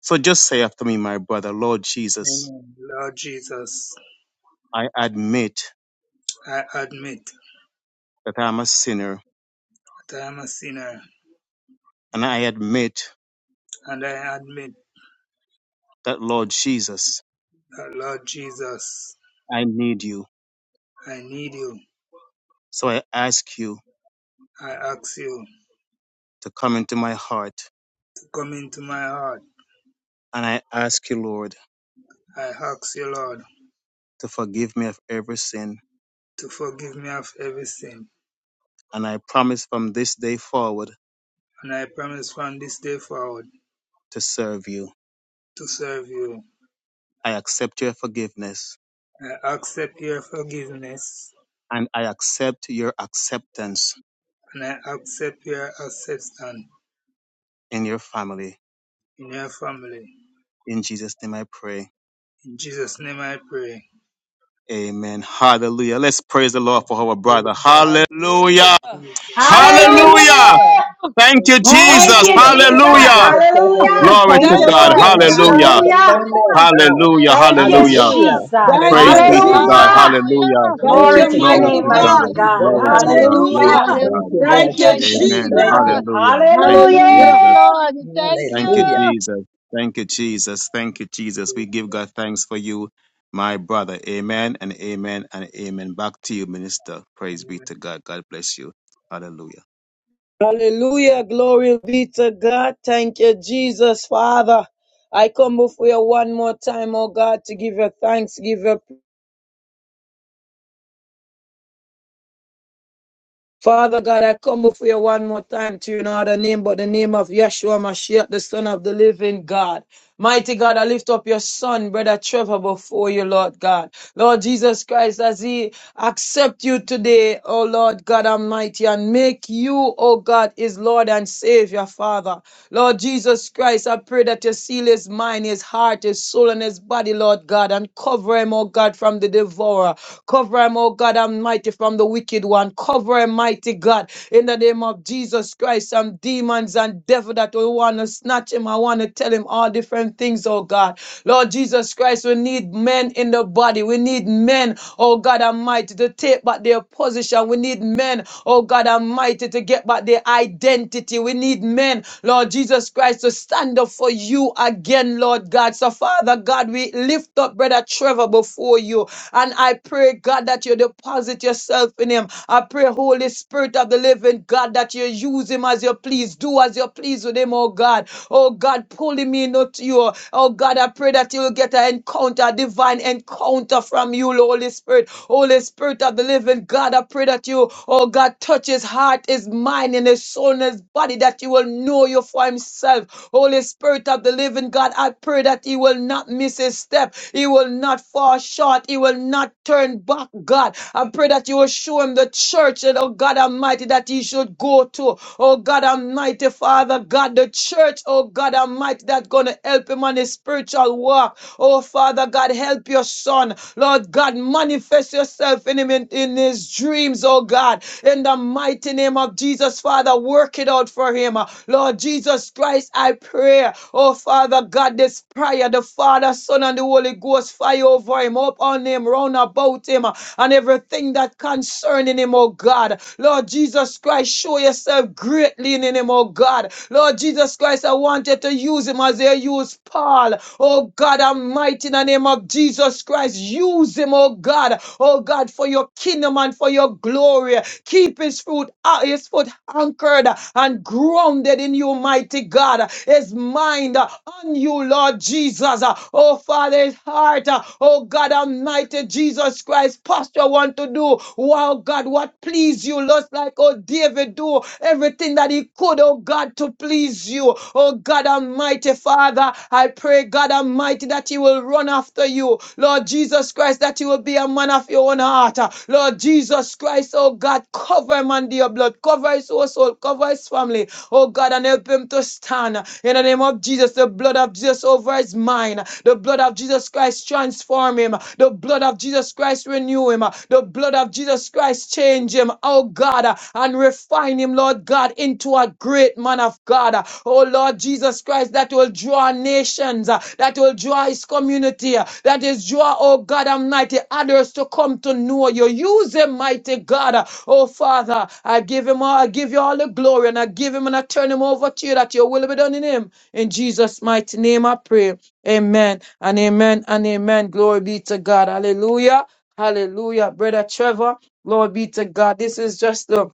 So just say after me, my brother, Lord Jesus, I admit that I'm a sinner and I admit that, Lord Jesus, I need you. So I ask you to come into my heart and I ask you, Lord. to forgive me of every sin, and I promise from this day forward to serve you. I accept your forgiveness and I accept your acceptance in your family. In Jesus' name I pray. Amen. Hallelujah. Let's praise the Lord for our brother. Hallelujah. Hallelujah. Hallelujah.
Hallelujah!
hallelujah.
Thank you,
Thank
Jesus.
you,
Hallelujah.
Hallelujah!
Jesus.
Hallelujah.
Welcome, brother Trevor.
Hallelujah.
Glory
Welcome,
Thank
to
Thank
you,
God.
you,
welcome,
Lord.
Jesus!
welcome to
Hallelujah.
the
Hallelujah.
family
Hallelujah.
of
Hallelujah.
God.
Hallelujah.
Thank you,
Thank you,
Jesus.
Hallelujah.
Jesus.
Thank
Praise
you,
be
Hallelujah.
to
Jesus!
God.
Hallelujah.
Hallelujah.
Hallelujah.
Thank
Glory
Glory
you,
to
to
your
Glory
mighty
name,
God.
to
We,
mighty
God.
God.
Glory.
we
God.
Glory
welcome
to
you.
God. Glory
Hallelujah.
to
Hallelujah.
Thank
God.
you,
Hallelujah.
Lord
Thank
Thank
you,
you,
Thank
Jesus.
you,
Jesus.
Amen.
Thank
Jesus.
Jesus.
you.
Hallelujah. Thank you,
Yes,
Hallelujah.
Jesus.
Hallelujah.
Lord. Thank you.
Thank you,
Hallelujah.
Hallelujah.
Jesus. Thank you, Jesus. Thank you, Jesus. We give God thanks for you, my brother. Amen and amen and amen. Back to you, minister. Praise be to God. God bless you. Hallelujah.
Hallelujah. Glory be to God. Thank you, Jesus, Father. I come before you one more time, oh God, to give you thanks, give you Father God, I come before you one more time to you know other name but the name of Yeshua Mashiach, the Son of the Living God. Mighty God, I lift up your son, brother Trevor, before you, Lord God. Lord Jesus Christ, as he accept you today, O Lord God Almighty, and make you, O God, his Lord and Savior, Father. Lord Jesus Christ, I pray that you seal his mind, his heart, his soul, and his body, Lord God, and cover him, O God, from the devourer. Cover him, O God Almighty, from the wicked one. Cover him, mighty God, in the name of Jesus Christ. Some demons and devil that will want to snatch him. I want to tell him all different things, oh God. Lord Jesus Christ, we need need men in the body. We need men, oh God Almighty, to take back their position. We need men, oh God Almighty, to get back their identity. We need men, Lord Jesus Christ, to stand up for you again, Lord God. So, Father God, we lift up Brother Trevor before you. And I pray, God, that you deposit yourself in him. I pray, Holy Spirit of the living God, that you use him as you please. Do as you please with him, oh God. Oh God, pull him in me not you. Oh God, I pray that you will get an encounter, a divine encounter from you, Holy Spirit. Holy Spirit of the living God, I pray that you, oh God, touch his heart, his mind, and his soul, and his body, that you will know you for himself. Holy Spirit of the living God, I pray that he will not miss his step. He will not fall short. He will not turn back, God. I pray that you will show him the church, and oh God Almighty, that he should go to. Oh God Almighty. Almighty Father God, the church, oh God Almighty, that's gonna help him on his spiritual walk. Oh Father God, help your son. Lord God, manifest yourself in him in, in his dreams, oh God. In the mighty name of Jesus, Father, work it out for him. Lord Jesus Christ, I pray. Oh Father God, this prayer, the Father, Son, and the Holy Ghost, fire over him, up on him, round about him, and everything that concerning him, oh God. God. Lord Jesus Christ, show yourself greatly in him, oh God. Lord Jesus Christ, I want you to use him as they used Paul. Oh God, Almighty, in the name of Jesus Christ, use him, oh God. Oh God, for your kingdom and for your glory. Keep his foot, uh, his foot anchored and grounded in you, mighty God. His mind uh, on you, Lord Jesus. Uh, Oh Father, his heart. uh, Oh God, Almighty Jesus Jesus Christ posture want to do. Wow, God, what please you? Just like, oh, David do everything that he could, oh, God, to please you. Oh, God Almighty, Father, I pray, God Almighty, that he will run after you. Lord Jesus Christ, that he will be a man of your own heart. Lord Jesus Christ, oh, God, cover him under your blood. Cover his household. Cover his family. Oh, God, and help him to stand. In the name of Jesus, the blood of Jesus over his mind. the blood blood of Jesus Christ transform him. The blood of Jesus Christ renew him. The blood of Jesus Christ change him. Oh God, uh, and refine him, Lord God, into a great man of God. Uh, Oh Lord Jesus Christ, that will draw nations, uh, that will draw his community, uh, that is draw, oh God Almighty, others to come to know you. Use him, mighty God. Uh, Oh Father, I give him all, I give you all the glory and I give him and I turn him over to you that your will be done in him. In Jesus' mighty name I pray. Amen and amen and amen. Glory be to God. Hallelujah. Hallelujah. Brother Trevor, glory be to God. This is just the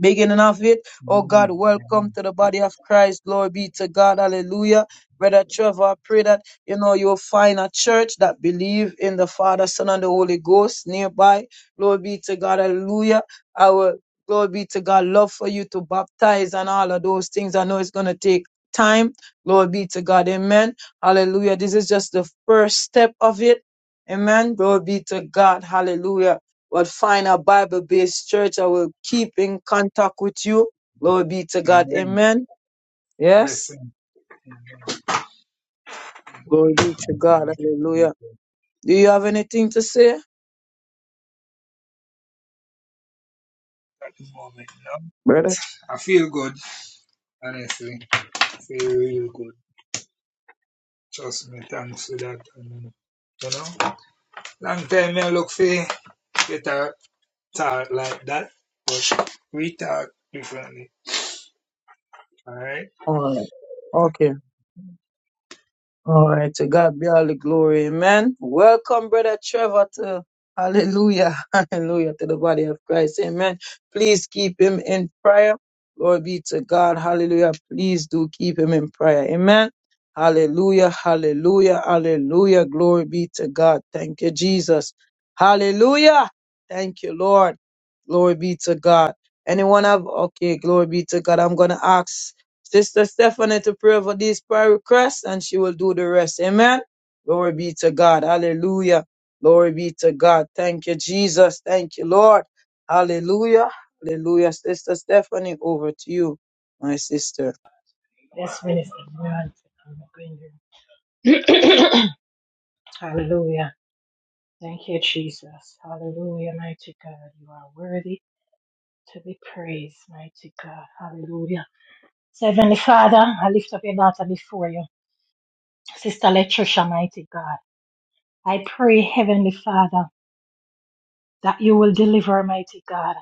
beginning of it. Oh God, welcome to the body of Christ. Glory be to God. Hallelujah. Brother Trevor, I pray that you know you'll find a church that believe in the Father, Son, and the Holy Ghost nearby. Glory be to God. Hallelujah. I will. glory be to God. Love for you to baptize and all of those things. I know it's gonna take time. Glory be to God. Amen. Hallelujah. This is just the first step of it. Amen. Glory be to God. Hallelujah. But find a Bible based church. I will keep in contact with you. Glory be to God. Amen. Yes. Glory be to God. Hallelujah. Do you have anything to say, brother? All right. Okay. All right, to God be all the glory. Amen. Welcome, Brother Trevor, to hallelujah, hallelujah, to the body of Christ. Amen. Please keep him in prayer. Glory be to God. Hallelujah. Please do keep him in prayer. Amen. Hallelujah, hallelujah, hallelujah. Glory be to God. Thank you, Jesus. Hallelujah. Thank you, Lord. Glory be to God. Anyone have, okay, glory be to God. I'm going to ask. Sister Stephanie to pray for these prayer requests and she will do the rest. Amen. Glory be to God. Hallelujah. Glory be to God. Thank you, Jesus. Thank you, Lord. Hallelujah. Hallelujah. Sister Stephanie, over to you, my sister.
Yes, Minister. Brian, I'm going to- Hallelujah. Thank you, Jesus. Hallelujah, mighty God. You are worthy to be praised, mighty God. Hallelujah. So, Heavenly Father, I lift up your daughter before you. Sister Latricia, mighty God. I pray, Heavenly Father, that you will deliver, mighty God.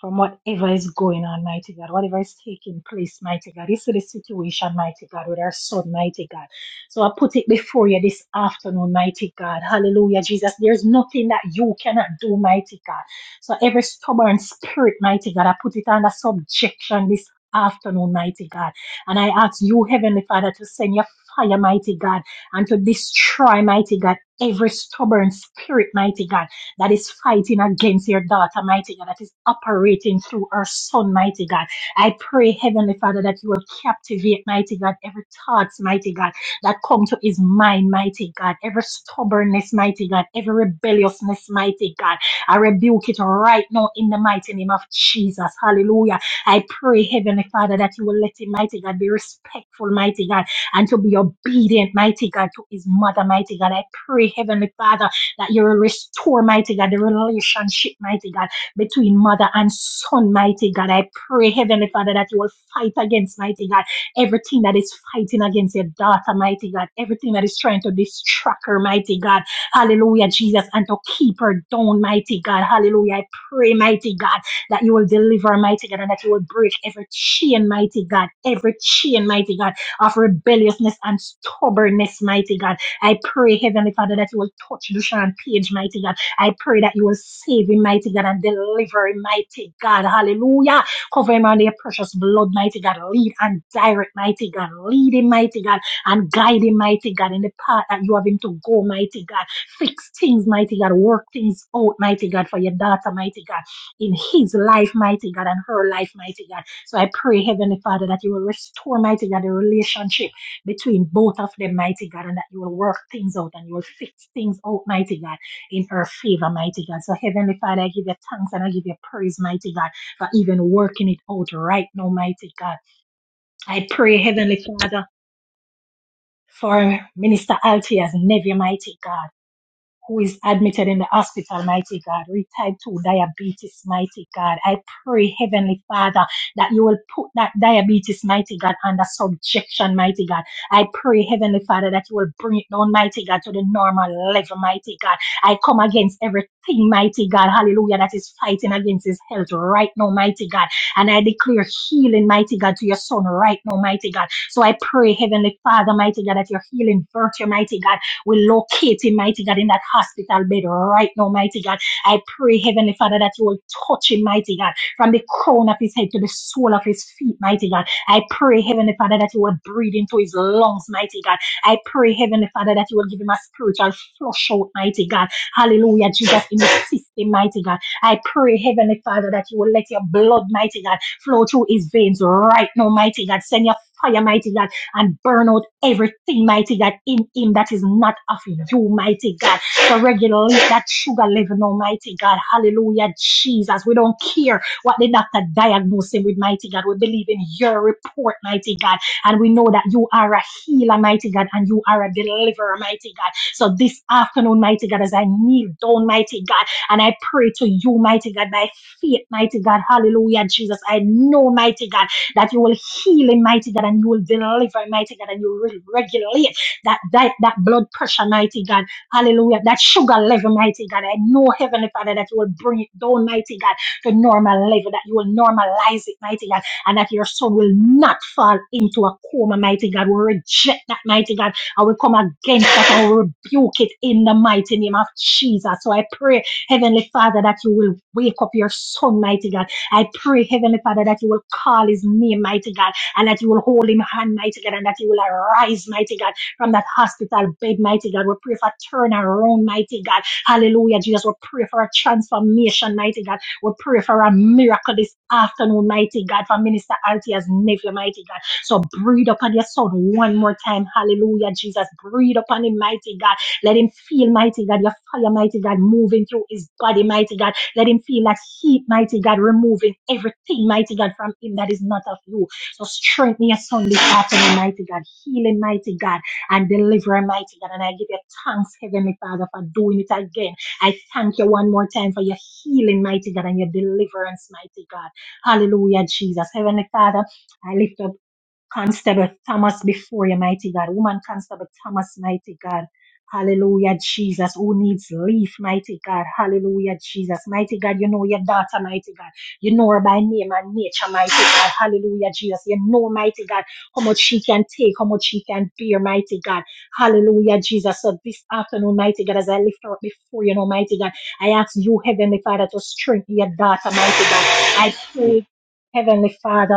from whatever is going on, mighty God, whatever is taking place, mighty God. You see the situation, mighty God, with our son, mighty God. So I put it before you this afternoon, mighty God. Hallelujah, Jesus. There's nothing that you cannot do, mighty God. So every stubborn spirit, mighty God, I put it under subjection this afternoon, mighty God. And I ask you, Heavenly Father, to send your fire, mighty God, and to destroy, mighty God, every stubborn spirit, mighty God that is fighting against your daughter, mighty God, that is operating through her son, mighty God. I pray, Heavenly Father, that you will captivate, mighty God, every thought, mighty God, that come to his mind, mighty God, every stubbornness, mighty God, every rebelliousness, mighty God. I rebuke it right now in the mighty name of Jesus. Hallelujah. I pray, Heavenly Father, that you will let him, mighty God, be respectful, mighty God, and to be obedient, mighty God, to his mother, mighty God. I pray, Heavenly Father that you will restore, mighty God, the relationship, mighty God, between mother and son, mighty God. I pray, Heavenly Father, that you will fight against, mighty God, everything that is fighting against your daughter, mighty God, everything that is trying to distract her, mighty God. Hallelujah, Jesus, and to keep her down, mighty God. Hallelujah. I pray, mighty God, that you will deliver, mighty God, and that you will break every chain, mighty God, every chain, mighty God, of rebelliousness and stubbornness, mighty God. I pray, Heavenly Father, that you will touch Dushan Page, mighty God. I pray that you will save him, mighty God, and deliver him, mighty God. Hallelujah. Cover him under your precious blood, mighty God. Lead and direct, mighty God. Lead him, mighty God, and guide him, mighty God, in the path that you have him to go, mighty God. Fix things, mighty God. Work things out, mighty God, for your daughter, mighty God, in his life, mighty God, and her life, mighty God. So I pray, Heavenly Father, that you will restore, mighty God, the relationship between both of them, mighty God, and that you will work things out and you will fix things out, mighty God, in her favor, mighty God. So, Heavenly Father, I give you thanks and I give you praise, mighty God, for even working it out right now, mighty God. I pray, Heavenly Father, for Minister Altia's nephew, mighty God who is admitted in the hospital, mighty God, with type 2 diabetes, mighty God. I pray, Heavenly Father, that you will put that diabetes, mighty God, under subjection, mighty God. I pray, Heavenly Father, that you will bring it down, mighty God, to the normal level, mighty God. I come against everything, mighty God, hallelujah, that is fighting against his health right now, mighty God. And I declare healing, mighty God, to your son right now, mighty God. So I pray, Heavenly Father, mighty God, that your healing virtue, mighty God, we locate him, mighty God, in that hospital bed right now, mighty God. I pray, Heavenly Father, that you will touch him, mighty God, from the crown of his head to the sole of his feet, mighty God. I pray, Heavenly Father, that you will breathe into his lungs, mighty God. I pray, Heavenly Father, that you will give him a spiritual flush out, mighty God. Hallelujah, Jesus, in his system, mighty God. I pray, Heavenly Father, that you will let your blood, mighty God, flow through his veins right now, mighty God. Send your fire, mighty God and burn out everything, mighty God, in him that is not of you, mighty God. So regulate that sugar level, almighty God. Hallelujah, Jesus. We don't care what the doctor diagnosed him with, mighty God. We believe in your report, mighty God. And we know that you are a healer, mighty God, and you are a deliverer, mighty God. So this afternoon, mighty God, as I kneel down, mighty God, and I pray to you, mighty God, by faith, mighty God, hallelujah, Jesus. I know, mighty God that you will heal him, mighty God, and you will deliver him, mighty God, and you will regulate that, that, that blood pressure, mighty God. Hallelujah. That sugar level, mighty God. I know, Heavenly Father, that you will bring it down, mighty God, to normal level, that you will normalize it, mighty God, and that your son will not fall into a coma, mighty God. We reject that, mighty God, and we come against that and we rebuke it in the mighty name of Jesus. So I pray, Heavenly Father, that you will wake up your son, mighty God I pray, Heavenly Father, that you will call his name, mighty God, and that you will hold him hand, mighty God, and that you will arise, mighty God, from that hospital bed, mighty God. We pray for turnaround, mighty God. Hallelujah, Jesus. We pray for a transformation, mighty God. We pray for a miracle this afternoon, mighty God, for Minister Altia's nephew, mighty God. So breathe upon your son one more time. Hallelujah, Jesus. Breathe upon him, mighty God. Let him feel, mighty God, your fire, mighty God, moving through his body, mighty God let him feel that heat, mighty God, removing everything, mighty God, from him that is not of you. So strengthen your son this afternoon, mighty God. Heal him, mighty God, and deliver him, mighty God. And I give you thanks, Heavenly Father, for doing it again. I thank you one more time for your healing, mighty God, and your deliverance, mighty God. Hallelujah, Jesus. Heavenly Father, I lift up Constable Thomas before you, mighty God. Woman Constable Thomas, mighty God. Hallelujah, Jesus. Who needs leaf, mighty God? Hallelujah, Jesus. Mighty God, you know your daughter, mighty God. You know her by name and nature, mighty God. Hallelujah, Jesus. You know, mighty God, how much she can take, how much she can bear, mighty God. Hallelujah, Jesus. So this afternoon, mighty God, as I lift her up before you, know, mighty God, I ask you, Heavenly Father, to strengthen your daughter, mighty God. I pray, Heavenly Father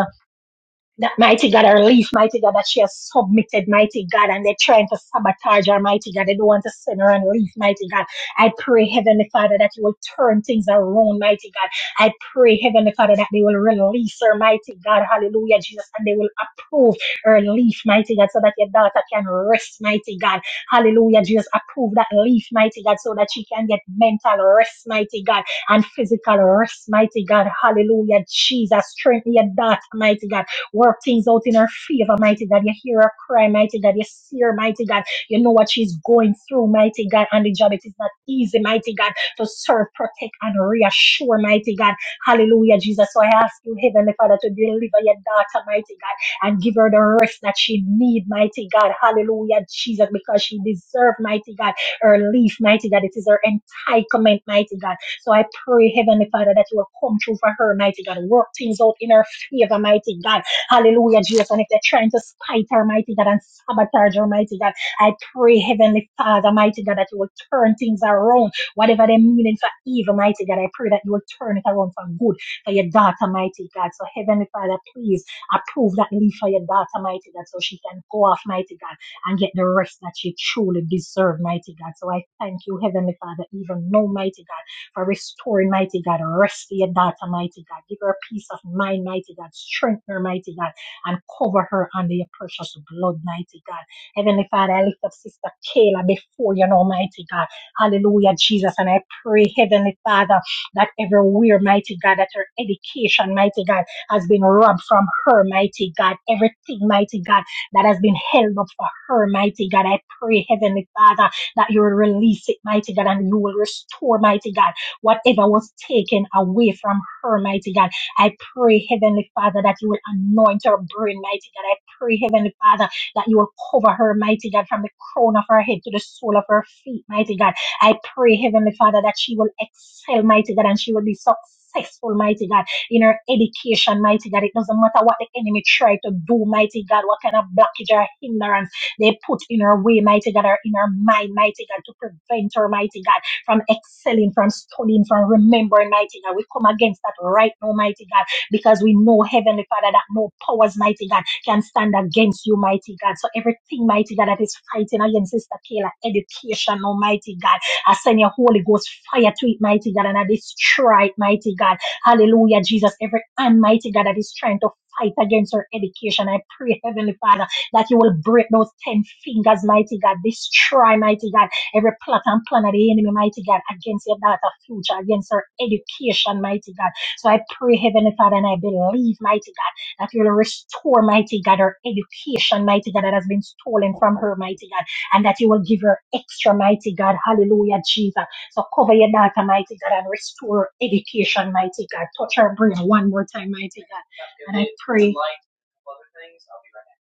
that mighty God her relief, mighty God that she has submitted, mighty God, and they're trying to sabotage her, mighty God. They don't want to send her and leave, mighty God. I pray, Heavenly Father, that you will turn things around, mighty God. I pray, Heavenly Father, that they will release her, mighty God. Hallelujah, Jesus, and they will approve her leaf, mighty God, so that your daughter can rest, mighty God. Hallelujah, Jesus, approve that leaf, mighty God, so that she can get mental rest, mighty God, and physical rest, mighty God. Hallelujah, Jesus, strengthen your daughter, mighty God. Work things out in her favor, mighty God. You hear her cry, mighty God. You see her, mighty God. You know what she's going through, mighty God. And the job, it is not easy, mighty God, to serve, protect, and reassure, mighty God. Hallelujah, Jesus. So I ask you, Heavenly Father, to deliver your daughter, mighty God, and give her the rest that she needs, mighty God. Hallelujah, Jesus, because she deserves, mighty God, her leaf, mighty God. It is her entitlement, mighty God. So I pray, Heavenly Father, that you will come true for her, mighty God. Work things out in her favor, mighty God. Hallelujah, Jesus. And if they're trying to spite her, mighty God, and sabotage her, mighty God, I pray, Heavenly Father, mighty God, that you will turn things around. Whatever they're meaning for evil, mighty God, I pray that you will turn it around for good for your daughter, mighty God. So, Heavenly Father, please approve that leave for your daughter, mighty God, so she can go off, mighty God, and get the rest that she truly deserves, mighty God. So I thank you, Heavenly Father, even now, mighty God for restoring, mighty God. Rest your daughter, mighty God. Give her peace of mind, mighty God. Strengthen her, mighty God, and cover her under your precious blood, mighty God. Heavenly Father, I lift up Sister Kayla before you, Almighty God. Hallelujah, Jesus. And I pray, Heavenly Father, that everywhere, mighty God, that her education, mighty God, has been robbed from her, mighty God. Everything, mighty God, that has been held up for her, mighty God. I pray, Heavenly Father, that you will release it, mighty God, and you will restore, mighty God Whatever was taken away from her, mighty God, I pray, Heavenly Father, that you will anoint her brain, mighty God. I pray, Heavenly Father, that you will cover her, mighty God, from the crown of her head to the sole of her feet, mighty God. I pray, Heavenly Father, that she will excel, mighty God, and she will be successful, mighty God, in her education, mighty God. It doesn't matter what the enemy tried to do, mighty God, what kind of blockage or hindrance they put in her way, mighty God, or in her mind, mighty God, to prevent her, mighty God from excelling, from studying, from remembering, mighty God. We come against that right now, mighty God, because we know, Heavenly Father, that no powers, mighty God, can stand against you, mighty God. So everything, mighty God, that is fighting against Sister Kayla, education, almighty God, I send your Holy Ghost fire to it, mighty God, and I destroy it, mighty God. Hallelujah, Jesus. Every hand, mighty God, that is trying to fight against her education, I pray, Heavenly Father, that you will break those ten fingers, mighty God. Destroy, mighty God Every plot and plan of the enemy, mighty God, against your daughter's future, against her education, mighty God. So I pray, Heavenly Father, and I believe, mighty God, that you'll restore, mighty God, her education, mighty God, that has been stolen from her, mighty God, and that you will give her extra, mighty God. Hallelujah, Jesus. So cover your daughter, mighty God, and restore her education, mighty God. Touch her brain one more time, mighty God. And I pray.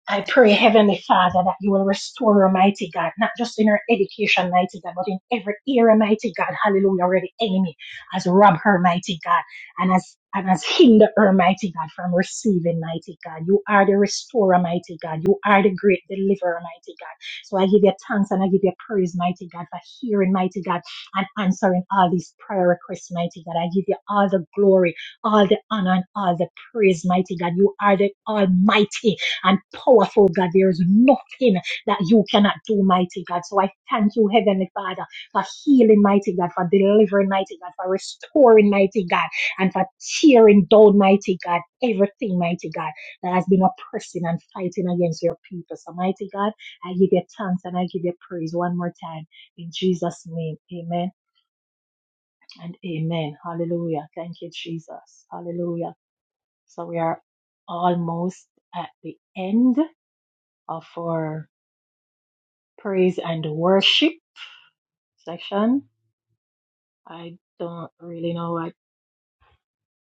I pray, Heavenly Father, that you will restore her, mighty God, not just in her education, mighty God, but in every area, mighty God, hallelujah, where the enemy has robbed her, mighty God, and has, and has hindered her, mighty God, from receiving, mighty God. You are the restorer, mighty God. You are the great deliverer, mighty God. So I give you thanks and I give you praise, mighty God, for hearing, mighty God, and answering all these prayer requests, mighty God. I give you all the glory, all the honor, and all the praise, mighty God. You are the Almighty and powerful God. There is nothing that you cannot do, mighty God. So I thank you, Heavenly Father, for healing, mighty God, for delivering, mighty God, for restoring, mighty God, and for tearing down, mighty God, everything, mighty God, that has been oppressing and fighting against your people. So, mighty God, I give you thanks and I give you praise one more time. In Jesus' name, amen and amen. Hallelujah. Thank you, Jesus. Hallelujah. So we are almost at the end of our praise and worship section. I don't really know what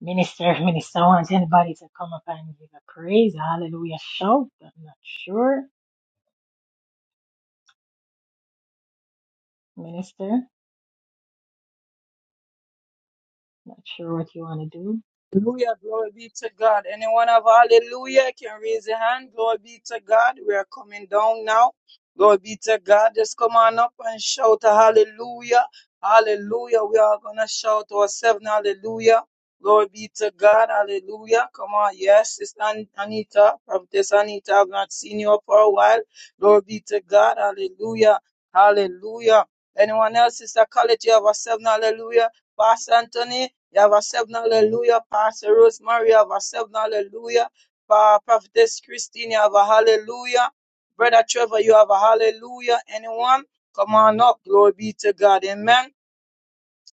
minister minister wants anybody to come up and give a praise, a hallelujah shout. I'm not sure, minister. Not sure what you want to do.
Hallelujah, glory be to God. Anyone have hallelujah can raise your hand. Glory be to God. We are coming down now. Glory be to God. Just come on up and shout a hallelujah. Hallelujah. We are gonna shout ourselves now, hallelujah. Glory be to God. Hallelujah. Come on. Yes, Sister An- Anita, Prophetess Anita, I've not seen you for a while. Glory be to God. Hallelujah. Hallelujah. Anyone else, Sister College, you have yourself, an hallelujah. Pastor Anthony. Yavasev, hallelujah. Pastor Rosemary, Yavasev, hallelujah. Pa- Prophetess Christine, you have a hallelujah. Brother Trevor, you have a hallelujah. Anyone? Come on up. Glory be to God. Amen.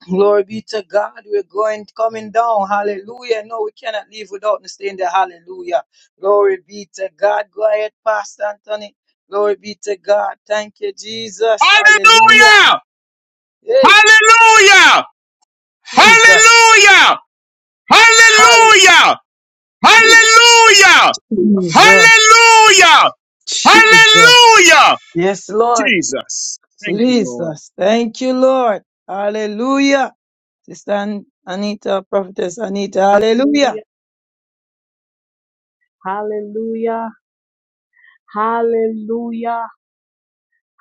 Glory be to God. We're going, coming down. Hallelujah. No, we cannot leave without saying there. hallelujah. Glory be to God. Go ahead, Pastor Anthony. Glory be to God. Thank you, Jesus. Hallelujah.
Hallelujah!
Hey,
Hallelujah!
Jesus.
Hallelujah!
Hallelujah.
Hallelujah! Hallelujah!
Jesus.
Hallelujah!
Jesus.
Hallelujah!
Yes, Lord.
Jesus. Thank you, Lord.
Jesus. Thank you, Lord. Hallelujah. Sister An- Anita, Prophetess Anita, hallelujah.
Hallelujah. Hallelujah. Hallelujah.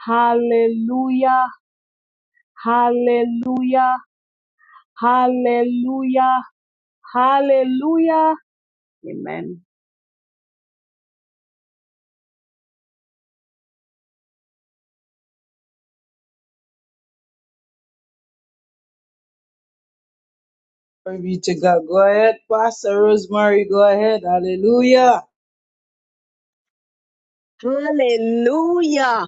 Hallelujah. Hallelujah. Hallelujah. Hallelujah. Amen.
Glory be to God. Go ahead, Pastor Rosemary. Go ahead. Hallelujah.
Hallelujah.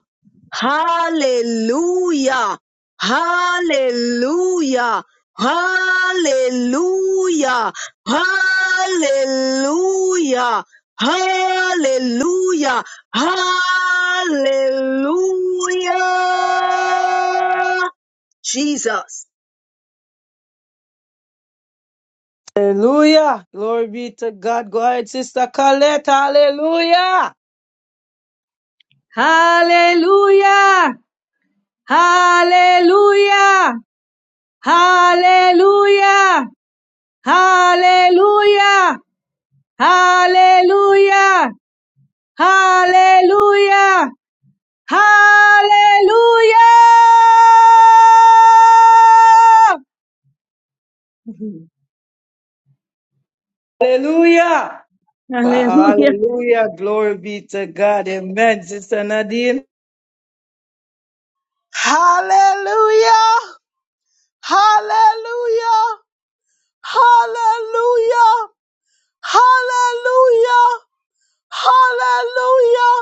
Hallelujah. Hallelujah. Hallelujah. Hallelujah. Hallelujah. Hallelujah. Jesus.
Hallelujah. Glory be to God. Go ahead, Sister Colette. Hallelujah.
Hallelujah! Hallelujah! Hallelujah! Hallelujah! Hallelujah! Hallelujah! Hallelujah!
Hallelujah. Wow,
Hallelujah!
Hallelujah. Glory be to God. Amen. Sister Nadine.
Hallelujah! Hallelujah! Hallelujah! Hallelujah! Hallelujah!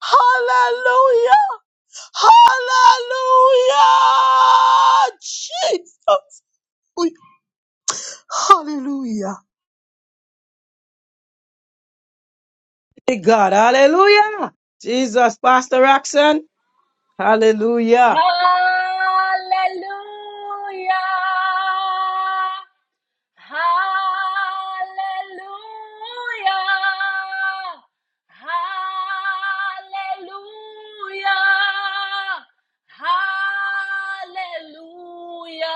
Hallelujah! Hallelujah! Jesus! Hallelujah.
Thank God. Hallelujah. Jesus, Pastor Roxanne.
Hallelujah.
Hallelujah.
Hallelujah. Hallelujah. Hallelujah.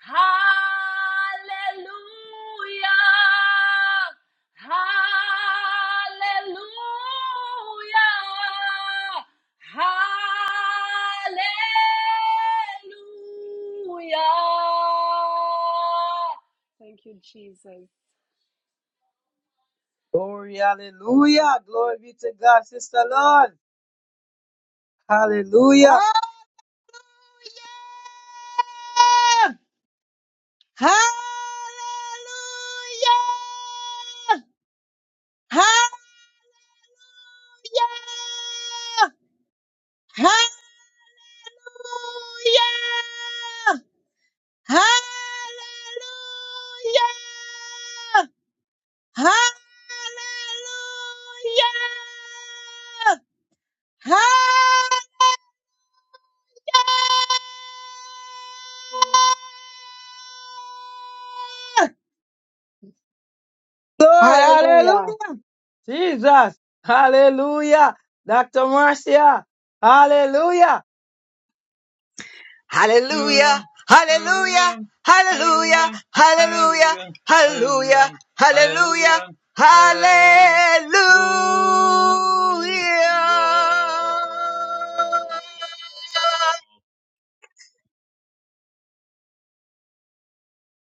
Hallelujah. Hallelujah. Hallelujah. Thank you, Jesus.
Glory, hallelujah. Glory be to God, Sister Lord. Hallelujah.
Hallelujah. Ha-
Lord,
Hallelujah.
hallelujah. Jesus, hallelujah. Dr. Marcia, hallelujah.
Hallelujah, Hallelujah, hallelujah, hallelujah, hallelujah, hallelujah,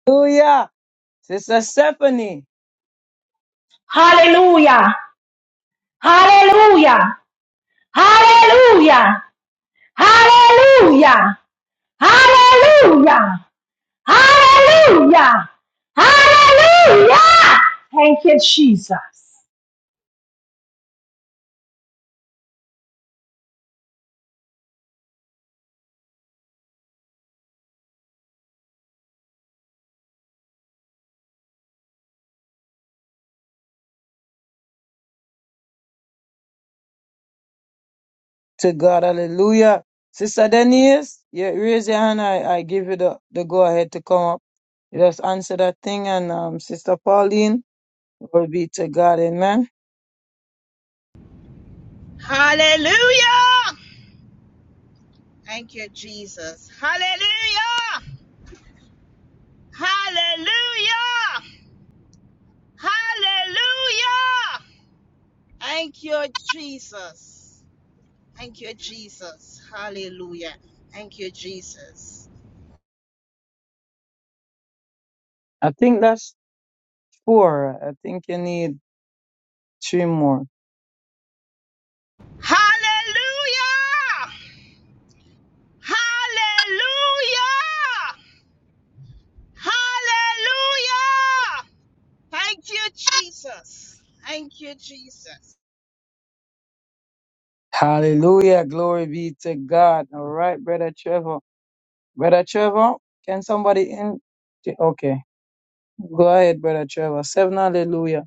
Hallelujah. Sister Stephanie,
Hallelujah! Hallelujah! Hallelujah! Hallelujah! Hallelujah! Hallelujah! Hallelujah! Thank you, Jesus.
to God, hallelujah. Sister Denise, yeah, raise your hand. I, I give you the, the go ahead to come up. You just answer that thing. And um, Sister Pauline, glory be to God, amen.
Hallelujah. Thank you, Jesus. Hallelujah. Hallelujah. Hallelujah. Thank you, Jesus. Thank you, Jesus. Hallelujah. Thank you, Jesus.
I think that's four. I think you need three more.
Hallelujah. Hallelujah. Hallelujah. Thank you, Jesus. Thank you, Jesus.
Hallelujah. Glory be to God. All right, Brother Trevor. Brother Trevor, can somebody in? Okay. Go ahead, Brother Trevor. Seven hallelujah.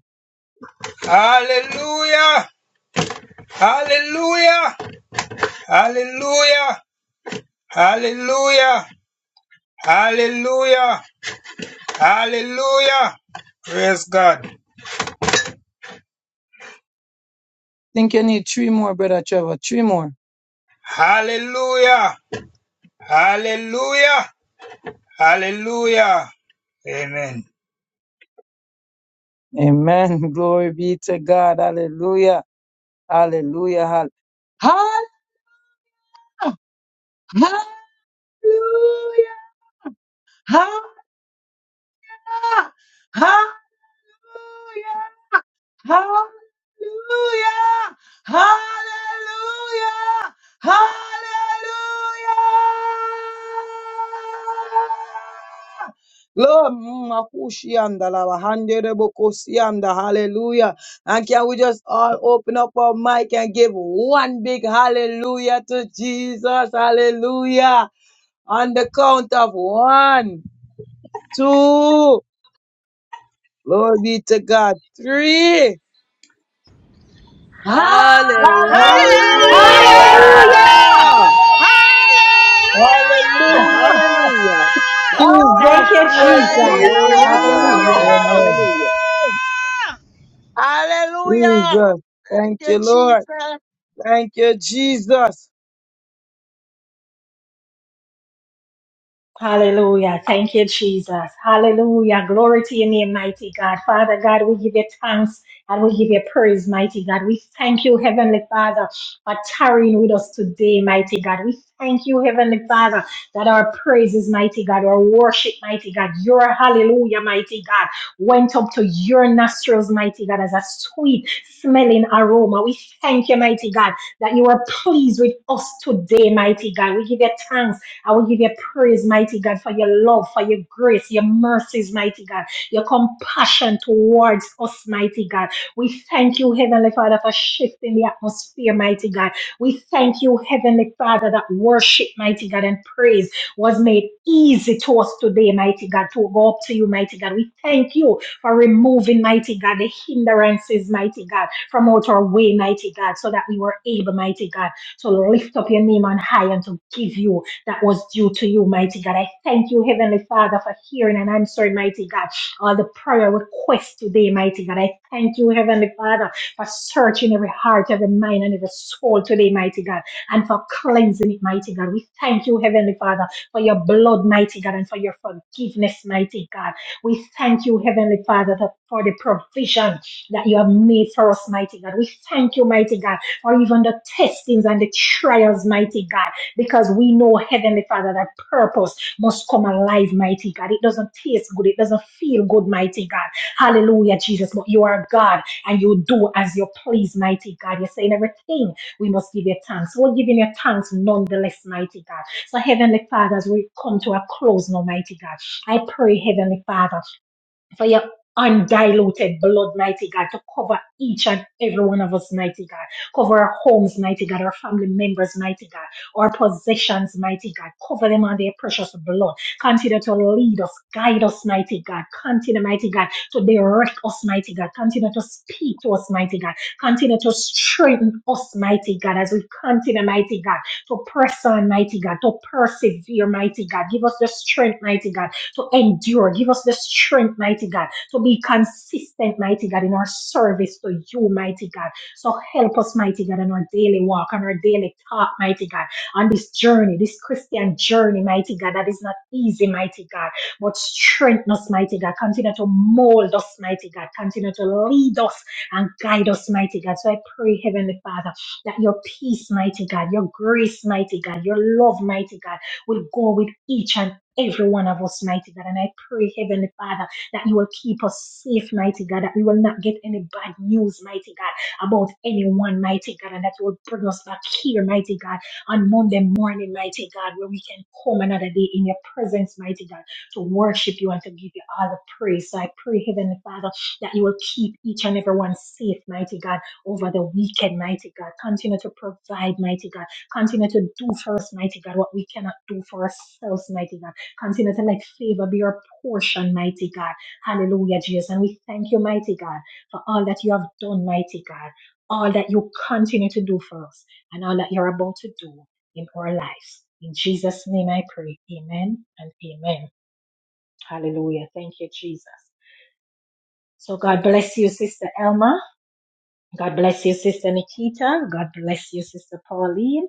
Think you need three more, Brother Trevor. Three more. Amen. Glory be to God. Hallelujah. Hallelujah. Hall- Hallelujah. Hallelujah! Hallelujah! Hallelujah! Hallelujah! Lord, makushianda la bahandere bokosianda, hallelujah. And can we just all open up our mic and give one big hallelujah to Jesus? Hallelujah. On the count of one, two. Glory be to God. Three. Huh?
Hallelujah.
Hallelujah.
Hallelujah!
Hallelujah.
Hallelujah!
Hallelujah.
Hallelujah.
Hallelujah!
Jesus.
Thank you,
Hallelujah.
Jesus.
Glory to
Hallelujah!
God.
Hallelujah.
Hallelujah.
Hallelujah.
Amen.
Hallelujah!
Hallelujah.
Jesus.
Thank
Thank
you,
you, Lord.
Jesus.
Thank you, Jesus.
Hallelujah. Thank you, Jesus. Hallelujah. Glory to your name, mighty God. Father God, we give you thanks and we give you praise, mighty God. We thank you, Heavenly Father, for tarrying with us today, mighty God. We thank you, Heavenly Father, that our praises, mighty God, our worship, mighty God, your hallelujah, mighty God, went up to your nostrils, mighty God, as a sweet smelling aroma. We thank you, mighty God, that you are pleased with us today, mighty God. We give you thanks. I will give you praise, mighty God, for your love, for your grace, your mercies, mighty God, your compassion towards us, mighty God. We thank you, Heavenly Father, for shifting the atmosphere, mighty God. We thank you, Heavenly Father, that worship, mighty God, and praise was made easy to us today, mighty God, to go up to you, mighty God. We thank you for removing, mighty God, the hindrances, mighty God, from out our way, mighty God, so that we were able, mighty God, to lift up your name on high and to give you that was due to you, mighty God. I thank you, Heavenly Father, for hearing and answering, mighty God, all the prayer requests today, mighty God. I thank you, Heavenly Father, for searching every heart, every mind, and every soul today, mighty God, and for cleansing it, mighty God. We thank you, Heavenly Father, for your blood, mighty God, and for your forgiveness, mighty God. We thank you, Heavenly Father, that- for the provision that you have made for us, mighty God. We thank you, mighty God, for even the testings and the trials, mighty God because we know, Heavenly Father, that purpose must come alive, mighty God. It doesn't taste good. It doesn't feel good, mighty God. Hallelujah, Jesus. But you are God and you do as you please, mighty God. You're saying everything. We must give you thanks. We're giving you thanks nonetheless, mighty God. So, Heavenly Father, as we come to a close now, mighty God, I pray, Heavenly Father for your undiluted blood, mighty God, to cover each and every one of us, mighty God. Cover our homes, mighty God, our family members, mighty God, our possessions, mighty God. Cover them under your precious blood. Continue to lead us, guide us, mighty God. Continue, mighty God, to direct us, mighty God. Continue to speak to us, mighty God. Continue to strengthen us, mighty God, as we continue, mighty God, to press on, mighty God, to persevere, mighty God. Give us the strength, mighty God to endure. Give us the strength, mighty God, to be consistent, mighty God, in our service to you, mighty God. So help us, mighty God, in our daily walk, on our daily talk, mighty God, on this journey, this Christian journey, mighty God, that is not easy, mighty God, but strengthen us, mighty God. Continue to mold us, mighty God. Continue to lead us and guide us, mighty God. So I pray, Heavenly Father, that your peace, mighty God, your grace, mighty God, your love, mighty God, will go with each and every one of us, mighty God. And I pray, Heavenly Father, that you will keep us safe, mighty God, that we will not get any bad news, mighty God, about anyone, mighty God, and that you will bring us back here, mighty God, on Monday morning, mighty God, where we can come another day in your presence, mighty God, to worship you and to give you all the praise. So I pray, Heavenly Father, that you will keep each and every one safe, mighty God, over the weekend, mighty God. Continue to provide, mighty God. Continue to do for us, mighty God, what we cannot do for ourselves, mighty God Continue to let favor be your portion, mighty God. Hallelujah, Jesus. And we thank you, mighty God, for all that you have done, mighty God, all that you continue to do for us, and all that you're about to do in our lives. In Jesus' name I pray. Amen and amen. Hallelujah. Thank you, Jesus. So God bless you, Sister Elma. God bless you, Sister Nikita. God bless you, Sister Pauline.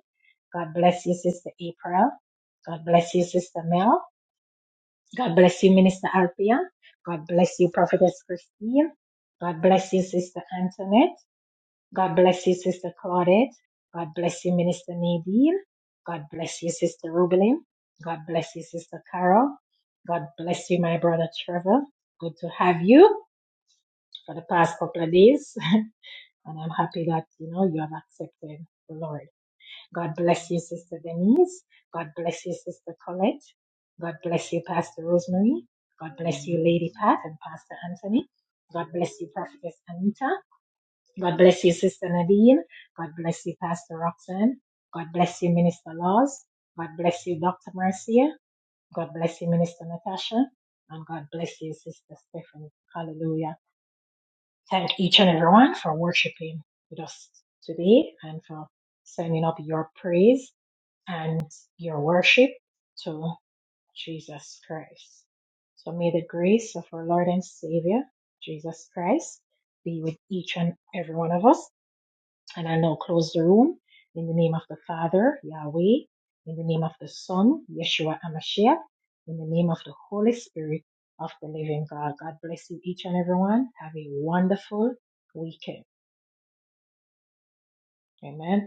God bless you, Sister April. God bless you, Sister Mel. God bless you, Minister Alpia. God bless you, Prophetess Christine. God bless you, Sister Antoinette. God bless you, Sister Claudette. God bless you, Minister Nadine. God bless you, Sister Rubelin. God bless you, Sister Carol. God bless you, my brother Trevor. Good to have you for the past couple of days. and I'm happy that, you know, you have accepted the Lord. God bless you, Sister Denise. God bless you, Sister Colette. God bless you, Pastor Rosemary. God bless you, Lady Pat and Pastor Anthony. God bless you, Prophetess Anita. God bless you, Sister Nadine. God bless you, Pastor Roxanne. God bless you, Minister Laws. God bless you, Dr. Marcia. God bless you, Minister Natasha. And God bless you, Sister Stephanie. Hallelujah. Thank each and everyone for worshiping with us today and for sending up your praise and your worship to Jesus Christ. So may the grace of our Lord and Savior, Jesus Christ, be with each and every one of us. And I'll now close the room in the name of the Father, Yahweh, in the name of the Son, Yeshua Amashiach, in the name of the Holy Spirit of the living God. God bless you each and everyone. Have a wonderful weekend. Amen.